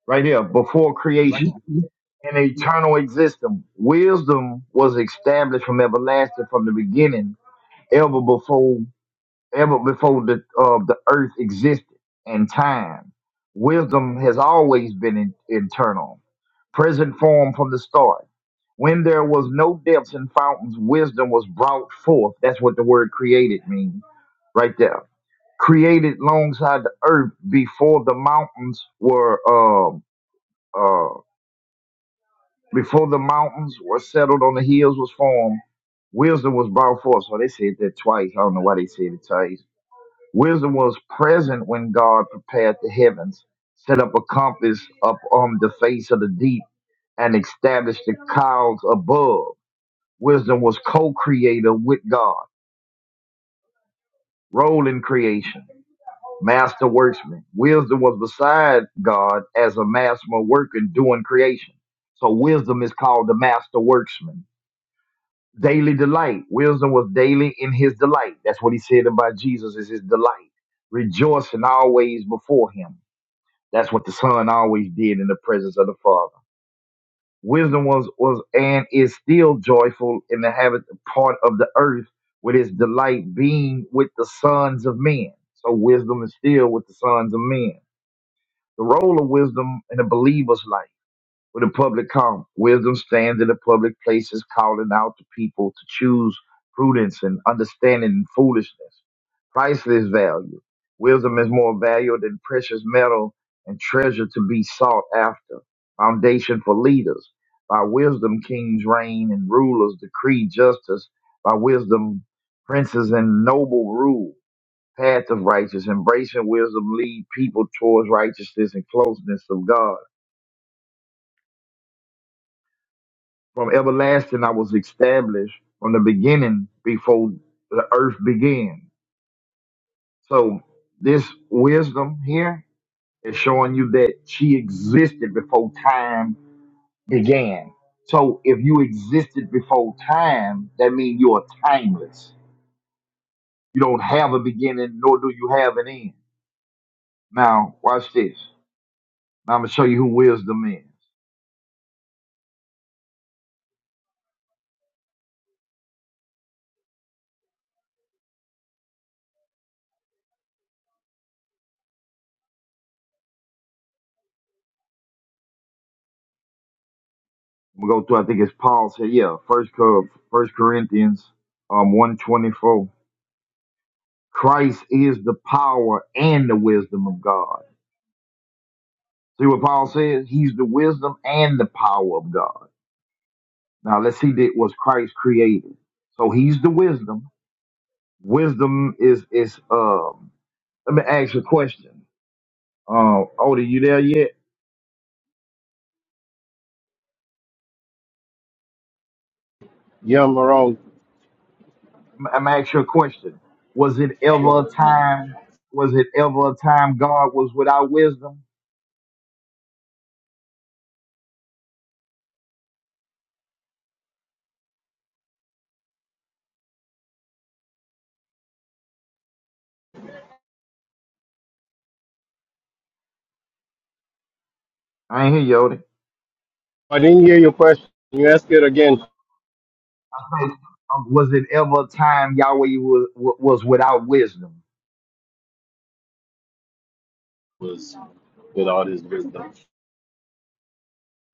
right here before You, you, creation. you- An eternal existence. Wisdom was established from everlasting from the beginning, ever before ever before the uh, the earth existed and time. Wisdom has always been in, internal, present form from the start. When there was no depths and fountains, wisdom was brought forth. That's what the word created means right there. Created alongside the earth before the mountains were um uh, before the mountains were settled on the hills was formed. Wisdom was brought forth. So they said that twice. I don't know why they said it twice Wisdom was present when God prepared the heavens, set up a compass up on the face of the deep, and established the clouds above. Wisdom was co-creator with God, role in creation, master worksman. Wisdom was beside God as a master worker doing creation. So wisdom is called the master worksman. Daily delight. Wisdom was daily in his delight. That's what he said about Jesus is his delight, rejoicing always before him That's what the Son always did in the presence of the Father. Wisdom was was and is still joyful in the habit part of the earth with its delight being with the sons of men. So wisdom is still with the sons of men. The role of wisdom in a believer's life with a public calm. Wisdom stands in the public places, calling out to people to choose prudence and understanding and foolishness. Priceless value. Wisdom is more valuable than precious metal and treasure to be sought after. Foundation for leaders. By wisdom, kings reign and rulers decree justice. By wisdom, princes and noble rule. Path of righteousness, embracing wisdom lead people towards righteousness and closeness of God From everlasting, I was established from the beginning before the earth began. So this wisdom here is showing you that she existed before time began. So if you existed before time, that means you are timeless. You don't have a beginning, nor do you have an end. Now, watch this. Now I'm gonna show you who wisdom is. We'll go through, I think it's Paul said, yeah, first Cor- first Corinthians um one twenty four. Christ is the power and the wisdom of God. See what Paul says? He's the wisdom and the power of God. Now let's see that was Christ created. So he's the wisdom. Wisdom is is um let me ask you a question. Uh Oda, you there yet? Yeah, I'm wrong. I'm gonna ask you a question. Was it ever a I time was it ever a time God was without wisdom? I ain't hear you, Oda. didn't hear your question. Can You ask it again. Was it ever a time Yahweh was was without wisdom? Was with all his wisdom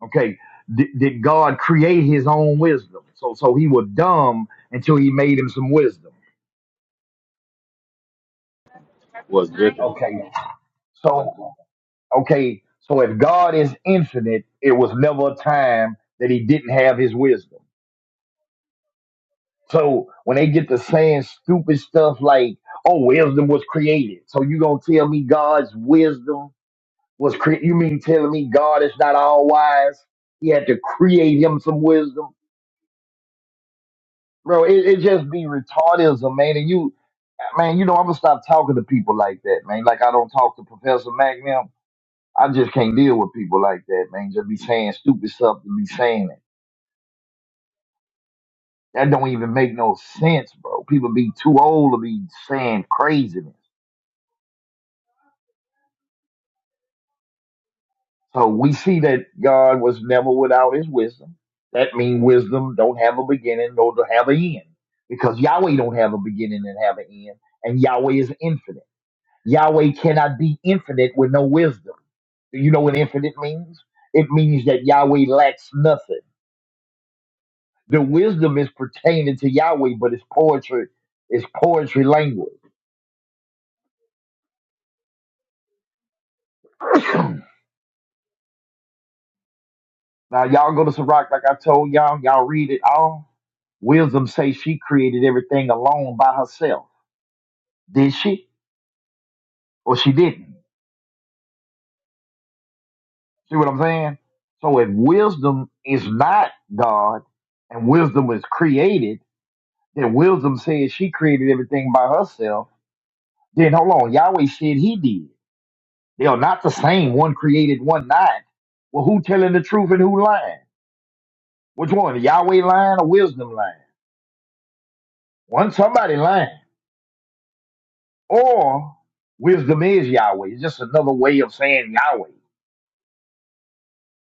Okay, did, did God create His own wisdom? So so He was dumb until He made him some wisdom. was with him, Okay, so okay, so if God is infinite, it was never a time that He didn't have His wisdom. So when they get to saying stupid stuff like, "Oh, wisdom was created," so you gonna tell me God's wisdom was created? You mean telling me God is not all wise? He had to create Him some wisdom. bro. It, it just be retardism, man. And you, man, you know, I'm gonna stop talking to people like that, man. Like I don't talk to Professor Mac now. I just can't deal with people like that, man. Just be saying stupid stuff to be saying it. That don't even make no sense, bro. People be too old to be saying craziness. So we see that God was never without His wisdom. That means wisdom don't have a beginning nor to have an end, because Yahweh don't have a beginning and have an end, and Yahweh is infinite. Yahweh cannot be infinite with no wisdom. Do you know what infinite means? It means that Yahweh lacks nothing. The wisdom is pertaining to Yahweh, but it's poetry. It's poetry language. Now y'all go to Sirach, like I told y'all, y'all read it all. Wisdom says she created everything alone by herself. Did she? Or she didn't. See what I'm saying? So if wisdom is not God and wisdom is created, then wisdom says she created everything by herself Then hold on, Yahweh said he did. They are not the same. One created, one not. Well, who telling the truth and who lying? Which one, the Yahweh lying or wisdom lying? One somebody lying, or wisdom is Yahweh. It's just another way of saying Yahweh.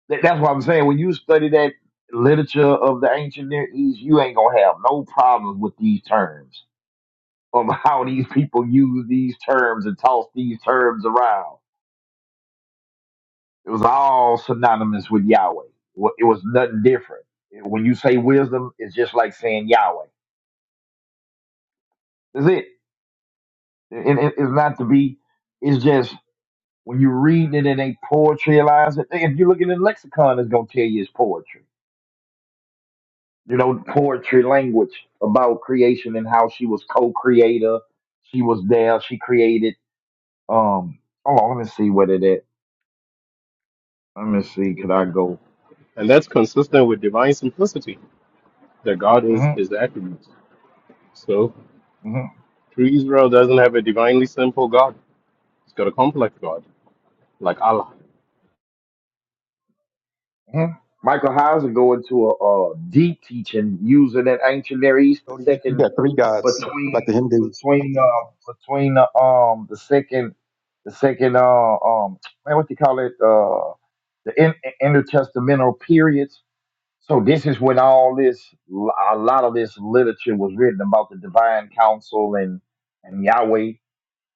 That- that's what I'm saying. When you study that literature of the ancient Near East, you ain't gonna have no problems with these terms of how these people use these terms and toss these terms around It was all synonymous with Yahweh. Wa- It was nothing different. It- When you say wisdom, it's just like saying Yahweh. That's it. And it- it's not to be, it's just when you read it and they poetryalize it. If you look at the lexicon, it's going to tell you it's poetry. You know, poetry language about creation and how she was co creator. She was there. She created. Um, hold on, let me see what it is. Let me see. Could I and, go? and that's consistent with divine simplicity. That God is Mm-hmm. his attributes. So, Mm-hmm. true Israel doesn't have a divinely simple God. It's got a complex God. like Allah. Mhm. Michael Heiser go into a, uh deep teaching using that ancient Near East, the Odie, you, you second got three gods like the between Hindus. between uh between the um the second the second uh um man, what do you call it uh the in, intertestamental periods. So this is when all this a lot of this literature was written about the divine council and and Yahweh.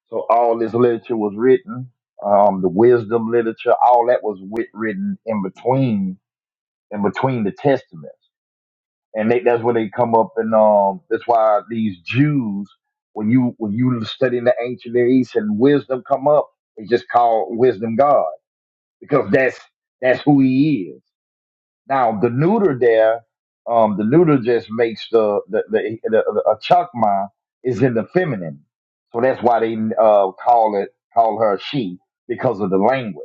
So all this literature was written, um, the wisdom literature, all that was writ- written in between and between the testaments. And they, that's where they come up and um that's why these Jews when you when you study in the ancient Near East and wisdom come up, they just call wisdom God because that's that's who he is. Now the neuter there, um the neuter just makes the the the, the, the a chakma is in the feminine. So that's why they uh call it call her she because of the language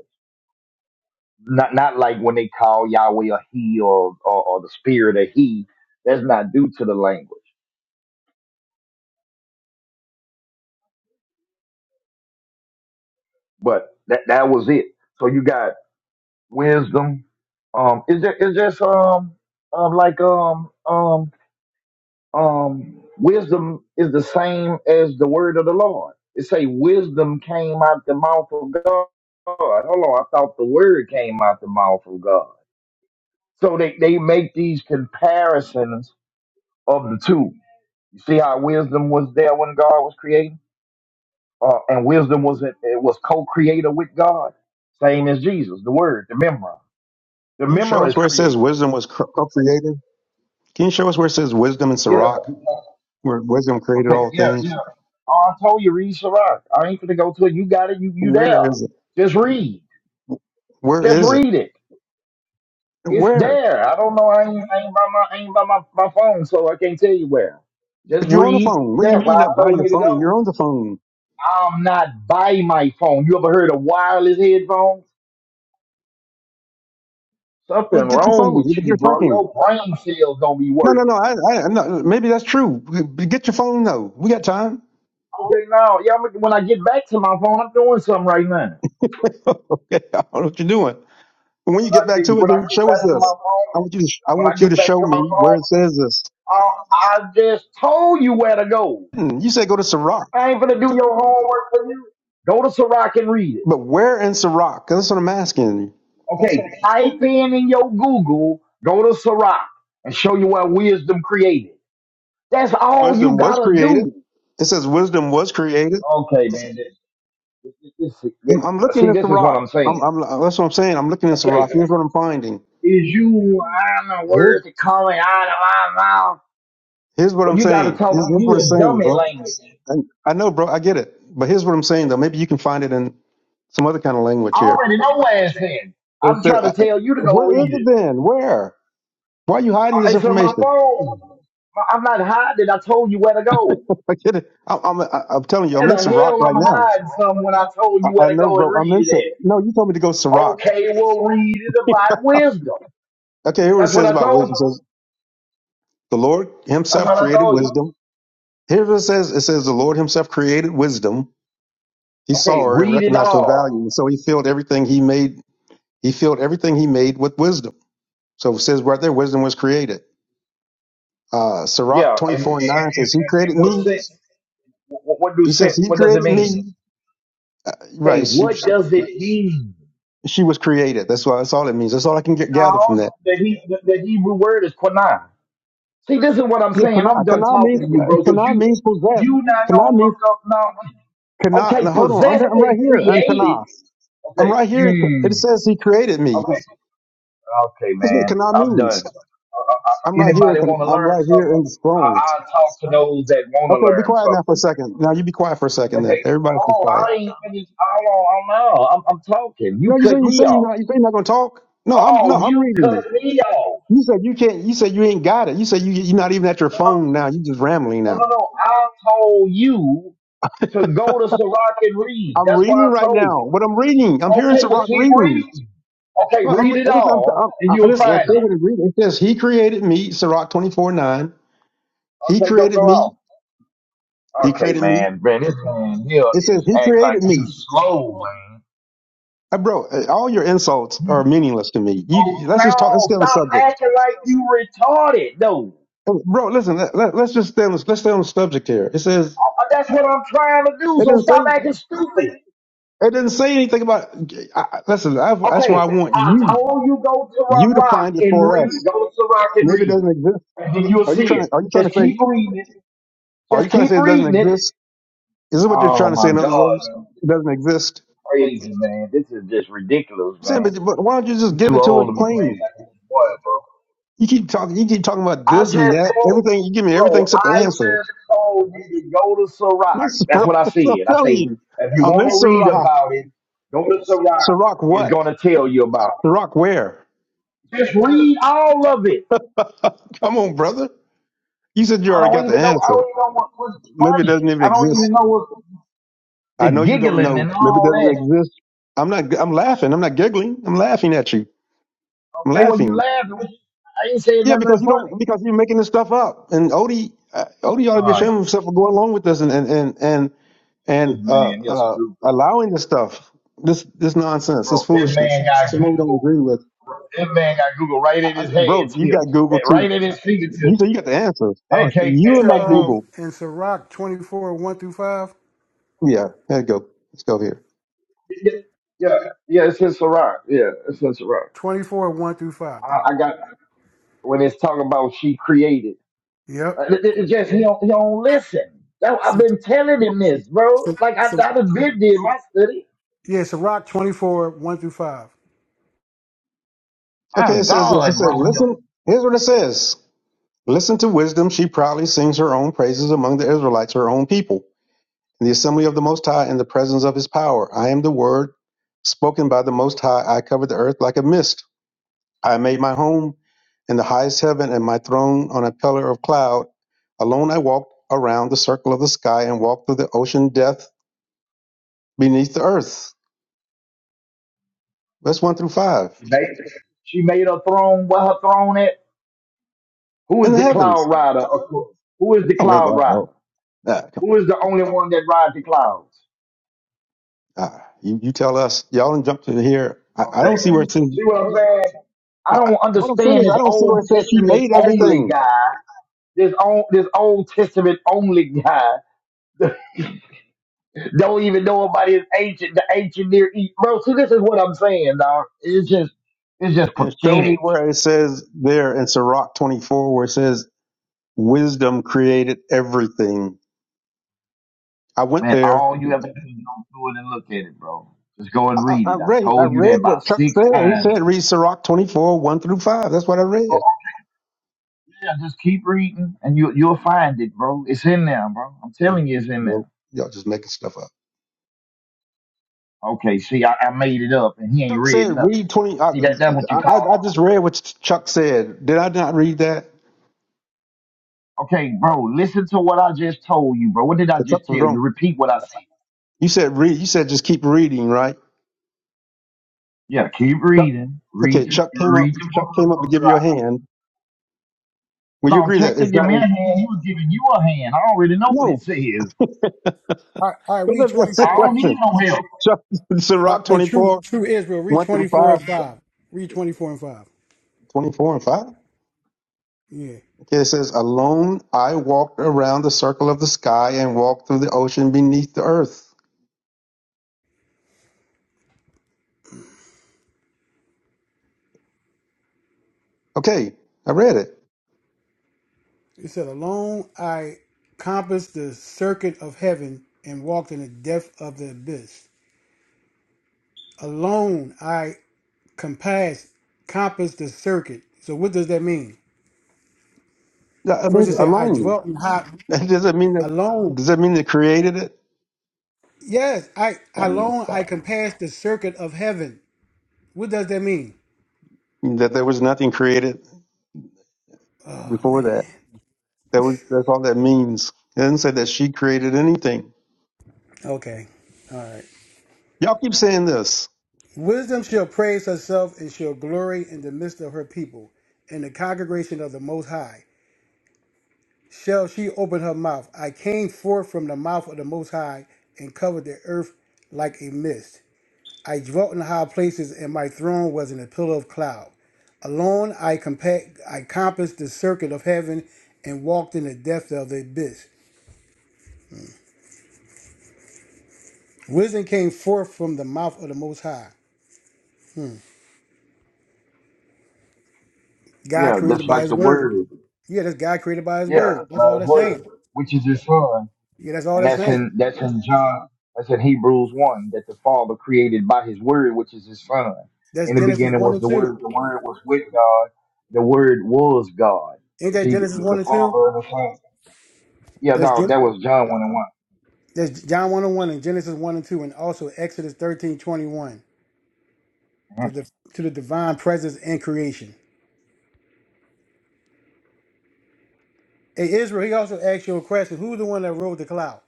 not not like when they call Yahweh a he or or, or the spirit a he. That's not due to the language, but that that was it. So you got wisdom. Um, is there is there some um like um um um wisdom is the same as the word of the Lord. It say wisdom came out the mouth of God. Hold on, I thought the word came out the mouth of God. So they, they make these comparisons of the two You see how wisdom was there when God was creating, uh, and wisdom was it was co-creator with God, same as Jesus, the Word, the Memra. The Can you show Memra us is where it says creator. wisdom was co- co-created? Can you show us where it says wisdom in Yeah. Sirach, where wisdom created Okay. all Yeah. things? Yeah. Oh, I told you read Sirach. I ain't gonna go to it. You got it. You you there? Where is it? Just read. Where Just is it? read it. It's Where? there. I don't know. I ain't, I ain't by my I ain't by my, my phone, so I can't tell you where. Just But you're on the read phone. What do you that. mean Where you're I not by told your you to phone? You're go. on the phone. I'm not by my phone. You ever heard of wireless headphones? Something Well, get your wrong phone. with But you, you're bro. talking. Your brain cells don't be No, no, no. working. I, I, no maybe that's true. But Get your phone though. We got time. Okay, now, yeah, I'm- when I get back to my phone, I'm doing something right now. okay, I don't know what you're doing. But when you When get I back get, to it, when I then get show us back to my this. phone, I want you to. I when I want you to get back show to my me where phone, it says this. I, I just told you where to go. Hmm, You said go to Sirach, I ain't gonna do your homework for you. Go to Sirac and read it. but where in Sirach? That's what I'm asking. Okay, type in in your Google, go to Sirac and show you where wisdom created. That's all you Wisdom was gotta created. do. It says wisdom was created. Okay, man. This, this, this, this, I'm, I'm this, looking see, at the this is what rock. I'm I'm, saying. I'm, that's what I'm saying. I'm looking at the Okay, rock. is Here's what I'm finding. you I don't know Here's, words are coming out of my mouth, here's what but I'm you got to saying. talk Here's, to here's you what it's in saying, dummy bro. language. And I know, bro. I get it. But here's what I'm saying, though. Maybe you can find it in some other kind of language I here. already know what it's in. It I'm said, trying I, to I- tell you to go where is read it it. then? Where? Why are you hiding Uh, this It's on my information? phone. My- I'm not hiding. I told you where to go. I get it. I, I'm, I, I'm telling you, I'm How in the Sirach hell right I'm now. hiding some when I told I, you where I to know, go and bro. I'm read in Sirach. it No, you told me to go at? Sirach. Okay, well read it about wisdom. Okay, here what it That's what says I about told wisdom. It you. says, the Lord That's himself what I created told you. wisdom. Here's what it says. It says, the Lord himself created wisdom He saw Okay, her and read it recognized her value. all. And so he filled everything he made. He filled everything he made with wisdom. So it says right there, wisdom was created. Uh, Sirach Yeah, and, and, and, 24 and 9 and says, he created what me. sense? What, what do He says, sense? he What does it created mean? me. Okay, Right. She, what was- does it mean? she was created. That's why, that's all it means. That's all I can get, gather from No, that. the, he, the, the Hebrew word is quanah. See, this is what I'm Yeah. saying. Kana, I'm done kana talking means, to you, bro, because kana you means possessed. you not Kana gonna look means, up now. kana. Okay, Now hold on. possessed I'm, I'm right and here. And created. kana. I'm Okay. right here. in- It Mm. says he created me. Okay. Okay, That's what man. kana I'm done. means. Uh, uh, uh, I'm right here. anybody in- want to I'm learn right here in something? the I, throne. I'll talk to those that want to Okay, be learn quiet now for a something. second. Now you be quiet for a second. Then Okay. everybody be Hold on. quiet. I ain't finished. Hold on. I don't know. I'm, I'm talking. You No, you say cut you me say you off. not you say you're not gonna talk. No, I'm no, Oh, I'm you reading you. cut me off. You said you can't. You said you ain't got it. You said you you're not even at your phone now. You just rambling No, no, now. no. I told you to go to Sirach and read. I'm That's why reading I right told now. you. What I'm reading, I'm hearing Okay, well, Sirach keep reading. reading. Okay, Well, I'm read listen. it all, I'm, and I'm, I you'll listen. I find said it. what it reads. It says he created me. Sirach 24 9. He Okay, go created go me. off. He Okay, created me. man, man, this man here It says is he act like created you me. slow, man. Uh, bro, uh, all your insults are You- meaningless to me. Oh You let's just talk. Let's no, get on the stop subject. acting like you retarded, though. Bro, listen. Let, let, us just stay on. the- Let's stay on the subject here. It says Uh, That's what I'm trying to do. it So didn't stop say acting stupid. it didn't say anything about. I, I- listen, I, that's why Okay, I want I you told you go to you to Rock Rock find it and for read. us. Go to Rock and And if it read. doesn't exist, And then you'll are you see trying? it. Are you trying Just to say? keep reading it. Are you Just trying to keep say it doesn't reading it. exist? Is this what you're trying Oh to say? my In other God, words, man. This is it doesn't exist. Crazy, man. This is just ridiculous, I'm saying, man. but, but why don't you just You give too it to old us to be playing plain? like this boy, bro. You keep talking. You keep talking about I this and just that. told Everything you give me everything bro, except the I just answer. told you to go to This Sirach. is- That's bro, what I that's what said. I'm I telling say you. if you I'm in want to read Sirach. about it, go to Sirach. Sirach It's what? gonna tell you about Sirach where? it. Just read all of it. Come on, brother. You said you I already don't got the even know. I answer. don't even know what was Maybe it funny. doesn't even I don't exist. even know what I the know you don't giggling and know. Maybe it all doesn't that. exist. I'm not. I'm laughing. I'm not giggling. I'm laughing at you. I'm Okay, well you laughing. laughing. I ain't saying Yeah, nothing because you funny. don't. Because you're making this stuff up. And Odie, uh, Odie ought to be All right, ashamed of himself for going along with this and and and and, this and uh, man, you're uh, stupid, allowing this stuff. This this nonsense. This bro. This foolishness. man got I know you don't Google. agree with. This man got Google right at I, I, his head bro, you got tips, eh, Google too. right at his You said fingertips, you got the answers. I and don't, can't and you and my can't uh, get. Google. in Sirach 24, 1 through 5. Yeah. There you go. Let's go here. it. Yeah, yeah, it's in Sarah. Yeah, it's in Sarah. 24, 1 through 5. I, I got when it's talking about she created. Uh, Yep. it- it- it just he don't, he don't listen. That, I've been telling him this, bro. Like I, I done been did my study. Yeah, Sirach 24, 1 through 5. My Okay, it says this. It God, bro. says, listen, here's what it says. Listen to wisdom. She proudly sings her own praises among the Israelites, her own people, in the assembly of the Most High, in the presence of his power. I am the word spoken by the Most High. I covered the earth like a mist. I made my home in the highest heaven and my throne on a pillar of cloud. Alone I walked around the circle of the sky and walked through the ocean depth beneath the earth. That's one through five. She made she made her throne. Where her throne at? Who In is the the cloud heavens. rider? Of course. Who is the Oh, man, cloud God, rider? no. Nah, come Who is the on. only one that rides the clouds? Uh, you, you tell us, y'all done jumped in here. I, I don't Okay, see where it man. says, See what I'm saying? I I, I- don't what I'm saying understand is, this I don't see where it Old says she Testament made only everything. guy. This old this Old Testament only guy. Don't even know about his ancient, the ancient near east, bro. See, this is what I'm saying, dog. It's just, it's just And show me pathetic, where it says there in Sirach 24, where it says wisdom created everything. I went man. there. All you have to do is go through it and look at it, bro. Just go I, and I read I it. I read, I told you that read about what Chuck six said. He times. said, read Sirach 24, 1 through 5. That's what I read. Yeah, just keep reading, and you you'll find it, bro. It's in there, bro. I'm Yeah. telling you, it's in Well, there. y'all just making stuff up. Okay, see, I, I made it up, and he ain't Chuck said, read nothing. read 20. I, See, that that's what you I, I call. just read what Chuck said. Did I not read that? Okay, bro, listen to what I just told you, bro. What did I So just Chuck was tell you? wrong. Repeat what I said. You said read. You said just keep reading, right? Yeah, keep Chuck, reading. Read, okay, the Chuck came up. read the book Chuck of came the up to first give you a hand. Will you No, agree that check to it's give not? me a In, hand. He was giving you a hand. I already know what it no, says. but All right, all right read look, that's the I 24. don't question. need no help. Chuck, All right, Sirach hey, twenty true, four true Israel, read one through 24 five, and 5. Read 24 and 5. 24 and five. Yeah. Okay, it says, "Alone I walked around the circle of the sky and walked through the ocean beneath the earth." Okay, I read it. It said, Alone I compassed the circuit of heaven and walked in the depth of the abyss. Alone I compassed, compassed the circuit. So what does that mean? Yeah, I First mean, it said, I alone. dwelt in high, does that mean that. alone. Does that mean they created it? Yes, I I mean, that's alone I fine. can pass the circuit of heaven. What does that mean? That there was nothing created Oh, before man. that. That was, that's all that means. It doesn't say that she created anything. Okay. Y'all keep saying this. Wisdom shall praise herself and shall glory in the midst of her people, in the congregation of the Most High. Shall she open her mouth? I came forth from the mouth of the Most High and covered the earth like a mist. I dwelt in high places, and my throne was in a pillar of cloud. Alone I, compa- I compassed the circuit of heaven and walked in the depth of the abyss. Wisdom came forth from the mouth of the Most High. God Yeah, that's created by like His the word. word. Yeah, that's God created by His Yeah, word. That's all uh, his that's word, saying. which is his son, Yeah, that's all and that's that's saying. in that's in John. That's in Hebrews one. That the Father created by His word, which is His son. That's In the Genesis beginning one was and the two. word. The word was with God. The word was God. Ain't You that see, the Genesis one the and two? Father and the Son. Yeah, That's no, Gen- that was John one and one. that's John one and one and Genesis one and two, and also Exodus thirteen twenty one to the to the divine presence and creation. Hey Israel, he also asked you a question. Who's the one that rode the cloud?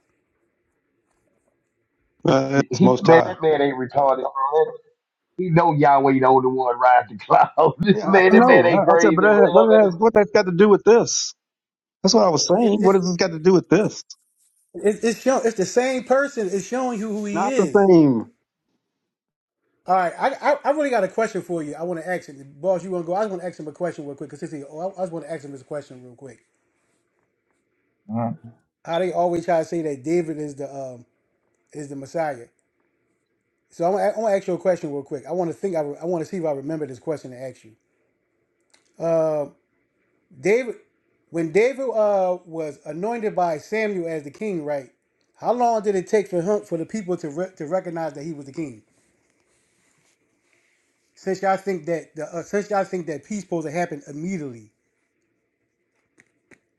Uh, it's He Most man, High. that man ain't retarded. Man. He know Yahweh the only one riding the cloud. Yeah, I man, that man know. ain't I, I said, but crazy, bro. that, what Don't it let has, him- what that's got to do with this? That's what I was It, saying. What it's does this got to do with this? it's it's show, it's the same person. It's showing you who he Not the is. same. All right, I, I I really got a question for you. I want to ask it, boss. You want to go? I just want to ask him a question real quick because he. Oh, I, I just want to ask him this question real quick. Mm. How they always try to say that David is the um is the Messiah. So I'm gonna, I'm gonna ask you a question real quick. I want to think. I, re- I want to see if I remember this question to ask you. David, when David uh was anointed by Samuel as the king, right? How long did it take for him for the people to re- to recognize that he was the king? Since y'all think that the uh, since y'all think that peace supposed to happen immediately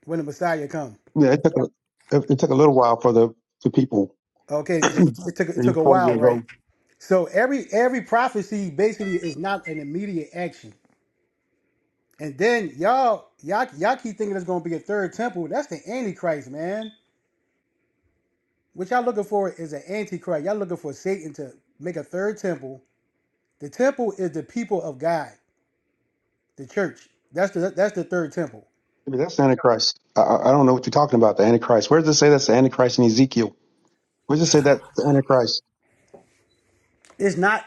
when the Messiah comes. Yeah, it took a it, it took a little while for the the people. Okay, he so it, it took it took was a forty while, years right? old. So every every prophecy basically is not an immediate action. And then y'all y'all y'all keep thinking it's gonna be a third temple. That's the antichrist, man. What y'all looking for is an antichrist. Y'all looking for Satan to make a third temple. The temple is the people of God, the church. That's the that's the third temple. I mean, that's the Antichrist. I, I I don't know what you're talking about. The Antichrist. Where does it say that's the Antichrist in Ezekiel? Where does it say that's the Antichrist? it's not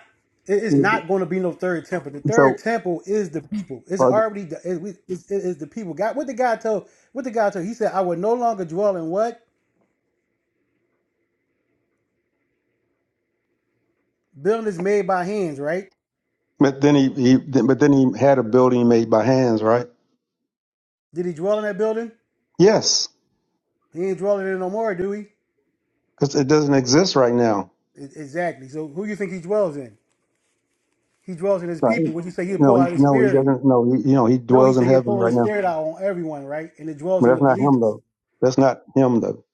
it's not going to be no third temple. The third So temple is the people. It's uh, already the, it, it's, it- it's the people. God, what the guy told, what the guy told, he said, "I will no longer dwell in what buildings made by hands." Right? But then he, he but then he had a building made by hands, right? Did he dwell in that building? Yes, He ain't dwelling in it no more, do he? because it doesn't exist right now. E- Exactly. So who you think he dwells in? He dwells in his Right. people. When you say he'll No, pour he out his no he spirit, doesn't. No, he, you know he no, he dwells in said he'll heaven pour right his now. spirit out on everyone, right? And it dwells But in that's the not him believers. though. That's not him though.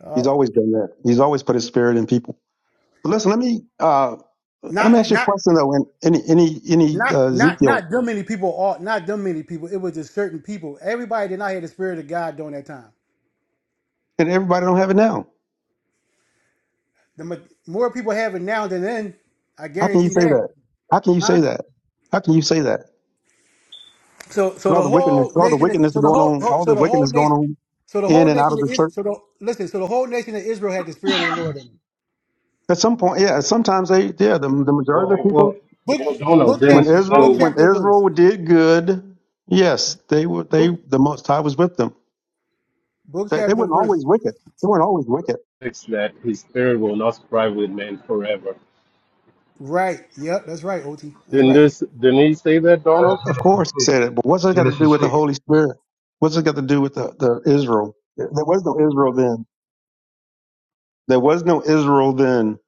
Uh, He's always done that. He's always put his spirit in people. But listen, let me uh, let me ask not you a not question though. And any any any uh, Not not Ezekiel not them many people. All not them many people. It was just certain people. Everybody did not have the spirit of God during that time. and everybody don't have it now. The ma- more people have it now than then. I How can you guarantee say that. that? How can you Huh? say that? How can you say that? So so With all the the wickedness, whole all the nation. wickedness So the going whole on, whole- all so the the whole wickedness going nation. on So the in whole and out of nation the of church. Israel. So the, listen. So the whole nation of Israel had the spirit of the Lord in them. At some point, yeah. Sometimes they, yeah. The, the majority of Well, the people, well, Book well Donald, book then, when chapter book Israel, then the when chapter verse Israel did good, yes, they were. They book the Most High was with them. book They, they chapter weren't verse. always wicked. They weren't always wicked. that his spirit will not strive with man forever. Right. Yep. That's right. Ot. That's Didn't right. this, didn't he say that, Donald? That's Of course, he Genesis said 6. it. But what's it got to do Genesis with the 6. Holy Spirit? What's it got to do with the, the Israel? There was no Israel then. There was no Israel then.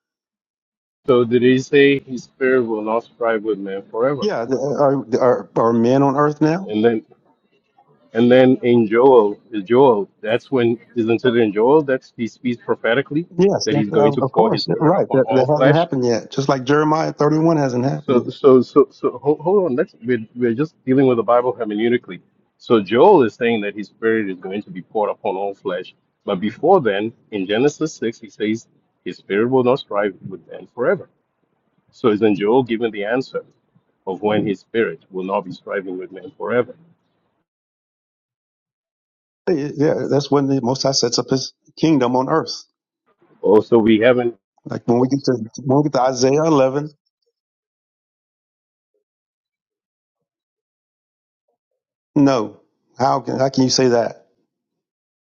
So did he say his spirit will not strive with man forever? Yeah, the- are are, are men on earth now? And then, and then in Joel, in Joel, that's when, isn't it in Joel that he speaks prophetically Yes, that of he's going to of pour his course. spirit Right. upon That, all that hasn't flesh? happened yet. Just like Jeremiah thirty-one hasn't happened yet. So, so, so, so, hold, hold on. let we're, we're just dealing with the Bible hermeneutically. So Joel is saying that his spirit is going to be poured upon all flesh. But before then, in Genesis six, he says his spirit will not strive with man forever. So isn't Joel given the answer of when his spirit will not be striving with man forever? Hey, Yeah, that's when the Most High sets up His kingdom on earth. Also, we haven't. Like when we get to when we get to Isaiah 11, no, how can how can you say that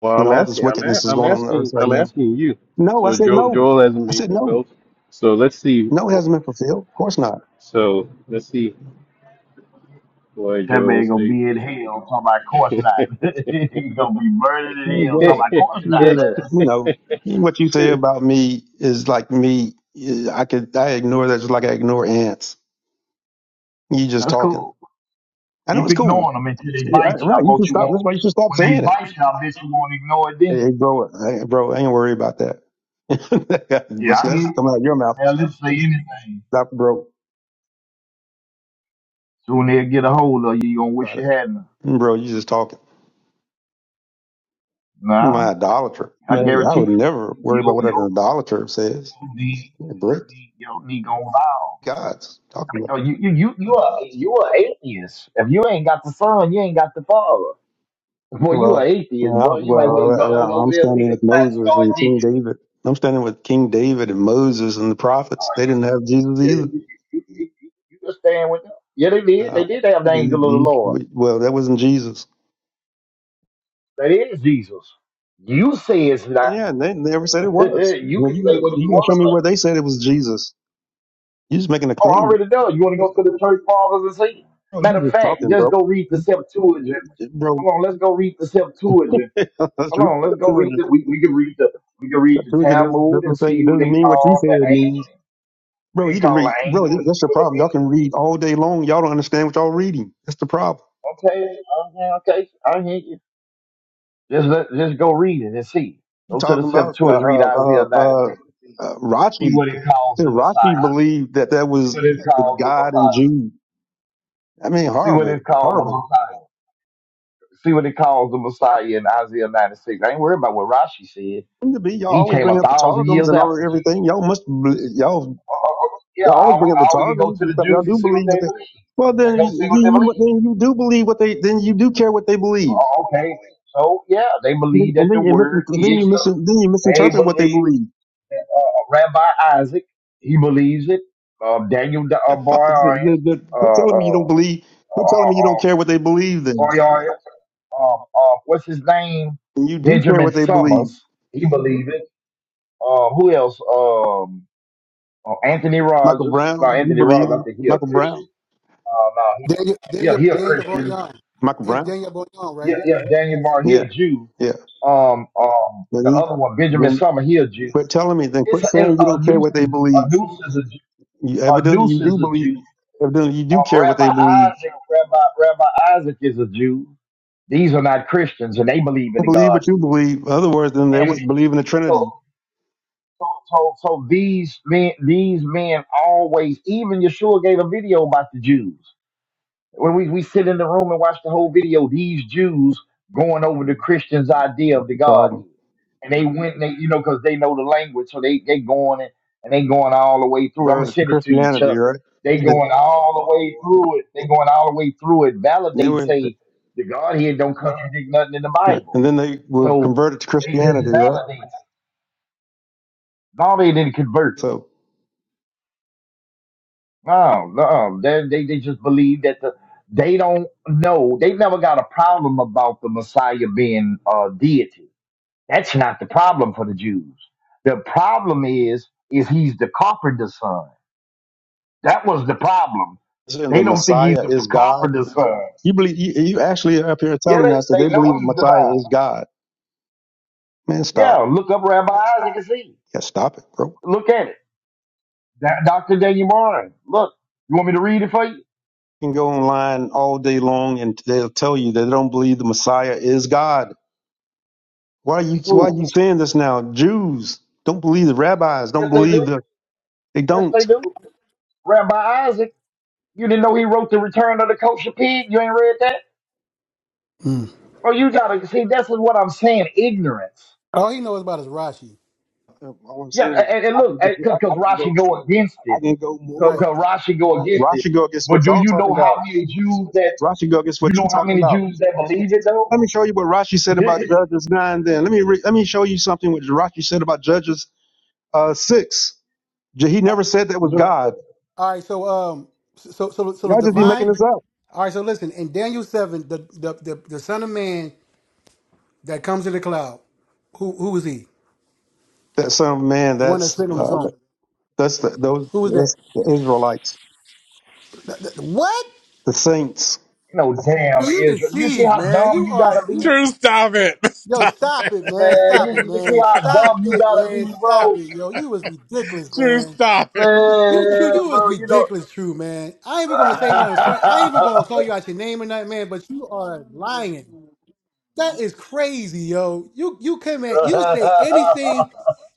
Well, when I'm all this asking. I'm, a, wickedness is I'm going on on earth asking. right I'm now? asking you. No, I So said Joel, no. Joel hasn't I been said no. fulfilled. So let's see. No, it wh- hasn't been fulfilled. Of course not. So let's see why That Joel man gonna stayed. be in hell. Talking about course not. he gonna be murdered in Hey, hell. Talking brother, about course hey, not. brother, That- you know what you say about me is like me. I could I ignore that just like I ignore ants. You just That's talking. cool. I know Keep it's cool. ignoring them until they Yeah, I- bite you. I right. You should bet you stop. That's won't. why you should stop When they saying it. bite you, I bet you won't ignore it Hey, hey, then. bro, hey, bro, I ain't worried about that. But Yeah, I hear. let's you. come out of your mouth. Now let's say anything. Stop bro, Soon they'll get a hold of you. You gonna wish about you it. hadn't. Mm, Bro, you just talking. Nah. My idolater. I Man, I guarantee you, would never worry about you, what an you, idolater says. you need, you Brick need, you need gonna vow. gods talking about. No, you, you, you, you are, you are atheist. If you ain't got the son, you ain't got the father. Boy, you Well, are atheist, I, boy. You might well well, go on I- over I'm there, pick standing a with plant, Moses start and King digging. David. I'm standing with King David and Moses and the prophets. They Oh, didn't have Jesus You, you, either. you, you, you, you you just stand with them. Yeah, they did. Uh, They did have the angel you- of the Lord. you- well, that wasn't Jesus. That is Jesus. You say it's not. Yeah, and they never said it was. you Well, can you got say to what you you got to want show to me where say. they said it was Jesus. You just making a Oh, I claim. already done. You want to go to the church fathers and see? Bro, you Matter of just fact, talking, just bro. go read the Septuagint Bro, Hold on, let's go read the Septuagint. that's Hold re- on, let's go read Septuagint. the. We, we can read the we can read the Septuagint doesn't, Talmud and doesn't say, see it who doesn't they mean what you call say the it angel. means. We Bro, can you can call read. the Bro, angel that- and that's see the what problem. Y'all can read all day long. Y'all don't understand what y'all reading. That's the problem. it means. Okay, okay, okay. I hear you. Just let, just go read it and see. You Go to the talking about uh, Septuagint, read uh, uh, Isaiah 96 uh, and see uh, see Rashi. what it calls Said the Rashi Messiah. believed that that See was what it the calls the God in Messiah. Jude. I mean, See what it horrible, calls the horrible. Messiah. See what it calls the Messiah in Isaiah 96. I ain't worried about what Rashi said. Seem To be y'all He always came bring a up the thousand targums years and all after everything. Y'all must, bel- y'all yeah, Y'all I always we, bring up the I we can go targums to and the stuff. Y'all Jews and do see what believe what they they. believe. Well, then They you go see what then they believe. you, then you do believe what they. Then you do care what they believe, Oh, okay, so yeah, they and then believe that the you mis- word then is. you mis- the- then you They misinterpret what they believe believe. that, uh, Rabbi Isaac. He believes it. Uh, Daniel uh, Boyan, The- the- uh, Quit telling me you uh, don't believe. Quit telling uh, me you don't uh, care what they believe. Then Boyan, um, uh, what's his name? and you do care Benjamin what they believe. Summers. He believes it. Uh, who else? Um, uh, Anthony Michael Rogers. Brown, No, you Anthony Rogers. believe I it. think he a Michael Brown, Christian. Uh, no, he, Daniel yeah, Daniel he a Daniel Christian. Boyan. Michael It's Brown. Daniel Boyan, yeah, right? yeah, Daniel Martin, he Yeah, a Jew. yeah. Um, um, Then the he, other one, Benjamin then Summer, he a Jew. quit telling me. Then It's quit a, it's saying you a don't care what nuisance, they believe. a nuisance, is a, Jew- You a evidently you nuisance, do is a believe. Jew. Evidently you do Um, care what Rabbi they believe Isaac, Rabbi, Rabbi Isaac is a Jew. These are not Christians, and they believe in don't the believe what you Godhead. believe. Otherwise, then they And wouldn't believe in the so, Trinity. so, so, so these men, these men always, even Yeshua gave a video about the Jews. When we, we sit in the room and watch the whole video, these Jews going over the Christians' idea of the It's Godhead. all And they went and they, you know, because they know the language, so they they going and, and they going all the way through. I'm gonna converted to send it to you, Christianity, Chuck. right? They They, going all the way through it. They going all the way through it, they validate and were, say the Godhead don't contradict nothing in the right. And Bible. then they were So converted to they just Christianity, right? validate. No, they didn't convert. So No, no, they, they they just believe that the they don't know. They never got a problem about the Messiah being a deity. That's not the problem for the Jews. The problem is is he's the carpenter's son. That was the problem. saying the They don't think he's Messiah the is God. carpenter's son. You believe you, you actually are up here Yeah, telling us that they, they they know believe the he's Messiah divine. is God. Man, Yeah, stop. look up Rabbi Isaac and see. Yeah, stop it, bro. Look at it. That, Dr. Daniel Martin. Look, you want me to read it for you? You can go online all day long and they'll tell you that they don't believe the Messiah is God. Why are you why are you Boom. saying this now? Jews don't believe the rabbis, don't Yes, they believe do. the they Yes, don't. they do. Rabbi Isaac. You didn't know he wrote The Return of the Kosher Pig? You ain't read that? Bro, you gotta see, that's what I'm saying ignorance. All he knows about is Rashi, Uh, All I'm Yeah, saying is and, and I look, can just I, I because can go Rashi go against I it. can go more. right? Because Rashi go against it. Rashi go against what But do y'all you talking know about. how many Jews that, Rashi go against you what you know how talking many about. Jews that believe it though? Let me show you what Rashi said about Judges nine. Then let me re, let me show you something what Rashi said about Judges uh, six. J- He never said that was Look, God. All right, so um, so so so Y'all the just be you making divine. this up. All right, so listen in Daniel seven, the the the, the Son of Man that comes in the cloud, who who is he? That son of man. The one that's That's sitting on the uh, throne. that's the, those Who is that? that's the Israelites, Th- What? the saints. know, damn You Israel. You see deceived, how man. dumb You you are gotta be? you. Man, True, stop it. Yo, Stop stop it. it, man. Stop it, you, you see man. how Stop dumb you it, gotta man. be, Stop it, bro? yo. You was ridiculous, True, man. stop it. You true, Man, you was bro, you ridiculous, true, man. I ain't even gonna say nothing. fun- I ain't even gonna call you out your name or nothing, man. But you are lying. That is crazy, yo. You you come at you'll say anything.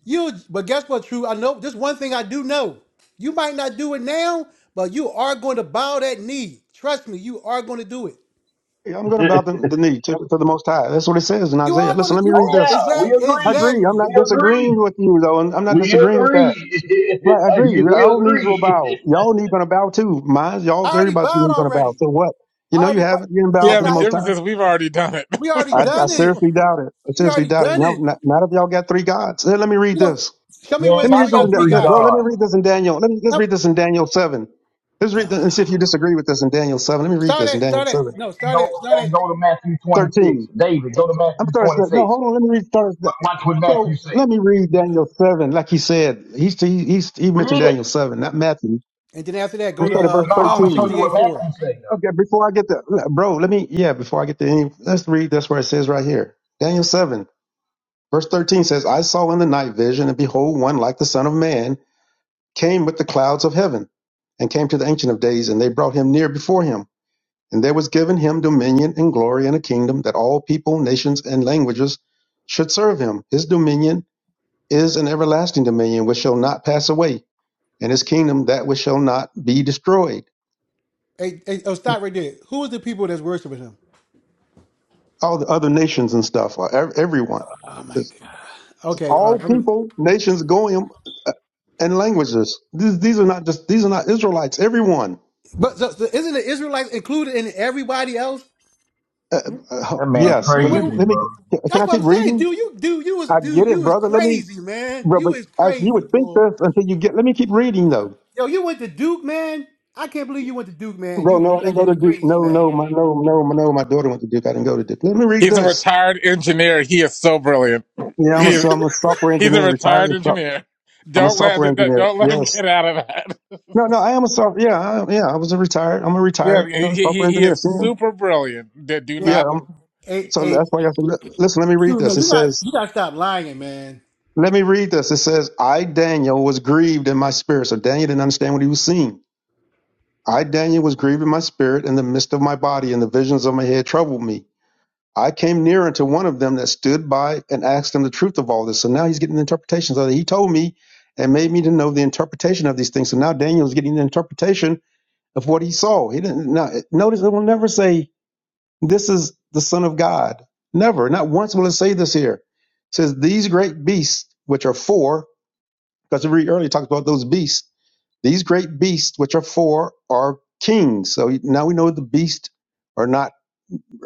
You but guess what, True? I know just one thing I do know. You might not do it now, but you are going to bow that knee. Trust me, you are going to do it. Yeah, I'm going know. to bow the, the knee to, to the Most High. That's what it says in You Isaiah. are Listen, going to let me you read Oh this. yeah, we exact I agree. agree. I'm exactly. not We agree. disagreeing with you though, and I'm not We disagreeing with that. agree. Right, I agree. we Y'all knees will bow. agree. Y'all need gonna bow too. Mine's I y'all's already everybody's bowed gonna gonna bow. already. So what? I You know you already bow- haven't been bowed Yeah, that's to the the not, most difference high. is we've already done it. we already I, I done it. seriously doubt it. I We seriously already doubt it. done No, it. not, not if y'all got three gods. Let, let me read You know, this. show me We where Let ain't it me say got read we this no in got Da- three three let, guys bro, here. let me gods. read this in Daniel. Let me let's read Stop, this in Daniel seven. Let's read this and see if you disagree with this in Daniel seven. Let me read start this in at Daniel start at seven no And start go, at start at and go to Matthew 26. Thirteen. David, go to I'm Matthew starting to no, 26. hold on, let me read start at- Watch what bro, Matthew say. let me read Daniel seven. Like he said. He's he, he's he mentioned Read it. Daniel seven, not Matthew. I'm and then after that go gonna Read to start it. at verse uh No, I'm Psalm gonna show thirteen. you sixty eight what four. Matthew say Okay, though. before I get the bro, let me yeah, before I get to any let's read that's where it says right here. Daniel seven, verse thirteen says, I saw in the night vision, and behold, one like the Son of Man came with the clouds of heaven, and came to the ancient of days, and they brought him near before him. And there was given him dominion and glory and a kingdom that all people, nations, and languages should serve him. His dominion is an everlasting dominion which shall not pass away, and his kingdom that which shall not be destroyed. Hey, hey, oh, stop right there. Who is the people that's worshiping him? All the other nations and stuff, or ev- everyone. Oh my God. Okay, all all right. I'm- people, nations, Goyim, uh, and languages. These, these are not just these are not Israelites. Everyone. but so, so isn't the Israelites included in everybody else? Uh, uh, That man What, yes, what, but let, me- what- crazy, let me. bro. Can that's I what keep I'm saying, reading? dude. You, dude, you is, I get dude, it, you is brother. Let me. crazy, man. Bro, but You is I, you crazy, would think bro. this until you get. Let me keep reading though. Yo, you went to Duke, man. I can't believe you went to Duke, man. Bro, You, no, I you didn't go to acting Duke. crazy, No, man. no, my no, no, my, no. My daughter went to Duke. I didn't go to Duke. Let me read he's a this. retired engineer. He is so brilliant. Yeah, I'm a, He, so- I'm a software he's a engineer, retired. retired with soft- engineer. I'm a Don't let software don't engineer. don't let him Yes. get out of that. No, no, I am a software. Yeah, I, yeah, I was a retired. I'm a Yeah, retired he, uh, he, software he engineer. is Senior. super brilliant. Do do man Yeah, I'm not let him. hey, So hey, that's why y'all said, li- listen, let me read dude, this. man, It you got, says, you got to stop lying, man. let me read this. It says, I, Daniel, was grieved in my spirit. So Daniel didn't understand what he was seeing. I, Daniel, was grieved in my spirit in the midst of my body, and the visions of my head troubled me. I came near unto one of them that stood by and asked him the truth of all this. So now he's getting the interpretation. So he told me and made me to know the interpretation of these things. So now Daniel is getting the interpretation of what he saw. He didn't now, notice it will never say This is the Son of God. Never, not once will it say this here. It says, These great beasts, which are four, because we earlier talked about those beasts, these great beasts, which are four, are kings. So now we know the beasts are not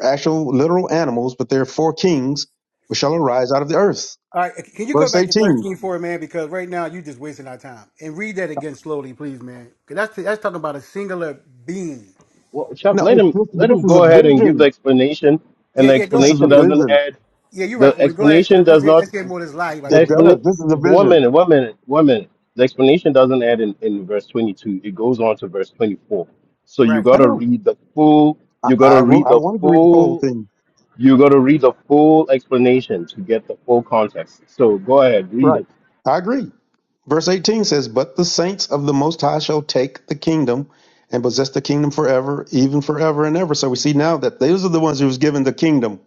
actual literal animals, but they're four kings which shall arise out of the earth. All right, can you go Verse back to 18. thirteen for it, man? Because right now you're just wasting our time. And read that again slowly, please, man. Because that's that's talking about a singular being. well, Chuck, No, let it's, him this, but let this him is a go ahead and give the vision. explanation, and Yeah, the yeah, go This ahead. is explanation a Yeah, doesn't vision. add. yeah you're right. The Owen. Go ahead. explanation Let's does get, not. let's get more of this lie you about The to It bring does. up. explanation. This is a One vision. minute. One minute. One minute. The explanation doesn't add in, in verse 22. It goes on to verse 24. So you Right. I gotta know. read the full. I, You gotta I, will, read I the wanted to read the whole full. thing. You gotta read the full explanation to get the full context. So go ahead, read it. Right. I agree. Verse 18 says, But the saints of the Most High shall take the kingdom and possess the kingdom forever, even forever and ever. So we see now that those are the ones who was given the kingdom.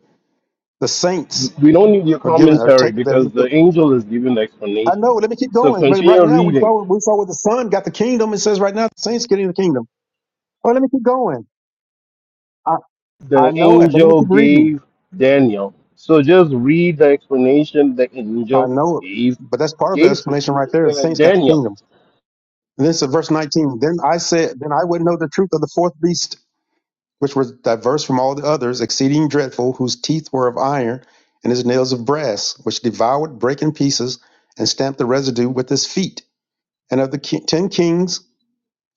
The saints We don't need your are given are commentary taken. because the I angel is giving the explanation. know, let me keep So going. But right continue now we reading. saw we saw where the son got the kingdom. It says right now the saints getting the kingdom. Oh, let me keep going. I, I The know it, but let me angel keep reading. gave Daniel. So just read the explanation the I angel know it. gave But that's part of the gave explanation right there. The uh, saints got the Daniel. kingdom. And this is verse 19. Then I said, Then I would know the truth of the fourth beast which were diverse from all the others, exceeding dreadful, whose teeth were of iron, and his nails of brass, which devoured, brake in pieces, and stamped the residue with his feet. And of the ki- ten kings,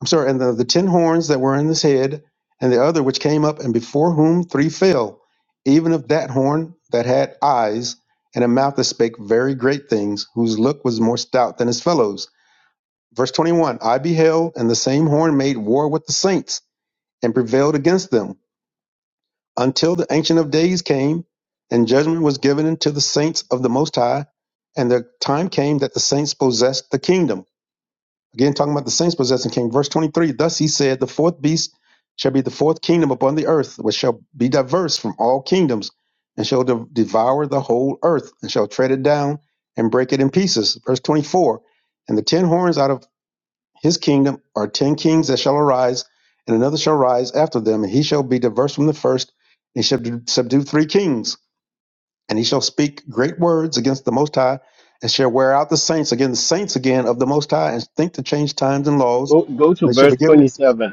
I'm sorry, and of the ten horns that were in his head, and the other which came up, and before whom three fell, even of that horn that had eyes, and a mouth that spake very great things, whose look was more stout than his fellows. Verse 21 I beheld, and the same horn made war with the saints, and prevailed against them until the Ancient of Days came, and judgment was given unto the saints of the Most High, and the time came that the saints possessed the kingdom. Again, talking about the saints possessing the kingdom. Verse 23 Thus he said, The fourth beast shall be the fourth kingdom upon the earth, which shall be diverse from all kingdoms, and shall de- devour the whole earth, and shall tread it down and break it in pieces. Verse 24 And the ten horns out of his kingdom are ten kings that shall arise, and another shall rise after them, and he shall be diverse from the first, and he shall do- subdue three kings, and he shall speak great words against the Most High, and shall wear out the saints again, the saints again of the Most High, and think to change times and laws. Go, go to And it shall verse be given. 27.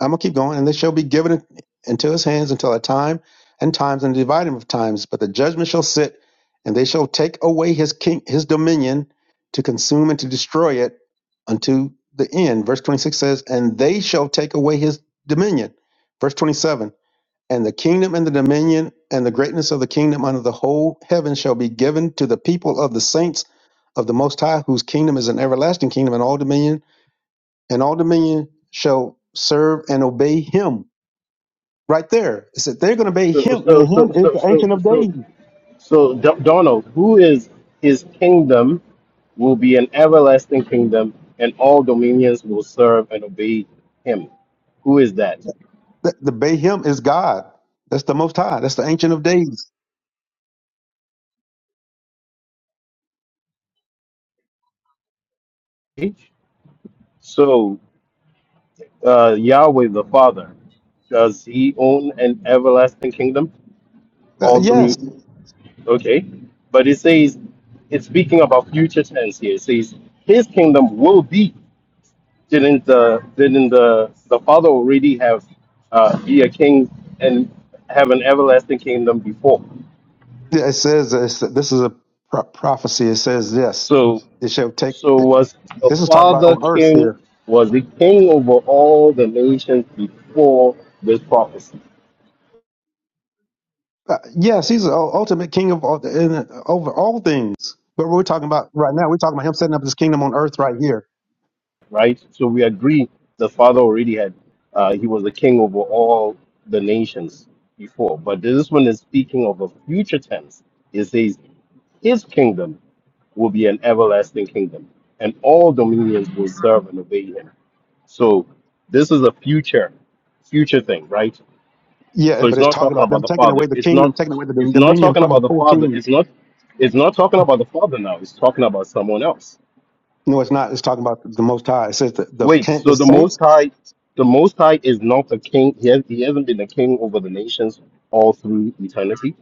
I'm gonna keep going, and they shall be given into his hands until a time and times and dividing of times. But the judgment shall sit, and they shall take away his king, his dominion, to consume and to destroy it unto the end. Verse 26 says, and they shall take away his dominion. Verse 27, and the kingdom and the dominion and the greatness of the kingdom under the whole heaven shall be given to the people of the saints of the Most High, whose kingdom is an everlasting kingdom, and all dominion and all dominion shall serve and obey him. Right there. It said they're going to obey So him, so and so him is so the so ancient of days. so, so Do- Donald, who is his kingdom will be an everlasting kingdom, and all dominions will serve and obey him. Who is that? The, the obey him is God. That's the Most High. That's the ancient of days. H? So uh, Yahweh the Father, does he own an everlasting kingdom? Uh, All yes, through, okay. But it says, it's speaking about future tense here. It says, his kingdom will be. Didn't the, didn't the, the Father already have, uh, be a king and have an everlasting kingdom before? Yeah, it says uh, it's, this is a pro- prophecy. It says yes, So, it shall take. so was the This is talked about Father on earth king, here. was he king over all the nations before this prophecy? Uh, yes, he's the ul- ultimate king of all, in, over all things. But we're talking about right now. We're talking about him setting up his kingdom on earth right here. right? So we agree the Father already had, uh, he was the king over all the nations before. But this one is speaking of a future tense. It says, his kingdom will be an everlasting kingdom, and all dominions will serve and obey him. So this is a future, future thing, right? Yeah, So but it's it's not talking talking about about them the taking Father. away the It's kingdom, not. taking away the dom- It's not dominion talking from about the the four Father. kings. It's not. It's not talking about the Father now. It's talking about someone else No, it's not. It's talking about the Most High. It says the the, Wait, can- the so the Most saints. High, the Most High is not a king. He, has, he hasn't been a king over the nations all through eternity.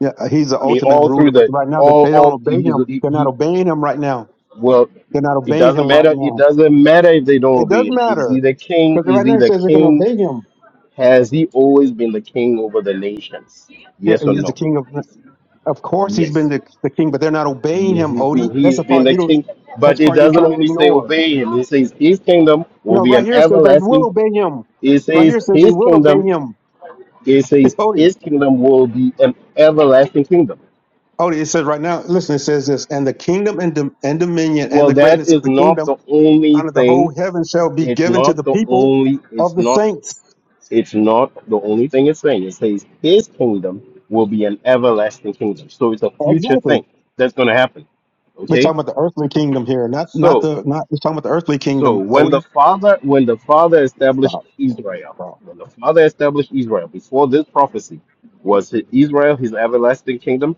Yeah, he's the I mean, ultimate all through ruler. But the right now, that all they don't all obey he's him. he, They're not he obeying him right now. well, They're not it obeying doesn't him right matter. It now. doesn't matter if they don't It does obey him. Is he matter the king? because Is right he now it the says they're going to king? obey him. Has he always been the king over the nations? Yeah, Yes or he's the no? king of. Of course, he's been Yes. the, the king, but they're not obeying He's him, He's been, Odie. That's he's the been part the you don't. king, That's but the it part you're doesn't trying to only say ignore. obey him. It says his kingdom will No, be right an here it says they everlasting. will obey him. It Right says here it says they his will obey kingdom him, It says Odie. his kingdom will be an everlasting kingdom. Odie, it says right now. Listen, it says this, and the kingdom and, dom- and dominion and Well, the that greatness of is the not kingdom the only under the thing. whole heaven shall be It's given to the not the people only. of It's the not. saints. It's not the only thing it's saying. It says his kingdom will be an everlasting kingdom. So it's a future Exactly. thing that's going to happen. We're Okay. talking about the earthly kingdom here, not not So the not. We're talking about the earthly so kingdom. when the Odie, father when the father established stop. Israel, when the father established Israel before this prophecy, was Israel his everlasting kingdom?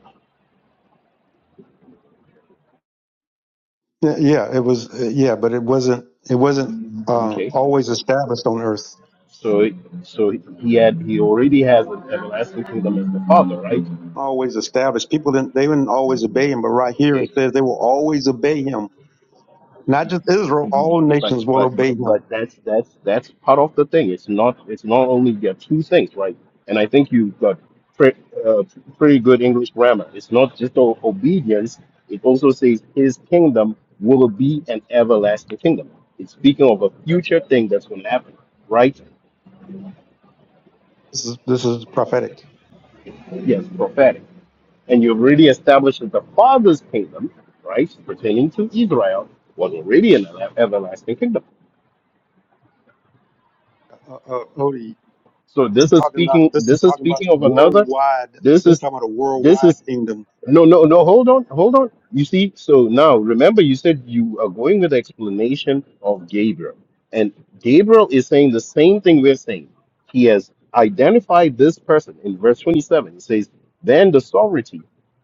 Yeah, yeah, it was. uh, Yeah, but it wasn't. It wasn't uh, Okay. always established on earth. So, so he had he already has an everlasting kingdom as the Father, right? Always established. People didn't. They didn't always obey him. But right here Okay, it says they will always obey him. Not just Israel. All but nations will but obey but him. but that's that's that's part of the thing. It's not it's not only the two things, right? And I think you've got pre, uh, pretty good English grammar. It's not just o- obedience. It also says His kingdom will be an everlasting kingdom. It's speaking of a future thing that's going to happen, right? This is this is prophetic. Yes, prophetic. and you've already established that the Father's kingdom, right, pertaining to Israel, was already an ever- everlasting kingdom. Uh, uh, Odie, So This this is is talking about speaking. this is This is talking about speaking a of another. worldwide. This This is is talking about a this worldwide is kingdom. No, no, no. Hold on, hold on. You see, so now remember, you said you are going with the explanation of Gabriel, and Gabriel is saying the same thing we're saying. He has identified this person in verse 27. He says, Then the sovereignty,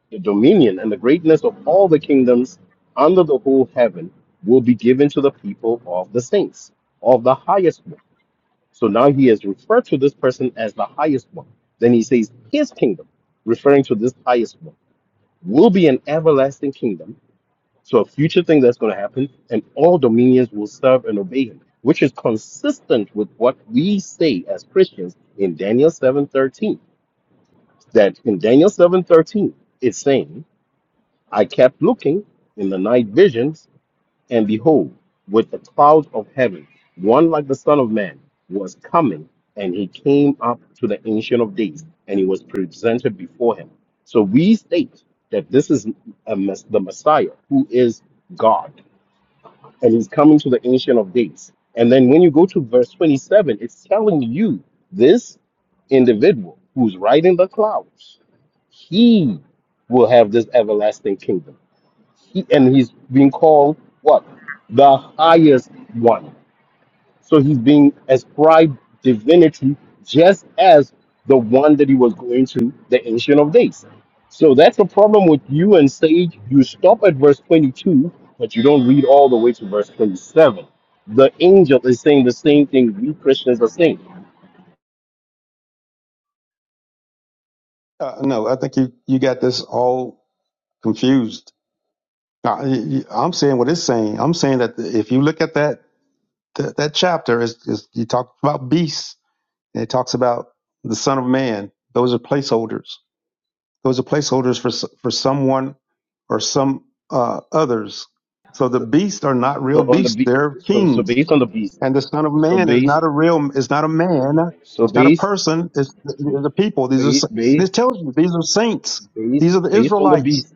the dominion, and the greatness of all the kingdoms under the whole heaven will be given to the people of the saints, of the highest one. So now he has referred to this person as the highest one. Then he says, His kingdom, referring to this highest one will be an everlasting kingdom. So a future thing that's going to happen, and all dominions will serve and obey him, which is consistent with what we say as Christians in Daniel 7:13. That in Daniel 7:13, it's saying, I kept looking in the night visions and behold, with the clouds of heaven, one like the Son of Man was coming, and he came up to the Ancient of Days, and he was presented before him. So we state that this is a mess, the Messiah, who is God, and he's coming to the Ancient of Days. And then when you go to verse 27, it's telling you this individual who's riding the clouds, he will have this everlasting kingdom he, and he's being called what? The highest one. So he's being ascribed divinity just as the one that he was going to, the Ancient of Days. So that's the problem with you and Sage. You stop at verse 22, but you don't read all the way to verse 27. The angel is saying the same thing we Christians are saying. Uh, no, I think you you got this all confused. Uh, y- y- I'm saying what it's saying. I'm saying that if you look at that that, that chapter, is is you talk about beasts and it talks about the Son of Man. Those are placeholders. Those are placeholders for s- for someone or some uh, others. So the beasts are not So real on the beasts. be- They're so so kings. based on the beast. And the Son of So Man is based not a real, is not a man, so it's not a based person, it's, it's a people. These are, s- based this based tells you these are saints. These are based the based on the Israelites. beast.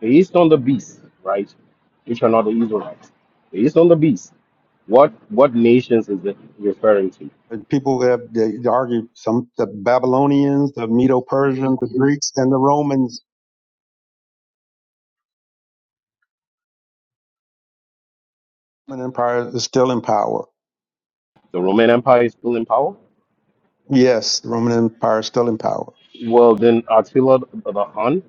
The east on the beast, right? Which are not the Israelites. The east on the beast. What what nations is it referring to? And People have they argue some the Babylonians, the Medo-Persians, the Greeks, and the Romans. Roman Empire is still in power. The Roman Empire is still in power. Yes, the Roman Empire is still in power. Well, then Attila the Hun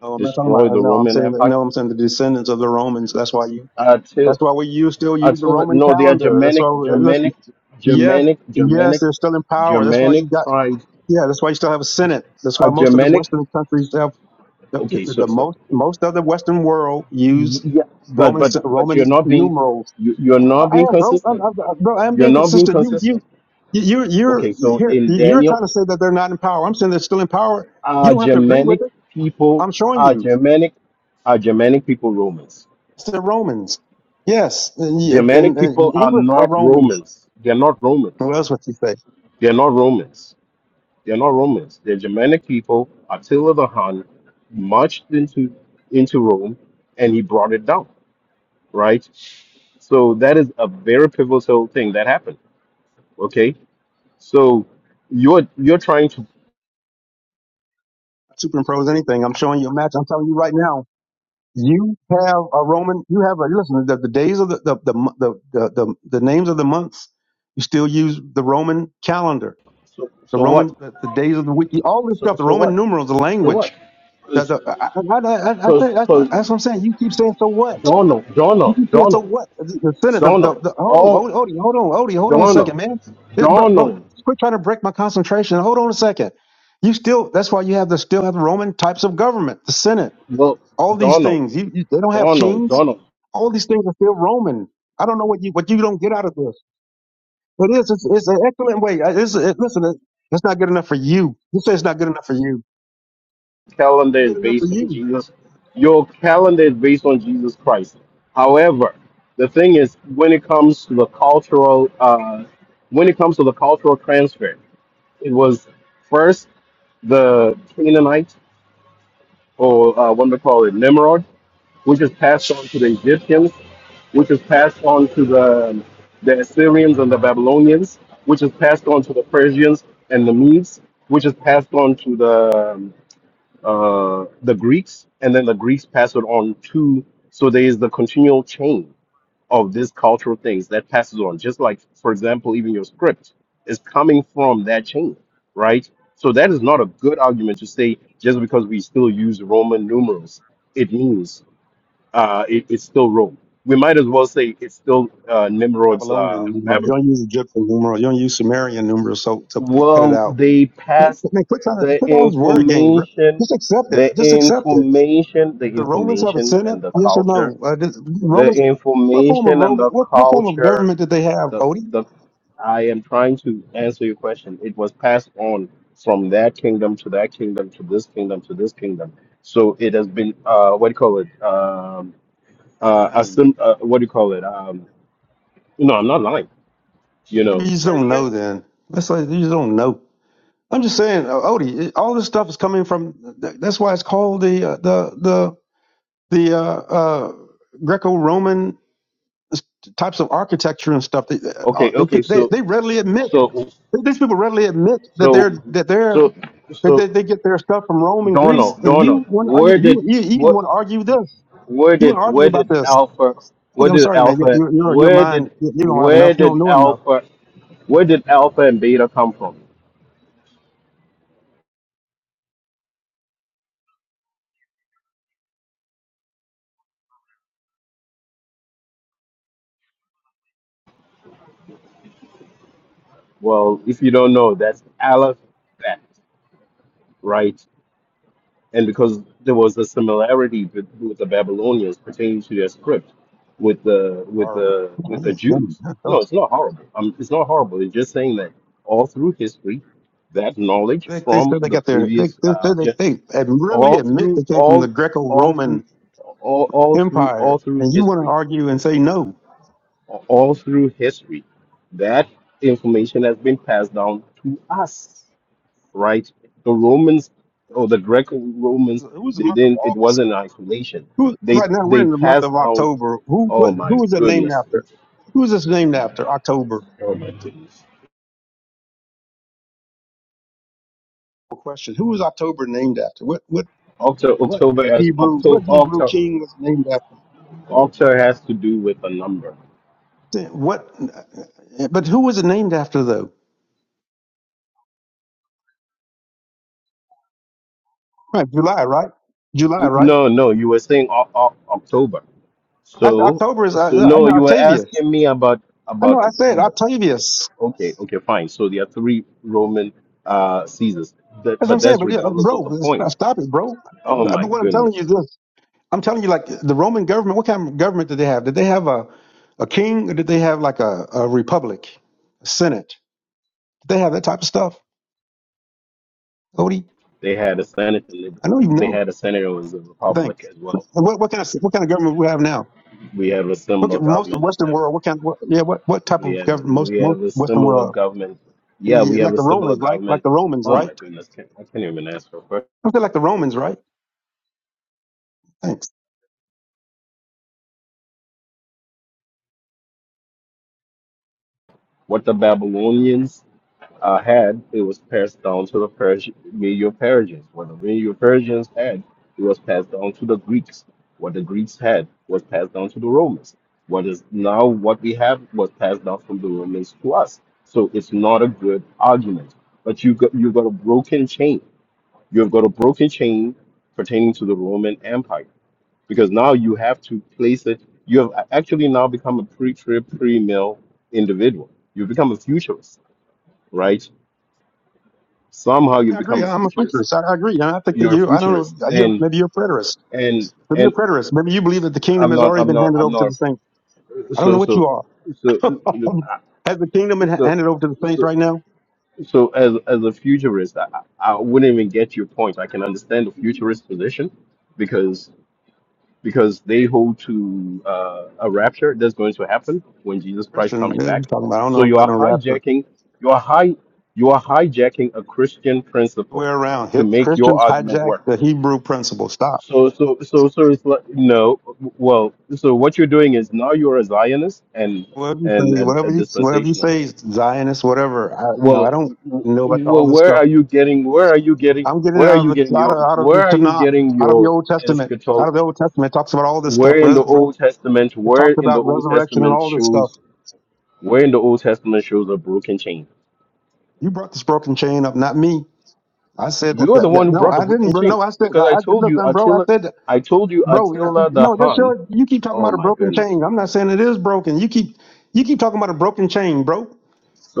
No, I'm not talking about. destroyed the No, I'm Roman saying that, Empire. no. I'm saying the descendants of the Romans. That's why you. Attila, That's why we use still use the Attila Roman no, they are calendar. That's Germanic, why. Listen, Germanic, yes, Germanic, yes, Germanic, they're still in power. That's why Germanic you got. tribes. Yeah, that's why you still have a Senate. That's Are why most of the Germanic? Western countries have the, Okay, so, the so most most of the Western world use yeah, but Roman but but you're Roman not being numerals. you, you're I not I being am, bro. I'm, consistent. I'm, bro, I'm You're being not being consistent. You you consistent. you you're Okay, so here. in You're Daniel trying to say that they're not in power. I'm saying they're still in power. You Are don't have to agree with Germanic it. people I'm showing are you. Germanic are Germanic people Romans? It's the Romans. Yes, and, you- Germanic and, people and are English are not Romans. Romans. They're not Romans. What else would you say? They're not Romans. They're not Romans. They're Germanic people. Attila the Hun marched into into Rome and he brought it down, right? So that is a very pivotal thing that happened. Okay. So you're you're trying to Superimpose anything. I'm showing you a match. I'm telling you right now. You have a Roman. You have a listen. The, the days of the the, the the the the the names of the months. You still use the Roman calendar, so, the so what? Roman the, the days of the week, all this So stuff. The so Roman what? numerals, the So what? language. That the, I, I, I, I, say, that's, Because that's what I'm saying. You keep saying so what? Donald, You Donald, keep saying so Donald, what? The, the Senate. The, Donald, the, the hold on, all hold, hold, hold on, hold hold on a Donald, second, man. It- bro, bro, Donald, quit trying to break my concentration. Hold on a second. You still. That's why you have the still have the Roman types of government, the Senate. look, All these Donald, things. You, you, they don't have Donald, kings. Donald. All these things are still Roman. I don't know what you what you don't get out of this. It is. It's, it's an excellent way. Uh, It's, it, listen, it, it's not good enough for you. You say it's not good enough for you. Calendar is Good enough for based on you. Jesus. Your calendar is based on Jesus Christ. However, the thing is, when it comes to the cultural, uh, when it comes to the cultural transfer, it was first the Canaanite, or uh, what do they call it, Nimrod, which is passed on to the Egyptians, which is passed on to the, the Assyrians and the Babylonians, which is passed on to the Persians and the Medes, which is passed on to the um, uh, the Greeks, and then the Greeks pass it on to. So there is the continual chain of these cultural things that passes on. Just like, for example, even your script is coming from that chain, right? So that is not a good argument to say just because we still use Roman numerals, it means uh, it, it's still Rome. We might as well say it's still uh, Nimrod's Babylonian uh, numerals. You Babylon. don't use Egyptian numerals. You don't use Sumerian numerals. So to c- cut it Well, out. they Quit- passed Man, quit trying to the quit all this word game. bro. information, Just accept it. the Just accept it. information, the The Romans have a information senate. and the Yes or culture, no? Uh, the the Romans. What form of information and Roman? the What, what form of culture. government did they have, The Odie? the I am trying to answer your question. It was passed on from that kingdom to that kingdom to this kingdom to this kingdom. So it has been uh, what do you call it? Um, uh, assim- uh, what do you call it? Um, No, I'm not lying. You Maybe you know. just don't know then. that's like you just don't know. I'm just saying, uh, Odie, it- all this stuff is coming from. th- That's why it's called the uh, the the the uh, uh, Greco-Roman s- types of architecture and stuff. They uh, Okay, they okay, peop- they, so they readily admit so these people readily admit that so they're that they're so that they, so they get their stuff from Rome and Greece. Donald, And Donald, you want to where argue did you you, you what want to argue this? where You want did to argue where about did this? Alpha where Odie, I'm did sorry, man. Your Alpha your your your where mind did you you don't have where enough. You don't did know enough. Alpha where did Alpha and Beta come from? Well, if you don't know, that's Aleph Bet, right? and because there was a similarity bet- with the Babylonians pertaining to their script with the with Horrible. the with the Jews. No, it's not horrible. Um, it's not horrible. It's just saying that all through history, that knowledge They, they from said they the got their. They, previous, they uh, said they, just they ad- all admit through they came from the all all through Greco-Roman all, all through all Empire, through and you want to history, argue and say no. all through history, that information has been passed down to us right? The Romans or the Greco Who was, Romans, who was the they month of didn't it August? wasn't isolation. Who They right now we're they in the month passed of down October. Who oh what? my Who is that named goodness. after? Who is this named after? October. Oh my goodness. No Question: Who was October named after? What what Octo what October has Hebrew? What Octo Hebrew Octo king was it named after? Octo has to do with a number. Then What? uh, But who was it named after though? Right, July, right? July, right? No, no, you were saying o- o- October. I, said So October is uh, so I no, know you were Octavius. asking me about I know about I said October. Octavius. Okay, okay, fine. So there are three Roman uh Caesars. That, That's what I'm but saying. that's But yeah, regardless of the bro, it's- point. stop it, bro. Oh But my what I'm telling you is goodness. this: I'm telling you, like the Roman government. What kind of government did they have? Did they have a a king, or did they have like a, a republic, a senate? Did they have that type of stuff, Cody? They had a senate. I know you They know. had a senator who was a Thanks. Republican as well. And what what kind of what kind of government we have now? We have a Look similar at most of government the as Western them. world. What kind? What, yeah, what what type We of have government? Most we have most a Western similar world, government. Yeah, yeah, we have like a the similar Romans, right? Like government. the Romans, Oh right? my goodness, can I can't even ask for a question. I feel like the Romans, right? Thanks. What the Babylonians uh, had, it was passed down to the Persian, Medio Persians. What the Medio Persians had, it was passed down to the Greeks. What the Greeks had was passed down to the Romans. What is now what we have was passed down from the Romans to us. So it's not a good argument. But you got, you've got a broken chain. You've got a broken chain pertaining to the Roman Empire because now you have to place it. You have actually now become a pre-trib, pre-mill individual. You become a futurist, right? somehow you Yeah, I agree. become a I'm a futurist. futurist. I, I agree. And I think that You're a you. I don't know. futurist, You're, and maybe you're a preterist. and Remember and your preterists. Remember you believe that the kingdom I'm has not. already I'm been not. handed I'm over to the not. saints. I don't So know what so you are. so you know, has the kingdom been so handed over to the saints so right now? so as as a futurist, I, I wouldn't even get your point. I can understand the futurist position because because they hold to uh, a rapture that's going to happen when Jesus Christ Christian, comes you know what I'm back. talking about. I don't So know you about are no rapture. hijacking. You are high. You are hijacking a Christian Way principle around. to make your Christians argument hijack work the Hebrew principle. Stop. So, so, so, so it's like no. Well, so what you're doing is now you're a Zionist and Whatever you and a, say, a whatever you whatever you say, dispensationalist. Zionist, whatever. I, you know, Well, I don't w- know about all well, this where stuff. are you getting? Where are you getting? I'm getting it Where are out of you getting the your? out of, out of Where the are you Tanakh, getting out of the your Old Testament, out eschatol? of the Old Testament. It talks about all this Where stuff. in Res, the res- Old Testament? it Where talks in the about Old resurrection and Testament all this stuff. shows? Where in the Old Testament shows a broken chain? You brought this broken chain up, not me. I said that, You're the that, one that- who no, brought the I didn't, broken bro. chain No, I said, because I I, I, told look, you I'm bro. I Attila. said, that- I told you bro, yeah, Attila the no, that's Hun. your, you keep talking Oh about a my broken goodness. chain. I'm not saying it is broken. You keep, you keep talking about a broken chain, bro.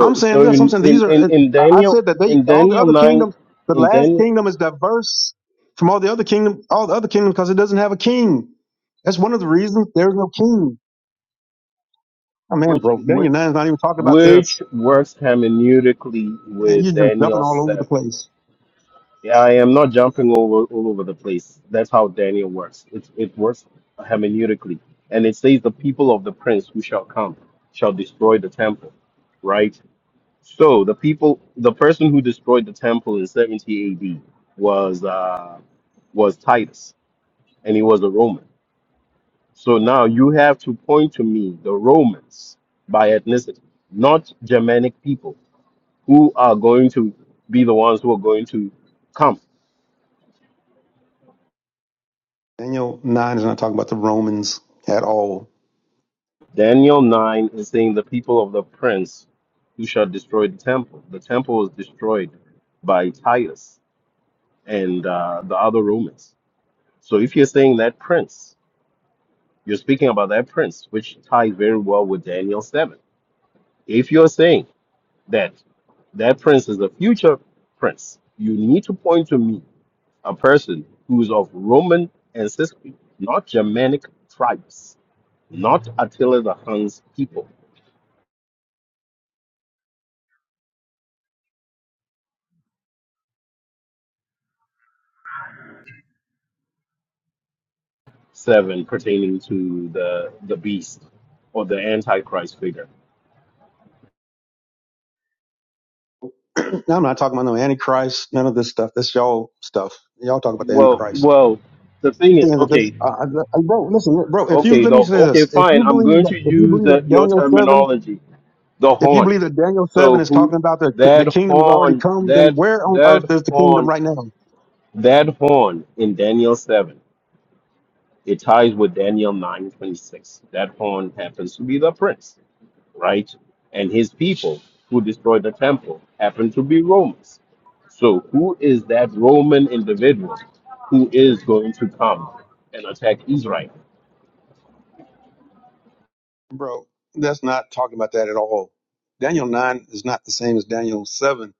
I'm saying so this. I'm in, saying these in, are, in, uh, in I I Daniel, said that they, in all the Daniel other nine, kingdoms, the in last Daniel, kingdom is diverse from all the other kingdom, all the other kingdoms because it doesn't have a king. That's one of the reasons there's no king. Oh man, which bro, which Daniel 9 is not even talking about which this. works hermeneutically Man, you're with just jumping Daniel all over the seven. place. Yeah, I am not jumping over all over the place. That's how Daniel works. It it works hermeneutically, and it says the people of the prince who shall come shall destroy the temple, right? So the people, the person who destroyed the temple in seventy A.D. was uh was Titus, and he was a Roman So now you have to point to me the Romans by ethnicity, not Germanic people who are going to be the ones who are going to come. Daniel 9 is not talking about the Romans at all. Daniel 9 is saying the people of the prince who shall destroy the temple. The temple was destroyed by Titus and uh, the other Romans. So if you're saying that prince, you're speaking about that prince, which ties very well with Daniel 7. If you're saying that that prince is a future prince. You need to point to me a person who is of Roman ancestry, not Germanic tribes, not Attila the Hun's people. Seven pertaining to the the beast or the antichrist figure. Now I'm not talking about no antichrist, none of this stuff. That's y'all stuff. Y'all talk about the Well, antichrist. well, the thing is, Yeah, that this, okay, I, I, I- bro, listen, bro. If you okay, let me though, say okay, this, if fine. you I'm believe going that, to if you use believe the, that your Daniel seven, terminology, the if you horn. believe that Daniel So seven is who talking about the the that kingdom has already horn, come, then that where on earth that is the kingdom horn right now, That horn in Daniel 7, it ties with Daniel 9 26. That horn happens to be the prince, right? And his people who destroyed the temple happen to be Romans. So, who is that Roman individual who is going to come and attack Israel? bro? That's not talking about that at all. Daniel nine is not the same as Daniel seven.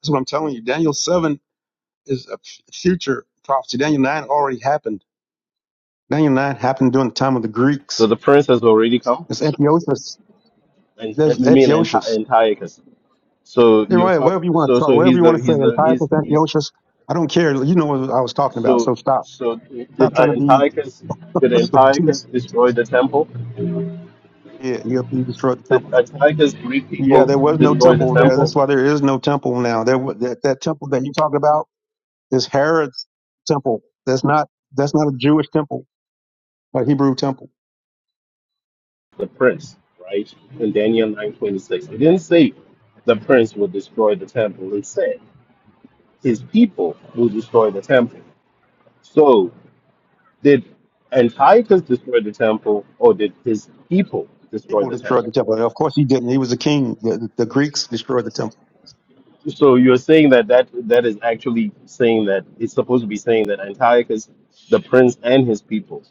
That's what I'm telling you. Daniel seven is a f- future prophecy. Daniel nine already happened. Daniel nine happened during the time of the So, Greeks. the prince has already come, It's Antiochus. and, and There's you mean Anti- Antiochus. Antiochus. So, You're you're right. talk, Wherever you want so, to talk, so wherever he's you the, want to say he's the, Antiochus, he's, he's, Antiochus. I don't care. You know what I was talking about. so, So stop. so did Stop trying to be Antiochus, did so Antiochus obtuse. destroy the temple? Yeah, yep. You destroyed the the temple. Antiochus Greek Yeah, people there was no destroy the temple there. temple? That's why there is no temple now. There wa- that, that temple that you talk about is Herod's temple. That's not that's not a Jewish temple, a Hebrew temple. The prince, right? In Daniel 9:26, it didn't say the prince will destroy the temple. It said his people will destroy the temple. So did Antiochus destroy the temple, or did his people destroy People the destroyed temple? the temple. And of course he didn't. He was a king. The, the Greeks destroyed the temple. So you're saying that that, that is actually saying that it's supposed to be saying that Antiochus, the prince, and his people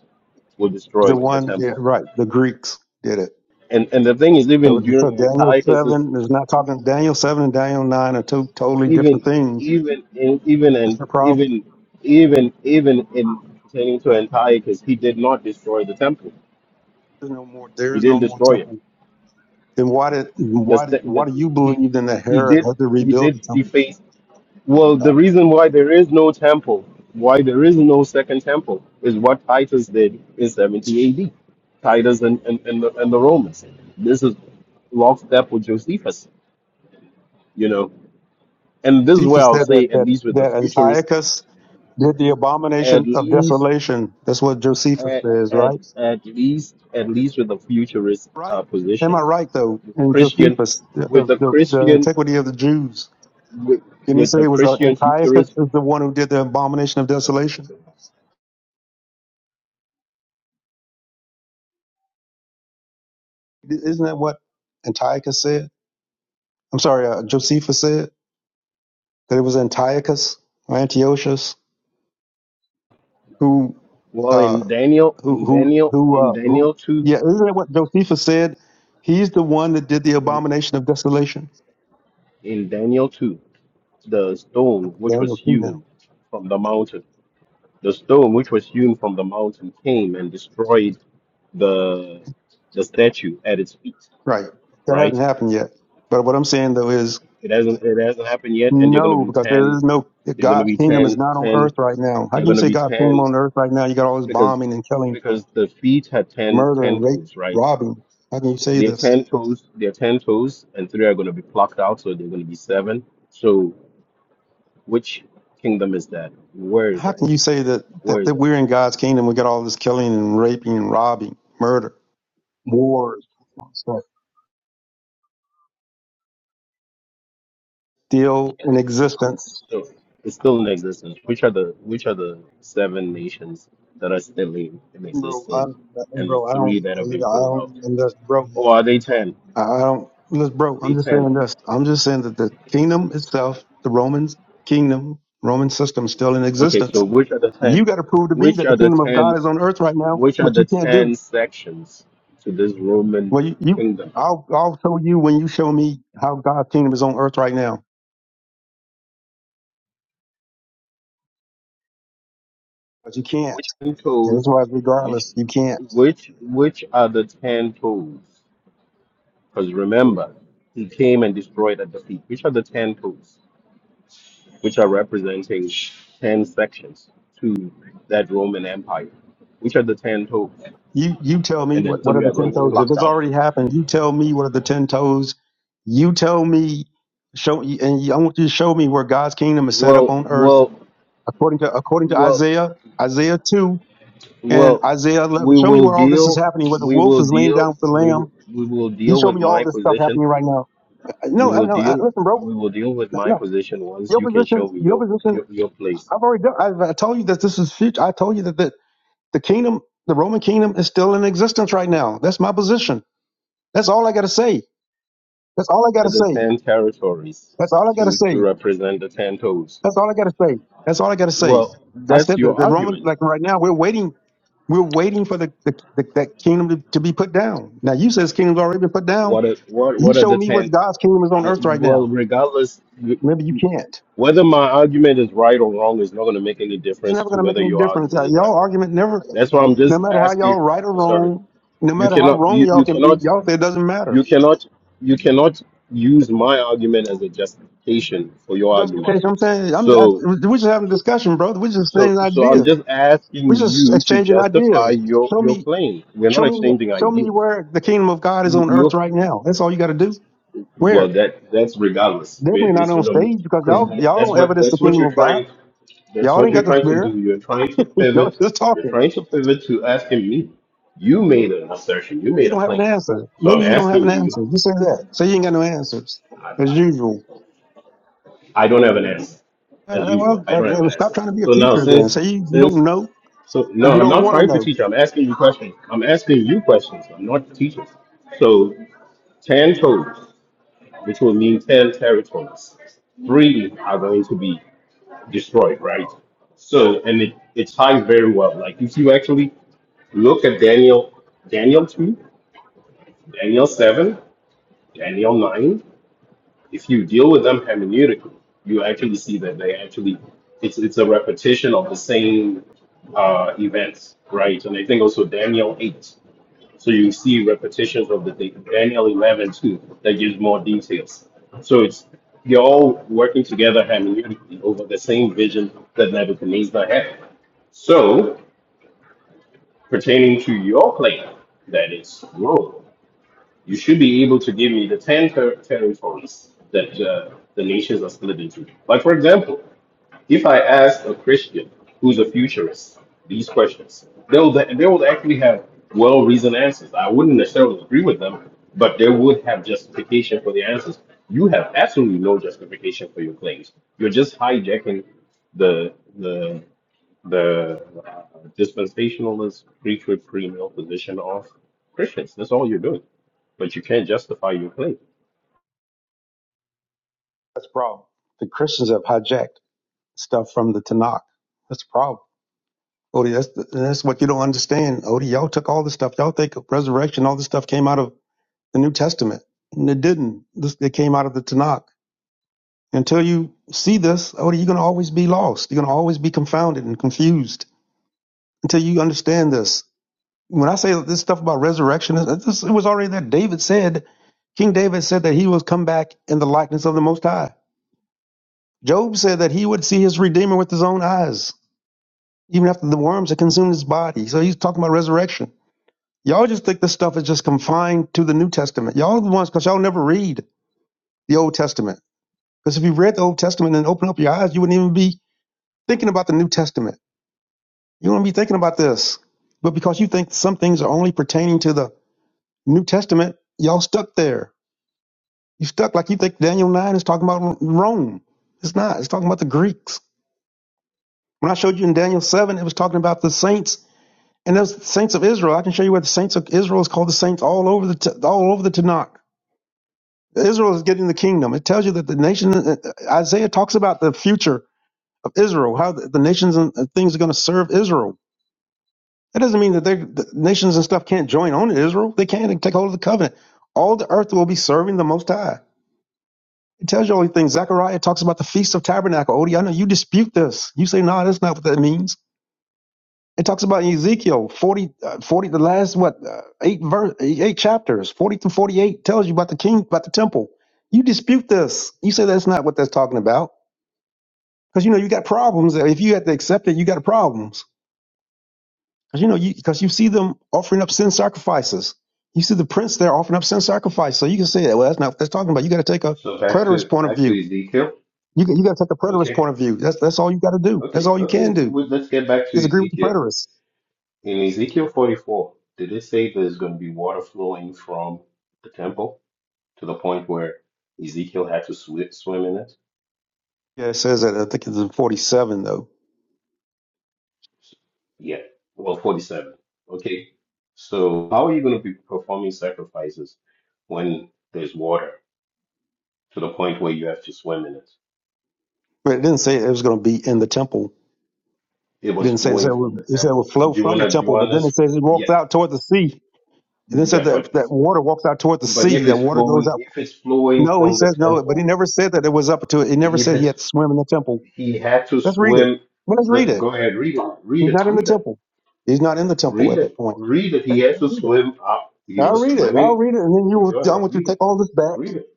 will destroy The the one, yeah, temple. right. The Greeks did it. And and the thing is, So, even so during Daniel Antiochus' seven is not talking. Daniel seven and Daniel nine are two totally different even things. even in even That's and the problem. even even even in pertaining to Antiochus, he did not destroy the temple. There's no more. There He is no didn't more destroy it. temple. Then why did That's why did, the, why the, do you he believe then that he Herod did had to he rebuild the did temple? deface. Well, the God? reason why there is no temple, why there is no second temple, is what Titus did in 70 AD. Titus and, and, and, the, and the Romans. This is lockstep with Josephus, you know. And this is where Josephus I'll said that say, at that least with the that futurists, Antiochus did the at abomination of least desolation. That's what Josephus At, says, at, right? at least at least with a futurist Right. uh, Am I position right though? with a In Christian Josephus, the the, with a the, the Christian antiquity of the Jews. with, Didn't he with say a it was uh, Christian Antiochus futurist is the one who did the abomination of desolation? Isn't that what Antiochus said? I'm sorry, uh, Josephus said that it was Antiochus or Antiochus who, well uh, in Daniel who, in who, Daniel who, in uh, who, Daniel 2 yeah, isn't that what Josephus said? He's the one that did the abomination of desolation. in Daniel 2 the stone which was Daniel 2 now. hewn from the mountain the stone which was hewn from the mountain came and destroyed the the statue at its feet Right. That right hasn't happened yet. But what I'm saying though is it hasn't it hasn't happened yet and they're going to no, be because there 10 is no, they're going to God's be kingdom is 10 not on earth right now. How They're can you going to say be God's kingdom 10 on earth right now? You got all this because bombing and killing, because the feet had 10 murder 10 and rape, toes, right? robbing. How can you say They're this? 10 toes, they're 10 toes, and three are going to be plucked out, so they're going to be seven. So which kingdom is that? Where is How it? can you say that, that, Where is that it? we're in God's kingdom? We got all this killing and raping and robbing, murder, wars, stuff still in existence, So it's still in existence. Which are the which are the seven nations that are still in, in bro. I, existence and the bro, I don't, three that have I been pulled don't, out? and that's bro. Or are they 10? I I don't, let's Are bro. I'm they just 10? saying this. I'm just saying that the kingdom itself, the Roman kingdom, Roman system, is still in Okay, existence. so which are the 10? You got to prove to me Which that the are the kingdom of 10 God is on earth right now, Which are but the you can't do. ten sections to this Roman Well, you, you kingdom? I'll, I'll show you when you show me how God's kingdom is on earth right now, but you can't. Ten And That's toes. why, Which, regardless, you can't. which, which are the ten toes? Because remember, he came and destroyed at the feet. Which are the ten toes? Which are representing ten sections to that Roman Empire? Which are the ten toes? You you tell me And then what what are three the are ten going to be toes? Crazy. If plucked it's out. already happened, you tell me what are the ten toes. You tell me, show and you- I want you to show me where God's kingdom is set up Well, on earth well, according to according to well, Isaiah Isaiah two and well. Isaiah eleven. We Show me will where all this is deal. happening. Where the We wolf will is laying deal. down with the We lamb. will, we will You deal show with me all my this stuff position happening right now. We No, I will no. I, deal listen, bro. we will deal with No, my no. position once your you can show position. me Your your position. your, your place. I've already done. I've, I told you that this is future. I told you that. that The kingdom, the Roman kingdom is still in existence right now. That's my position. That's all I got to say. That's all I got to The say. ten territories That's all I got to to, to say. represent the ten toes. That's all I got to say. That's all I got to say. Well, I that's said that your the Roman, argument. like right now, we're waiting. We're waiting for the, the, the that kingdom to, to be put down. Now you says kingdom's already been put down. What are, what You what are show the me what ten? God's kingdom is on I, earth right now. well, regardless, you- Maybe you you- can't. whether my argument is right or wrong is not going to make any It's difference never to going to make whether any your difference. argument Uh, is right Y'all or wrong. argument never, That's why I'm no just matter how asking. y'all right or I'm sorry. wrong, no You matter how cannot wrong you, y'all you can be, cannot y'all say it doesn't matter. You cannot you cannot use my argument as a justification for your justification. argument. I'm saying I'm just So we're just having a discussion, brother. We're just so saying so I'm ideas. just We're asking just you to exchanging justify ideas. your Show your me, claim. We're not show me, exchanging show me ideas. where the kingdom of God is You on earth you right now. That's all you got to do. well Where? that that's regardless. We- Definitely not It's on stage because because y'all y'all that's don't what evidence the that's what kingdom you're of God. trying that's Y'all what ain't you're got the trying to spirit. do. You're trying to Y'all pivot. just You're talking. trying to pivot to asking me. You made an assertion. You You made a don't have an claim. answer. So I'm Maybe you don't have asking an you. answer. Just say that. Say you ain't got no answers as usual. I don't have an answer, Uh, as uh, usual. well, I don't have uh, uh, an stop answer. trying to be a So now, teacher then. since Say you, you don't since know so and you no, I'm don't not want to trying to know. teach. I'm asking you questions. I'm asking you questions. I'm not teaching. So ten toes, which will mean ten territories, three are going to be destroyed, right? So and it, it ties very well. Like if you actually look at Daniel, Daniel two, Daniel seven, Daniel nine. if you deal with them hermeneutically, you actually see that they actually it's it's a repetition of the same uh, events, right? And I think also Daniel eight. So you see repetitions of the thing. Daniel eleven too that gives more details. So it's they're all working together hermeneutically over the same vision that Nebuchadnezzar had. So pertaining to your claim, that it's wrong. You should be able to give me the 10 ter- territories that uh, the nations are split into. Like, for example, if I ask a Christian who's a futurist these questions, they will, they will actually have well reasoned answers. I wouldn't necessarily agree with them, but they would have justification for the answers. You have absolutely no justification for your claims. You're just hijacking the the the uh, dispensationalist preach with premill position of Christians. That's all you're doing, but you can't justify your claim. That's the problem. The Christians have hijacked. stuff from the Tanakh. That's the problem. Odie, that's the, that's what you don't understand. Odie, y'all took all this stuff. Y'all think resurrection, all this stuff came out of the New Testament. And it didn't. This it came out of the Tanakh. Until you see this, Odie, you're gonna always be lost. You're gonna always be confounded and confused until you understand this. When I say this stuff about resurrection, it this- it was already there. David said, King David said that he was come back in the likeness of the Most High. Job said that he would see his Redeemer with his own eyes. even after the worms had consumed his body. So he's talking about resurrection. Y'all just think this stuff is just confined to the New Testament. Y'all are the ones, because y'all never read the Old Testament. Because if you read the Old Testament and open up your eyes, you wouldn't even be thinking about the New Testament. You wouldn't be thinking about this. But because you think some things are only pertaining to the New Testament, y'all stuck there. You stuck like you think Daniel 9 is talking about Rome. It's not. It's talking about the Greeks. When I showed you in Daniel 7, it was talking about the saints And those saints of Israel, I can show you where the saints of Israel is called the saints all over the all over the Tanakh. Israel is getting the kingdom. It tells you that the nation uh, Isaiah talks about the future of Israel, how the, nations and things are going to serve Israel. That doesn't mean that the nations and stuff can't join on to Israel. They can and take hold of the covenant. All the earth will be serving the Most High. It tells you all these things. Zechariah talks about the Feast of Tabernacle. Odie, I know you dispute this. You say, no, nah, that's not what that means. It talks about Ezekiel 40, uh, 40 the last what uh, eight verse eight chapters, 40 to 48 tells you about the king, about the temple. You dispute this. You say that's not what that's talking about because you know you got problems. If you had to accept it, you got problems because you know you because you see them offering up sin sacrifices. You see the prince there offering up sin sacrifice. So you can say that. Well, that's not what that's talking about. You got to take a So back to preterist point of back to view. Ezekiel. You got- you got to take a preterist Okay, point of view. That's that's all you got to do. That's okay, all you can okay. do Well, let's get back to is agree with the Ezekiel. preterists. In Ezekiel 44, did it say there's going to be water flowing from the temple to the point where Ezekiel had to swi swim in it? Yeah, it says that. I think it's in 47 though. Yeah. Well, 47. Okay. So how are you going to be performing sacrifices when there's water? to the point where you have to swim in it. But it didn't say it was going to be in the temple. It It was didn't say it said flowing it from would, the it said it would temple. Do flow you from the wanna do you temple, but wanna then it s- says it walks yeah. out toward the sea. And then said Yeah, but that that it's water walks out toward the but sea. if That it's water goes flowing out. if it's flowing No, he from the says no, but he temple, never said that it was up to it. He never if said he it's had to swim in the temple. he had to Let's read it. swim Well, let's read let, it. go ahead, read it, read He's it, not in the read it, temple. He's not in the temple read at that it, point. read it. He Okay, had to read it. swim up. He I'll was read it. I'll swimming. read it, and then you will. Go I ahead, want you to read it, take all this back. read it.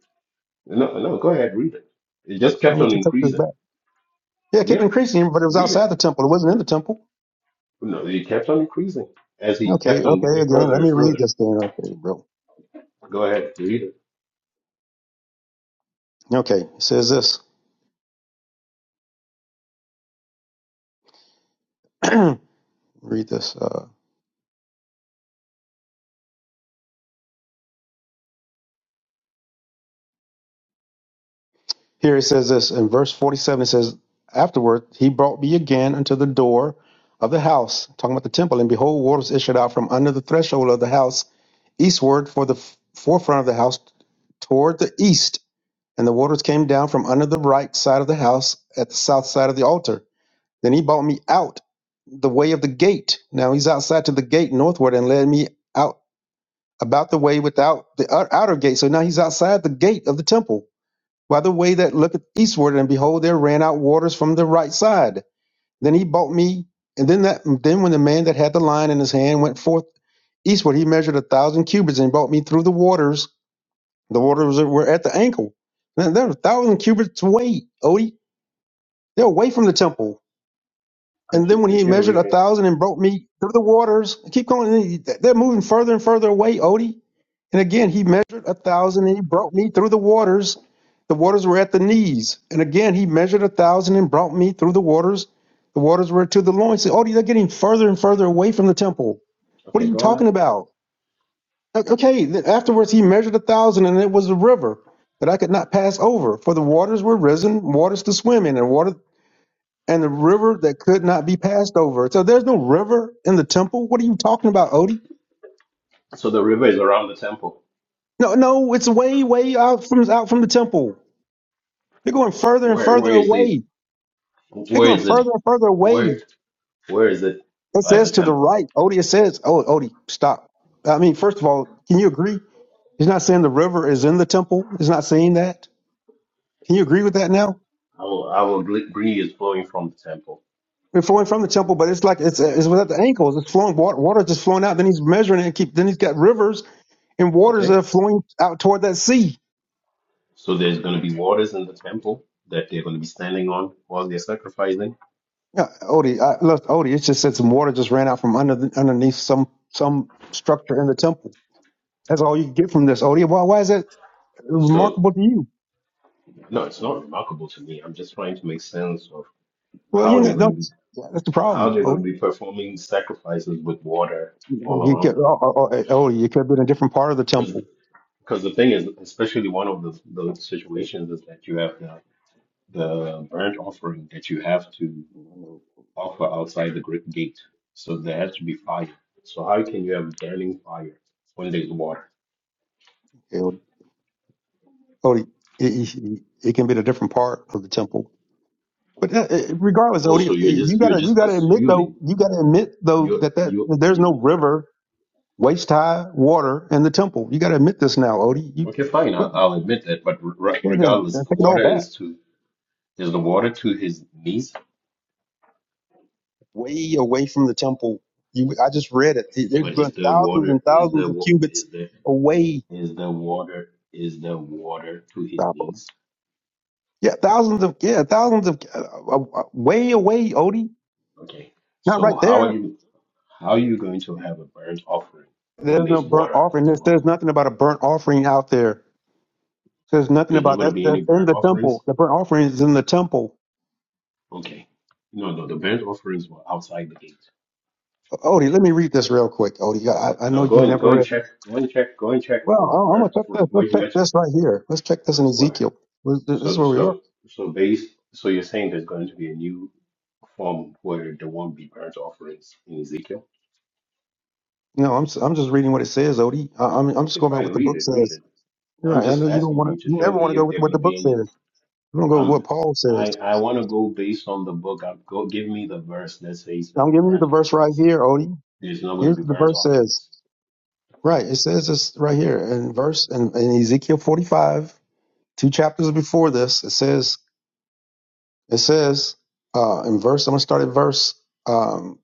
No, no, go ahead, read it. It just I kept want on you to take this increasing. back. Yeah, keep Yep, increasing, but it was read outside it. the temple. It wasn't in the temple. No, it kept on increasing as he Okay, kept on okay, going again, further let and me read further. this thing. Okay, bro. Go ahead, read it. Okay, it says this. Read this. Uh, here it says this in verse 47. It says, Afterward, he brought me again unto the door of the house, talking about the temple, and behold, waters issued out from under the threshold of the house eastward for the f- forefront of the house toward the east. And the waters came down from under the right side of the house at the south side of the altar. Then he brought me out the way of the gate. Now he's outside to the gate northward and led me out about the way without the ou- outer gate. So now he's outside the gate of the temple by the way that looketh eastward, and behold, there ran out waters from the right side. Then he bought me, and then that then when the man that had the line in his hand went forth eastward, he measured a thousand cubits and brought me through the waters. The waters were at the ankle. Now, they're a thousand cubits away, Odie. They're away from the temple. And then Continue, when he continue measured a reading. thousand and brought me through the waters, I keep going. They're moving further and further away, Odie And again, he measured a thousand and he brought me through the waters. The waters were at the knees. And again, he measured a thousand and brought me through the waters. The waters were to the loins. So, oh, they're getting further and further away from the temple. What are Okay, you go talking on. about? Okay, then afterwards, he measured a thousand and it was a river that I could not pass over, for the waters were risen, waters to swim in, and water and the river that could not be passed over. So there's no river in the temple. What are you talking about, Odie? So the river is around the temple. No, no, it's way, way out from out from the temple. They're going further and Where where further is this? away. They're Where going is it? further and further away. Where where is it It by the says to the temple? right. Odie says, "Oh, Odie, stop." I mean, first of all, can you agree? He's not saying the river is in the temple. He's not saying that. Can you agree with that now? Our our gl- gree is flowing from the temple. We're flowing from the temple, but it's like it's hmm it's without the ankles. It's flowing water. Water just flowing out. Then he's measuring it. And keep. Then he's got rivers and waters that Okay. are flowing out toward that sea. So there's going to be waters in the temple that they're going to be standing on while they're sacrificing. Yeah, Odie, I, look, Odie. It just said some water just ran out from under the, underneath some some structure in the temple. That's all you get from this, Odie. Why, why is that So remarkable to you? no, it's not remarkable to me. I'm just trying to make sense of Well, you how they're know, going to be that's, that's the how problem, they're going Odie. to be performing sacrifices with water all You around kept, oh, oh, oh, hey, Odie, you could be in a different part of the them. temple. Because the thing is, especially one of the, the situations is that you have the, the burnt offering that you have to Hey, offer outside the great gate. So there has to be fire. So how can you have burning fire when there's water? Odie, Odie it, it, it can be in a different part of the temple. But uh, uh, regardless, Odie, Also, eh, you're you just you're gotta, you just gotta admit though, assuming you gotta admit though you that, that, you that there's you. no river waist high water in the temple. You gotta admit this now, Odie. You Okay, fine. quit, I'll, I'll admit that. But re- then regardless, the take it all water back. is to is the water to his knees. way away from the temple. You, I just read it. They- They're But going is the thousands water and is the thousands of wa- cubits is the away. is the water is the water to his Stop it. knees? Yeah, thousands of yeah, thousands of uh, uh, uh, way away, Odie. Okay. Not So right how are there. you how are you going to have a burnt offering when There's no there's burnt water offering. There's, there's around you? nothing about a burnt offering out there. There's nothing There's not about going to that. be any That's in burnt the offerings? temple. The burnt offering is in the temple. Okay. No, no, the burnt offerings were outside the gate. Odie, let me read this real quick. Odie, I, I know No, you go and never go and read check. this. Go and check. Go and check Well, the i I'm burnt gonna check offering. this. Where Let's you check at? this right here. Let's check this in Where? Ezekiel. This is So where we are. so so based, so you're saying there's going to be a new form where there won't be burnt offerings in Ezekiel? No, I'm s- I'm just reading what it says, Odie. I, I'm I'm just Okay, going by fine, what the read book it, read says. it. You're I'm right. I just know you don't asking want you to. to You show never want to me go if with there are what going to the be book any says. You don't go with what I'm Paul says. I I want to go based on the book. I, go give me the verse that says that I'm the giving you the burnt verse right offerings here, Odie. there's not going Here's to be what the burnt verse says. offerings. Right. It says this right here in verse in, in Ezekiel 45, two chapters before this. It says it says uh, in verse. I'm gonna start at verse um,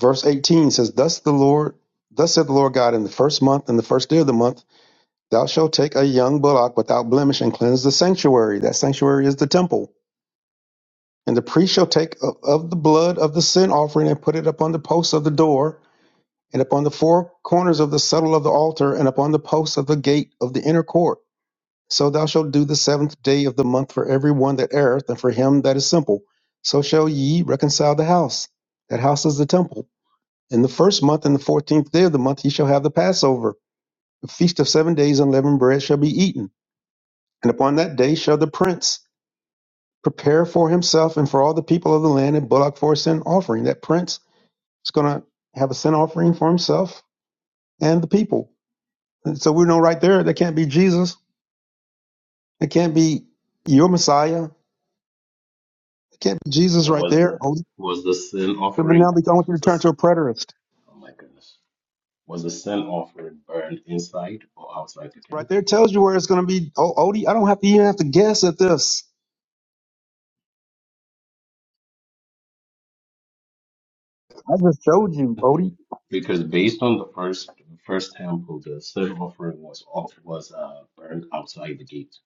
verse 18. It says, "Thus the Lord, thus said the Lord God, in the first month, in the first day of the month." Thou shalt take a young bullock without blemish and cleanse the sanctuary. That sanctuary is the temple. And the priest shall take of, of the blood of the sin offering and put it upon the posts of the door, and upon the four corners of the settle of the altar, and upon the posts of the gate of the inner court. So thou shalt do the seventh day of the month for every one that erreth, and for him that is simple. So shall ye reconcile the house. That house is the temple. In the first month and the fourteenth day of the month ye shall have the Passover. The feast of seven days unleavened bread shall be eaten. And upon that day shall the prince prepare for himself and for all the people of the land a bullock for a sin offering. That prince is going to have a sin offering for himself and the people. And so we know right there that can't be Jesus. It can't be your Messiah. It can't be Jesus So right was there. the Odie. was the sin But now offering we- I want you to was turn this to a preterist. oh my goodness was the sin offering burned inside or outside the camp? Right there tells you where it's going to be. Oh, Odie, I don't have to even have to guess at this. I just showed you, Odie. Because based on the first first temple, the sin offering was off was uh burned outside the gate.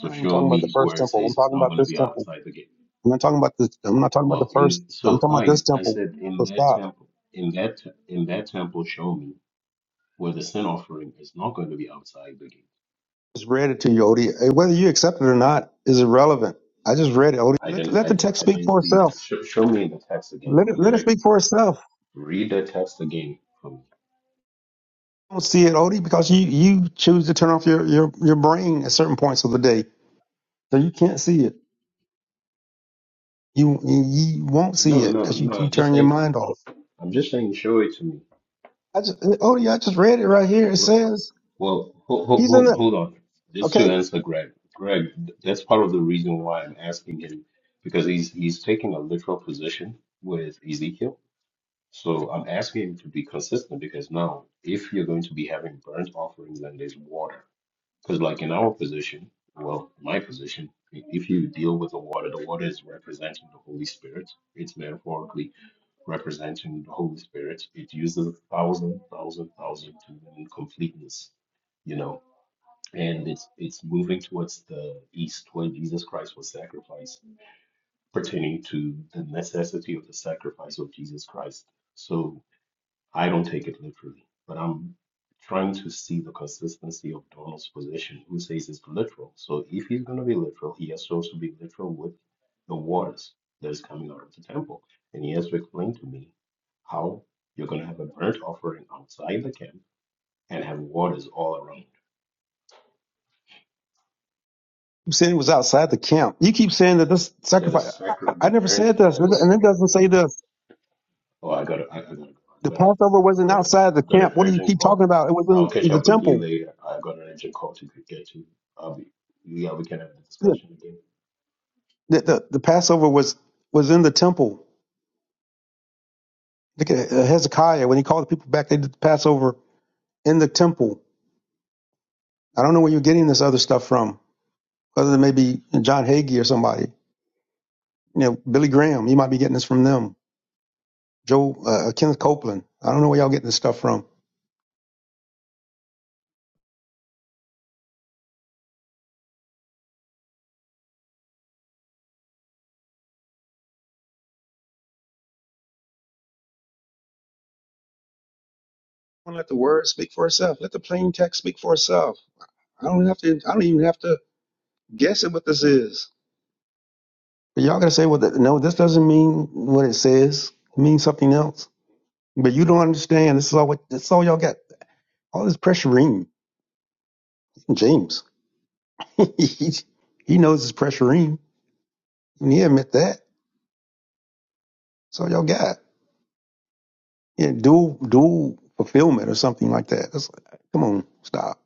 So I'm not even show talking about the me first where it temple. says I'm it's talking not about going to this be temple. outside the gate. I'm not talking about the. I'm not talking about the Well, first. in I'm so talking about fine, this I temple. said in So that stop. temple, in that in that temple, show me where the sin offering is not going to be outside the gate. just read it to you, Odie. Eh, Whether you accept it or not is irrelevant. I just read it, Odie. I Let, didn't, let I the didn't, text I speak for didn't see. itself. Show, show me in the text again. Let it Read let it. it ag- speak for itself. Read the text again for me. I don't see it, Odie, because you you choose to turn off your your your brain at certain points of the day, so you can't see it. You you won't see No, it no, because you no. you I'm just turn your saying. mind off. I'm just saying. Show it to me. I just eh, Odie, I just read it right here. It Well, says well hold, he's in hold, the hold on. Just to okay. answer Greg. Greg, th- that's part of the reason why I'm asking him because he's he's taking a literal position with Ezekiel So I'm asking him to be consistent because now, if you're going to be having burnt offerings and there's water, because like in our position, well, my position, i- if you deal with the water, the water is representing the Holy Spirit. It's metaphorically representing the Holy Spirit. It uses thousand, thousand, thousand to mean completeness, you know, and it's it's moving towards the east where Jesus Christ was sacrificed, pertaining to the necessity of the sacrifice of Jesus Christ. So. I don't take it literally, but I'm trying to see the consistency of Donald's position, who says it's literal. So if he's going to be literal, he has to also be literal with the waters that is coming out of the temple. And he has to explain to me how you're going to have a burnt offering outside the camp and have waters all around. You said he was outside the camp. You keep saying that this The sacrifice. I, sacred, I I the never burnt said this, offerings and it doesn't say this. Oh, I gotta, I, I gotta go. I've The got, a- Passover I've wasn't got a, outside the I've got an camp. What do you urgent keep call. talking about? It I'll was catch in the up with you temple. later. I've got an urgent call to get to. I'll be, yeah, we can have a Yeah. discussion again. The, the, the Passover was was in the temple. Look at uh, Hezekiah when he called the people back. They did the Passover in the temple. I don't know where you're getting this other stuff from, other than maybe John Hagee or somebody. You know, Billy Graham. You might be getting this from them. Joe uh, Kenneth Copeland. I don't know where y'all getting this stuff from. don't let the word speak for itself. Let the plain text speak for itself. I don't have to. I don't even have to guess at what this is. But y'all gotta say, well, th- no, this doesn't mean what it says. It means something else. But you don't understand. This is all. What, this all y'all got. All this pressuring, James. he, he knows it's pressuring, and he admit that. That's all y'all got yeah, dual dual fulfillment or something like that. That's, come on, stop.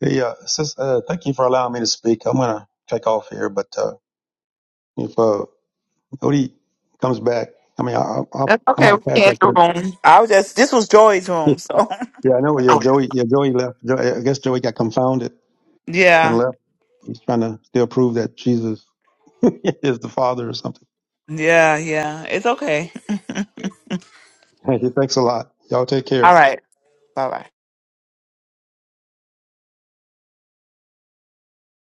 Yeah, sis, uh, thank you for allowing me to speak. I'm gonna take off here, but uh, if uh, Odie comes back. I mean, I, I, I That's I okay. We might pass back can't there. room. I was just. This was Joy's room. So. Yeah, I know. Yeah, Joey. Yeah, Joey left. Jo- I guess Joey got confounded and Yeah. left. He's trying to still prove that Jesus is the Father or something. Yeah. Yeah. It's okay. Thank you. thanks a lot. Y'all take care. All right. Bye bye.